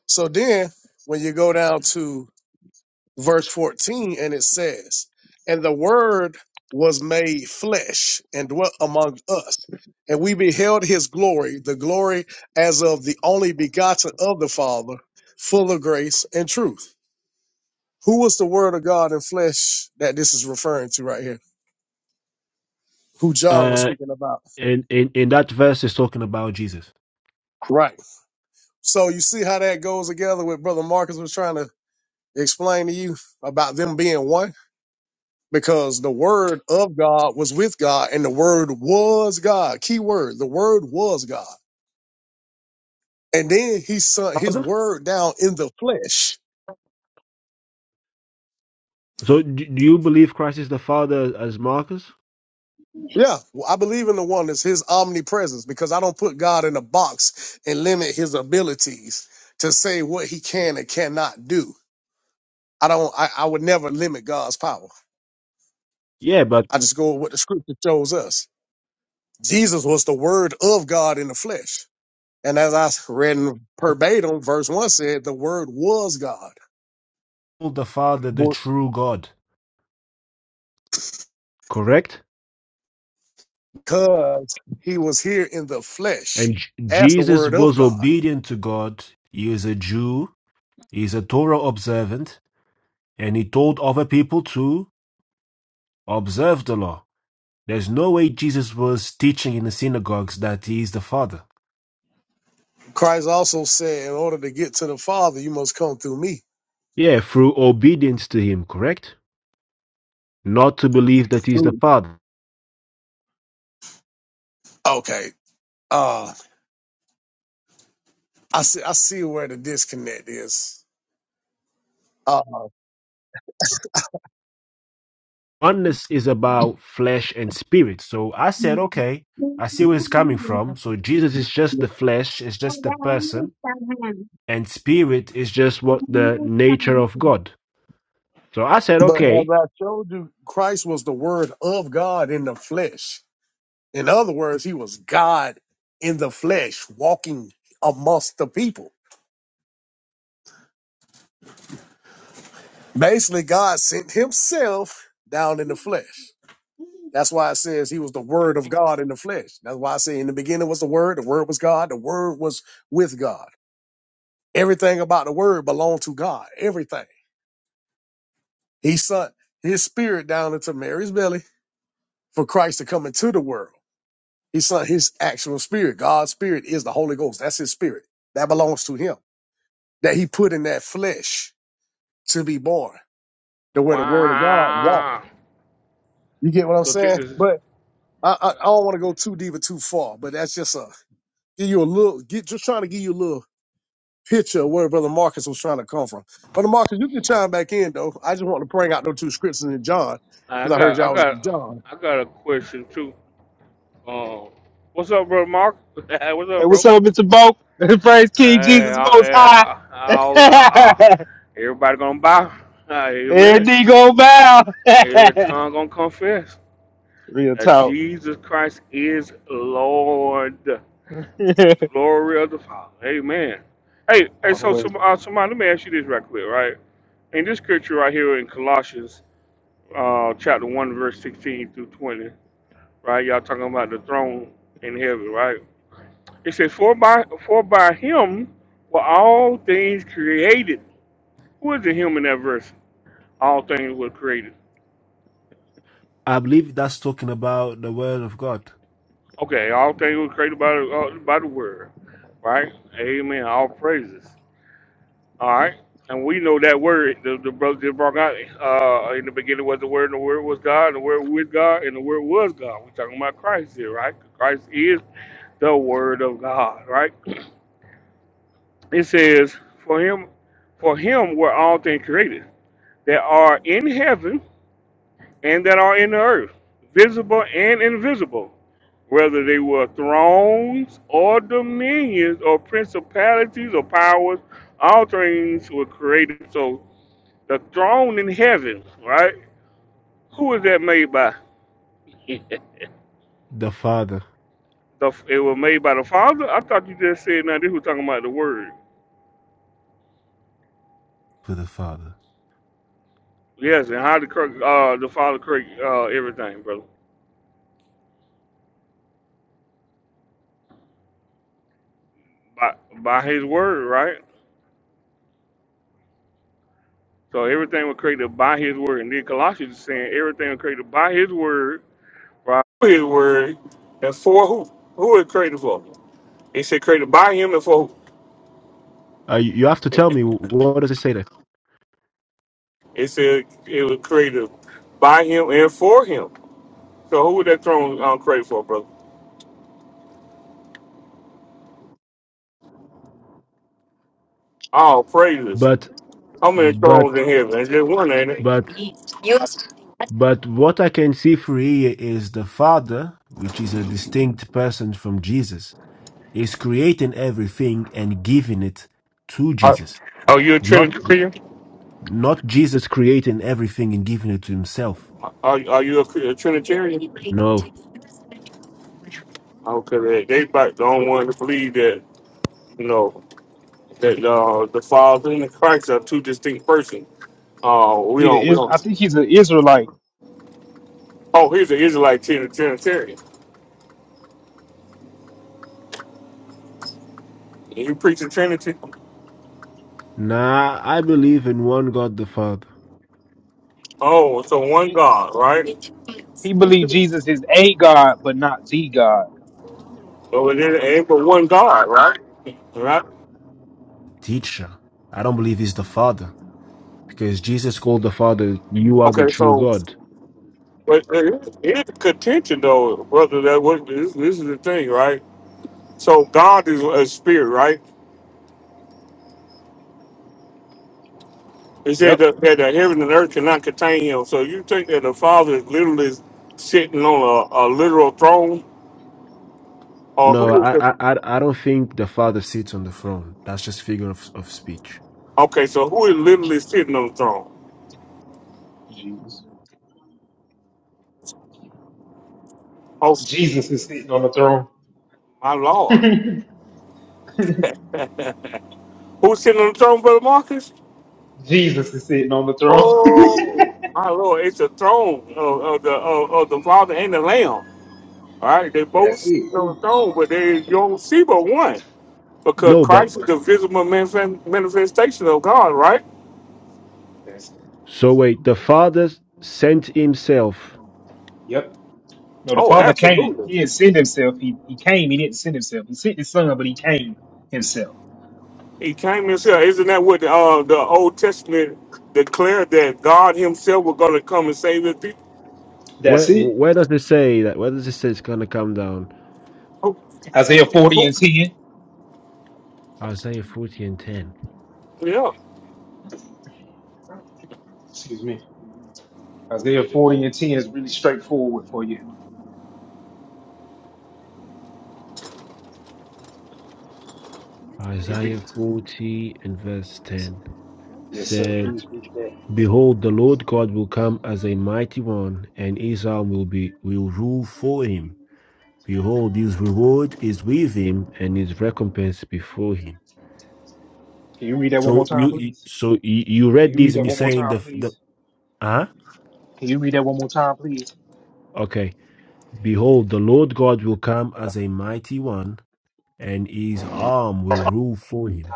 Speaker 20: So then when you go down to verse 14 and it says, And the word was made flesh and dwelt among us. And we beheld his glory, the glory as of the only begotten of the Father, full of grace and truth. Who was the word of God in flesh that this is referring to right here? Who John was
Speaker 6: Uh,
Speaker 20: speaking about.
Speaker 6: in in in that verse is talking about Jesus.
Speaker 20: Right. So you see how that goes together with Brother Marcus was trying to explain to you about them being one? Because the word of God was with God and the word was God. Key word, the word was God. And then he sent his
Speaker 6: Father?
Speaker 20: word down in the flesh.
Speaker 6: So d- do you believe Christ is the Father as Marcus?
Speaker 20: Yeah, well, I believe in the oneness, his omnipresence, because I don't put God in a box and limit his abilities to say what he can and cannot do. I don't I, I would never limit God's power.
Speaker 6: Yeah, but
Speaker 20: I just go with what the scripture shows us. Jesus was the word of God in the flesh. And as I read in verbatim, verse one said the word was God
Speaker 6: called the Father the true God. Correct.
Speaker 20: because he was here in the flesh
Speaker 6: And J-
Speaker 20: as the
Speaker 6: Jesus
Speaker 20: word of
Speaker 6: was
Speaker 20: God.
Speaker 6: Obedient to God, he is a Jew, he is a Torah observant, and he told other people to observe the law. There's no way Jesus was teaching in the synagogues that he is the Father.
Speaker 20: Christ also said, in order to get to the Father, you must come through me.
Speaker 6: Yeah, through obedience to him, correct? Not to believe that he's the Father.
Speaker 20: Okay. Uh I see I see where the disconnect is. Uh
Speaker 6: oneness is about flesh and spirit. So I said, okay, I see where it's coming from. So Jesus is just the flesh, is just the person, and spirit is just what the nature of God. So I said,
Speaker 20: But as
Speaker 6: okay,
Speaker 20: I showed you, Christ was the Word of God in the flesh. In other words, he was God in the flesh, walking amongst the people. Basically, God sent himself down in the flesh. That's why it says he was the Word of God in the flesh. That's why I say in the beginning was the Word, the Word was God, the Word was with God. Everything about the Word belonged to God. Everything. He sent his spirit down into Mary's belly for Christ to come into the world. His son, his actual spirit. God's spirit is the Holy Ghost. That's his spirit. That belongs to him. That he put in that flesh to be born. To where the word of God walked.
Speaker 18: Wow.
Speaker 20: You get what I'm
Speaker 18: So check
Speaker 20: saying?
Speaker 18: this.
Speaker 20: But I, I, I don't want to go too deep or too far, but that's just a give you a little get just trying to give you a little picture of where Brother Marcus was trying to come from. Brother Marcus, you can chime back in though. I just want to bring out those two scriptures in John,
Speaker 18: I
Speaker 20: because I heard
Speaker 18: got I
Speaker 20: y'all was
Speaker 18: got
Speaker 20: in John.
Speaker 18: I got a question too. Um what's up bro Mark? Hey, what's
Speaker 22: hey,
Speaker 18: up
Speaker 22: what's
Speaker 18: bro?
Speaker 22: up, Mister Bo? Praise King
Speaker 18: Hey,
Speaker 22: Jesus
Speaker 18: I,
Speaker 22: Most
Speaker 18: hey,
Speaker 22: High.
Speaker 18: I, I, I, I, everybody gonna bow. Hey, Amen.
Speaker 22: and he go bow.
Speaker 18: Every tongue gonna confess
Speaker 22: Real
Speaker 18: that
Speaker 22: talk.
Speaker 18: Jesus Christ is Lord. It's the glory of the Father. Amen. Hey, hey,
Speaker 22: oh
Speaker 18: so
Speaker 22: wait.
Speaker 18: some, uh, somebody, let me ask you this right quick, right? In this scripture right here in Colossians, uh, chapter one, verse sixteen through twenty, right? Y'all talking about the throne in heaven, right? It says, "For by for by him were all things created." Who is the him in that verse? All things were created.
Speaker 6: I believe that's talking about the word of God,
Speaker 18: Okay, all things were created by the, uh, by the word, right? Amen. All praises. All right. And we know that word, the, the brother just brought out, uh, in the beginning was the word, and the word was God, and the word with God, and the word was God. We're talking about Christ here, right? Christ is the word of God, right? It says, For him, for him were all things created that are in heaven and that are in the earth, visible and invisible, whether they were thrones or dominions or principalities or powers, all things were created. So The throne in heaven, right? Who is that made by?
Speaker 6: the Father.
Speaker 18: The, it was made by the Father. I thought you just said now this was talking about the Word.
Speaker 6: for the Father.
Speaker 18: Yes, and how the uh the Father created uh everything, brother, by by His Word, right? So everything was created by His Word, and then Colossians is saying everything was created by His Word, by His Word, and for who? Who it created for? It said created by Him and for
Speaker 6: Uh, you you have to
Speaker 18: who?
Speaker 6: tell me what does it say there.
Speaker 18: it said it was created by Him and for Him. So who was that throne um, created for, brother? All praises.
Speaker 6: But,
Speaker 18: How many
Speaker 6: but,
Speaker 18: thrones in heaven? There's just one, ain't it?
Speaker 6: but, but what I can see for here is the Father, which is a distinct person from Jesus is creating everything and giving it to
Speaker 18: Are,
Speaker 6: Jesus.
Speaker 18: are you a
Speaker 6: Not
Speaker 18: Trinitarian?
Speaker 6: not Jesus creating everything and giving it to himself.
Speaker 18: Are, are you a, a Trinitarian?
Speaker 6: No.
Speaker 18: Okay, they, they about the only one to believe that you know that uh, the Father and the Christ are two distinct persons. Uh, we
Speaker 22: He
Speaker 18: don't, we
Speaker 22: is. I
Speaker 18: don't.
Speaker 22: think he's an Israelite.
Speaker 18: Oh, here's an Israelite Trin- Trinitarian. You preach a Trinity?
Speaker 6: Nah, I believe in one God the Father.
Speaker 18: Oh, so one
Speaker 22: He,
Speaker 18: God, right?
Speaker 22: he believed Jesus is a God, but not the God.
Speaker 18: Well, it ain't but one God, right? Right.
Speaker 6: Teacher. I don't believe he's the Father. Because Jesus called the Father, you are the
Speaker 18: Okay,
Speaker 6: true
Speaker 18: so
Speaker 6: God.
Speaker 18: But there is is contention, though, brother. That what this, this is the thing, right? So God is a spirit, right? It said
Speaker 22: Yep.
Speaker 18: that, that the heaven and earth cannot contain Him. So you think that the Father is literally sitting on a, a literal throne, or
Speaker 6: No,
Speaker 18: who is
Speaker 6: I
Speaker 18: the?
Speaker 6: I I I don't think the Father sits on the throne. That's just figure of, of speech.
Speaker 18: Okay, so who is literally sitting on the throne?
Speaker 22: Jesus.
Speaker 18: Oh,
Speaker 22: Jesus is sitting on the throne.
Speaker 18: my Lord, who's sitting on the throne, brother Marcus?
Speaker 22: Jesus is sitting on the throne.
Speaker 18: Oh, my Lord, it's a throne of, of the of, of the Father and the Lamb. All right, they both
Speaker 22: That's
Speaker 18: sit
Speaker 22: it.
Speaker 18: on the throne, but they you don't see but one. Because
Speaker 6: No, but
Speaker 18: Christ is the visible manif- manifestation of God, right?
Speaker 22: That's
Speaker 6: so wait, the Father sent himself.
Speaker 22: yep. No, the
Speaker 18: Oh,
Speaker 22: Father came.
Speaker 18: absolutely.
Speaker 22: He didn't send himself. He he came. He didn't send himself. He sent his son, but he came himself.
Speaker 18: He came himself. Isn't that what the, uh, the Old Testament declared that God himself was going to come and save his people?
Speaker 22: That's
Speaker 6: Where
Speaker 22: it.
Speaker 6: where does it say that? Where does it say it's gonna come down?
Speaker 18: Oh,
Speaker 22: Isaiah 40
Speaker 18: oh,
Speaker 22: and 10.
Speaker 6: Isaiah 40 and 10.
Speaker 18: oh, yeah.
Speaker 22: Excuse me. Isaiah 40 and 10 is really straightforward for you. You can read
Speaker 6: Isaiah
Speaker 22: it to me.
Speaker 6: 40 and verse 10
Speaker 22: Yes, sir.
Speaker 6: said,
Speaker 22: Please read that.
Speaker 6: Behold, the Lord God will come as a mighty one, and Israel will be will rule for him. Behold, his reward is with him, and his recompense before him.
Speaker 22: Can you read that one more
Speaker 6: So
Speaker 22: time,
Speaker 6: you you-
Speaker 22: please?
Speaker 6: so you you
Speaker 22: Can
Speaker 6: read
Speaker 22: you
Speaker 6: this
Speaker 22: read
Speaker 6: and
Speaker 22: that one
Speaker 6: you're
Speaker 22: more
Speaker 6: saying
Speaker 22: time,
Speaker 6: the the
Speaker 22: please?
Speaker 6: huh?
Speaker 22: Can you read that one more time, please?
Speaker 6: Okay. Behold, the Lord God will come as a mighty one, and his arm will rule for him.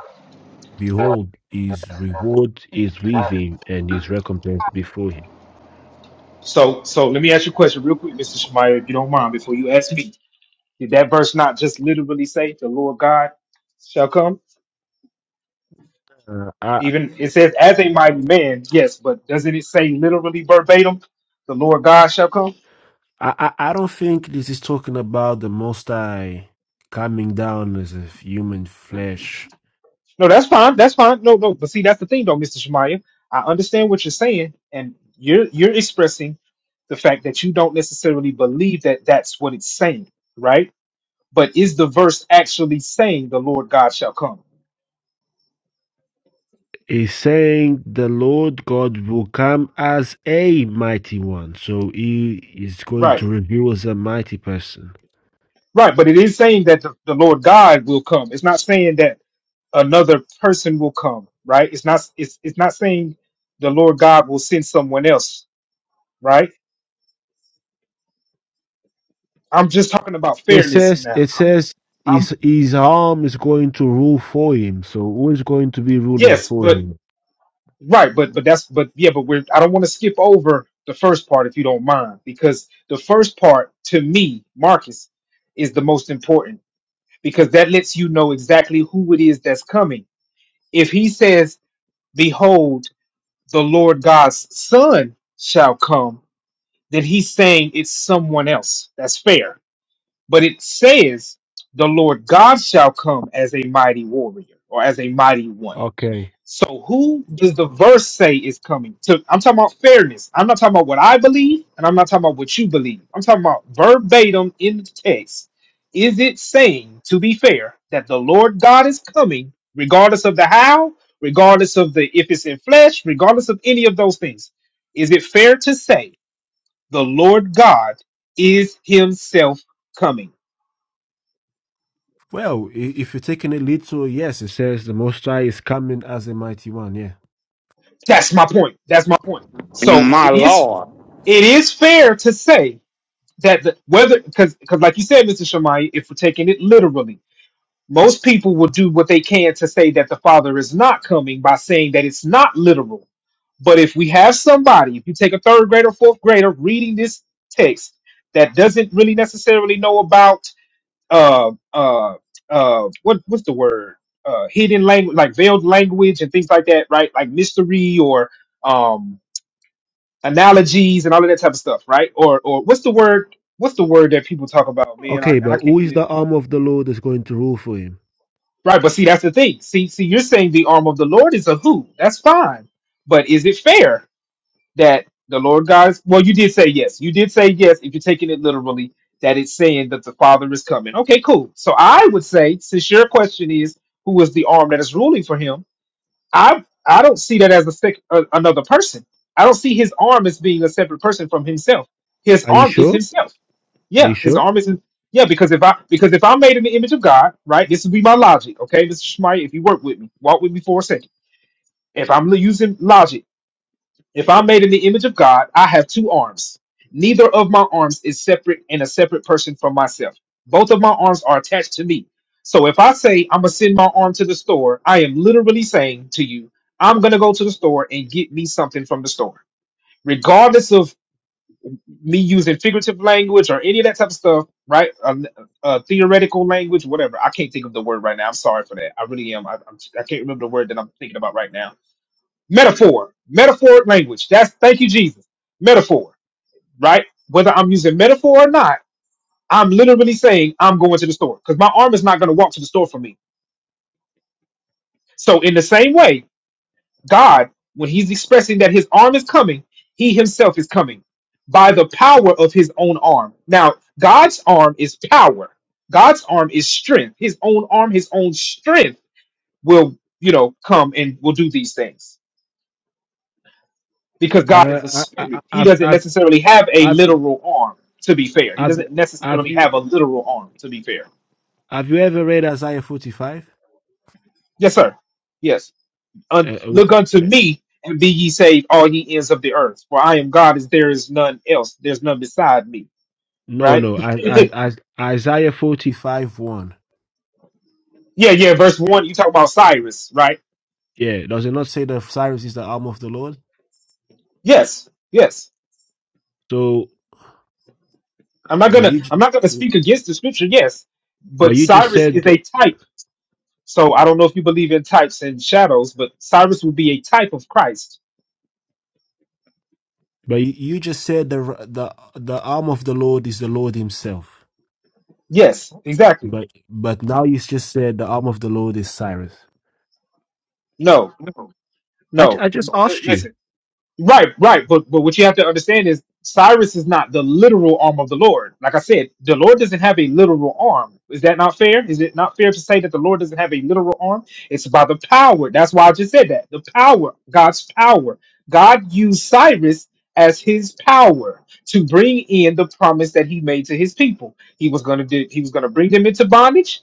Speaker 6: Behold, his reward is with him and his recompense before him.
Speaker 22: So, so let me ask you a question real quick, Mr. Shemaiah, if you don't mind, before you ask me. Did that verse not just literally say the Lord God shall come?
Speaker 6: Uh, I,
Speaker 22: Even it says as a mighty man, yes, but doesn't it say literally verbatim, the Lord God shall come?
Speaker 6: I, I I don't think this is talking about the Most High coming down as a human flesh.
Speaker 22: No, that's fine. That's fine. No, no. But see, that's the thing though, Mr. Shemaiah. I understand what you're saying, and you're you're expressing the fact that you don't necessarily believe that that's what it's saying, right? But is the verse actually saying the Lord God shall come?
Speaker 6: He's saying the Lord God will come as a mighty one, so he is going
Speaker 22: Right.
Speaker 6: to reveal as a mighty person.
Speaker 22: Right, but it is saying that the, the Lord God will come. It's not saying that another person will come, right? It's not it's it's not saying the Lord God will send someone else, right? I'm just talking about
Speaker 6: It
Speaker 22: fairness
Speaker 6: says,
Speaker 22: now.
Speaker 6: it
Speaker 22: I'm
Speaker 6: says,
Speaker 22: I'm
Speaker 6: his his arm is going to rule for him. So who is going to be ruling
Speaker 22: yes,
Speaker 6: for
Speaker 22: but
Speaker 6: him?
Speaker 22: right, but but that's but yeah, but we're I don't want to skip over the first part if you don't mind, because the first part to me, Marcus, is the most important because that lets you know exactly who it is that's coming. If he says, Behold, the Lord God's son shall come, then he's saying it's someone else. That's fair. But it says the Lord God shall come as a mighty warrior or as a mighty one.
Speaker 6: Okay.
Speaker 22: So who does the verse say is coming? To I'm talking about fairness. I'm not talking about what I believe, and I'm not talking about what you believe. I'm talking about verbatim in the text. Is it saying, to be fair, that the Lord God is coming, regardless of the how, regardless of the if it's in flesh, regardless of any of those things? Is it fair to say the Lord God is Himself coming?
Speaker 6: Well, if you're taking it literal, yes, it says the Most High is coming as a mighty one. Yeah.
Speaker 22: That's my point. That's my point. So it is it is fair to say that the, whether because because like you said, Mr. Shamai, if we're taking it literally, most people will do what they can to say that the Father is not coming by saying that it's not literal. But if we have somebody, if you take a third grader, fourth grader reading this text that doesn't really necessarily know about uh uh uh what what's the word uh hidden language like veiled language and things like that, right? Like mystery or um analogies and all of that type of stuff, right? Or or what's the word? What's the word that people talk about, man? I,
Speaker 6: Okay,
Speaker 22: and I
Speaker 6: but who
Speaker 22: can't
Speaker 6: is
Speaker 22: get it
Speaker 6: the arm of the Lord that's going to rule for him?
Speaker 22: right. But see, that's the thing. See, see, you're saying the arm of the Lord is a who? That's fine. But is it fair that the Lord God is? Well, you did say yes. You did say yes. If you're taking it literally, that it's saying that the Father is coming. Okay, cool. So I would say, since your question is who is the arm that is ruling for him, I I don't see that as a sec, a, another person. I don't see his arm as being a separate person from himself. His
Speaker 6: Are you
Speaker 22: arm is
Speaker 6: sure?
Speaker 22: himself.
Speaker 6: Are you
Speaker 22: Yeah, his
Speaker 6: sure?
Speaker 22: arm is. Yeah, because if I because if I'm made in the image of God, right? This would be my logic, okay, Mr. Schmeier. If you work with me, walk with me for a second. If I'm using logic. If I'm made in the image of God, I have two arms. Neither of my arms is separate and a separate person from myself. Both of my arms are attached to me. So if I say I'm going to send my arm to the store, I am literally saying to you, I'm going to go to the store and get me something from the store. Regardless of me using figurative language or any of that type of stuff, right? Um, uh, theoretical language, whatever. I can't think of the word right now. I'm sorry for that. I really am. I, I'm, I can't remember the word that I'm thinking about right now metaphor, metaphoric language. That's thank you, Jesus. Metaphor, right? Whether I'm using metaphor or not, I'm literally saying I'm going to the store because my arm is not going to walk to the store for me. So, in the same way, God, when He's expressing that His arm is coming, He Himself is coming by the power of His own arm. Now, God's arm is power, God's arm is strength. His own arm, His own strength will, you know, come and will do these things. because God
Speaker 6: Uh,
Speaker 22: is a
Speaker 6: I, I,
Speaker 22: spirit. He
Speaker 6: I,
Speaker 22: doesn't necessarily have a
Speaker 6: I,
Speaker 22: literal arm, to be fair. He
Speaker 6: I, I,
Speaker 22: doesn't
Speaker 6: have
Speaker 22: necessarily
Speaker 6: you
Speaker 22: have a literal arm, to be fair.
Speaker 6: have you ever read Isaiah 45?
Speaker 22: Yes, sir. Yes.
Speaker 6: Uh,
Speaker 22: Un-
Speaker 6: uh,
Speaker 22: look
Speaker 6: w-
Speaker 22: unto
Speaker 6: uh,
Speaker 22: me and be ye saved, all ye ends of the earth. For I am God, as there is none else. There's none beside me,
Speaker 6: no,
Speaker 22: right?
Speaker 6: no. I,
Speaker 22: yeah,
Speaker 6: I, I, Isaiah 45 1.
Speaker 22: yeah. Verse one, you talk about Cyrus, right?
Speaker 6: Yeah. Does it not say that Cyrus is the arm of the Lord?
Speaker 22: Yes, yes.
Speaker 6: So,
Speaker 22: I'm not
Speaker 6: but
Speaker 22: gonna,
Speaker 6: you,
Speaker 22: I'm
Speaker 6: j-
Speaker 22: not gonna speak against the scripture. Yes,
Speaker 6: but
Speaker 22: but
Speaker 6: you just
Speaker 22: Cyrus is
Speaker 6: said.
Speaker 22: a type. So I don't know if you believe in types and shadows, but Cyrus would be a type of Christ
Speaker 6: But you just said the the the arm of the Lord is the Lord Himself.
Speaker 22: Yes, exactly.
Speaker 6: But but now you just said the arm of the Lord is Cyrus.
Speaker 22: No,
Speaker 6: No, I, ju- I
Speaker 22: no.
Speaker 6: just
Speaker 22: L-
Speaker 6: asked
Speaker 22: Listen,
Speaker 6: you.
Speaker 22: Right, right. But but what you have to understand is Cyrus is not the literal arm of the Lord. Like I said, the Lord doesn't have a literal arm. Is that not fair? Is it not fair to say that the Lord doesn't have a literal arm? It's by the power. That's why I just said that. The power, God's power. God used Cyrus as his power to bring in the promise that he made to his people. He was going to do he was going to bring them into bondage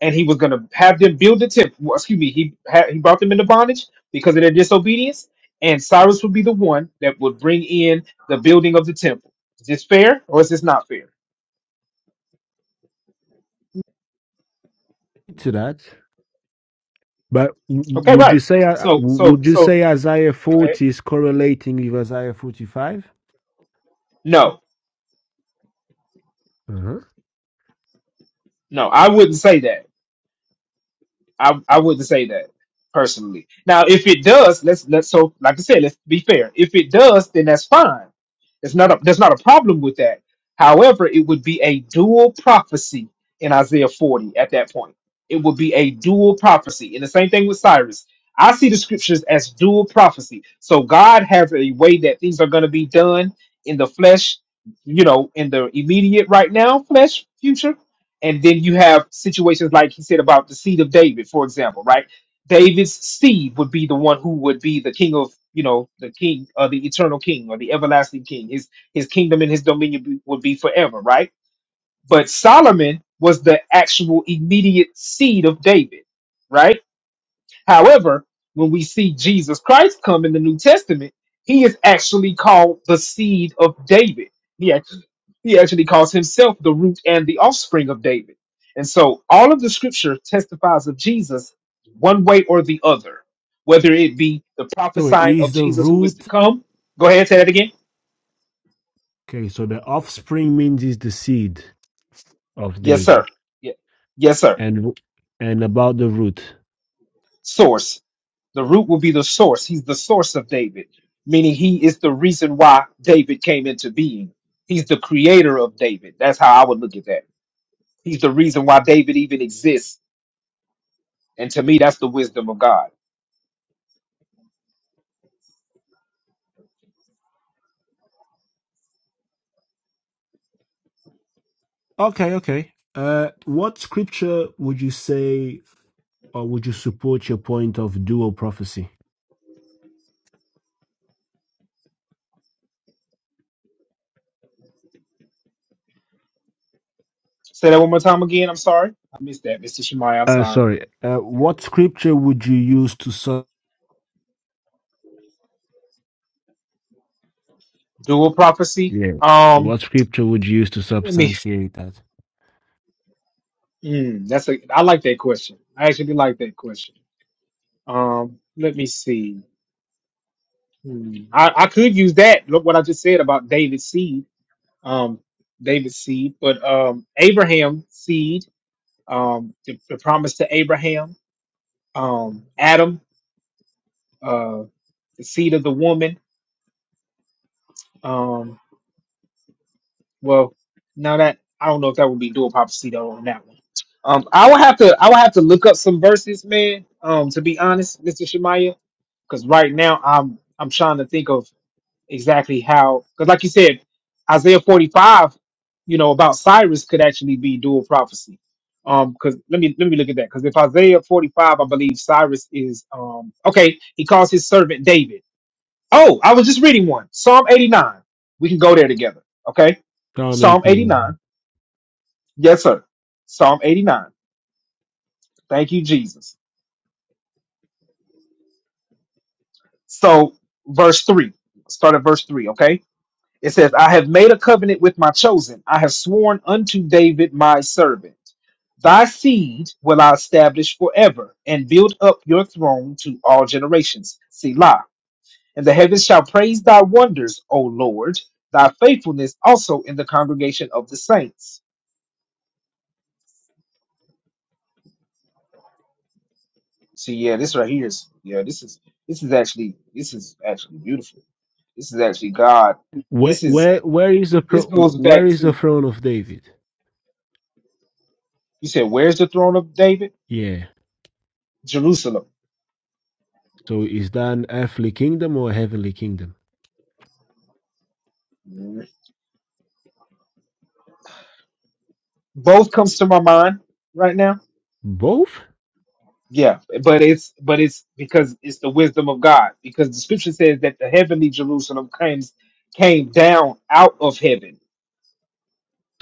Speaker 22: and he was going to have them build the temple. Well, Excuse me, he had, he brought them into bondage because of their disobedience and Cyrus would be the one that would bring in the building of the temple. Is this fair or is this not fair?
Speaker 6: To that, but w-
Speaker 22: Okay,
Speaker 6: would you
Speaker 22: right.
Speaker 6: say uh,
Speaker 22: So, so,
Speaker 6: would you
Speaker 22: so,
Speaker 6: say Isaiah
Speaker 22: okay.
Speaker 6: forty is correlating with Isaiah forty five?
Speaker 22: no,
Speaker 6: Uh-huh.
Speaker 22: no, I wouldn't say that. I I wouldn't say that personally. Now, if it does, let's let's so like I said, let's be fair. If it does, then that's fine. There's not a there's not a problem with that. However, it would be a dual prophecy in Isaiah 40 at that point. It would be a dual prophecy. And the same thing with Cyrus. I see the scriptures as dual prophecy. So God has a way that things are going to be done in the flesh, you know, in the immediate right now, flesh, future and then you have situations like he said about the seed of David, for example, right? David's seed would be the one who would be the king of, you know, the king or the eternal king or the everlasting king. His his kingdom and his dominion be- would be forever, right? But Solomon was the actual immediate seed of David, right? However, when we see Jesus Christ come in the New Testament, he is actually called the seed of David. He actually, he actually calls himself the root and the offspring of David. And so all of the scripture testifies of Jesus one way or the other, whether it be the
Speaker 6: So it
Speaker 22: prophesying
Speaker 6: is
Speaker 22: of
Speaker 6: the
Speaker 22: Jesus who is to
Speaker 6: root.
Speaker 22: come. Go ahead, say that again.
Speaker 6: Okay, so the offspring means is the seed of
Speaker 22: Yes,
Speaker 6: David,
Speaker 22: sir. Yeah. Yes, sir.
Speaker 6: and w- and about the root.
Speaker 22: Source. The root will be the source. He's the source of David, meaning he is the reason why David came into being. He's the creator of David. That's how I would look at that. He's the reason why David even exists. And to me, that's the wisdom of God.
Speaker 6: Okay, okay. Uh, what scripture would you say? or would you support your point of dual prophecy?
Speaker 22: Say that one more time again. I'm sorry. I missed that, Mr. Shemai. I'm
Speaker 6: Uh,
Speaker 22: sorry.
Speaker 6: sorry. Uh, what scripture would you use to sub?
Speaker 22: Dual prophecy.
Speaker 6: Yeah.
Speaker 22: Um,
Speaker 6: What scripture would you use to
Speaker 22: let me,
Speaker 6: substantiate that?
Speaker 22: mm, that's a, I like that question. I actually like that question. Um, let me see. Hmm. I, I could use that. Look what I just said about David's seed um, David's seed, but um, Abraham's seed, um, the, the promise to Abraham, um, Adam, uh, the seed of the woman. Um, well, now that I don't know if that would be dual prophecy though on that one. Um, I would have to I would have to look up some verses, man. Um, to be honest, Mister Shemaya, because right now I'm I'm trying to think of exactly how because like you said isaiah 45 you know about cyrus could actually be dual prophecy um because let me let me look at that because if isaiah 45 i believe cyrus is um okay he calls his servant david oh i was just reading one psalm 89 we can go there together okay
Speaker 6: Psalm
Speaker 22: psalm
Speaker 6: 18.
Speaker 22: 89 yes sir psalm 89 thank you jesus so verse 3 start at verse 3 okay It says, I have made a covenant with my chosen. I have sworn unto David, my servant. Thy seed will I establish forever and build up your throne to all generations. Selah. And the heavens shall praise thy wonders, O Lord, thy faithfulness also in the congregation of the saints. See, yeah, this right here is, yeah, this is, this is actually, this is actually beautiful. This is actually God.
Speaker 6: Where,
Speaker 22: This is,
Speaker 6: where, where is the
Speaker 22: this
Speaker 6: pro-
Speaker 22: goes
Speaker 6: where
Speaker 22: back
Speaker 6: is the
Speaker 22: to,
Speaker 6: throne of David?
Speaker 22: you said, where's the throne of David?
Speaker 6: Yeah.
Speaker 22: Jerusalem.
Speaker 6: So is that an earthly kingdom or a heavenly kingdom?
Speaker 22: both comes to my mind right now
Speaker 6: Both.
Speaker 22: yeah but it's but it's because it's the wisdom of god because the scripture says that the heavenly jerusalem came came down out of heaven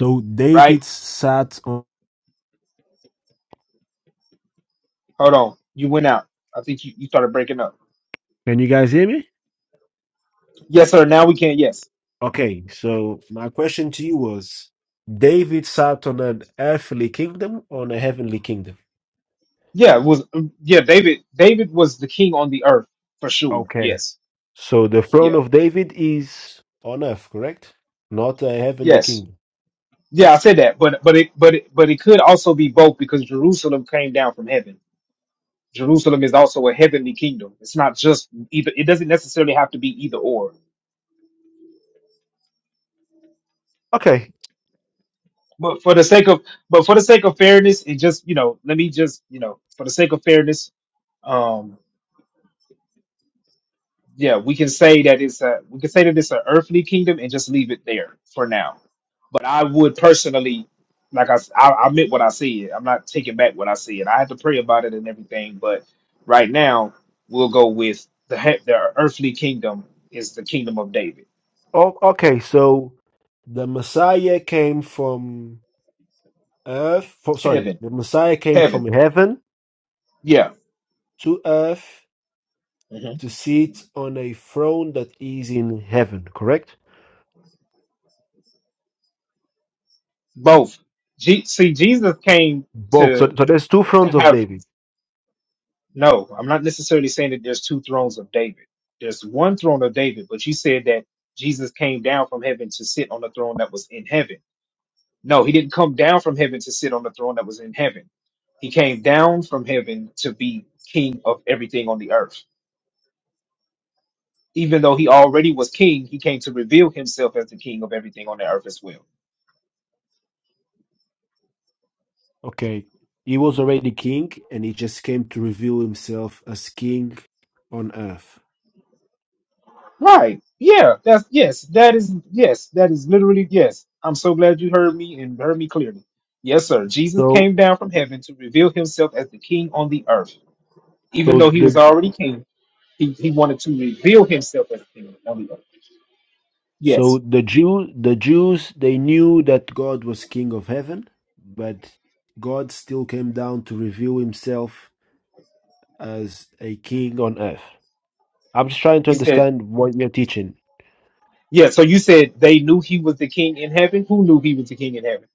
Speaker 6: So
Speaker 22: right
Speaker 6: David sat on.
Speaker 22: hold on you went out i think you, you started breaking up
Speaker 6: Can you guys hear me?
Speaker 22: yes sir now we can yes
Speaker 6: Okay. So my question to you was: David sat on an earthly kingdom or on a heavenly kingdom?
Speaker 22: yeah it was mm, yeah david david was the king on the earth for sure
Speaker 6: Okay.
Speaker 22: yes
Speaker 6: So the throne
Speaker 22: yeah
Speaker 6: of David is on earth, correct? Not a heavenly
Speaker 22: yes
Speaker 6: kingdom.
Speaker 22: yeah i said that but but it but it but it could also be both because jerusalem came down from heaven Jerusalem is also a heavenly kingdom. It's not just either. It doesn't necessarily have to be either or.
Speaker 6: okay.
Speaker 22: But for the sake of, but for the sake of fairness, it just you know, let me just you know, for the sake of fairness, um, yeah, we can say that it's a, we can say that it's an earthly kingdom and just leave it there for now. But I would personally, like I, s- I, I meant what I said. I'm not taking back what I said. I had to pray about it and everything. But right now, we'll go with the he- the earthly kingdom is the kingdom of David,
Speaker 6: Oh, okay. So The Messiah came from earth. From, sorry,
Speaker 22: heaven
Speaker 6: the Messiah came
Speaker 22: heaven.
Speaker 6: from heaven.
Speaker 22: Yeah,
Speaker 6: to earth
Speaker 22: hmm
Speaker 6: to sit on a throne that is in heaven, correct?
Speaker 22: both. G- See, Jesus came
Speaker 6: Both. So,
Speaker 22: to
Speaker 6: so there's two
Speaker 22: to
Speaker 6: thrones of
Speaker 22: have
Speaker 6: David.
Speaker 22: no. I'm not necessarily saying that there's two thrones of David. There's one throne of David, but you said that Jesus came down from heaven to sit on the throne that was in heaven. No, he didn't come down from heaven to sit on the throne that was in heaven. He came down from heaven to be king of everything on the earth. Even though he already was king, he came to reveal himself as the king of everything on the earth as well.
Speaker 6: Okay. He was already king and he just came to reveal himself as king on earth.
Speaker 22: Right. Yeah. That's yes. That is yes. That is literally yes. I'm so glad you heard me and heard me clearly. Yes, sir. Jesus
Speaker 6: So
Speaker 22: came down from heaven to reveal himself as the king on the earth. Even
Speaker 6: so
Speaker 22: though he
Speaker 6: the
Speaker 22: was already king, he, he wanted to reveal himself as king on the earth.
Speaker 6: So
Speaker 22: Yes.
Speaker 6: the Jew, the Jews, they knew that God was King of Heaven, but God still came down to reveal Himself as a King on earth. I'm just trying to
Speaker 22: You said,
Speaker 6: understand what you're teaching.
Speaker 22: yeah. So you said they knew he was the king in heaven. Who knew he was the king in heaven?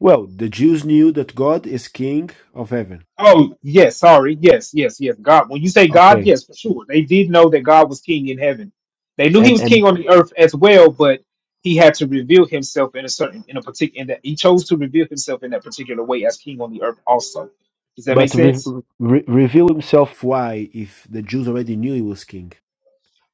Speaker 6: Well, the Jews knew that God is King of Heaven.
Speaker 22: Oh, yes, sorry. Yes, yes, yes. God. When you say God,
Speaker 6: Okay,
Speaker 22: yes, for sure. They did know that God was king in heaven. They knew he
Speaker 6: and
Speaker 22: was
Speaker 6: and
Speaker 22: king on the earth as well, but he had to reveal himself in a certain in a particular in that he chose to reveal himself in that particular way as king on the earth also. Does that make
Speaker 6: but re-
Speaker 22: sense?
Speaker 6: re- reveal Himself. Why, if the Jews already knew He was King?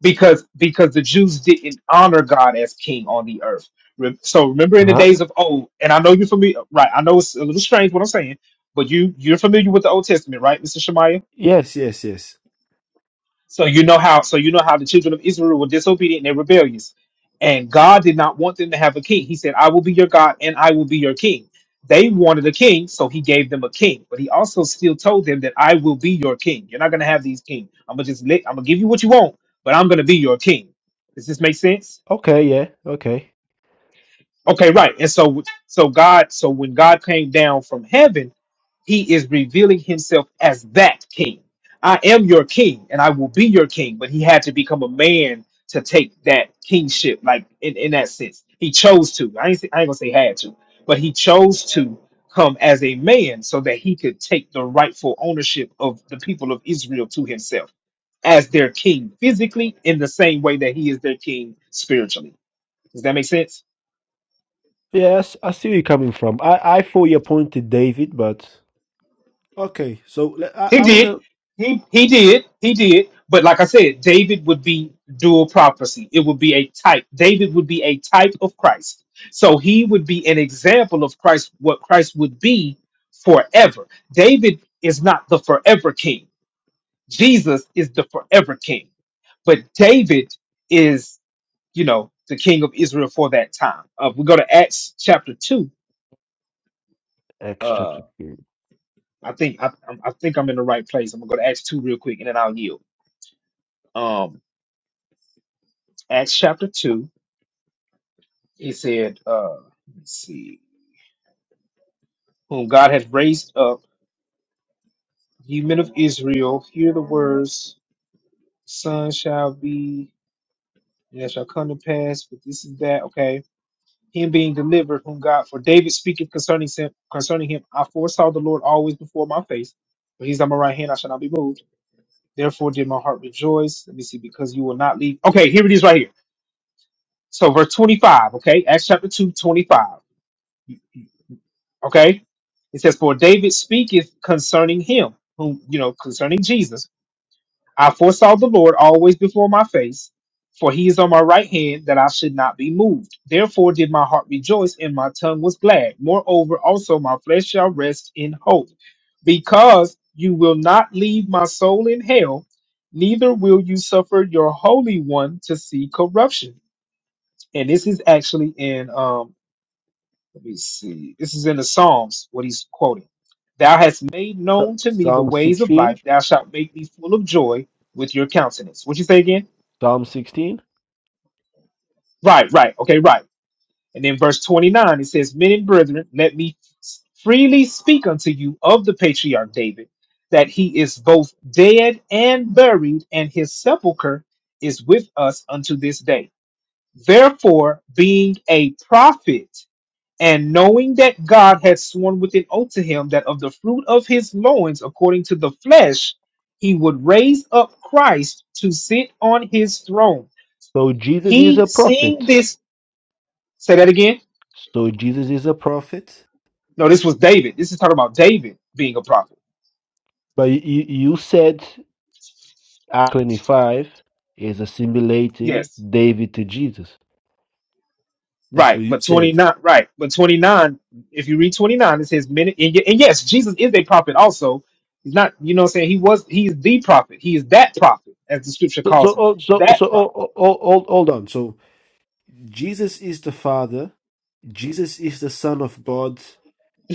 Speaker 22: Because because the Jews didn't honor God as king on the earth. Re- So remember in the
Speaker 6: Huh?
Speaker 22: days of old, and I know you're familiar, right? I know it's a little strange what I'm saying, but you you're familiar with the Old Testament, right, Mr. Shemaiah?
Speaker 6: Yes, yes, yes.
Speaker 22: So you know how so you know how the children of Israel were disobedient and rebellious. And God did not want them to have a king. He said, I will be your God and I will be your king. They wanted a king, so he gave them a king. But he also still told them that I will be your king. You're not gonna have these kings. I'm gonna just let I'm gonna give you what you want, but I'm gonna be your king. Does this make sense?
Speaker 6: Okay, yeah, okay.
Speaker 22: Okay, right. And so so God, so when God came down from heaven, he is revealing himself as that king. I am your king and I will be your king, but he had to become a man to take that kingship, like in, in that sense. He chose to. I ain't, say- I ain't gonna say had to, but he chose to come as a man so that he could take the rightful ownership of the people of Israel to himself as their king physically in the same way that he is their king spiritually. Does that make sense?
Speaker 6: Yes, I see where you're coming from. I I thought you pointed David, but. Okay, so le- I,
Speaker 22: He
Speaker 6: I want
Speaker 22: did.
Speaker 6: to.
Speaker 22: He he did. He did. But like I said, David would be dual prophecy. It would be a type. David would be a type of Christ. So he would be an example of Christ, what Christ would be forever. David is not the forever king. Jesus is the forever king. But David is, you know, the king of Israel for that time. Uh, if we go to Acts chapter two.
Speaker 6: Acts
Speaker 22: Uh,
Speaker 6: chapter 2.
Speaker 22: I think I, I'm- I think I'm in the right place. I'm gonna go to Acts two real quick, and then I'll yield. Um, Acts chapter 2, it said, uh, let me see, whom God hath raised up, ye men of Israel, hear the words, Son shall be, and it shall come to pass, but this is that, okay. Him being delivered, whom God, for David speaketh concerning him, concerning him, I foresaw the Lord always before my face, but he's on my right hand, I shall not be moved. Therefore did my heart rejoice. Let me see, because you will not leave. Okay, here it is right here. So verse 25, okay, Acts chapter 2, 25 Okay. It says, For David speaketh concerning him, whom you know, concerning Jesus. I foresaw the Lord always before my face, for he is on my right hand, that I should not be moved. Therefore did my heart rejoice, and my tongue was glad. Moreover, also my flesh shall rest in hope, because you will not leave my soul in hell, neither will you suffer your holy one to see corruption. And this is actually in um, let me see. This is in the Psalms, what he's quoting. Thou hast made
Speaker 6: So-
Speaker 22: known to me the
Speaker 6: Psalm
Speaker 22: ways of
Speaker 6: 16.
Speaker 22: life. Thou shalt make me full of joy with your countenance. What you say again?
Speaker 6: Psalm 16.
Speaker 22: Right, right. Okay, right. And then verse 29, it says, Men and brethren, let me freely speak unto you of the patriarch David, that he is both dead and buried, and his sepulchre is with us unto this day. Therefore, being a prophet, And knowing that God had sworn with an oath to him that of the fruit of his loins, according to the flesh, he would raise up Christ to sit on his throne.
Speaker 6: So Jesus is
Speaker 22: He
Speaker 6: a
Speaker 22: seeing
Speaker 6: prophet.
Speaker 22: this, say that again.
Speaker 6: So Jesus is a prophet.
Speaker 22: No, this was David. This is talking about David being a prophet.
Speaker 6: But you, you said Act 25 is assimilating
Speaker 22: Yes.
Speaker 6: David to Jesus. That's
Speaker 22: Right.
Speaker 6: what you
Speaker 22: But
Speaker 6: said.
Speaker 22: 29, right. But 29, if you read 29, it says, "Many," and ye- and yes, Jesus is a prophet also. He's not, you know what I'm saying? He was, he is the prophet. He is that prophet, as the scripture
Speaker 6: So,
Speaker 22: calls
Speaker 6: so,
Speaker 22: him.
Speaker 6: oh, so, so
Speaker 22: That
Speaker 6: oh,
Speaker 22: prophet.
Speaker 6: oh, oh, hold, hold on. So Jesus is the Father, Jesus is the Son of God,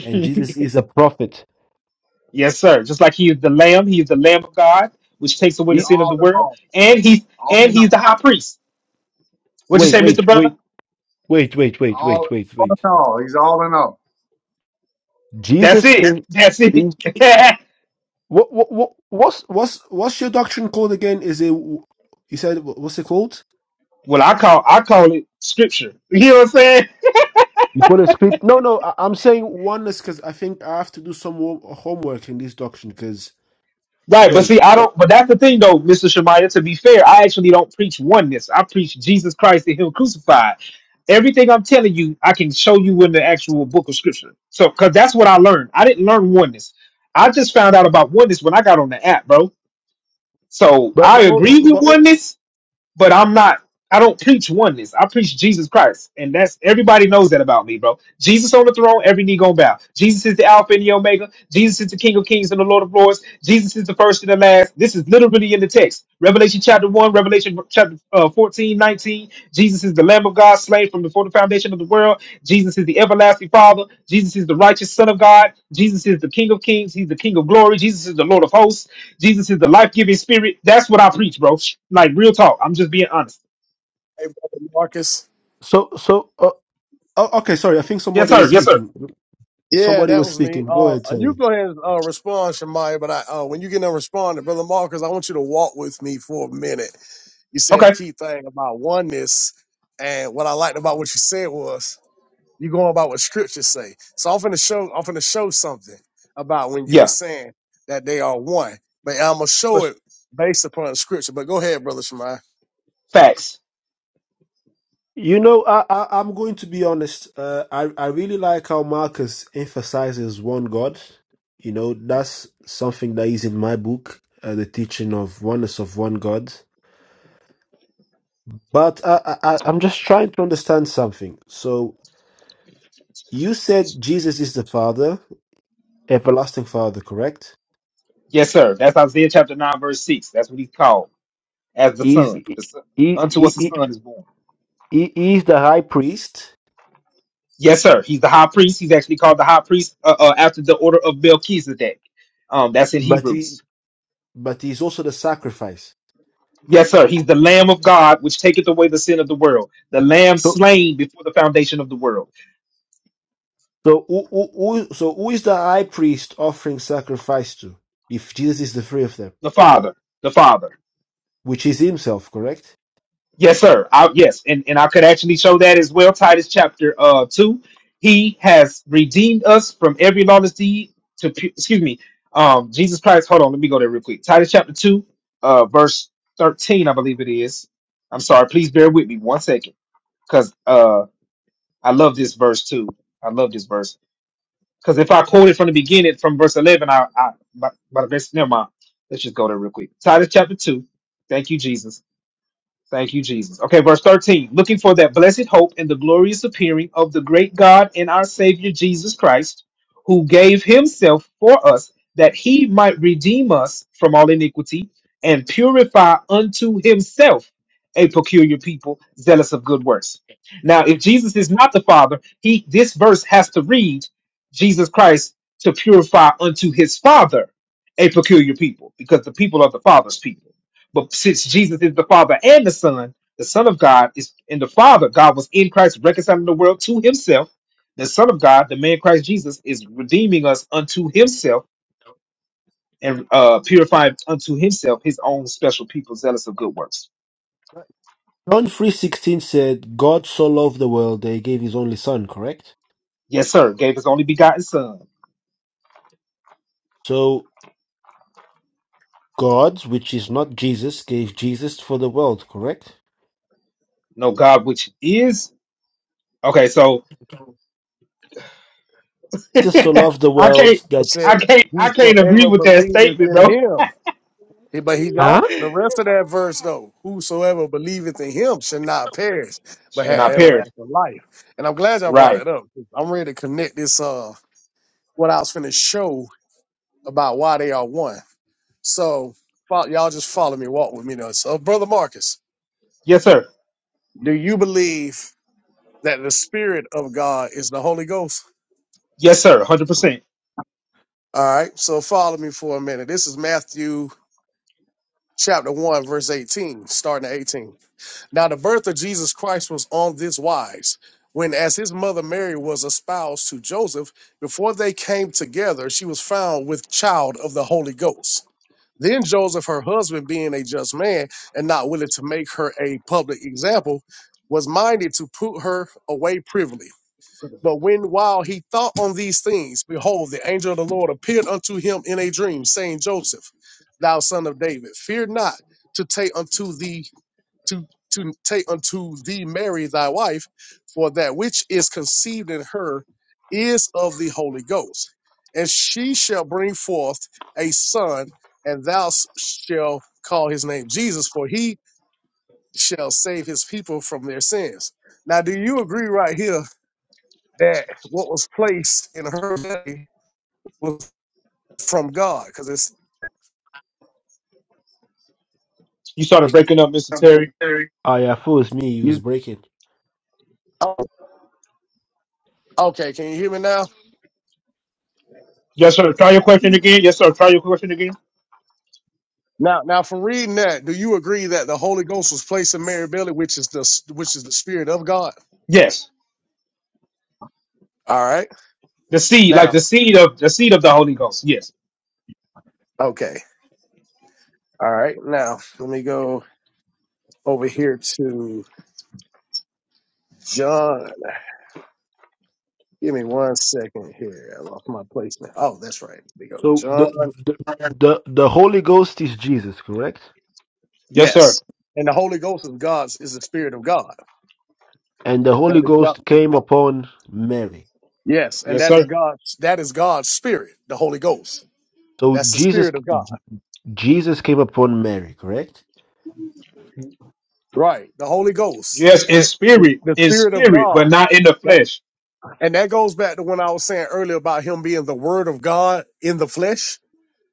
Speaker 6: and Jesus is a prophet.
Speaker 22: Yes, sir. Just like he is the Lamb, he is the Lamb of God, which takes away the
Speaker 6: He-
Speaker 22: sin of
Speaker 19: All
Speaker 22: the
Speaker 19: in
Speaker 22: world,
Speaker 19: all,
Speaker 22: and he's
Speaker 19: all
Speaker 22: and
Speaker 19: in
Speaker 22: he's the
Speaker 19: all,
Speaker 22: High Priest. What you
Speaker 6: wait,
Speaker 22: say, Mister
Speaker 6: wait,
Speaker 22: Brother?
Speaker 6: wait, wait, wait, wait, wait,
Speaker 19: all,
Speaker 6: wait,
Speaker 19: all
Speaker 6: wait.
Speaker 19: in all. He's all in all.
Speaker 22: That's
Speaker 6: Jesus
Speaker 22: it.
Speaker 6: is,
Speaker 22: That's it.
Speaker 6: is what, what what what's What's what's your doctrine called again? Is it you said wh- what's it called?
Speaker 22: well, I call I call it Scripture. You know what I'm saying?
Speaker 6: you call it script? No, no, I, I'm saying, Oneness, because I think I have to do some wo- homework in this doctrine. Because
Speaker 22: Right, but see,
Speaker 6: wait,
Speaker 22: I don't. But that's the thing, though, Mister Shemaiah. To be fair, I actually don't preach oneness. I preach Jesus Christ and Him crucified. Everything I'm telling you, I can show you in the actual book of Scripture. So, because that's what I learned. I didn't learn oneness. I just found out about oneness when I got on the app, bro. So
Speaker 6: but
Speaker 22: I
Speaker 6: but oh,
Speaker 22: agree
Speaker 6: oh,
Speaker 22: with
Speaker 6: but oh,
Speaker 22: oneness, but I'm not I don't preach oneness. I preach Jesus Christ. And that's everybody knows that about me, bro. Jesus on the throne, every knee gonna bow. Jesus is the Alpha and the Omega. Jesus is the King of Kings and the Lord of Lords. Jesus is the first and the last. This is literally in the text. Revelation chapter 1, Revelation chapter uh, 14, nineteen. Jesus is the Lamb of God slain from before the foundation of the world. Jesus is the everlasting Father. Jesus is the righteous Son of God. Jesus is the King of Kings. He's the King of glory. Jesus is the Lord of hosts. Jesus is the life giving spirit. That's what I preach, bro. Like real talk. I'm just being honest.
Speaker 20: Hey, Brother Marcus.
Speaker 6: so so uh, oh, okay, sorry. I think
Speaker 22: Yes,
Speaker 6: somebody was
Speaker 22: sir. Yes, sir.
Speaker 6: speaking.
Speaker 20: Yeah,
Speaker 6: Somebody
Speaker 20: that
Speaker 6: was
Speaker 20: was me.
Speaker 6: speaking. Go
Speaker 20: Uh,
Speaker 6: ahead,
Speaker 20: you
Speaker 6: Terry.
Speaker 20: go ahead and uh, respond, Shamaya. But I, uh, when you get done responding, Brother Marcus, I want you to walk with me for a minute. You said the
Speaker 22: Okay.
Speaker 20: key thing about oneness, and what I liked about what you said was you going about what scriptures say. So I'm finna show, I'm finna show something about when you were
Speaker 22: Yeah.
Speaker 20: saying that they are one, but I'm gonna
Speaker 22: For
Speaker 20: show
Speaker 22: s-
Speaker 20: it based upon scripture. But go ahead, Brother Shamaya.
Speaker 22: facts.
Speaker 6: You know, I, I I'm going to be honest. Uh, I I really like how Marcus emphasizes one God. You know, that's something that is in my book, uh, the teaching of oneness of one God. But I, I I- I'm just trying to understand something. So you said Jesus is the Father, everlasting Father, correct?
Speaker 22: Yes, sir. That's Isaiah chapter 9, verse 6. That's what he's called as the
Speaker 6: He's
Speaker 22: son.
Speaker 6: he,
Speaker 22: The son.
Speaker 6: he,
Speaker 22: Unto us a
Speaker 6: he,
Speaker 22: son is born.
Speaker 6: he he is the High Priest,
Speaker 22: Yes, sir. He's the high priest. He's actually called the high priest uh, uh, after the order of Melchizedek. Um, that's in
Speaker 6: but he
Speaker 22: Hebrews.
Speaker 6: but he's also the sacrifice.
Speaker 22: Yes, sir. He's the Lamb of God, which taketh away the sin of the world. The Lamb
Speaker 6: So,
Speaker 22: slain before the foundation of the world.
Speaker 6: So who, who, who, so who is the high priest offering sacrifice to? If Jesus is the three of them,
Speaker 22: The Father. The Father.
Speaker 6: which is himself, correct?
Speaker 22: Yes, sir. I, yes, and, and I could actually show that as well. Titus chapter uh two. He has redeemed us from every lawless deed to pu- excuse me. Um, Jesus Christ. Hold on, let me go there real quick. Titus chapter two, uh, verse thirteen, I believe it is. I'm sorry. Please bear with me one second, because uh, I love this verse too. I love this verse because if I quote it from the beginning, from verse eleven, I, I, but but never mind. Let's just go there real quick. Titus chapter two. Thank you, Jesus Thank you, Jesus. Okay, verse 13. Looking for that blessed hope and the glorious appearing of the great God and our Savior Jesus Christ, who gave himself for us that he might redeem us from all iniquity and purify unto himself a peculiar people, zealous of good works. Now, if Jesus is not the Father, he this verse has to read Jesus Christ to purify unto his Father a peculiar people, because the people are the Father's people. But since Jesus is the Father and the Son, the Son of God is in the Father. God was in Christ reconciling the world to himself. The Son of God, the man Christ Jesus, is redeeming us unto himself and uh, purifying unto himself his own special people, zealous of good works.
Speaker 6: John 3.16 said, God so loved the world that he gave his only son, correct?
Speaker 22: Yes, sir. Gave his only begotten Son.
Speaker 6: So God, which is not Jesus, gave Jesus for the world, correct?
Speaker 22: No God, which is okay. So
Speaker 6: Jesus so loved the
Speaker 22: I
Speaker 6: world
Speaker 22: can't,
Speaker 20: It
Speaker 6: that...
Speaker 20: said,
Speaker 22: I can't, I can't agree
Speaker 20: "Whosoever
Speaker 22: with that
Speaker 20: believeth
Speaker 22: statement,
Speaker 20: in
Speaker 22: bro.
Speaker 20: Him." He- But he's off
Speaker 6: Huh?
Speaker 20: the rest of that verse though. Whosoever believeth in him shall not perish, but
Speaker 22: Should
Speaker 20: have
Speaker 22: not perish.
Speaker 20: everlasting life. And I'm glad y'all brought
Speaker 22: Right.
Speaker 20: that up. 'cause I'm ready to connect this uh what I was finna show about why they are one. So fo- y'all just follow me, walk with me now. So brother Marcus,
Speaker 22: Yes, sir.
Speaker 20: do you believe that the spirit of God is the Holy Ghost?
Speaker 22: Yes, sir. Hundred percent.
Speaker 20: All right, so follow me for a minute. This is Matthew chapter one, verse 18, starting at 18. Now, the birth of Jesus Christ was on this wise. When, as his mother Mary was espoused to Joseph, before they came together, she was found with child of the Holy Ghost. Then Joseph, her husband, being a just man and not willing to make her a public example, was minded to put her away privily. But when, while he thought on these things, behold, the angel of the Lord appeared unto him in a dream, saying, Joseph, thou son of David, fear not to take unto thee to to take unto thee Mary thy wife, for that which is conceived in her is of the Holy Ghost, and she shall bring forth a son, and thou s- shall call his name Jesus, for he shall save his people from their sins. Now, do you agree right here that what was placed in her belly was from God? Because it's
Speaker 22: You started breaking up, Mister Terry.
Speaker 6: Ah, yeah, fools me, he was
Speaker 20: you.
Speaker 6: breaking.
Speaker 20: Oh, okay, can you hear me now?
Speaker 22: Yes, sir. Try your question again. Yes, sir. Try your question again.
Speaker 20: Now, now, from reading that, do you agree that the Holy Ghost was placed in Mary Billy, which is the which is the Spirit of God?
Speaker 22: Yes.
Speaker 20: All right.
Speaker 22: The seed, like
Speaker 20: Now,
Speaker 22: the seed of the seed of the Holy Ghost. Yes.
Speaker 20: okay. All right. Now, let me go over here to John. Give me one second here. I lost my placement. Oh, that's right. Let me go to
Speaker 6: So the,
Speaker 20: John.
Speaker 6: the, the, the Holy Ghost is Jesus, correct?
Speaker 22: Yes,
Speaker 20: Yes.
Speaker 22: sir.
Speaker 20: And the Holy Ghost of God is the Spirit of God.
Speaker 6: And the
Speaker 20: That
Speaker 6: Holy
Speaker 20: is God.
Speaker 6: Ghost came upon Mary.
Speaker 20: Yes, and
Speaker 22: Yes,
Speaker 20: that is
Speaker 22: sir.
Speaker 20: God's that is God's Spirit, the Holy Ghost.
Speaker 6: So
Speaker 20: That's the
Speaker 6: Jesus
Speaker 20: Spirit of God.
Speaker 6: Jesus came upon Mary, correct?
Speaker 20: Right. The Holy Ghost.
Speaker 22: Yes, in
Speaker 20: The,
Speaker 22: spirit,
Speaker 20: the
Speaker 22: in
Speaker 20: Spirit of
Speaker 22: spirit, but
Speaker 20: God.
Speaker 22: not in the flesh.
Speaker 20: And that goes back to when I was saying earlier about him being the word of God in the flesh.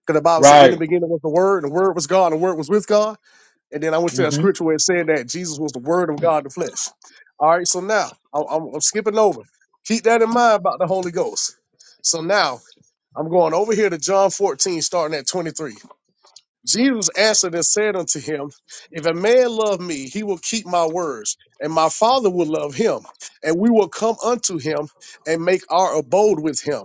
Speaker 20: Because the Bible said in the
Speaker 22: Right.
Speaker 20: beginning was the word, and the word was God, and the word was with God. And then I went to that
Speaker 22: hmm
Speaker 20: scripture where it said that Jesus was the word of God in the flesh. All right, so now I- I'm, I'm skipping over. Keep that in mind about the Holy Ghost. So now I'm going over here to John 14, starting at 23. Jesus answered and said unto him, If a man love me, he will keep my words, and my Father will love him, and we will come unto him and make our abode with him.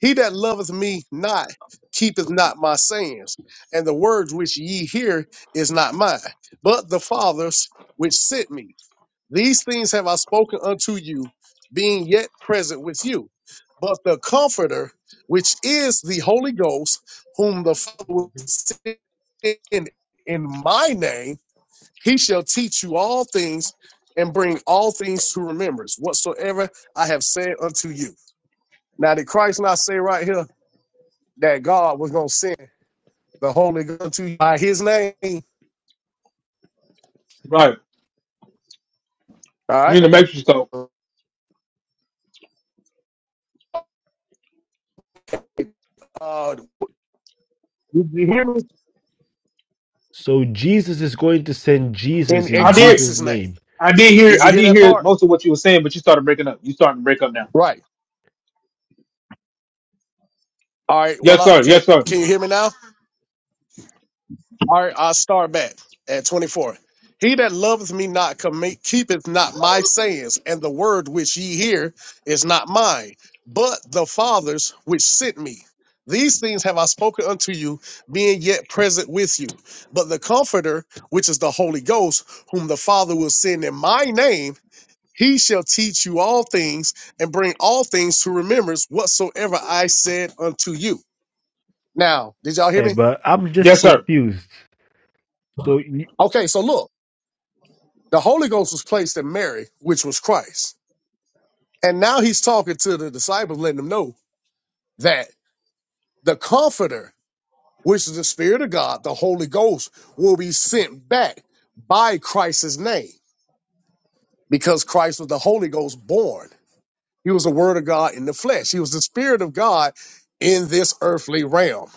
Speaker 20: He that loveth me not keepeth not my sayings, and the words which ye hear is not mine, but the Father's which sent me. These things have I spoken unto you, being yet present with you. But the Comforter, which is the Holy Ghost, whom the Father will send in my name, he shall teach you all things and bring all things to remembrance, whatsoever I have said unto you. Now, did Christ not say right here that God was going to send the Holy Ghost to you by his name?
Speaker 22: Right.
Speaker 20: All
Speaker 22: You're in the
Speaker 20: right.
Speaker 22: matrix though.
Speaker 20: Uh, did you hear me?
Speaker 6: So Jesus is going to send
Speaker 20: In,
Speaker 6: Jesus
Speaker 20: in
Speaker 22: I
Speaker 6: in
Speaker 22: did
Speaker 6: Jesus'
Speaker 20: Christ's name.
Speaker 6: name.
Speaker 22: I did hear
Speaker 20: Did you
Speaker 22: I
Speaker 20: hear
Speaker 22: did
Speaker 20: that
Speaker 22: hear
Speaker 20: part?
Speaker 22: most of what you were saying, but you started breaking up. You starting to break up now.
Speaker 20: Right. All right. Well,
Speaker 22: Yes,
Speaker 20: I,
Speaker 22: sir.
Speaker 20: can
Speaker 22: Yes, sir.
Speaker 20: can you hear me now? All right. I'll start back at 24. He that loveth me not commit, keepeth not my sayings, and the word which ye hear is not mine, but the Father's which sent me. These things have I spoken unto you, being yet present with you. But the Comforter, which is the Holy Ghost, whom the Father will send in my name, he shall teach you all things and bring all things to remembrance whatsoever I said unto you. Now, did y'all hear
Speaker 6: Yeah,
Speaker 20: me?
Speaker 6: but I'm just
Speaker 22: Yes, sir.
Speaker 6: confused. So, you-
Speaker 20: Okay, so look, the Holy Ghost was placed in Mary, which was Christ. And now he's talking to the disciples, letting them know that the Comforter, which is the Spirit of God, the Holy Ghost, will be sent back by Christ's name because Christ was the Holy Ghost born. He was the word of God in the flesh. He was the spirit of God in this earthly realm,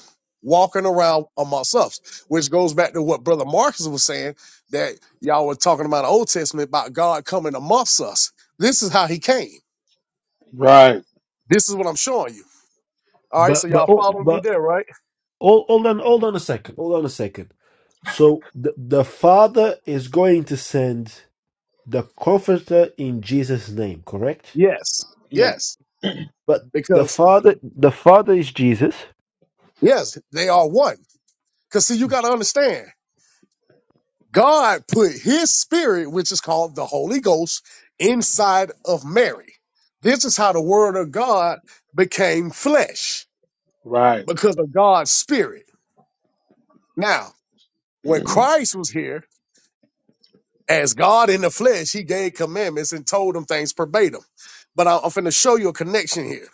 Speaker 20: walking around amongst us, which goes back to what Brother Marcus was saying that y'all were talking about the Old Testament about God coming amongst us. This is how he came.
Speaker 22: Right.
Speaker 20: This is what I'm showing you. All right, so
Speaker 6: But but
Speaker 20: y'all
Speaker 6: oh,
Speaker 20: follow me
Speaker 6: but
Speaker 20: there, right?
Speaker 6: hold, hold on hold on a second. Hold on a second. So the, the Father is going to send the comforter in Jesus name, correct?
Speaker 20: Yes.
Speaker 22: Yeah.
Speaker 20: Yes.
Speaker 6: But the
Speaker 20: Because
Speaker 6: Father the Father is Jesus,
Speaker 20: yes, they are one. Because see, you gotta understand. God put his spirit, which is called the Holy Ghost, inside of Mary. This is how the word of God became flesh
Speaker 22: Right.
Speaker 20: because of God's spirit. Now, when Christ was here, as God in the flesh, he gave commandments and told them things verbatim. But I- I'm going to show you a connection here.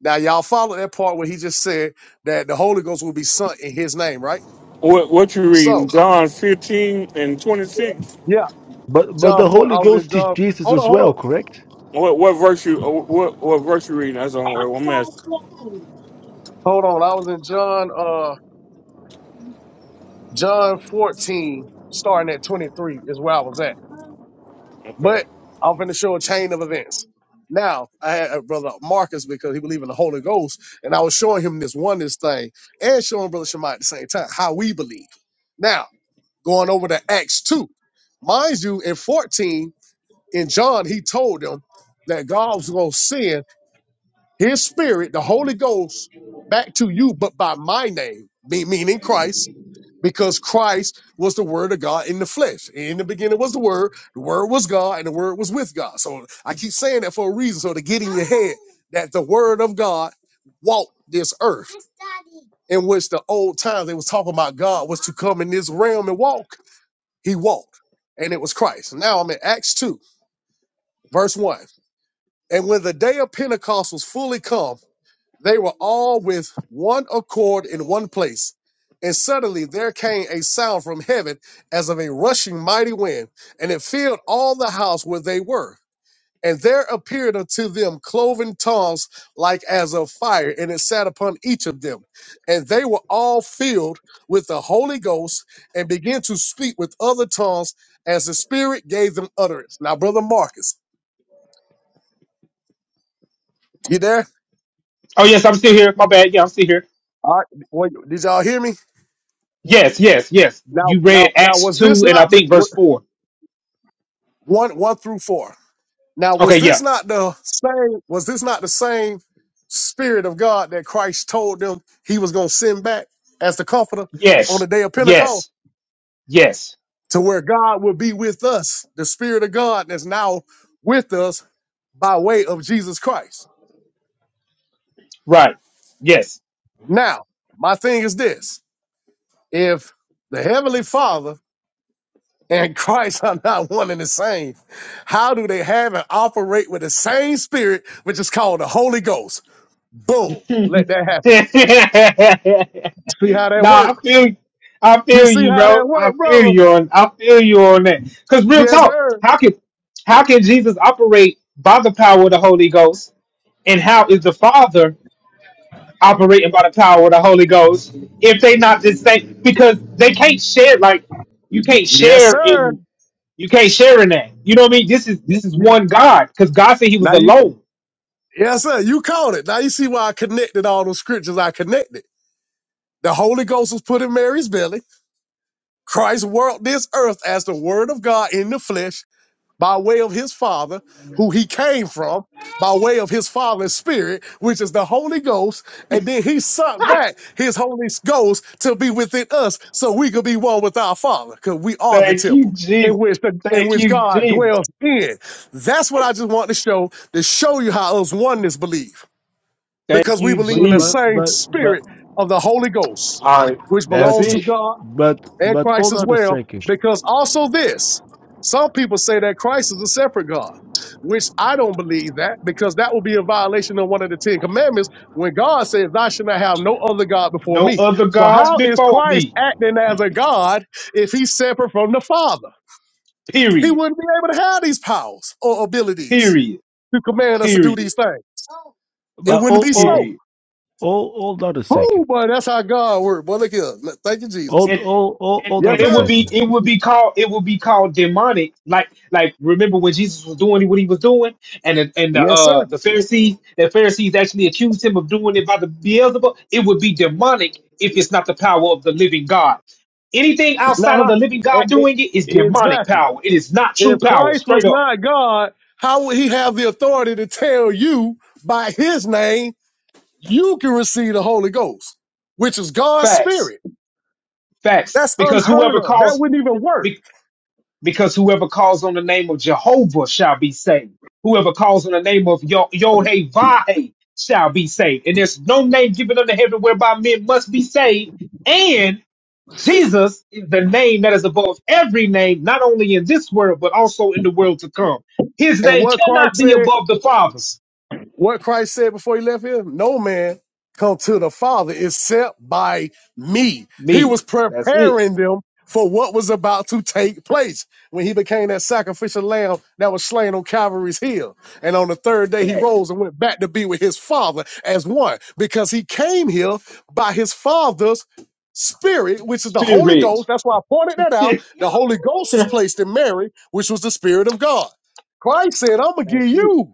Speaker 20: Now, y'all follow that part where he just said that the Holy Ghost will be sent in his name, right?
Speaker 18: What, what you reading?
Speaker 20: So,
Speaker 18: John 15 and 26.
Speaker 20: yeah,
Speaker 6: but but
Speaker 20: John
Speaker 6: the
Speaker 20: 4,
Speaker 6: Holy
Speaker 20: I was in
Speaker 6: Ghost is
Speaker 20: John.
Speaker 6: Jesus
Speaker 20: Hold on,
Speaker 6: as
Speaker 20: hold on.
Speaker 6: well, correct?
Speaker 18: What what verse you uh, what what verse you reading? That's on one mess.
Speaker 20: Hold on. I was in John. uh, John 14, starting at 23, is where I was at.
Speaker 18: Okay.
Speaker 20: But I'm finna show a chain of events. Now, I had uh, Brother Marcus because he believed in the Holy Ghost, and I was showing him this oneness thing and showing Brother Shemai at the same time how we believe. Now, going over to Acts 2. Mind you, in 14, in John, he told them that God was going to send his spirit, the Holy Ghost, back to you, but by my name, me- meaning Christ because Christ was the Word of God in the flesh. In the beginning was the Word, the Word was God, and the Word was with God. So I keep saying that for a reason, so to get in your head that the Word of God walked this earth, in which the old times they was talking about God was to come in this realm and walk. He walked, and it was Christ. Now I'm in Acts two, verse one. And when the day of Pentecost was fully come they were all with one accord in one place. And suddenly there came a sound from heaven as of a rushing mighty wind, and it filled all the house where they were. And there appeared unto them cloven tongues like as of fire, and it sat upon each of them. And they were all filled with the Holy Ghost and began to speak with other tongues as the Spirit gave them utterance. Now, Brother Marcus, you there?
Speaker 22: Oh yes, I'm still here. My bad. Yeah, I'm still here.
Speaker 20: All right. Wait, did y'all hear me?
Speaker 22: Yes, yes, yes.
Speaker 20: Now,
Speaker 22: You
Speaker 20: now,
Speaker 22: read
Speaker 20: now,
Speaker 22: Acts
Speaker 20: was this
Speaker 22: 2 and I
Speaker 20: not?
Speaker 22: think verse 4.
Speaker 20: one one through four. Now,
Speaker 22: Okay,
Speaker 20: was this
Speaker 22: yeah.
Speaker 20: not the same? Was this not the same Spirit of God that Christ told them He was going to send back as the Comforter on the
Speaker 22: Yes,
Speaker 20: day of Pentecost,
Speaker 22: yes, yes.
Speaker 20: to where God will be with us, the Spirit of God that's now with us by way of Jesus Christ.
Speaker 22: Right. Yes.
Speaker 20: Now, my thing is this: if the Heavenly Father and Christ are not one and the same, how do they have and operate with the same Spirit, which is called the Holy Ghost? Boom.
Speaker 22: nah,
Speaker 20: Let that happen. See how that
Speaker 22: I
Speaker 20: works.
Speaker 22: feel you. I
Speaker 20: You
Speaker 22: feel
Speaker 20: see
Speaker 22: you,
Speaker 20: how that
Speaker 22: bro. I
Speaker 20: work,
Speaker 22: feel
Speaker 20: brother.
Speaker 22: you on I feel you on that. Cause real
Speaker 20: Yes,
Speaker 22: talk,
Speaker 20: sir.
Speaker 22: how can how can Jesus operate by the power of the Holy Ghost? And how is the Father operating by the power of the Holy Ghost if they not the same because they can't share like you can't
Speaker 20: Yes,
Speaker 22: share
Speaker 20: sir.
Speaker 22: in You can't share in that. You know what I mean? This is this
Speaker 20: You-
Speaker 22: is
Speaker 20: you-
Speaker 22: one God because God said He was
Speaker 20: Now you,
Speaker 22: alone.
Speaker 20: yes, sir. You caught it. Now you see why I connected all those scriptures. I connected. The Holy Ghost was put in Mary's belly. Christ walked this earth as the Word of God in the flesh. by way of his father, who he came from, by way of his father's spirit, which is the Holy Ghost, and then he sent back his Holy Ghost to be within us, so we could be one with our Father, because we are the
Speaker 22: Thank you,
Speaker 20: temple in
Speaker 22: Jesus.
Speaker 20: which the in
Speaker 22: Thank
Speaker 20: which
Speaker 22: you,
Speaker 20: God
Speaker 22: Jesus.
Speaker 20: dwells in. That's what I just want to show to show you how us oneness believe,
Speaker 22: Thank
Speaker 20: because we
Speaker 22: you,
Speaker 20: believe
Speaker 6: But
Speaker 20: in the
Speaker 6: but
Speaker 22: Jesus.
Speaker 20: same
Speaker 6: but but
Speaker 20: spirit of the Holy Ghost,
Speaker 18: All right.
Speaker 20: which
Speaker 22: That's
Speaker 6: but
Speaker 20: belongs to
Speaker 22: it.
Speaker 20: God
Speaker 6: but
Speaker 20: and
Speaker 6: but
Speaker 20: Christ
Speaker 6: hold
Speaker 20: as
Speaker 6: on a
Speaker 20: well,
Speaker 6: second.
Speaker 20: because also this some people say that Christ is a separate God, which I don't believe that because that would be a violation of one of the Ten Commandments when God says, Thou shalt not have no other God before
Speaker 22: No
Speaker 20: me.
Speaker 22: other
Speaker 20: So,
Speaker 22: gods
Speaker 20: how is
Speaker 22: before
Speaker 20: Christ
Speaker 22: me.
Speaker 20: acting as a God if he's separate from the Father? He
Speaker 22: Period.
Speaker 20: wouldn't be able to have these powers or abilities
Speaker 22: Period.
Speaker 20: to command us to do
Speaker 22: Period.
Speaker 20: these things. It
Speaker 6: But
Speaker 20: wouldn't
Speaker 6: oh
Speaker 20: be
Speaker 6: oh
Speaker 22: Period.
Speaker 20: so.
Speaker 6: oh hold on a second.
Speaker 20: Oh, boy, that's how God works. Boy, look here. Look, Thank you, Jesus.
Speaker 6: Hold
Speaker 22: and
Speaker 6: oh oh
Speaker 22: and,
Speaker 6: hold
Speaker 20: Yes,
Speaker 6: on
Speaker 22: and
Speaker 6: a
Speaker 22: it would
Speaker 20: sir.
Speaker 22: be
Speaker 6: second.
Speaker 22: it would be called it would be called demonic. Like like remember when Jesus was doing what he was doing, and the, and the
Speaker 20: Yes, sir.
Speaker 22: uh the Pharisees the Pharisees actually accused him of doing it by the Beelzebub. It would be demonic if it's not the power of the living God. Anything outside
Speaker 20: Now,
Speaker 22: of the living
Speaker 20: how-
Speaker 22: God
Speaker 20: e-
Speaker 22: doing it is
Speaker 20: e-
Speaker 22: demonic
Speaker 20: exactly.
Speaker 22: power. It is not true
Speaker 20: If
Speaker 22: power.
Speaker 20: Christ was
Speaker 22: Straight up
Speaker 20: not God, how would he have the authority to tell you by his name, you can receive the Holy Ghost, which is God's
Speaker 22: facts,
Speaker 20: spirit?
Speaker 22: facts.
Speaker 20: That's
Speaker 22: Because
Speaker 20: unheard
Speaker 22: whoever
Speaker 20: of. That
Speaker 22: calls.
Speaker 20: wouldn't even work.
Speaker 22: because whoever calls on the name of Jehovah shall be saved. Whoever calls on the name of Yo- Yod-Heh-Vah-Heh shall be saved. And there's no name given under heaven whereby men must be saved. And Jesus is the name that is above every name, not only in this world, but also in the world to come. His
Speaker 20: And
Speaker 22: name
Speaker 20: what
Speaker 22: cannot
Speaker 20: Christ
Speaker 22: be
Speaker 20: said?
Speaker 22: above the Father's.
Speaker 20: What Christ said before he left here? No man come to the Father except by me. He
Speaker 22: Me.
Speaker 20: was
Speaker 22: That's it.
Speaker 20: preparing them for what was about to take place when he became that sacrificial lamb that was slain on Calvary's hill. And on the third day, he
Speaker 22: Facts.
Speaker 20: rose and went back to be with his Father as one because he came here by his Father's spirit, which is the Holy
Speaker 22: Spirit.
Speaker 20: Ghost. That's why I pointed that out.
Speaker 22: That's
Speaker 20: The Holy Ghost was placed in Mary, which was the Spirit of God. Christ said, I'm going to give
Speaker 22: it.
Speaker 20: you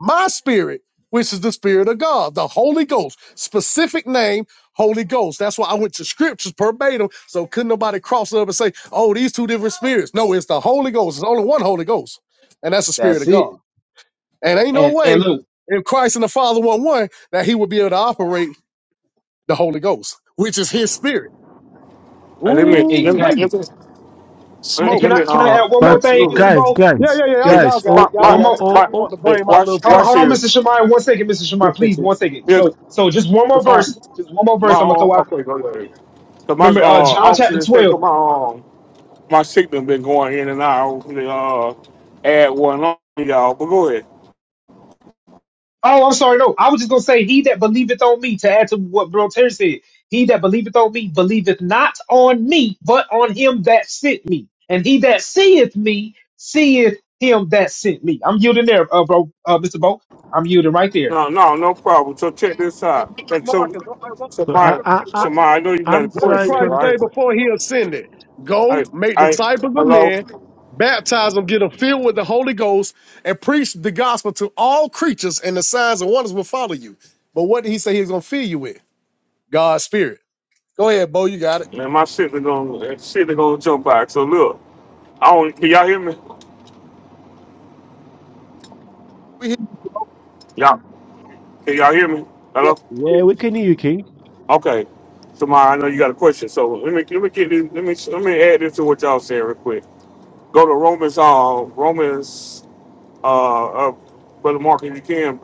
Speaker 20: my spirit, which is the spirit of God, the Holy Ghost, specific name, Holy Ghost. That's why I went to scriptures verbatim. So couldn't nobody cross it up and say, oh, these two different spirits. No, it's the Holy Ghost. There's only one Holy Ghost, and that's the spirit
Speaker 22: That's
Speaker 20: of
Speaker 22: it.
Speaker 20: God. And ain't no
Speaker 22: And and
Speaker 20: way
Speaker 22: look,
Speaker 20: if Christ and the Father were one that he would be able to operate the Holy Ghost, which is his spirit.
Speaker 18: Uh, let
Speaker 22: e-
Speaker 18: me let
Speaker 20: Ooh,
Speaker 18: me
Speaker 20: we
Speaker 22: exactly.
Speaker 18: let me let
Speaker 22: And
Speaker 18: let
Speaker 22: can
Speaker 20: smoking.
Speaker 18: me
Speaker 22: I can I
Speaker 18: uh
Speaker 22: add one
Speaker 6: But
Speaker 22: more thing,
Speaker 18: absolutely.
Speaker 22: Mr.
Speaker 6: guys
Speaker 22: Bo?
Speaker 20: Yeah,
Speaker 6: guys
Speaker 20: yeah, yeah. Y'all,
Speaker 18: Hey,
Speaker 20: y'all
Speaker 6: guys
Speaker 20: got it.
Speaker 18: my
Speaker 6: oh
Speaker 20: Y'all
Speaker 18: my
Speaker 22: One
Speaker 6: oh
Speaker 20: got it.
Speaker 22: more.
Speaker 20: I
Speaker 6: oh
Speaker 18: my
Speaker 20: just
Speaker 6: oh,
Speaker 20: want to
Speaker 6: oh.
Speaker 18: hey,
Speaker 20: bring my
Speaker 18: watch
Speaker 20: little
Speaker 22: Hold on,
Speaker 18: watch
Speaker 22: hold on,
Speaker 18: here.
Speaker 22: Mr. Shemai. One second, Mr. Shemai, please.
Speaker 20: piece.
Speaker 22: One second. So, so just one more
Speaker 18: Yeah,
Speaker 22: verse. Just one more
Speaker 18: My
Speaker 22: verse. I'm gonna throw
Speaker 18: um,
Speaker 22: out
Speaker 18: okay,
Speaker 22: there.
Speaker 18: go ahead. So my uh,
Speaker 22: Remember, uh, John
Speaker 18: obviously
Speaker 22: chapter
Speaker 18: the effect
Speaker 22: 12.
Speaker 18: of my um, my signal been going in and out. Hopefully, uh, add one on y'all. But go ahead.
Speaker 22: Oh, I'm sorry. No, I was just gonna say, he that believeth on me. To add to what Bro Terry said, he that believeth on me believeth not on me, but on him that sent me. And he that seeth me seeth him that sent me. I'm yielding there, uh, bro, uh, Mr. Bo. I'm yielding right there.
Speaker 18: No, no, no problem. So check this
Speaker 20: and
Speaker 18: out. And so,
Speaker 20: Marcus, I'm like, what's
Speaker 18: so
Speaker 20: the
Speaker 6: I
Speaker 18: my,
Speaker 6: I
Speaker 18: so
Speaker 6: I
Speaker 20: piece?
Speaker 18: my, I know you got a
Speaker 6: I'm
Speaker 20: What did
Speaker 6: trying to
Speaker 18: question,
Speaker 20: Christ say
Speaker 18: right?
Speaker 6: understand.
Speaker 20: before he ascended? Go
Speaker 18: I,
Speaker 20: make
Speaker 18: I,
Speaker 20: disciples of
Speaker 18: hello.
Speaker 20: men, baptize them, get them filled with the Holy Ghost, and preach the gospel to all creatures, and the signs and wonders will follow you. But what did he say he's gonna fill you with? God's spirit. Go ahead, Bo, you got it.
Speaker 18: Man, my signal gonna, signal gonna jump back. So look, I don't. Can y'all hear me?
Speaker 20: We hear you.
Speaker 18: Y'all, can y'all hear me?
Speaker 20: Yeah,
Speaker 18: Hello.
Speaker 20: we
Speaker 6: Yeah, we can hear you, King.
Speaker 18: Okay. So my, I know you got a question. So let me, let me get this, let me, let me add this to what y'all saying real quick. go to Romans, uh, Romans, uh, uh Brother Mark, if you can,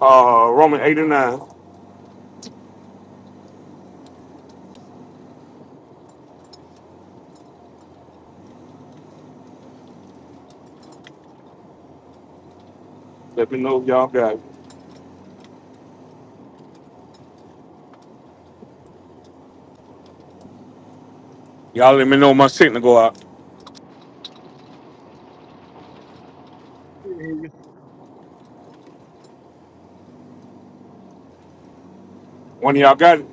Speaker 18: uh, Roman 8 and 9. Let me know if y'all got it. Y'all let me know my signal go out.
Speaker 20: hear you.
Speaker 18: One of y'all got it.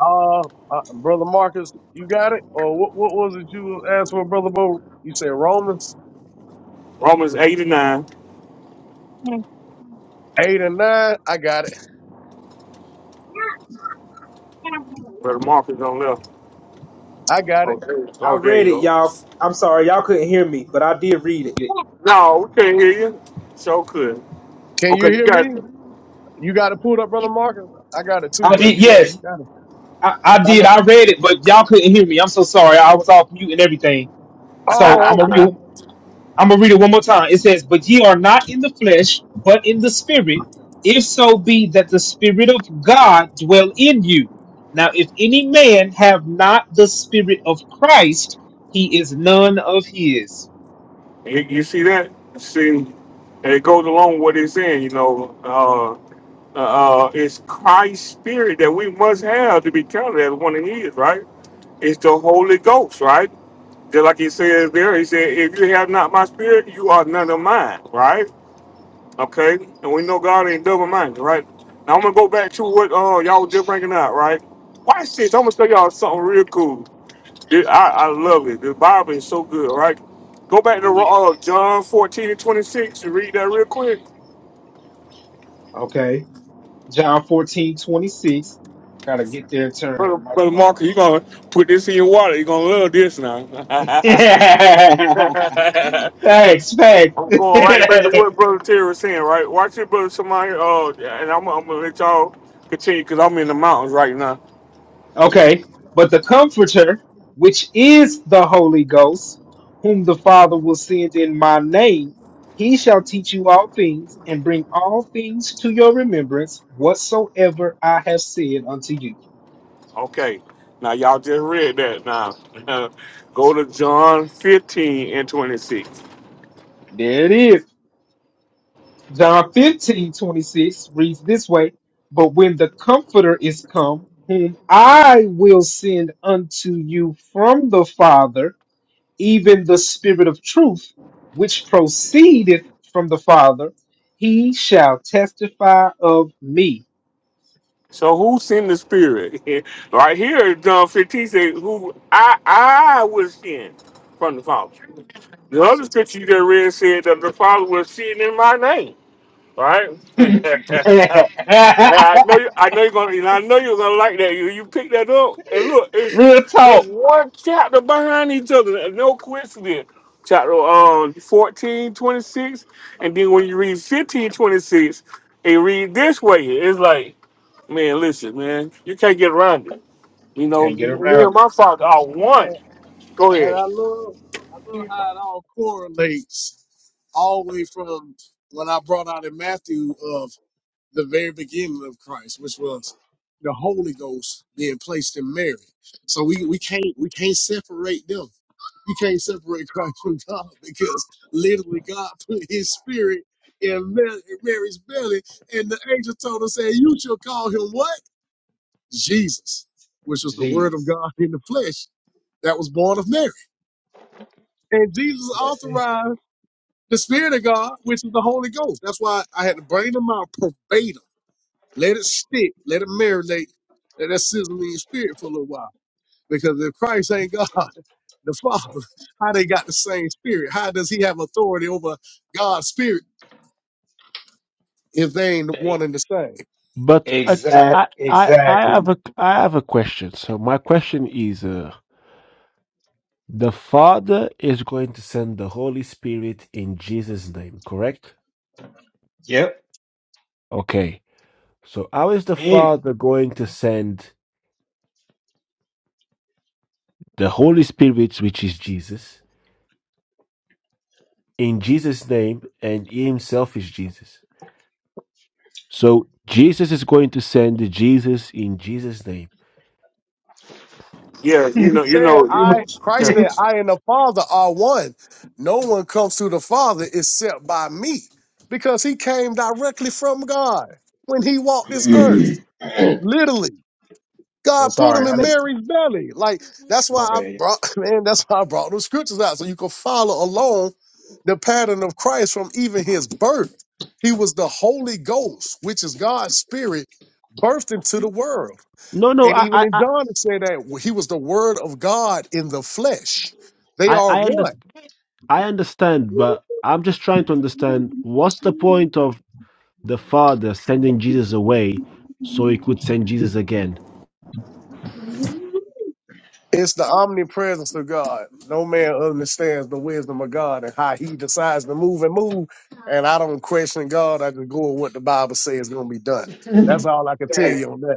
Speaker 20: Uh, uh, brother Marcus, you got it. Or what? What was it you asked for, brother Bo? You said Romans
Speaker 18: Romans 8 and 9.
Speaker 20: eight and nine. I got it.
Speaker 18: Brother Mark is on left.
Speaker 20: I got it.
Speaker 18: Okay.
Speaker 22: I
Speaker 18: oh, there
Speaker 22: read
Speaker 18: you
Speaker 22: it,
Speaker 18: go.
Speaker 22: y'all. I'm sorry, y'all couldn't hear me, but I did read it.
Speaker 18: No, we can't hear you. So good.
Speaker 20: Can
Speaker 18: Okay,
Speaker 20: you
Speaker 18: you
Speaker 20: hear
Speaker 18: got
Speaker 20: me?
Speaker 18: it.
Speaker 20: You got it pulled up, brother Marcus. I got it too,
Speaker 22: I
Speaker 20: but if
Speaker 22: did.
Speaker 20: you want,
Speaker 22: Yes,
Speaker 20: you got it.
Speaker 22: I, I
Speaker 20: I
Speaker 22: did.
Speaker 20: know.
Speaker 22: I read it, but y'all couldn't hear me. I'm so sorry. I was off mute and everything. So I'm
Speaker 20: Oh,
Speaker 22: gonna read.
Speaker 20: okay.
Speaker 22: I'm gonna read it one more time. It says, "But ye are not in the flesh, but in the spirit. If so be that the spirit of God dwell in you. Now, if any man have not the spirit of Christ, he is none of his."
Speaker 18: you, you see that? See, it goes along with what it's saying, you know. Uh, uh, uh, it's Christ's spirit that we must have to be counted as one of his, right? It's the Holy Ghost, right? Just like he says there, he said, if you have not my spirit, you are none of mine, right? Okay? And we know God ain't double minded, right? Now I'm gonna go back to what uh y'all was just bringing out, right? Watch this. I'm gonna tell y'all something real cool. It- I, I love it. The Bible is so good, right? Go back
Speaker 22: It
Speaker 18: to
Speaker 22: is
Speaker 18: uh, John 14 and 26 and read that real quick.
Speaker 22: okay. John fourteen twenty six. Gotta get there and
Speaker 18: Brother,
Speaker 22: turn. My,
Speaker 18: brother
Speaker 22: my, my.
Speaker 18: Mark, you gonna put this in your water. You're gonna love this now.
Speaker 22: Thanks,
Speaker 18: I'm going right back
Speaker 22: thanks.
Speaker 18: to what Brother Terry was saying, right? Watch it, Brother Samaya. Uh, and I'm, I'm going to let y'all continue because I'm in the mountains right now.
Speaker 22: Okay. But the Comforter, which is the Holy Ghost, whom the Father will send in my name, he shall teach you all things and bring all things to your remembrance whatsoever I have said unto you.
Speaker 18: Okay. Now, y'all just read that now. Go to John 15 and 26.
Speaker 22: There it is. John 15 26 reads this way But when the Comforter is come, whom I will send unto you from the Father, even the spirit of truth which proceedeth from the father he shall testify of me
Speaker 18: So, who sent the Spirit? right here, John 15 says, who I, I was sent from the Father. The other scripture you just read said that the Father was sitting in my name. right?
Speaker 22: real
Speaker 18: I, I know you. I know you're gonna. And I know you're gonna like that. You you pick that up and look. It's it's
Speaker 22: talk
Speaker 18: one chapter behind each other. No coincidence. Chapter um fourteen twenty six, and then when you read fifteen twenty six, it read this way. It's like, man, listen, man, you can't get around it. You know,
Speaker 22: can't
Speaker 18: me
Speaker 22: get around
Speaker 18: and
Speaker 22: it
Speaker 18: my father are one.
Speaker 20: And,
Speaker 18: Go
Speaker 20: and
Speaker 18: ahead.
Speaker 20: I love, I love how it all correlates, all the way from what I brought out in Matthew of the very beginning of Christ, which was the Holy Ghost being placed in Mary. So we we can't we can't separate them. You can't separate Christ from God because literally God put His Spirit in Mary- in Mary's belly, and the angel told her, "Say you shall call him what." Jesus, which was the word of
Speaker 22: jesus
Speaker 20: God in the flesh that was born of Mary. And Jesus
Speaker 22: that's it
Speaker 20: authorized the Spirit of God, which is the Holy Ghost. That's why I had to bring them out verbatim. Let it stick. Let it marinate. Let that sizzling spirit for a little while. Because if Christ ain't God, the Father, how they got the same spirit? How does he have authority over God's spirit if they ain't one
Speaker 22: They-
Speaker 20: and the same?
Speaker 6: But I
Speaker 22: exact
Speaker 6: I I I have
Speaker 22: exactly
Speaker 6: a I have a question. So my question is, uh, the Father is going to send the Holy Spirit in Jesus' name, correct?
Speaker 22: yep
Speaker 6: Okay. So, how is the
Speaker 22: and
Speaker 6: Father going to send the Holy Spirit, which is Jesus, in Jesus' name, and He Himself is Jesus? So, Jesus is going to send Jesus in Jesus' name.
Speaker 18: Yeah, you
Speaker 22: you
Speaker 18: know, you
Speaker 20: said,
Speaker 18: know.
Speaker 20: I Christ said, I and the Father are one. No one comes to the Father except by me. Because he came directly from God when he walked this earth. Literally.
Speaker 22: i'm
Speaker 20: God put him
Speaker 22: sorry i
Speaker 20: in
Speaker 22: didn't
Speaker 20: Mary's belly. Like that's
Speaker 22: my
Speaker 20: why I
Speaker 22: bad y'all.
Speaker 20: brought man, that's why I brought those scriptures out. So you can follow along the pattern of Christ from even his birth. He was the Holy Ghost, which is God's spirit, birthed into the world.
Speaker 6: No, no,
Speaker 20: And
Speaker 6: I,
Speaker 20: even
Speaker 6: I,
Speaker 20: in
Speaker 6: I,
Speaker 20: John, it said that he was the Word of God in the flesh. They
Speaker 6: I,
Speaker 20: are
Speaker 6: I under,
Speaker 20: one.
Speaker 6: I understand, but I'm just trying to understand what's the point of the Father sending Jesus away so He could send Jesus again.
Speaker 20: It's the omnipresence of God. No man understands the wisdom of God and how he decides to move and move. And I don't question God. I just go with what the Bible says is going to be done. That's all I can tell
Speaker 22: Thanks.
Speaker 20: you on that.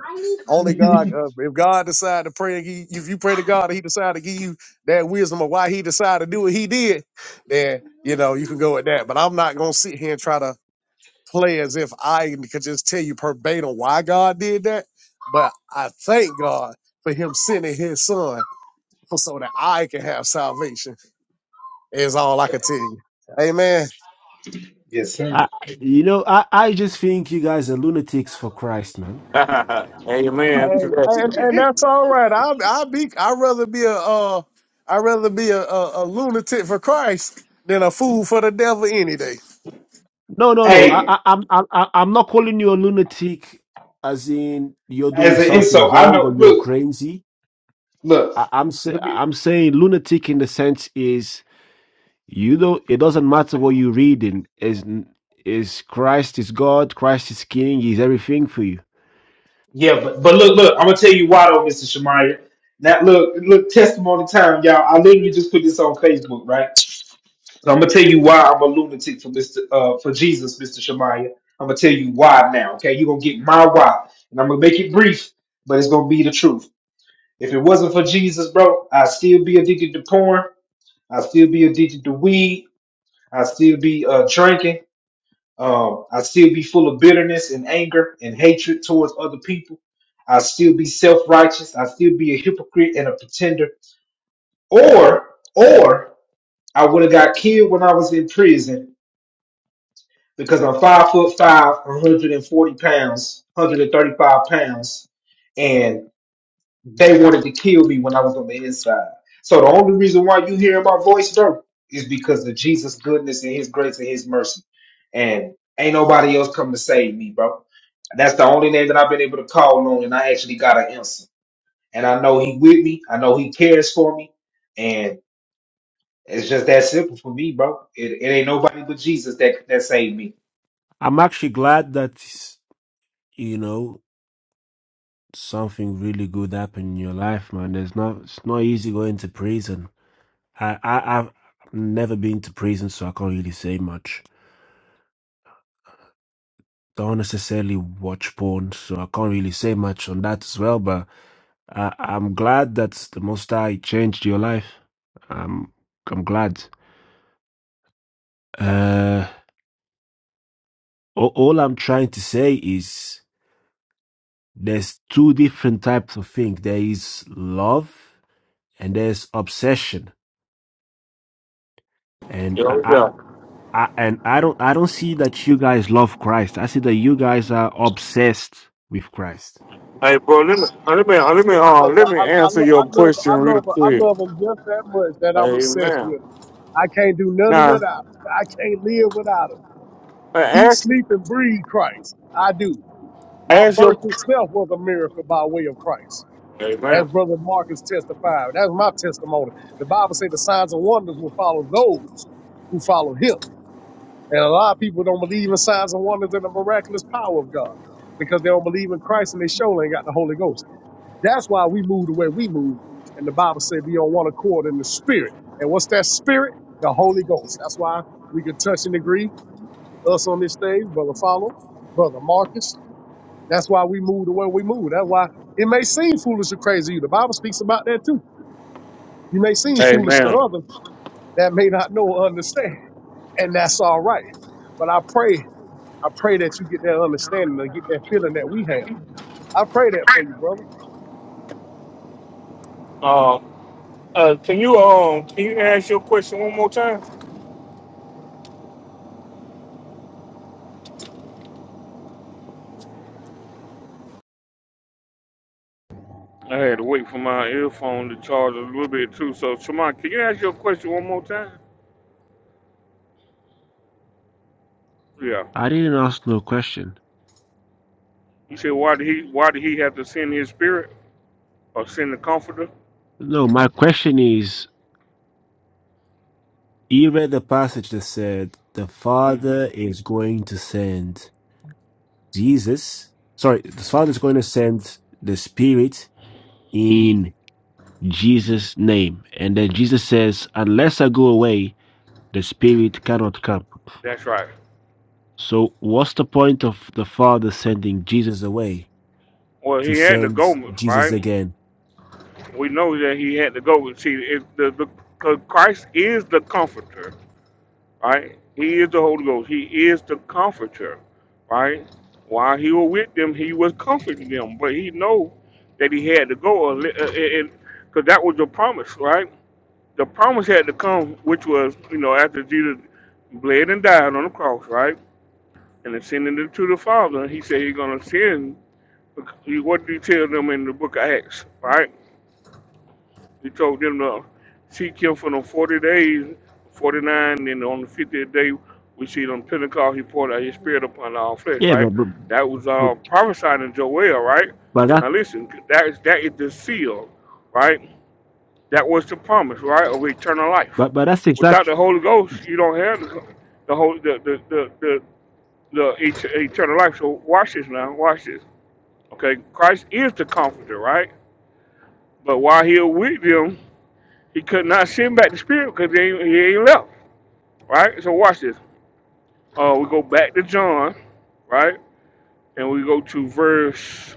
Speaker 20: Only God, uh, if God decided to pray, and he, if you pray to God and he decided to give you that wisdom of why he decided to do what he did, then, you know, you can go with that. But I'm not going to sit here and try to play as if I could just tell you verbatim why God did that, but I thank God for Him sending His Son for so that I can have salvation. Is all I can tell
Speaker 22: Facts.
Speaker 20: you. Amen.
Speaker 22: yes sir
Speaker 6: I, you know, I, I just think you guys are lunatics for Christ, man.
Speaker 18: Amen. To
Speaker 20: Hey, and
Speaker 18: that.
Speaker 20: and that's all right. I I be I'd rather be a uh I'd rather be a, a, a lunatic for Christ than a fool for the devil any day.
Speaker 6: No, no, no. I,
Speaker 22: hey
Speaker 6: I, I'm, I'm, I- I'm not calling you a lunatic, as in you're doing
Speaker 22: as an
Speaker 6: something
Speaker 22: insult i
Speaker 6: wrong
Speaker 22: know
Speaker 6: or you're
Speaker 22: look
Speaker 6: crazy.
Speaker 22: look
Speaker 6: I, I'm, sa-
Speaker 22: let me
Speaker 6: I'm saying lunatic in the sense is you don't. It doesn't matter what you're reading. Is is Christ is God? Christ is King. He's everything for you.
Speaker 22: Yeah, but, but look, look, I'm gonna tell you why though, Mr. Shamaya. Now look, look, testimony time, y'all. I literally just put this on Facebook, right? So I'm gonna tell you why I'm a lunatic for Mr. Uh, for Jesus, Mr. Shamaya. I'm gonna tell you why now, okay? You're gonna get my why, and I'm gonna make it brief, but it's gonna be the truth. If it wasn't for Jesus, bro, I'd still be addicted to porn. I'd still be addicted to weed. I'd still be uh, drinking. Um, I still be full of bitterness and anger and hatred towards other people. I still be self righteous. I still be a hypocrite and a pretender. Or, or I would have got killed when I was in prison because I'm five foot five, 140 pounds, 135 pounds, and. They wanted to kill me when I was on the inside. So the only reason why you hear my voice though is because of Jesus' goodness and His grace and His mercy. And ain't nobody else come to save me, bro. That's the only name that I've been able to call on, and I actually got an answer. And I know He with me. I know He cares for me, and it's just that simple for me, bro. It, it ain't nobody but Jesus that that saved me.
Speaker 6: I'm actually glad that you know something really good happened in your life, man. There's not. It's not easy going to prison. I, I, I've never been to prison, so I can't really say much. don't necessarily watch porn, so I can't really say much on that as well. But I, I'm glad that the Most High changed your life. I'm I'm glad. Uh, all, all I'm trying to say is there's two different types of things. There is love and there's obsession. And I,
Speaker 18: Yeah,
Speaker 6: I
Speaker 18: yeah.
Speaker 6: I, and I don't I don't see that you guys love Christ. I see that you guys are obsessed with Christ.
Speaker 18: Hey, bro, let me uh, let me
Speaker 20: I
Speaker 18: uh, let
Speaker 20: be
Speaker 18: me uh,
Speaker 20: obsessed. I,
Speaker 18: let me
Speaker 20: I, I
Speaker 18: answer
Speaker 20: lo-
Speaker 18: your
Speaker 20: I love
Speaker 18: question
Speaker 20: I
Speaker 18: real
Speaker 20: love I
Speaker 18: quick.
Speaker 20: love him just that much that I'm obsessed
Speaker 18: Amen.
Speaker 20: with him. I can't do nothing
Speaker 18: Now,
Speaker 20: without him. I can't live without him.
Speaker 18: uh,
Speaker 20: eat,
Speaker 18: ask
Speaker 20: sleep, and breathe Christ. I do. My
Speaker 18: ask
Speaker 20: birth
Speaker 18: your
Speaker 20: itself was a miracle by way of Christ.
Speaker 18: Amen.
Speaker 20: As Brother Marcus testified, that's my testimony. The Bible says the signs and wonders will follow those who follow him. And a lot of people don't believe in signs and wonders and the miraculous power of God because they don't believe in Christ and they sure ain't got the Holy Ghost. That's why we move the way we move. And the Bible said be on one accord in the spirit. And what's that spirit? The Holy Ghost. That's why we can touch and agree us on this stage, Brother Follow, Brother Marcus. That's why we move the way we move. That's why it may seem foolish or crazy to you. The Bible speaks about that too. You may seem foolish to
Speaker 18: Amen.
Speaker 20: others that may not know or understand, and that's all right. But I pray, I pray that you get that understanding and get that feeling that we have. I pray that for you, brother.
Speaker 18: Uh, uh, can you um can you ask your question one more time? I had to wait for my earphone to charge a little bit too. So, Shemai, can you ask your question one more time? Yeah.
Speaker 6: I didn't ask no question.
Speaker 18: You said why did he why did he have to send his spirit or send the comforter?
Speaker 6: No, my question is you read the passage that said the
Speaker 18: hmm
Speaker 6: Father is going to send Jesus. Sorry, the Father is going to send the Spirit in Jesus' name. And then Jesus says, Unless I go away, the Spirit cannot come.
Speaker 18: That's right.
Speaker 6: So what's the point of the Father sending Jesus away
Speaker 18: Well,
Speaker 6: to
Speaker 18: he had the
Speaker 6: send
Speaker 18: go,
Speaker 6: Jesus
Speaker 18: right?
Speaker 6: again?
Speaker 18: we know that he had to go. See, if the, the 'cause Christ is the comforter, right? He is the Holy Ghost. He is the comforter, right? While he was with them, he was comforting them, but he know that he had to go, and because that was the promise, right? The promise had to come, which was, you know, after Jesus bled and died on the cross, right? And ascended it to the Father, he said he's gonna send. What did he tell them in the book of Acts, right? He told them to seek him for them 40 days, 49, and on the 50th day, we see on Pentecost, he poured out his spirit upon all flesh,
Speaker 6: Yeah,
Speaker 18: right?
Speaker 6: but but,
Speaker 18: That was
Speaker 6: but,
Speaker 18: uh, prophesied in Joel, right?
Speaker 6: but that
Speaker 18: Now listen, that is, that is the seal, right? That was the promise, right, of eternal life.
Speaker 6: but, but that's
Speaker 18: Without
Speaker 6: exact
Speaker 18: the Holy Ghost, you don't have the, the, whole, the, the, the, the, the et- eternal life. So watch this now, watch this. Okay, Christ is the comforter, right? But while he was with them, he could not send back the spirit because he, ain't- he ain't left. Right? So watch this. Uh, we go back to John, right? And we go to verse,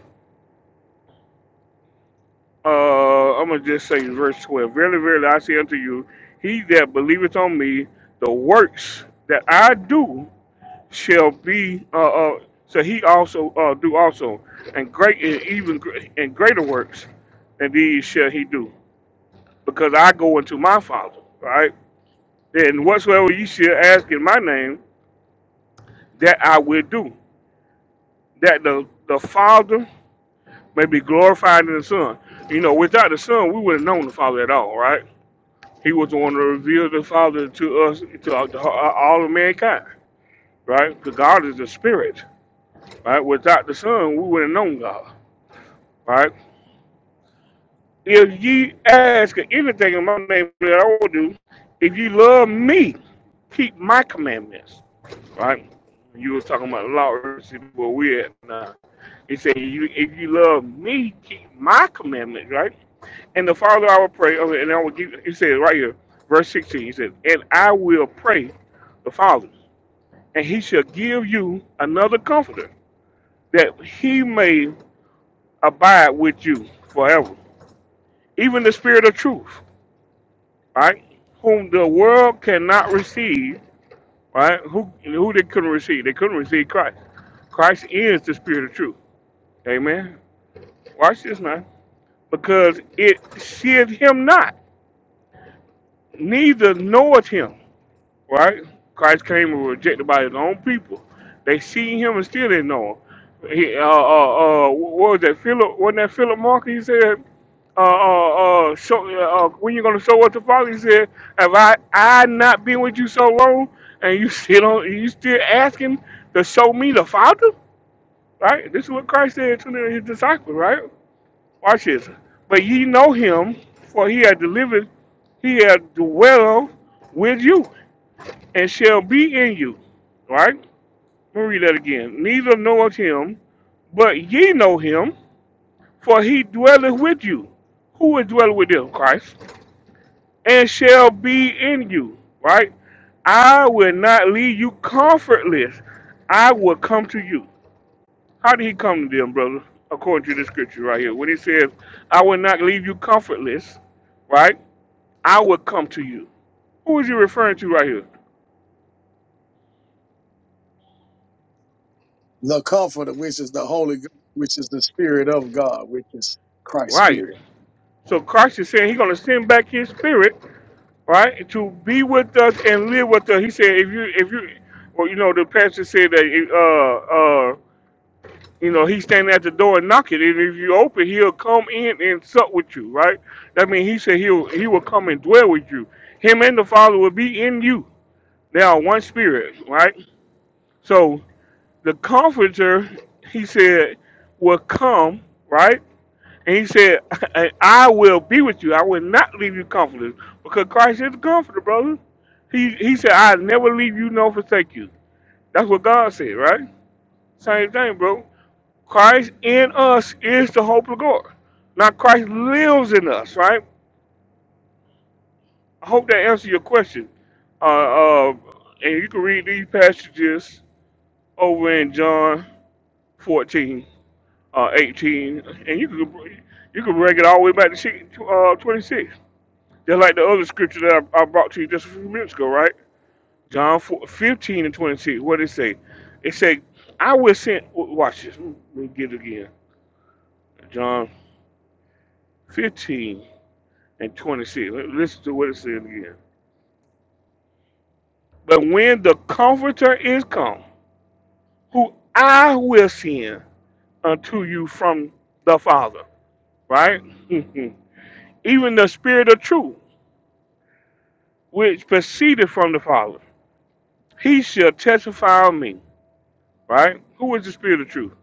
Speaker 18: uh, I'm going to just say verse 12. Verily, verily, I say unto you, he that believeth on me, the works that I do shall be, uh, uh, so he also uh, do also, and great and even and greater works, and these shall he do, because I go unto my Father, right? And whatsoever ye shall ask in my name, that I will do, that the, the Father may be glorified in the Son. You know, without the Son, we wouldn't have known the Father at all, right? He was the one to reveal the Father to us, to all, to all of mankind, right? Because God is the Spirit, right? Without the Son, we wouldn't have known God, right? If ye ask anything in my name that I will do, if you love me, keep my commandments, right? You was talking about law, where we at now He said, you, if you love me, keep my commandments, right? And the Father I will pray, oh, and I will give, he said right here, verse 16, he says, and I will pray the Father, and he shall give you another comforter, that he may abide with you forever. Even the Spirit of truth, right? Whom the world cannot receive, right? Who, who they couldn't receive? They couldn't receive Christ. Christ is the Spirit of truth. Amen. Watch this now. because it seeth him not, neither knoweth him. Right? Christ came and was rejected by his own people. They see him and still didn't know him. He, uh, uh, uh, what was that? Philip, wasn't that Philip Mark? He said, uh, uh, uh, show, uh, uh, when you going to show us the Father? He said, have I, I not been with you so long? And you still don't, you still asking to show me the Father? Right? This is what Christ said to his disciples, right? Watch this. But ye know him, for he hath delivered, he hath dwelled with you, and shall be in you. Right? Let me read that again. Neither knoweth him, but ye know him, for he dwelleth with you. Who is dwelling with them? Christ. And shall be in you. Right? I will not leave you comfortless. I will come to you. How did he come to them, brother? According to the scripture right here, when he says, "I will not leave you comfortless," right? I will come to you. Who is he referring to right here?
Speaker 20: The Comforter, which is the Holy, Ghost, which is the Spirit of God, which is Christ's
Speaker 18: Right.
Speaker 20: Spirit.
Speaker 18: So Christ is saying he's going to send back his spirit, right, to be with us and live with us. He said, if you, if you, well, you know, the pastor said that, uh, uh, you know, he's standing at the door and knocking, and if you open, he'll come in and sup with you, right? That means he said he'll he will come and dwell with you. Him and the Father will be in you. They are one spirit, right? So the comforter, he said, will come, right? And he said, and I will be with you. I will not leave you comfortless. Because Christ is the comforter, brother. He he said, I'll never leave you nor forsake you. That's what God said, right? Same thing, bro. Christ in us is the hope of God. Now Christ lives in us, right? I hope that answers your question. Uh, uh, and you can read these passages over in John 14, uh, 18, and you can you can break it all the way back to six- to, uh, 26. Just like the other scripture that I, I brought to you just a few minutes ago, right? John 4, 15 and 26. What did it say? It said, I will send, w- watch this. Let me get it again. John 15 and 26. Let- Listen to what it says again. But when the Comforter is come, who I will send unto you from the Father, right? Even the Spirit of truth which proceeded from the Father. He shall testify of me. Right? Who is the Spirit of truth?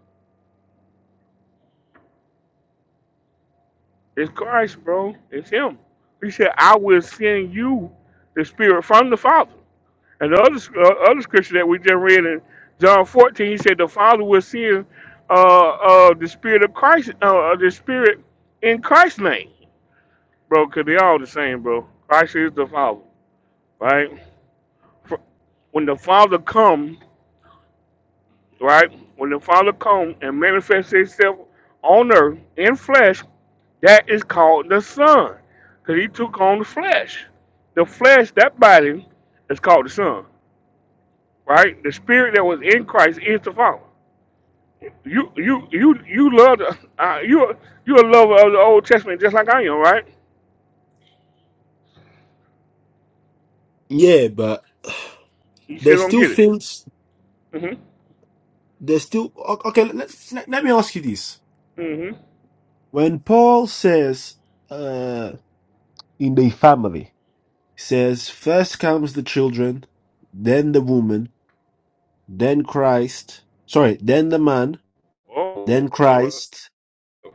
Speaker 18: It's Christ, bro. It's Him. He said, I will send you the Spirit from the Father. And the other, uh, other scripture that we just read in John 14, he said, The Father will send uh, uh, the Spirit of Christ, uh, uh, the Spirit in Christ's name. Bro, because they all the same, bro. Christ is the Father. Right? When the Father comes, right? When the Father comes and manifests Himself on earth in flesh, that is called the Son, because He took on the flesh. The flesh, that body, is called the Son, right? The Spirit that was in Christ is the Father. You, you, you, you love the, uh, you, you a lover of the Old Testament just like I am, right?
Speaker 6: Yeah, but
Speaker 18: You still
Speaker 6: There's
Speaker 18: don't
Speaker 6: still
Speaker 18: get it.
Speaker 6: things.
Speaker 18: Mm-hmm.
Speaker 6: There's still o- okay. Let's, let, let me ask you this:
Speaker 18: Mm-hmm.
Speaker 6: When Paul says, uh, "In the family," he says first comes the children, then the woman, then Christ. Sorry, then the man,
Speaker 18: Oh,
Speaker 6: then
Speaker 18: well,
Speaker 6: Christ,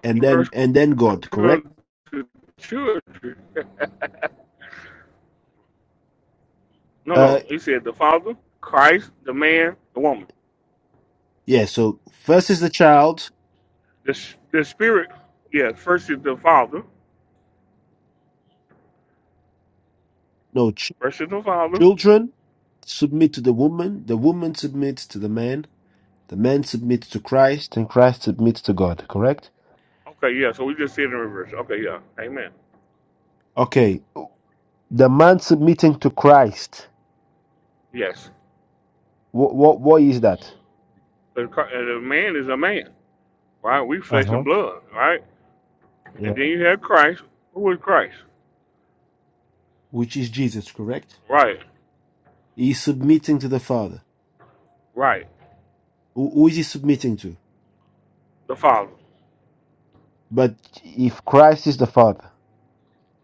Speaker 6: and then
Speaker 18: first
Speaker 6: and then God. Correct?
Speaker 18: come to church. No,
Speaker 6: Uh,
Speaker 18: no. He said the Father, Christ, the man, the woman.
Speaker 6: yeah. So first is the child.
Speaker 18: The, sh- the Spirit, yeah, first is the Father.
Speaker 6: No, ch-
Speaker 18: First is the Father.
Speaker 6: children submit to the woman. The woman submits to the man. The man submits to Christ, and Christ submits to God. Correct?
Speaker 18: Okay, yeah, so we just said in reverse. Okay, yeah. Amen.
Speaker 6: Okay The man submitting to Christ.
Speaker 18: Yes.
Speaker 6: What what what is that?
Speaker 18: The, Chri- uh, the man is a man, right? We
Speaker 6: Uh
Speaker 18: flesh and
Speaker 6: huh.
Speaker 18: blood, right? And
Speaker 6: Yeah.
Speaker 18: then you have Christ. Who is Christ?
Speaker 6: Which is Jesus, correct?
Speaker 18: Right,
Speaker 6: He's submitting to the Father.
Speaker 18: right.
Speaker 6: Who, who is he submitting to?
Speaker 18: The Father.
Speaker 6: But if Christ is the Father,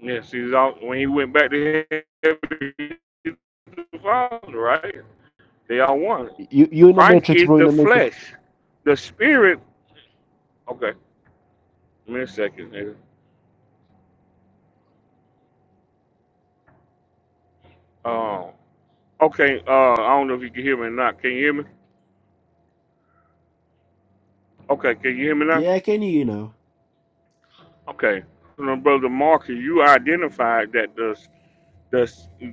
Speaker 18: Yes, he's all, when he went back to heaven, he's the Father, right? They are one.
Speaker 6: you you in the
Speaker 18: Christ
Speaker 6: matrix,
Speaker 18: is
Speaker 6: bro. In
Speaker 18: the
Speaker 6: the matrix.
Speaker 18: flesh. The Spirit, okay. Give me a second, nigga. Um, okay, uh, I don't know if you can hear me or not. Can you hear me? Okay, can you hear me now?
Speaker 6: Yeah, can you? You know.
Speaker 18: Okay. You know, Brother Mark, you identified that the, the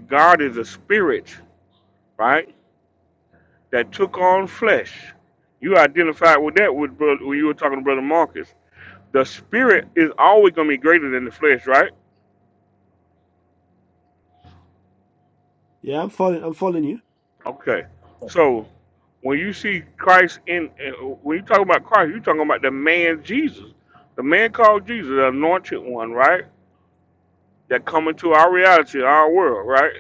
Speaker 18: God is a spirit, right? That took on flesh. You identified with that with brother, when you were talking to Brother Marcus. The spirit is always going to be greater than the flesh, right?
Speaker 6: Yeah, I'm following. I'm following you.
Speaker 18: Okay. So when you see Christ in, in- when you talk about Christ, you're talking about the man Jesus. The man called Jesus, the anointed one, right? That come into our reality, our world, right?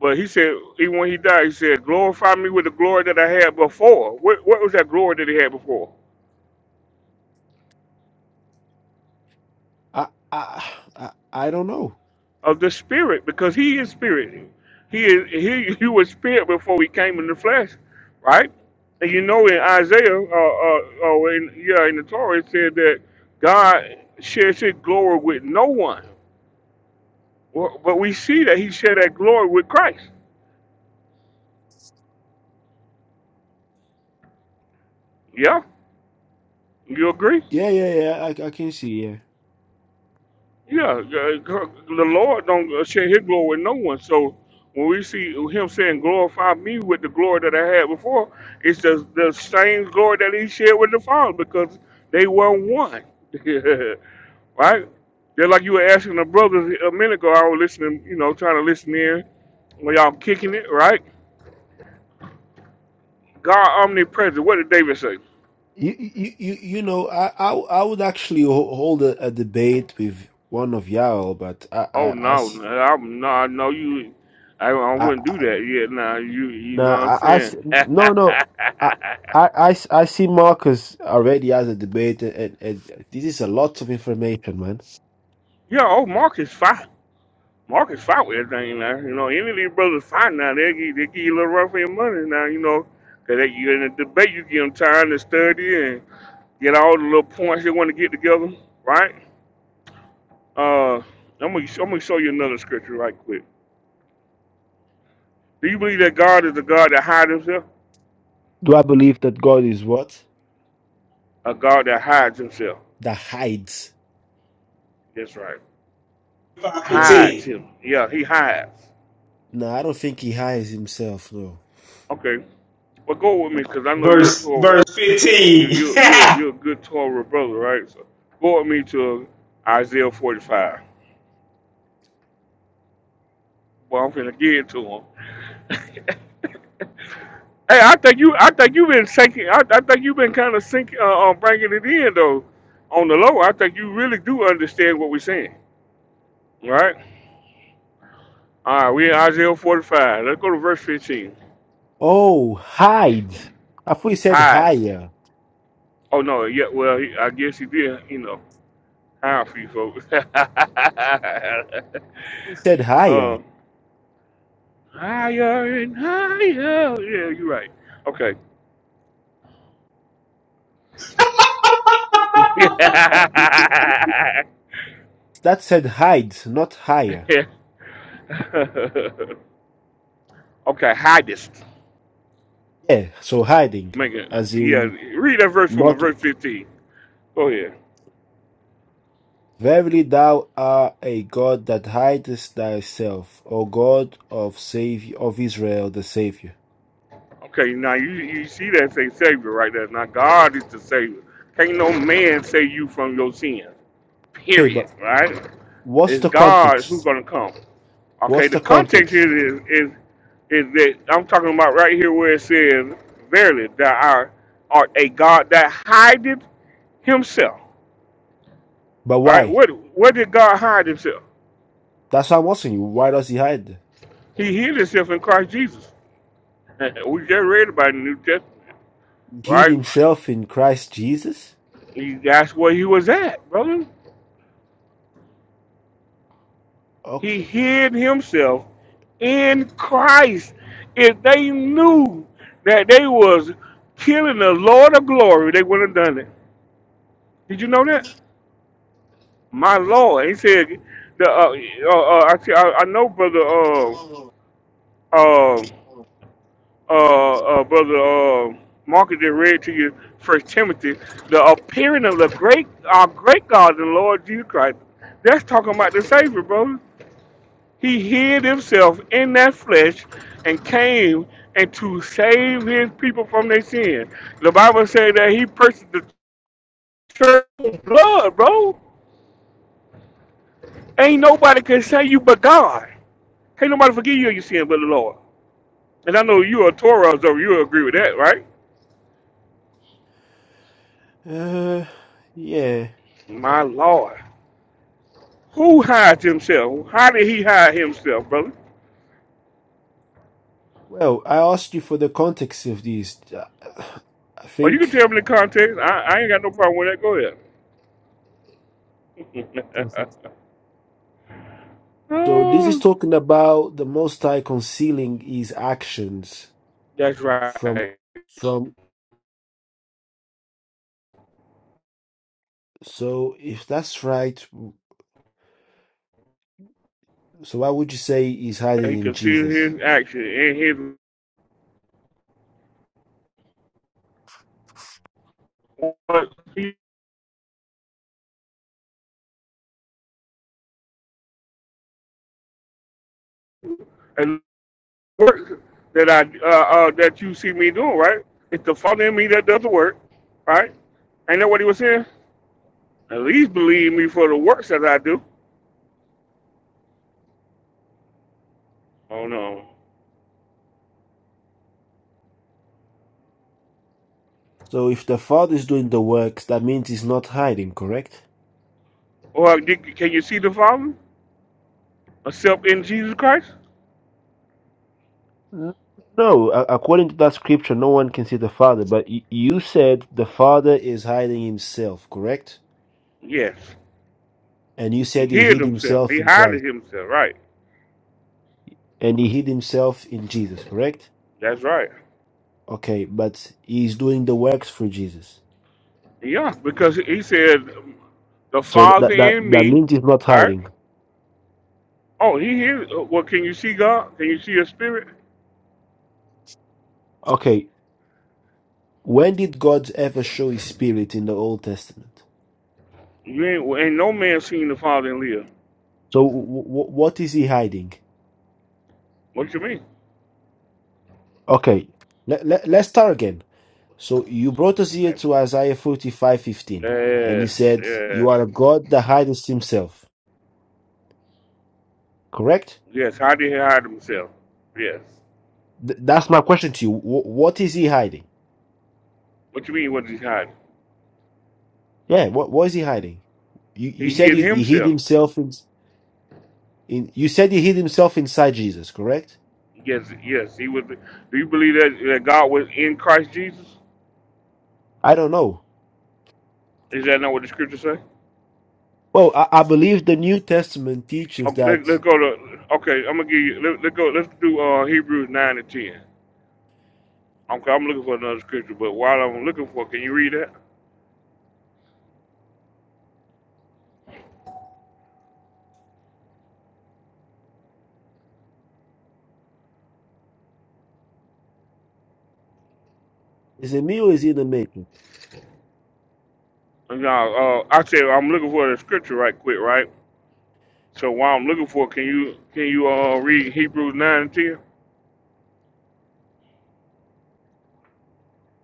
Speaker 18: But he said, even when he died, he said, glorify me with the glory that I had before. What, what was that glory that he had before?
Speaker 6: I I I, I don't know.
Speaker 18: of the spirit because he is spirit. He is he you was spirit before we came in the flesh, right? And you know in Isaiah, uh, uh, or in yeah, in the Torah it said that God shares his glory with no one. Well, but we see that he shared that glory with Christ. Yeah, you agree?
Speaker 6: Yeah, yeah, yeah. I, I can see. Yeah.
Speaker 18: Yeah, g- g- the Lord don't uh, share His glory with no one. So when we see Him saying, "Glorify me with the glory that I had before," it's the the same glory that He shared with the Father because they were one, right? Just like you were asking the brothers a minute ago, I was listening, you know, trying to listen in when y'all kicking it, right? God omnipresent. What did David say?
Speaker 6: You you you you know. I I, I would actually ho- hold a, a debate with one of y'all, but I I
Speaker 18: Oh
Speaker 6: I
Speaker 18: no,
Speaker 6: s-
Speaker 18: I'm no, I know you. I, I wouldn't do that. Yeah, nah, you, you
Speaker 6: No,
Speaker 18: know what I'm
Speaker 6: I, I s-
Speaker 18: saying?
Speaker 6: no, no. I, I, I s- I see Marcus already as a debate, and, and and this is a lot of information, man.
Speaker 18: yeah, oh, Marcus fine. Marcus fought with everything now. You know, any of these brothers fight now, they give, they give you a little run for your money now. You know, 'cause they, you in a debate, you give them time to study and get all the little points they want to get together, right? Uh, I'm gonna, I'm gonna show you another scripture right quick. Do you believe that God is a God that hides himself?
Speaker 6: Do I believe that God is what?
Speaker 18: A God that hides himself.
Speaker 6: That hides.
Speaker 18: That's right.
Speaker 22: Five
Speaker 6: No,
Speaker 18: hides
Speaker 22: fifteen,
Speaker 18: him. Yeah, he hides.
Speaker 6: no, I don't think he hides himself, no.
Speaker 18: Okay, well go with me because I know you're a
Speaker 22: verse
Speaker 18: Torah.
Speaker 22: verse
Speaker 18: You
Speaker 22: fifteen.
Speaker 18: you you you're a good Torah brother, right? So go with me to Isaiah 45. Well, I'm finna get to him. Hey, I think you I think you've been sinking. I, I think you've been kind of sinking, uh, uh, bringing it in though. On the low, I think you really do understand what we're saying, right? All right, we in Isaiah 45. Let's go to verse 15.
Speaker 6: Oh, hide. I thought he said
Speaker 18: Hides.
Speaker 6: higher.
Speaker 18: Oh no, yeah. Well, he, I guess he did. You know. Time for you folks.
Speaker 6: He said higher.
Speaker 18: um, higher and higher. Yeah, you're right. Okay.
Speaker 6: That said hides, not higher.
Speaker 18: okay, highest.
Speaker 6: Yeah, so hiding,
Speaker 18: Make it.
Speaker 6: as
Speaker 18: Yeah,
Speaker 6: in
Speaker 18: read that verse for me,
Speaker 6: not.
Speaker 18: verse 15. Go ahead.
Speaker 6: Verily thou art a God that hidest thyself, O God of Savior of Israel the Savior.
Speaker 18: Okay, now you, you see that say Savior right there. Now God is the Savior. Can't no man save you from your sins.
Speaker 6: Okay,
Speaker 18: Period.
Speaker 6: but
Speaker 18: Right?
Speaker 6: what's
Speaker 18: It's
Speaker 6: the
Speaker 18: God who's
Speaker 6: context?
Speaker 18: gonna come. Okay,
Speaker 6: What's
Speaker 18: the
Speaker 6: the
Speaker 18: context
Speaker 6: context?
Speaker 18: here is is is that I'm talking about right here where it says, "Verily, thou art, art a God that hideth Himself."
Speaker 6: But
Speaker 18: Right?
Speaker 6: why?
Speaker 18: What where did God hide Himself?
Speaker 6: That's what I'm asking you. Why does he hide?
Speaker 18: He hid Himself in Christ Jesus. we just read about it in the New Testament,
Speaker 6: Hid
Speaker 18: right?
Speaker 6: himself in Christ Jesus?
Speaker 18: He, that's where He was at, brother.
Speaker 6: Okay.
Speaker 18: He hid Himself in Christ. If they knew that they was killing the Lord of Glory, they wouldn't have done it. Did you know that? My Lord, he said, the, uh, uh, uh, I, see- I, I know brother, uh, uh, uh, uh, brother, uh, Marcus just read to you First Timothy, the appearing of the great, our great God and Lord Jesus Christ. That's talking about the Savior, brother. He hid himself in that flesh and came and to save his people from their sin. The Bible said that he purchased the church with blood, bro. Ain't nobody can save you but God. Hey, nobody forgive you of your sin but the Lord. And I know you're a Torah observer. You agree with that, right?
Speaker 6: Uh, yeah.
Speaker 18: My Lord. Who hides himself? How did he hide himself, brother?
Speaker 6: Well, I asked you for the context of these. Uh, I
Speaker 18: Or you can tell
Speaker 6: think
Speaker 18: me the context. I, I ain't got no problem with that. Go
Speaker 6: Okay, so
Speaker 18: ahead.
Speaker 6: so. This is
Speaker 18: Oh,
Speaker 6: talking about the Most High concealing his actions.
Speaker 18: That's
Speaker 6: From
Speaker 18: right.
Speaker 6: from so if that's right, so why would you say he's
Speaker 18: He
Speaker 6: hiding in
Speaker 18: concealed
Speaker 6: Jesus?
Speaker 18: his action and his work he- and works that I uh, uh, that you see me doing, right? It's the Father in me that does the work, right? Ain't that what he was saying? At least believe me for the works that I do. Oh no.
Speaker 6: So if the Father is doing the works, that means he's not hiding, correct?
Speaker 18: Or did, can you see the Father? Except in Jesus Christ?
Speaker 6: N- No, a- according to that scripture, no one can see the Father. But y- you said the Father is hiding himself, correct?
Speaker 18: Yes.
Speaker 6: And you
Speaker 18: He
Speaker 6: said he
Speaker 18: hid
Speaker 6: hid
Speaker 18: himself.
Speaker 6: himself
Speaker 18: He
Speaker 6: in Christ,
Speaker 18: hided himself. Right.
Speaker 6: and he hid himself in Jesus, correct?
Speaker 18: That's right.
Speaker 6: Okay, but he's doing the works for Jesus.
Speaker 18: Yeah, because he said, the
Speaker 6: So
Speaker 18: Father
Speaker 6: that that
Speaker 18: in
Speaker 6: that
Speaker 18: me,
Speaker 6: means he's not
Speaker 18: right?
Speaker 6: hiding.
Speaker 18: Oh, he hid. Well, can you see God? Can you see Your Spirit?
Speaker 6: Okay, When did God ever show his spirit in the Old Testament?
Speaker 18: You ain't, well, ain't no man seen the Father and live.
Speaker 6: So, w- w- what is he hiding?
Speaker 18: What you mean?
Speaker 6: Okay, let, let, let's start again. So, you brought us here to Isaiah forty-five fifteen, and you
Speaker 18: Yes,
Speaker 6: said, You
Speaker 18: yes,
Speaker 6: are a God that hides himself, correct?
Speaker 18: yes. How did he hide himself? Yes.
Speaker 6: Th- that's my question to you. W- what is he hiding?
Speaker 18: What you mean? What did he hide?
Speaker 6: Yeah, what, what is he hiding? You, you
Speaker 18: He
Speaker 6: said
Speaker 18: hid
Speaker 6: he, he hid
Speaker 18: himself.
Speaker 6: himself in, in. You said he hid himself inside Jesus, correct?
Speaker 18: Yes, yes, he would. Be. Do you believe that, that God was in Christ Jesus?
Speaker 6: I don't know.
Speaker 18: Is that not what the scripture say?
Speaker 6: Well, I, I believe the New Testament teaches
Speaker 18: Um, let,
Speaker 6: that
Speaker 18: let's go to. Okay, I'm gonna give you. Let, let's go. Let's do uh, Hebrews nine and 10 Okay, i I'm looking for another scripture, but while I'm looking for, can you read that?
Speaker 6: is a meal is in the making.
Speaker 18: No, uh, I said I'm looking for the scripture right quick, right? So while I'm looking for, can you can you uh read Hebrews nine and ten?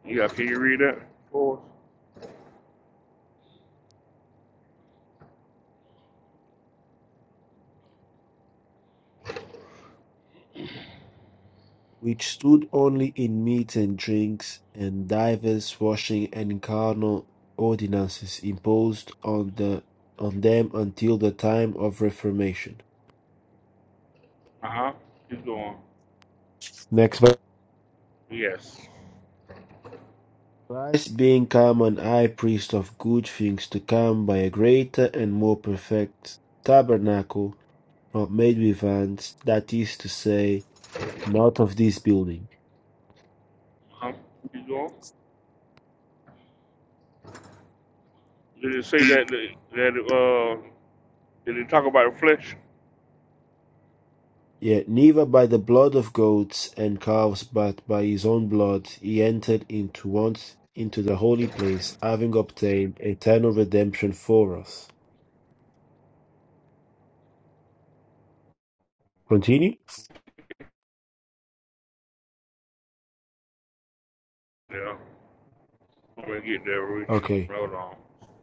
Speaker 18: Yeah, can you read that?
Speaker 6: which stood only in meat and drinks, and divers washing and carnal ordinances imposed on the on them until the time of Reformation.
Speaker 18: Uh huh. Keep going.
Speaker 6: Next verse.
Speaker 18: Yes.
Speaker 6: Christ being come an high priest of good things to come by a greater and more perfect tabernacle, not made with hands, that is to say, not of this building.
Speaker 18: Uh huh. Keep going. Did it say that that uh Did he talk about the flesh?
Speaker 6: Yet neither by the blood of goats and calves, but by his own blood, he entered into once into the holy place, having obtained eternal redemption for us. Continue.
Speaker 18: Yeah. I'm gonna get there, Rich.
Speaker 6: Okay.
Speaker 18: Hold on.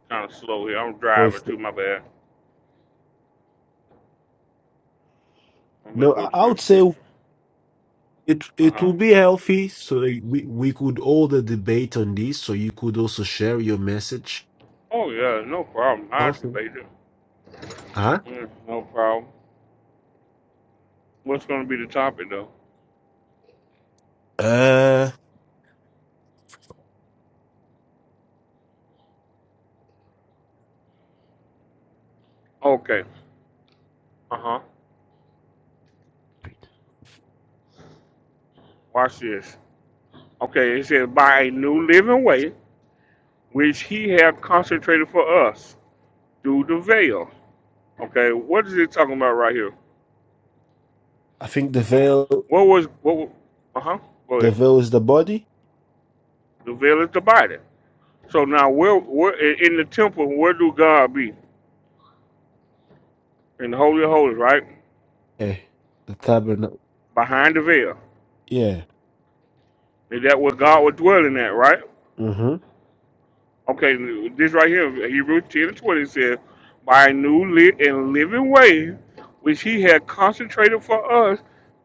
Speaker 18: Kind of slow here. I'm
Speaker 6: For
Speaker 18: driving
Speaker 6: if the,
Speaker 18: too. My bad. I'm gonna
Speaker 6: no,
Speaker 18: go
Speaker 6: I,
Speaker 18: to
Speaker 6: I
Speaker 18: the
Speaker 6: would say
Speaker 18: scripture.
Speaker 6: it
Speaker 18: Uh
Speaker 6: it
Speaker 18: huh.
Speaker 6: will be healthy. So we we could hold a debate on this. So you could also share your message.
Speaker 18: Oh yeah, no problem. I
Speaker 6: Something.
Speaker 18: debate it.
Speaker 6: Huh?
Speaker 18: Yeah, no problem. What's gonna be the topic though?
Speaker 6: Uh.
Speaker 18: Okay. Uh huh. Watch this. Okay. It says by a new living way, which He hath consecrated for us through the veil. Okay. What is it talking about right here?
Speaker 6: I think the veil
Speaker 18: What was what? Uh huh. Go
Speaker 6: the
Speaker 18: ahead.
Speaker 6: veil is the body.
Speaker 18: The veil is the body. So now, where, where in the temple, where do God be? In the holy of holies, right?
Speaker 6: Eh. The tabernacle.
Speaker 18: Behind the veil.
Speaker 6: Yeah.
Speaker 18: Is that where God was dwelling at, right?
Speaker 6: Mm-hmm.
Speaker 18: Okay, this right here, Hebrews 10 and 20 says, By a new lit and living way, which he had concentrated for us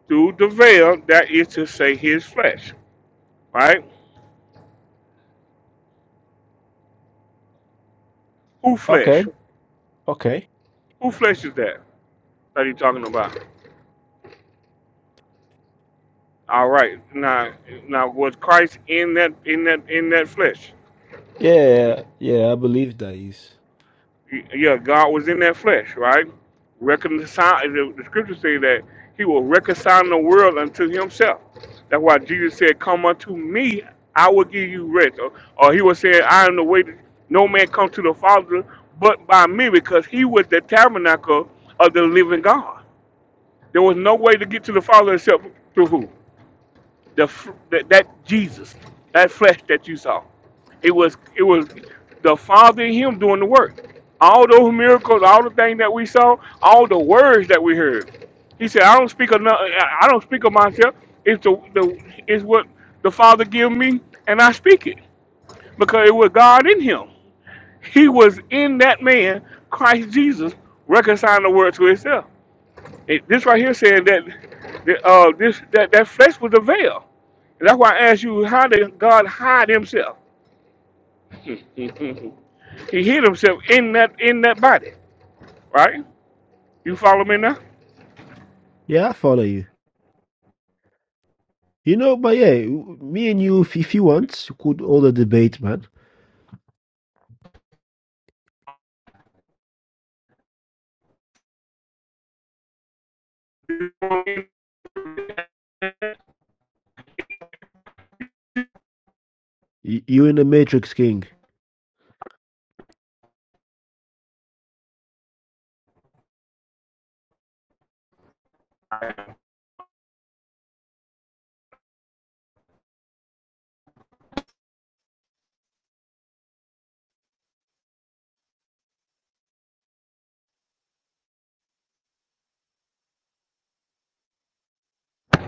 Speaker 18: through the veil, that is to say, his flesh, right? Who
Speaker 6: Okay.
Speaker 18: flesh?
Speaker 6: Okay.
Speaker 18: Who flesh is that? That he talking about? All right. Now, now was Christ in that in that in that flesh?
Speaker 6: Yeah, yeah, I believe that is.
Speaker 18: yeah, God was in that flesh, right? Reconcile. The, the scriptures say that He will reconcile the world unto Himself. That's why Jesus said, "Come unto Me, I will give you rest." Or, or He was saying, "I am the way. That no man come to the Father but by Me," because He was the tabernacle of the living God. There was no way to get to the Father except through who? the fr- that, that Jesus, that flesh that you saw. It was it was the Father in Him doing the work. All those miracles, all the things that we saw, all the words that we heard. He said, "I don't speak of no- I don't speak of myself. It's the, the it's what the Father give me, and I speak it because it was God in Him. He was in that man, Christ Jesus, reconciling the world to Himself. It, this right here saying that that, uh, this that, that flesh was a veil. And that's why I asked you, how did God hide himself? he hid himself in that in that body, right? You follow me now?
Speaker 6: Yeah, I follow you. You know, but yeah, w- me and you, if, if you want, you could hold a debate, man. Y- You're in the Matrix, King.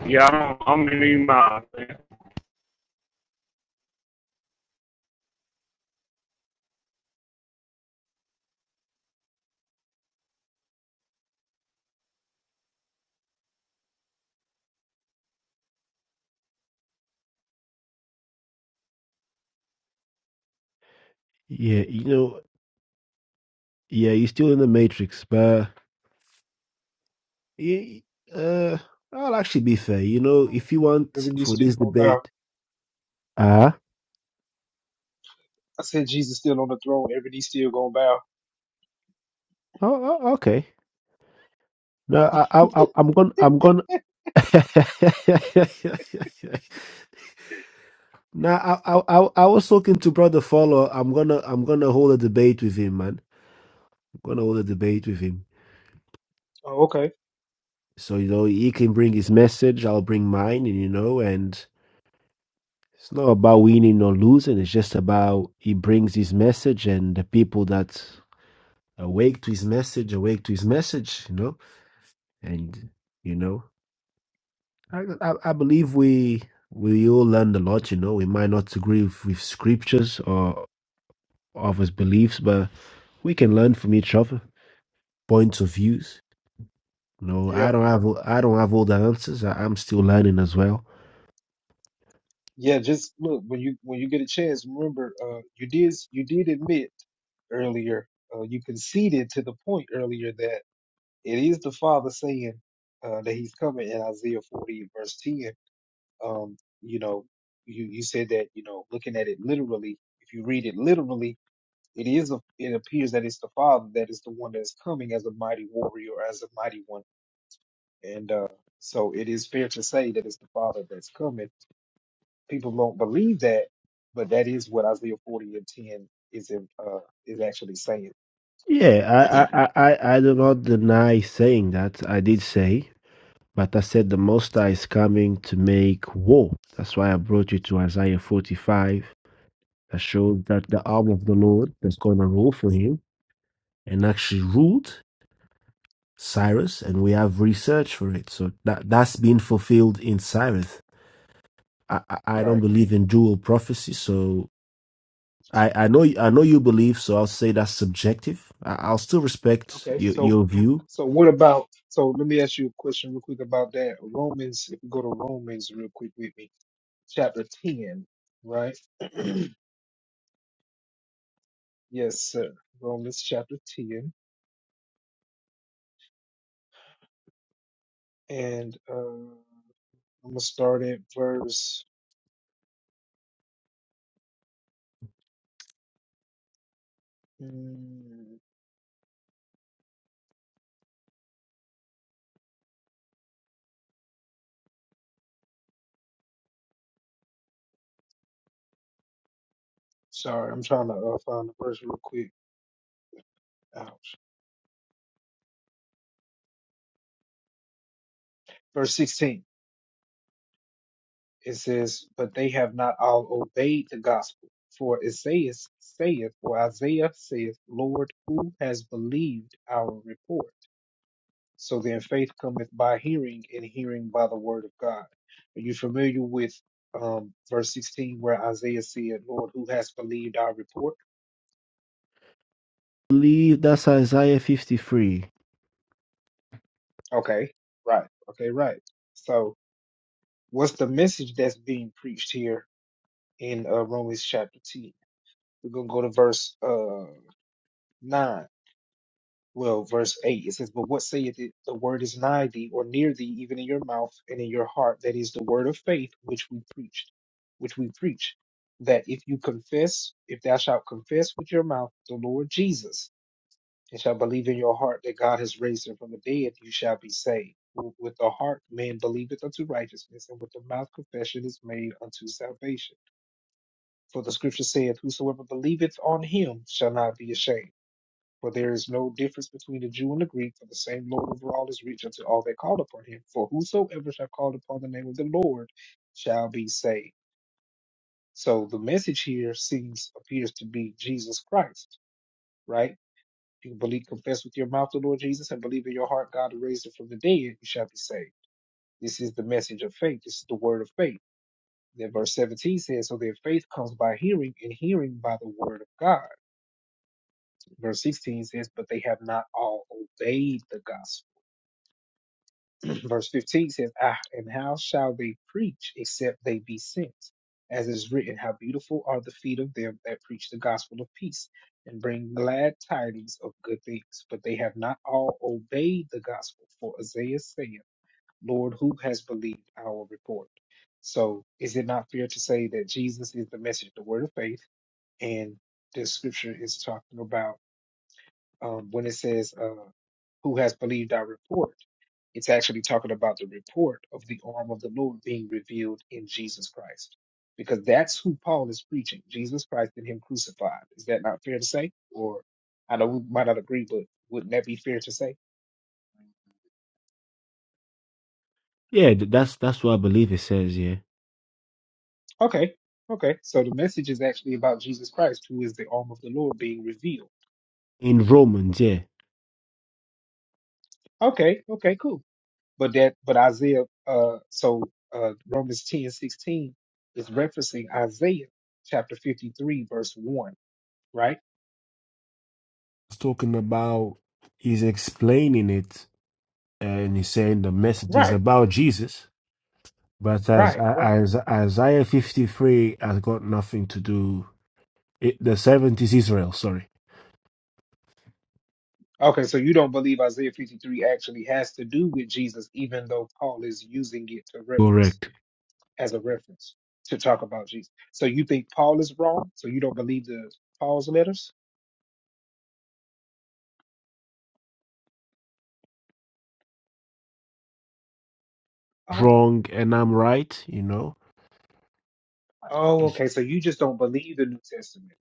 Speaker 18: Yeah, I'm, I'm in these minds, man.
Speaker 6: Yeah, you know, yeah, you're still in the Matrix, but y- uh, I'll actually be fair. You know, if you want
Speaker 22: Every knee
Speaker 6: for
Speaker 22: still
Speaker 6: this
Speaker 22: gonna bow.
Speaker 6: debate, ah,
Speaker 22: I said Jesus still on the throne. Every knee still gonna bow.
Speaker 6: oh, oh, okay. No, I, I, I- I'm gonna, I'm gonna. Now, I, I I I was talking to brother Follow. I'm gonna I'm gonna hold a debate with him, man. I'm gonna hold a debate with him. So you know he can bring his message. I'll bring mine, and you know, and it's not about winning or losing. It's just about he brings his message, and the people that awake to his message, awake to his message. You know, and you know, I I, I believe we we all learned a lot. You know, we might not agree with, with scriptures or of his beliefs, but we can learn from each other points of views. You know, I
Speaker 22: Yeah,
Speaker 6: don't have I don't have all the answers. I, I'm still learning as well.
Speaker 22: yeah. Just look when you when you get a chance. Remember, uh, you did you did admit earlier. Uh, you conceded to the point earlier that it is the Father saying uh, that He's coming in Isaiah 40 verse 10. Um, you know, you you said that you know looking at it literally. If you read it literally, it is a, it appears that it's the Father that is the one that is coming as a mighty warrior, as a mighty one And uh, so it is fair to say that it's the Father that's coming. People don't believe that, but that is what Isaiah 40 and 10 is in, uh, is actually saying.
Speaker 6: Yeah, I, I, I, I I do not deny saying that. I did say, but I said the Most High is coming to make war. That's why I brought you to Isaiah 45 that shows that the arm of the Lord is going to rule for him. and actually ruled Cyrus, and we have research for it. So that that's been fulfilled in Cyrus. I, I don't
Speaker 22: Right.
Speaker 6: believe in dual prophecy, so I, I know I know you believe, so I'll say that's subjective. I, I'll still respect
Speaker 22: Okay,
Speaker 6: your
Speaker 22: so
Speaker 6: your view.
Speaker 22: so what about so let me ask you a question real quick about that. Romans, if you go to Romans real quick with me, chapter 10, right? Yes, sir. Romans chapter 10. And uh, I'm gonna start at verse mm, sorry, I'm trying to uh, find the verse real quick. Uh, verse 16, it says, But they have not all obeyed the gospel. For Isaiah saith, or Isaiah saith, Lord, who has believed our report? So then faith cometh by hearing, and hearing by the word of God. Are you familiar with um, verse 16 where Isaiah said, Lord, who has believed our report?
Speaker 6: I believe that's Isaiah fifty three.
Speaker 22: Okay, right. Okay, right. So what's the message that's being preached here in uh, Romans chapter 10? We're going to go to verse uh, 9. Well, verse 8, it says, But what saith it? The word is nigh thee, or near thee, even in your mouth and in your heart. That is the word of faith which we preached, which we preach. That if you confess, if thou shalt confess with your mouth the Lord Jesus, and shalt believe in your heart that God has raised him from the dead, you shall be saved. With with the heart man believeth unto righteousness, and with the mouth confession is made unto salvation. For the scripture saith, Whosoever believeth on him shall not be ashamed. For there is no difference between the Jew and the Greek, for the same Lord over all is rich unto all that call upon him. For whosoever shall call upon the name of the Lord shall be saved. So the message here seems appears to be Jesus Christ, right? If you believe, confess with your mouth the Lord Jesus, and believe in your heart God raised him from the dead, you shall be saved. This is the message of faith. This is the word of faith. Then verse 17 says, So their faith comes by hearing, and hearing by the word of God. Verse 16 says, But they have not all obeyed the gospel. verse 15 says, ah, and how shall they preach except they be sent? As is written, how beautiful are the feet of them that preach the gospel of peace and bring glad tidings of good things. But they have not all obeyed the gospel. For Isaiah saith, Lord, who has believed our report? So is it not fair to say that Jesus is the message, the word of faith? And this scripture is talking about um, when it says, uh, who has believed our report? It's actually talking about the report of the arm of the Lord being revealed in Jesus Christ, because that's who Paul is preaching Jesus Christ and Him crucified. Is that not fair to say? Or I know we might not agree, but wouldn't that be fair to say?
Speaker 6: Yeah, that's that's what I believe it says. Yeah,
Speaker 22: Okay, okay. So the message is actually about Jesus Christ, who is the arm of the Lord being revealed.
Speaker 6: in Romans. Yeah,
Speaker 22: Okay, okay, cool. But that, but Isaiah, uh, so uh, Romans ten sixteen is referencing Isaiah chapter 53, verse 1, right?
Speaker 6: he's talking about he's explaining it, and he's saying the message is
Speaker 22: Right.
Speaker 6: about Jesus But as,
Speaker 22: Right, right.
Speaker 6: as Isaiah 53 has got nothing to do. It, the 70s Israel, sorry.
Speaker 22: Okay, so you don't believe Isaiah 53 actually has to do with Jesus, even though Paul is using it to reference
Speaker 6: Correct.
Speaker 22: as a reference to talk about Jesus. So you think Paul is wrong? So you don't believe the Paul's letters? Oh,
Speaker 6: Wrong and I'm right, you know.
Speaker 22: oh, okay. So you just don't believe the New Testament.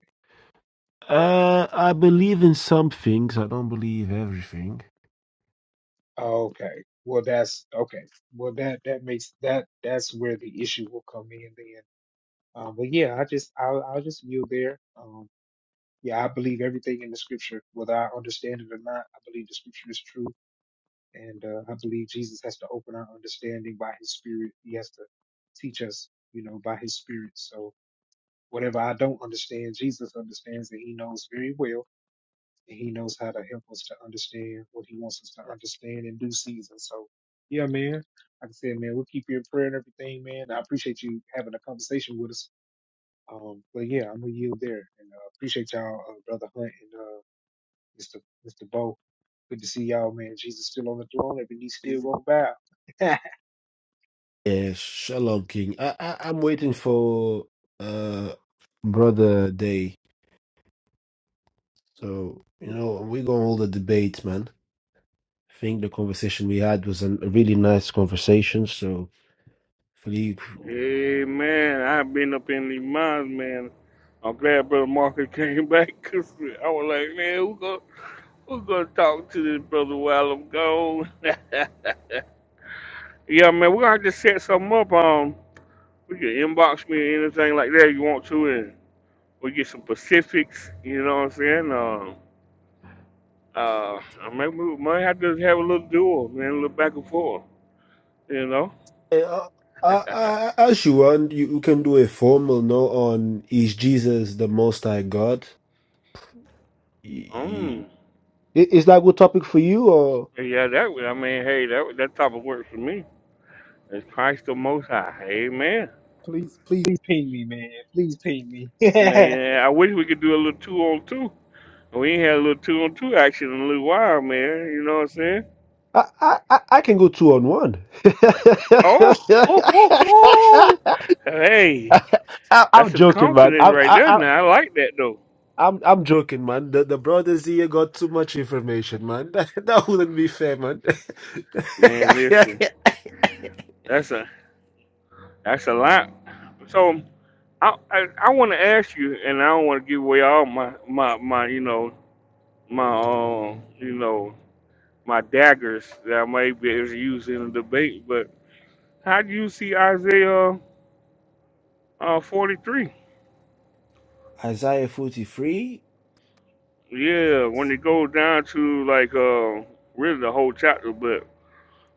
Speaker 6: Uh, I believe in some things. I don't believe everything.
Speaker 22: Okay. Well, that's okay. Well, that that makes that that's where the issue will come in then. Um, but yeah, I just I'll, I'll just yield there. Um, yeah, I believe everything in the scripture, whether I understand it or not. I believe the scripture is true And uh, I believe Jesus has to open our understanding by his spirit. He has to teach us, you know, by his spirit. So whatever I don't understand, Jesus understands and he knows very well. And he knows how to help us to understand what he wants us to understand in due season. So, yeah, man. Like I said, man, we'll keep you in prayer and everything, man. I appreciate you having a conversation with us. Um, but yeah, I'm gonna yield there and uh, appreciate y'all, uh, brother Hunt and uh, Mr. Mr. Bo. Good to see y'all, man. Jesus still on the throne. Every knee still gonna bow.
Speaker 6: Yeah, Shalom King. I, I I'm waiting for uh Brother Day. So, you know, we're gonna hold a debate, man. I think the conversation we had was an- a really nice conversation. So, hopefully
Speaker 18: Hey, man, I've been up in these minds, man. I'm glad Brother Marcus came back 'cause I was like, man, who gonna, who gonna talk to this brother while I'm gone? yeah, man, we're gonna have to set something up. Um, You can inbox me or anything like that you want to, and we get some Pacifics. You know what I'm saying? Um, uh, I may we might have to have a little duel, man, a little back and forth. You know?
Speaker 6: Uh, I, I, as you want, you, you can do a formal no on is Jesus the Most High God? Y- y-
Speaker 18: Mm.
Speaker 6: I- Is that a good topic for you, or
Speaker 18: Yeah, that would. I mean, hey, that would- that type of work for me. It's Christ the Most High. Amen.
Speaker 22: Please, please. Please ping me, man. Please ping me.
Speaker 18: Man, yeah, I wish we could do a little two on two. We ain't had a little two on two action in a little while, man. You know what I'm saying?
Speaker 6: I, I, I I can go two on one.
Speaker 18: Oh, hey,
Speaker 6: I,
Speaker 18: that's
Speaker 6: I'm
Speaker 18: some
Speaker 6: joking, man.
Speaker 18: confidence
Speaker 6: I,
Speaker 18: right there.
Speaker 6: I, I,
Speaker 18: Now I like that though.
Speaker 6: I'm I'm joking, man. The the brothers here got too much information, man. That, that wouldn't be fair, man.
Speaker 18: Man, listen, that's a that's a lot. So I I, I want to ask you, and I don't want to give away all my my my you know my um you know my daggers that I may be able to use in the debate. But how do you see Isaiah uh, 43?
Speaker 6: Isaiah 43,
Speaker 18: Yeah, when it goes down to like uh really the whole chapter, but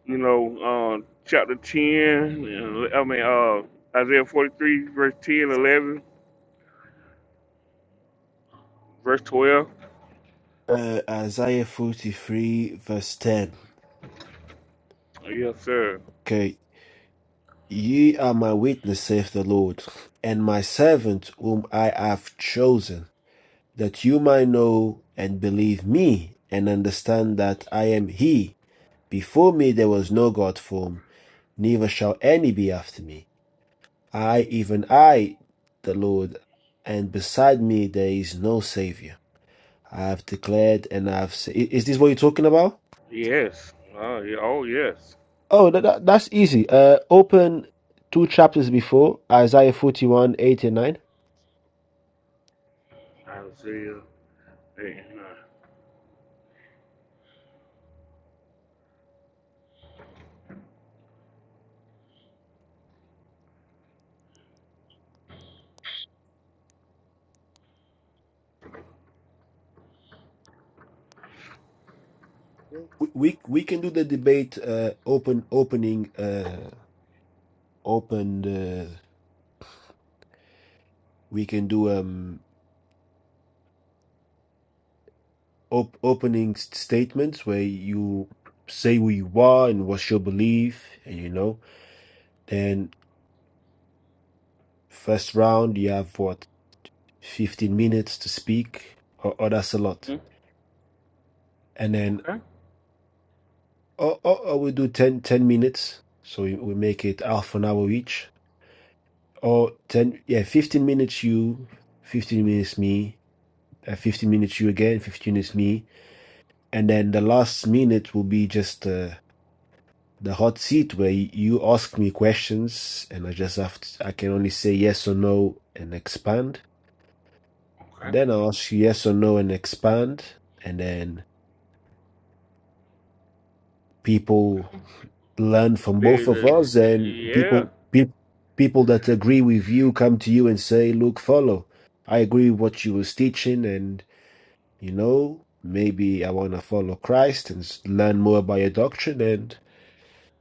Speaker 18: you know uh, chapter 10, uh, I mean uh Isaiah 43 verse 10, 11, verse 12.
Speaker 6: uh, Isaiah 43, verse 10.
Speaker 18: Yes, sir.
Speaker 6: Okay. Ye are my witness, saith the Lord, and my servant whom I have chosen, that you might know and believe me, and understand that I am he. Before me there was no God formed; neither shall any be after me. I, even I, the Lord, and beside me there is no Savior. I have declared and I have said. Is this what you're talking about?
Speaker 18: Yes. Oh, yeah. oh yes.
Speaker 6: Oh, that, that, that's easy. Uh, open two chapters before Isaiah 41, 8 and 9.
Speaker 18: I see. uh, and, uh,
Speaker 6: we we we can do the debate uh open opening uh open the we can do um op opening s- statements where you say who you are and what's your belief and you know then first round you have what 15 minutes to speak or, or that's a lot
Speaker 18: hmm,
Speaker 6: and then
Speaker 18: Okay.
Speaker 6: or, or, or we do 10 10 minutes so we, we make it half an hour each or 10 yeah 15 minutes you 15 minutes me Uh, 15 minutes you again, 15 is me. And then the last minute will be just uh, the hot seat where you ask me questions and I just have to, I can only say yes or no and expand.
Speaker 18: Okay.
Speaker 6: Then I'll ask you yes or no and expand. And then people learn from
Speaker 18: They-
Speaker 6: both of us and
Speaker 18: Yeah.
Speaker 6: people, pe- people that agree with you come to you and say, look, follow. I agree with what you was teaching and You know, maybe I want to follow Christ and learn more about your doctrine. And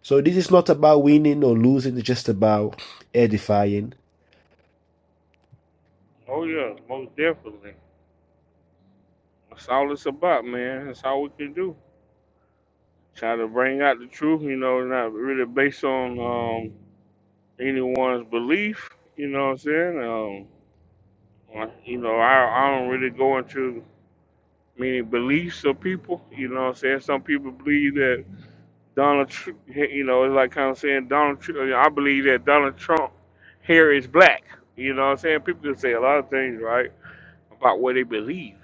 Speaker 6: so this is not about winning or losing, it's just about edifying.
Speaker 18: Oh, yeah. Most definitely. That's all it's about, man. That's all we can do. Try to bring out the truth, you know, not really based on um, anyone's belief. You know what I'm saying? Um, I- you know, I, I don't really go into many beliefs of people. You know what I'm saying? Some people believe that Donald, Tr- you know, it's like kind of saying Donald. Trump. I believe that Donald Trump hair is black. You know what I'm saying? People can say a lot of things, right, about what they believe,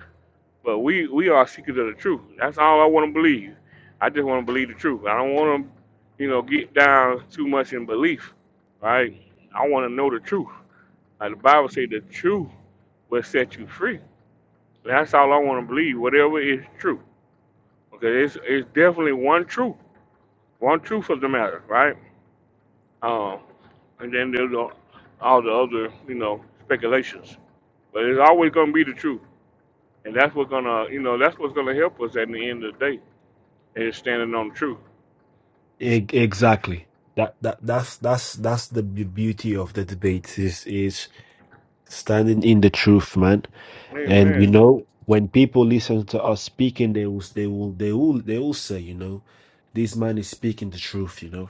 Speaker 18: but we we are seekers of the truth. That's all I want to believe. I just want to believe the truth. I don't want to, you know, get down too much in belief, right? I want to know the truth. Like the Bible says, the truth will set you free. That's all I want to believe. Whatever is true, okay? It's it's definitely one truth, one truth of the matter, right? Um, and then there's all all the other, you know, speculations. But it's always going to be the truth, and that's what's gonna, you know, that's what's gonna help us at the end of the day is standing on the truth.
Speaker 6: E- Exactly. That that that's that's that's the be- beauty of the debate is is standing in the truth, man. And you
Speaker 18: Amen.
Speaker 6: know, when people listen to us speaking, they will they will they will they will say, you know, this man is speaking the truth, you know.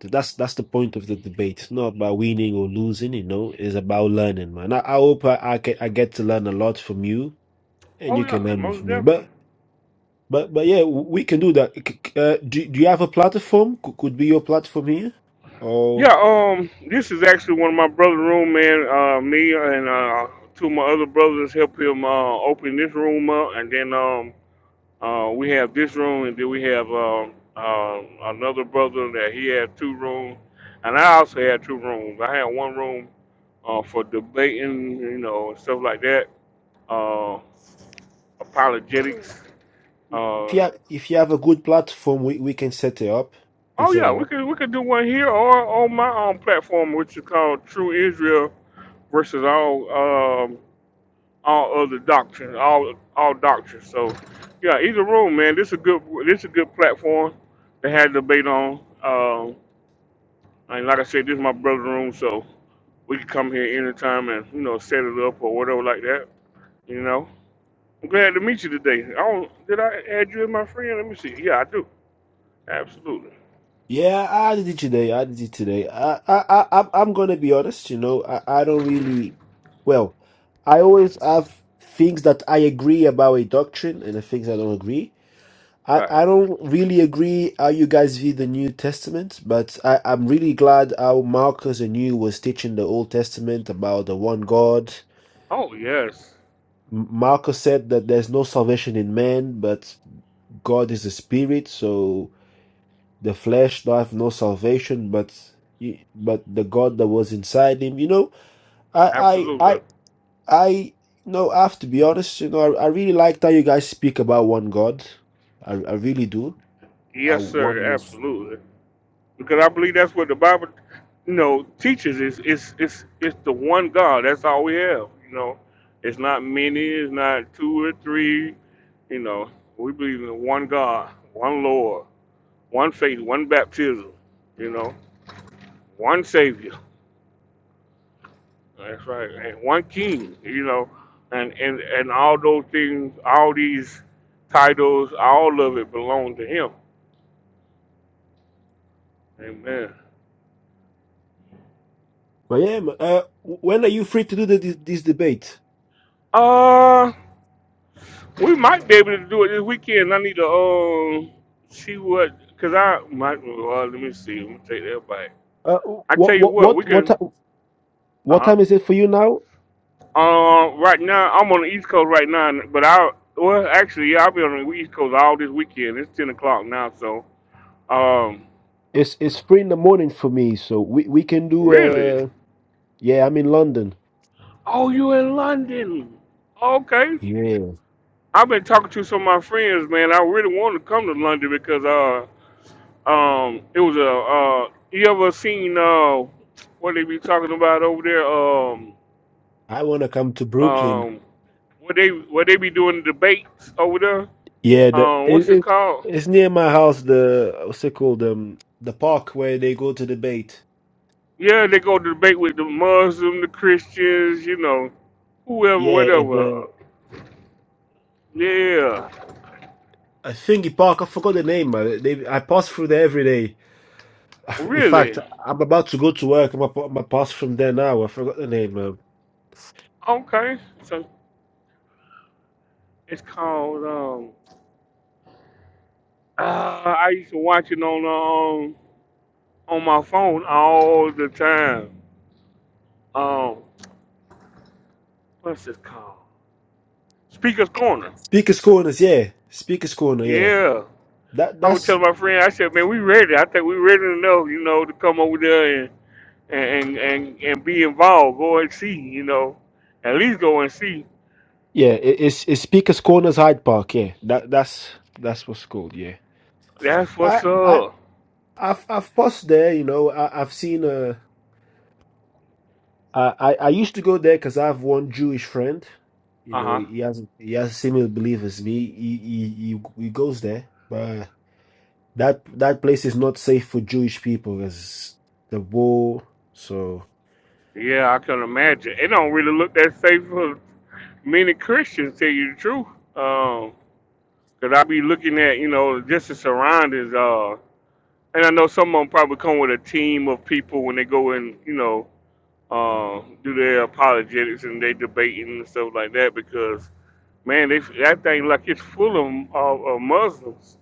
Speaker 6: That's that's the point of the debate. It's not about winning or losing, you know. It's about learning, man. I, I hope I, I get I get to learn a lot from you, and
Speaker 18: Oh
Speaker 6: you can
Speaker 18: yeah,
Speaker 6: learn with
Speaker 18: most
Speaker 6: me.
Speaker 18: definitely.
Speaker 6: But but but yeah, we can do that. C- c- Uh, do do you have a platform? Could, could be your platform here, or
Speaker 18: Yeah. Um, this is actually one of my brother's room, man. Uh, me and uh, two of my other brothers helped him uh, open this room up, and then um, Uh, we have this room, and then we have uh, uh, another brother that he had two rooms, and I also had two rooms. I had one room uh, for debating, you know, and stuff like that, uh, apologetics.
Speaker 6: if
Speaker 18: Uh,
Speaker 6: you have, if you have a good platform, we, we can set it up. We can
Speaker 18: oh
Speaker 6: set
Speaker 18: yeah,
Speaker 6: it up.
Speaker 18: we could we could do one here or on my own platform, which is called True Israel versus all um, all other doctrines, all all doctrines. So yeah, either room, man. This is a good this is a good platform to have debate on. Um, And like I said, this is my brother's room, so we can come here anytime and you know set it up or whatever like that. You know, I'm glad to meet you today. I don't, did I add you as my friend? Let me see. Yeah, I do. Absolutely.
Speaker 6: Yeah, I did it today. I did it today. I, I, I, I'm I'm gonna be honest. You know, I, I don't really. Well, I always have things that I agree about a doctrine and the things I don't agree. I,
Speaker 18: Right.
Speaker 6: I don't really agree how you guys view the New Testament, but I, I'm really glad how Marcus and you was teaching the Old Testament about the one God.
Speaker 18: Oh yes,
Speaker 6: M- Marcus said that there's no salvation in man, but God is a spirit, so. the flesh doth no salvation but but the god that was inside him you know i i
Speaker 18: absolutely.
Speaker 6: i i you know i have to be honest you know i, I really like how you guys speak about one god i, I really do i
Speaker 18: Yes, sir.
Speaker 6: oneness
Speaker 18: Absolutely. Because I believe that's what the Bible, you know, teaches. Is it's it's it's the one God. That's all we have. You know, it's not many. It's not two or three. You know, we believe in one God, one Lord one faith, one baptism, you know, one Savior. That's right, and one King, you know, and and and all those things, all these titles, all of it belong to Him. Amen.
Speaker 6: but yeah ma- uh, when are you free to do the, this, this debate
Speaker 18: Uh, we might be able to do it this weekend. I need to um see what, cause I might. Well, let me see. Let me take that back.
Speaker 6: uh,
Speaker 18: I tell
Speaker 6: what
Speaker 18: you
Speaker 6: what
Speaker 18: what, we
Speaker 6: what what
Speaker 18: can.
Speaker 6: ti-
Speaker 18: Uh
Speaker 6: what
Speaker 18: huh.
Speaker 6: time is it for you now
Speaker 18: Um, right now I'm on the East Coast right now, but I well actually yeah I'll be on the East Coast all this weekend. It's ten o'clock now, so um
Speaker 6: it's it's three in the morning for me so we we can do
Speaker 18: really?
Speaker 6: uh yeah i'm in london
Speaker 18: Oh, you in London? Okay.
Speaker 6: yeah
Speaker 18: I've been talking to some of my friends, man. I really wanted to come to London because uh um it was a uh you ever seen uh what they be talking about over there um
Speaker 6: i want to come to brooklyn
Speaker 18: um what they what they be doing debates over there
Speaker 6: Yeah, the,
Speaker 18: um
Speaker 6: it,
Speaker 18: what's it
Speaker 6: it
Speaker 18: called
Speaker 6: it's near my house. The what's it called? Um, the park where they go to debate.
Speaker 18: Yeah, they go debate with the Muslim, the Christians, you know, whoever,
Speaker 6: Yeah, it's
Speaker 18: whatever.
Speaker 6: a a
Speaker 18: Yeah,
Speaker 6: a thingy park. I forgot the name. man. They, I pass through there every day. In fact,
Speaker 18: really.
Speaker 6: I'm about to go to work. I'm going to pass from there now. I forgot the name. Man.
Speaker 18: Okay, so it's called. Um, uh, I used to watch it on um on my phone all the time. Um, what's it called? Speaker's Corner.
Speaker 6: Speakers Corners. Yeah, Speakers Corner. Yeah,
Speaker 18: Yeah,
Speaker 6: that
Speaker 18: I would tell
Speaker 6: that's
Speaker 18: my friend. I said, man, we ready. I think we ready enough, you know, to come over there and and and and, and be involved. Go and see, you know, at least go and see.
Speaker 6: yeah. It, it's it's Speakers Corners Hyde Park. Yeah, that that's that's what's called. Yeah,
Speaker 18: That's
Speaker 6: I
Speaker 18: what's
Speaker 6: I
Speaker 18: up.
Speaker 6: I've I've passed there. You know, I, I've seen uh I, I I used to go there because I have one Jewish friend. You
Speaker 18: Uh
Speaker 6: know,
Speaker 18: huh.
Speaker 6: he has he has similar belief as me. He he he, he goes there, but that that place is not safe for Jewish people as the war. So,
Speaker 18: Yeah, I can imagine. It don't really look that safe for many Christians, tell you the truth. Um, 'cause I be looking at, you know, just the surroundings. Uh, and I know some of them probably come with a team of people when they go and, you know, uh, do their apologetics and they debating and stuff like that because man, they that thing like it's full of, of, of Muslims.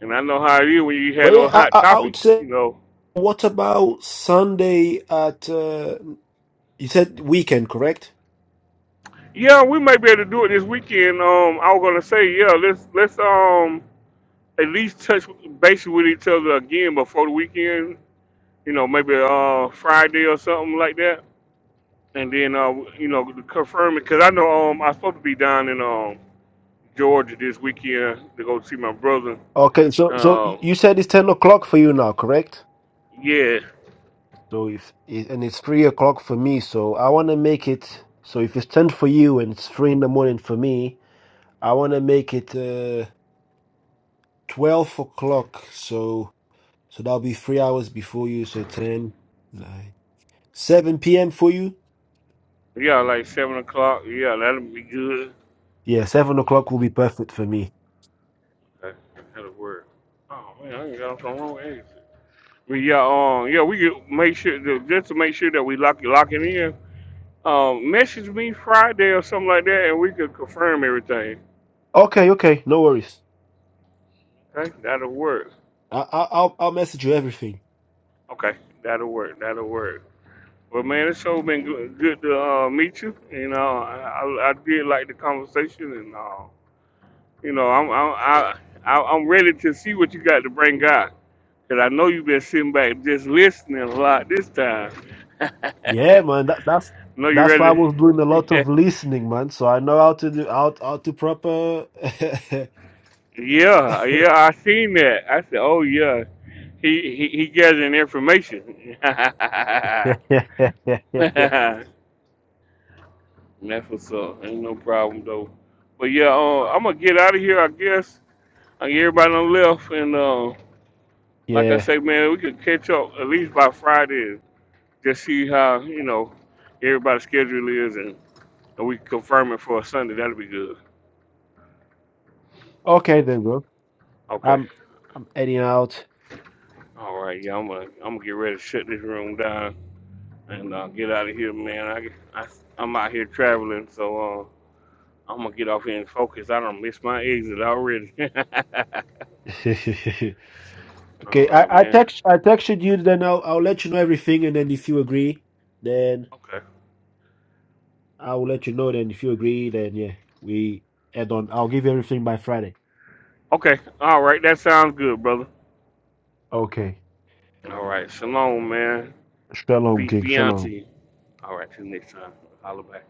Speaker 18: And I know how it is when you had
Speaker 6: but yeah,
Speaker 18: those
Speaker 6: I
Speaker 18: hot
Speaker 6: I, I would
Speaker 18: topics,
Speaker 6: say.
Speaker 18: you know.
Speaker 6: What about Sunday at? Uh, you said weekend, correct?
Speaker 18: Yeah, we may be able to do it this weekend. Um, I was gonna say, yeah, let's let's um at least touch base with each other again before the weekend. You know, maybe uh Friday or something like that, and then uh you know to confirm it because I know um I'm supposed to be down in um Georgia this weekend to go see my brother.
Speaker 6: Okay, so so y-
Speaker 18: Um,
Speaker 6: you said it's ten o'clock for you now, correct?
Speaker 18: yeah,
Speaker 6: So if it, and it's three o'clock for me, so I want to make it. So if it's ten for you and it's three in the morning for me, I want to make it uh, 12 o'clock. So so that'll be three hours before you. So ten, nine, 7 p.m. for you?
Speaker 18: yeah, like seven o'clock. Yeah, that'll be good.
Speaker 6: Yeah, 7 o'clock will be perfect for me.
Speaker 18: That- That'll work. Oh man, I ain't got off the wrong exit. But yeah, um, yeah, we could make sure that, just to make sure that we lock lock him in. Um, message me Friday or something like that, and we could confirm everything.
Speaker 6: Okay, okay. No worries.
Speaker 18: Okay, that'll work.
Speaker 6: I, I, I'll, I'll message you everything.
Speaker 18: Okay, that'll work. That'll work. Well, man, it's so been good, good to uh, meet you. You know, I, I I did like the conversation, and uh, you know, I'm I'm I, I, I'm ready to see what you got to bring out. Cause I know you've been sitting back just listening a lot this time.
Speaker 6: Yeah, man. That, that's
Speaker 18: know you
Speaker 6: that's why I was doing a
Speaker 18: ready?
Speaker 6: lot of listening, man. So I know how to do how, how to proper.
Speaker 18: Yeah, yeah, I seen that. I said, "Oh yeah, he he, he gathering information." That's
Speaker 6: Yeah, yeah, yeah, yeah, yeah.
Speaker 18: what's up. Ain't no problem though. But yeah, uh,
Speaker 6: yeah.
Speaker 18: I'm gonna get out of here. I guess I get everybody on left, and uh, like I
Speaker 6: Yeah.
Speaker 18: say, man, we could catch up at least by Friday. Just see how you know everybody's schedule is, and, and we can confirm it for Sunday. That'll be good.
Speaker 6: Okay, then, bro.
Speaker 18: Okay.
Speaker 6: I'm, I'm heading out.
Speaker 18: All right. Yeah, I'm gonna I'm gonna get ready to shut this room down. And uh, get out of here, man. I, I, I'm out here traveling, so uh, I'm gonna get off here and focus. I don't miss my exit already. All
Speaker 6: Okay,
Speaker 18: right,
Speaker 6: I, I
Speaker 18: man.
Speaker 6: text I texted you. Then I'll I'll let you know everything, and then if you agree, then
Speaker 18: Okay.
Speaker 6: I will let you know. Then if you agree, then yeah, we add on. I'll give you everything by Friday.
Speaker 18: Okay. All right. That sounds good, brother.
Speaker 6: Okay.
Speaker 18: All right. Shalom, man.
Speaker 6: Shalom,
Speaker 18: Peace
Speaker 6: King.
Speaker 18: be
Speaker 6: Shalom.
Speaker 18: unto you. All right. Till next time. Holla back.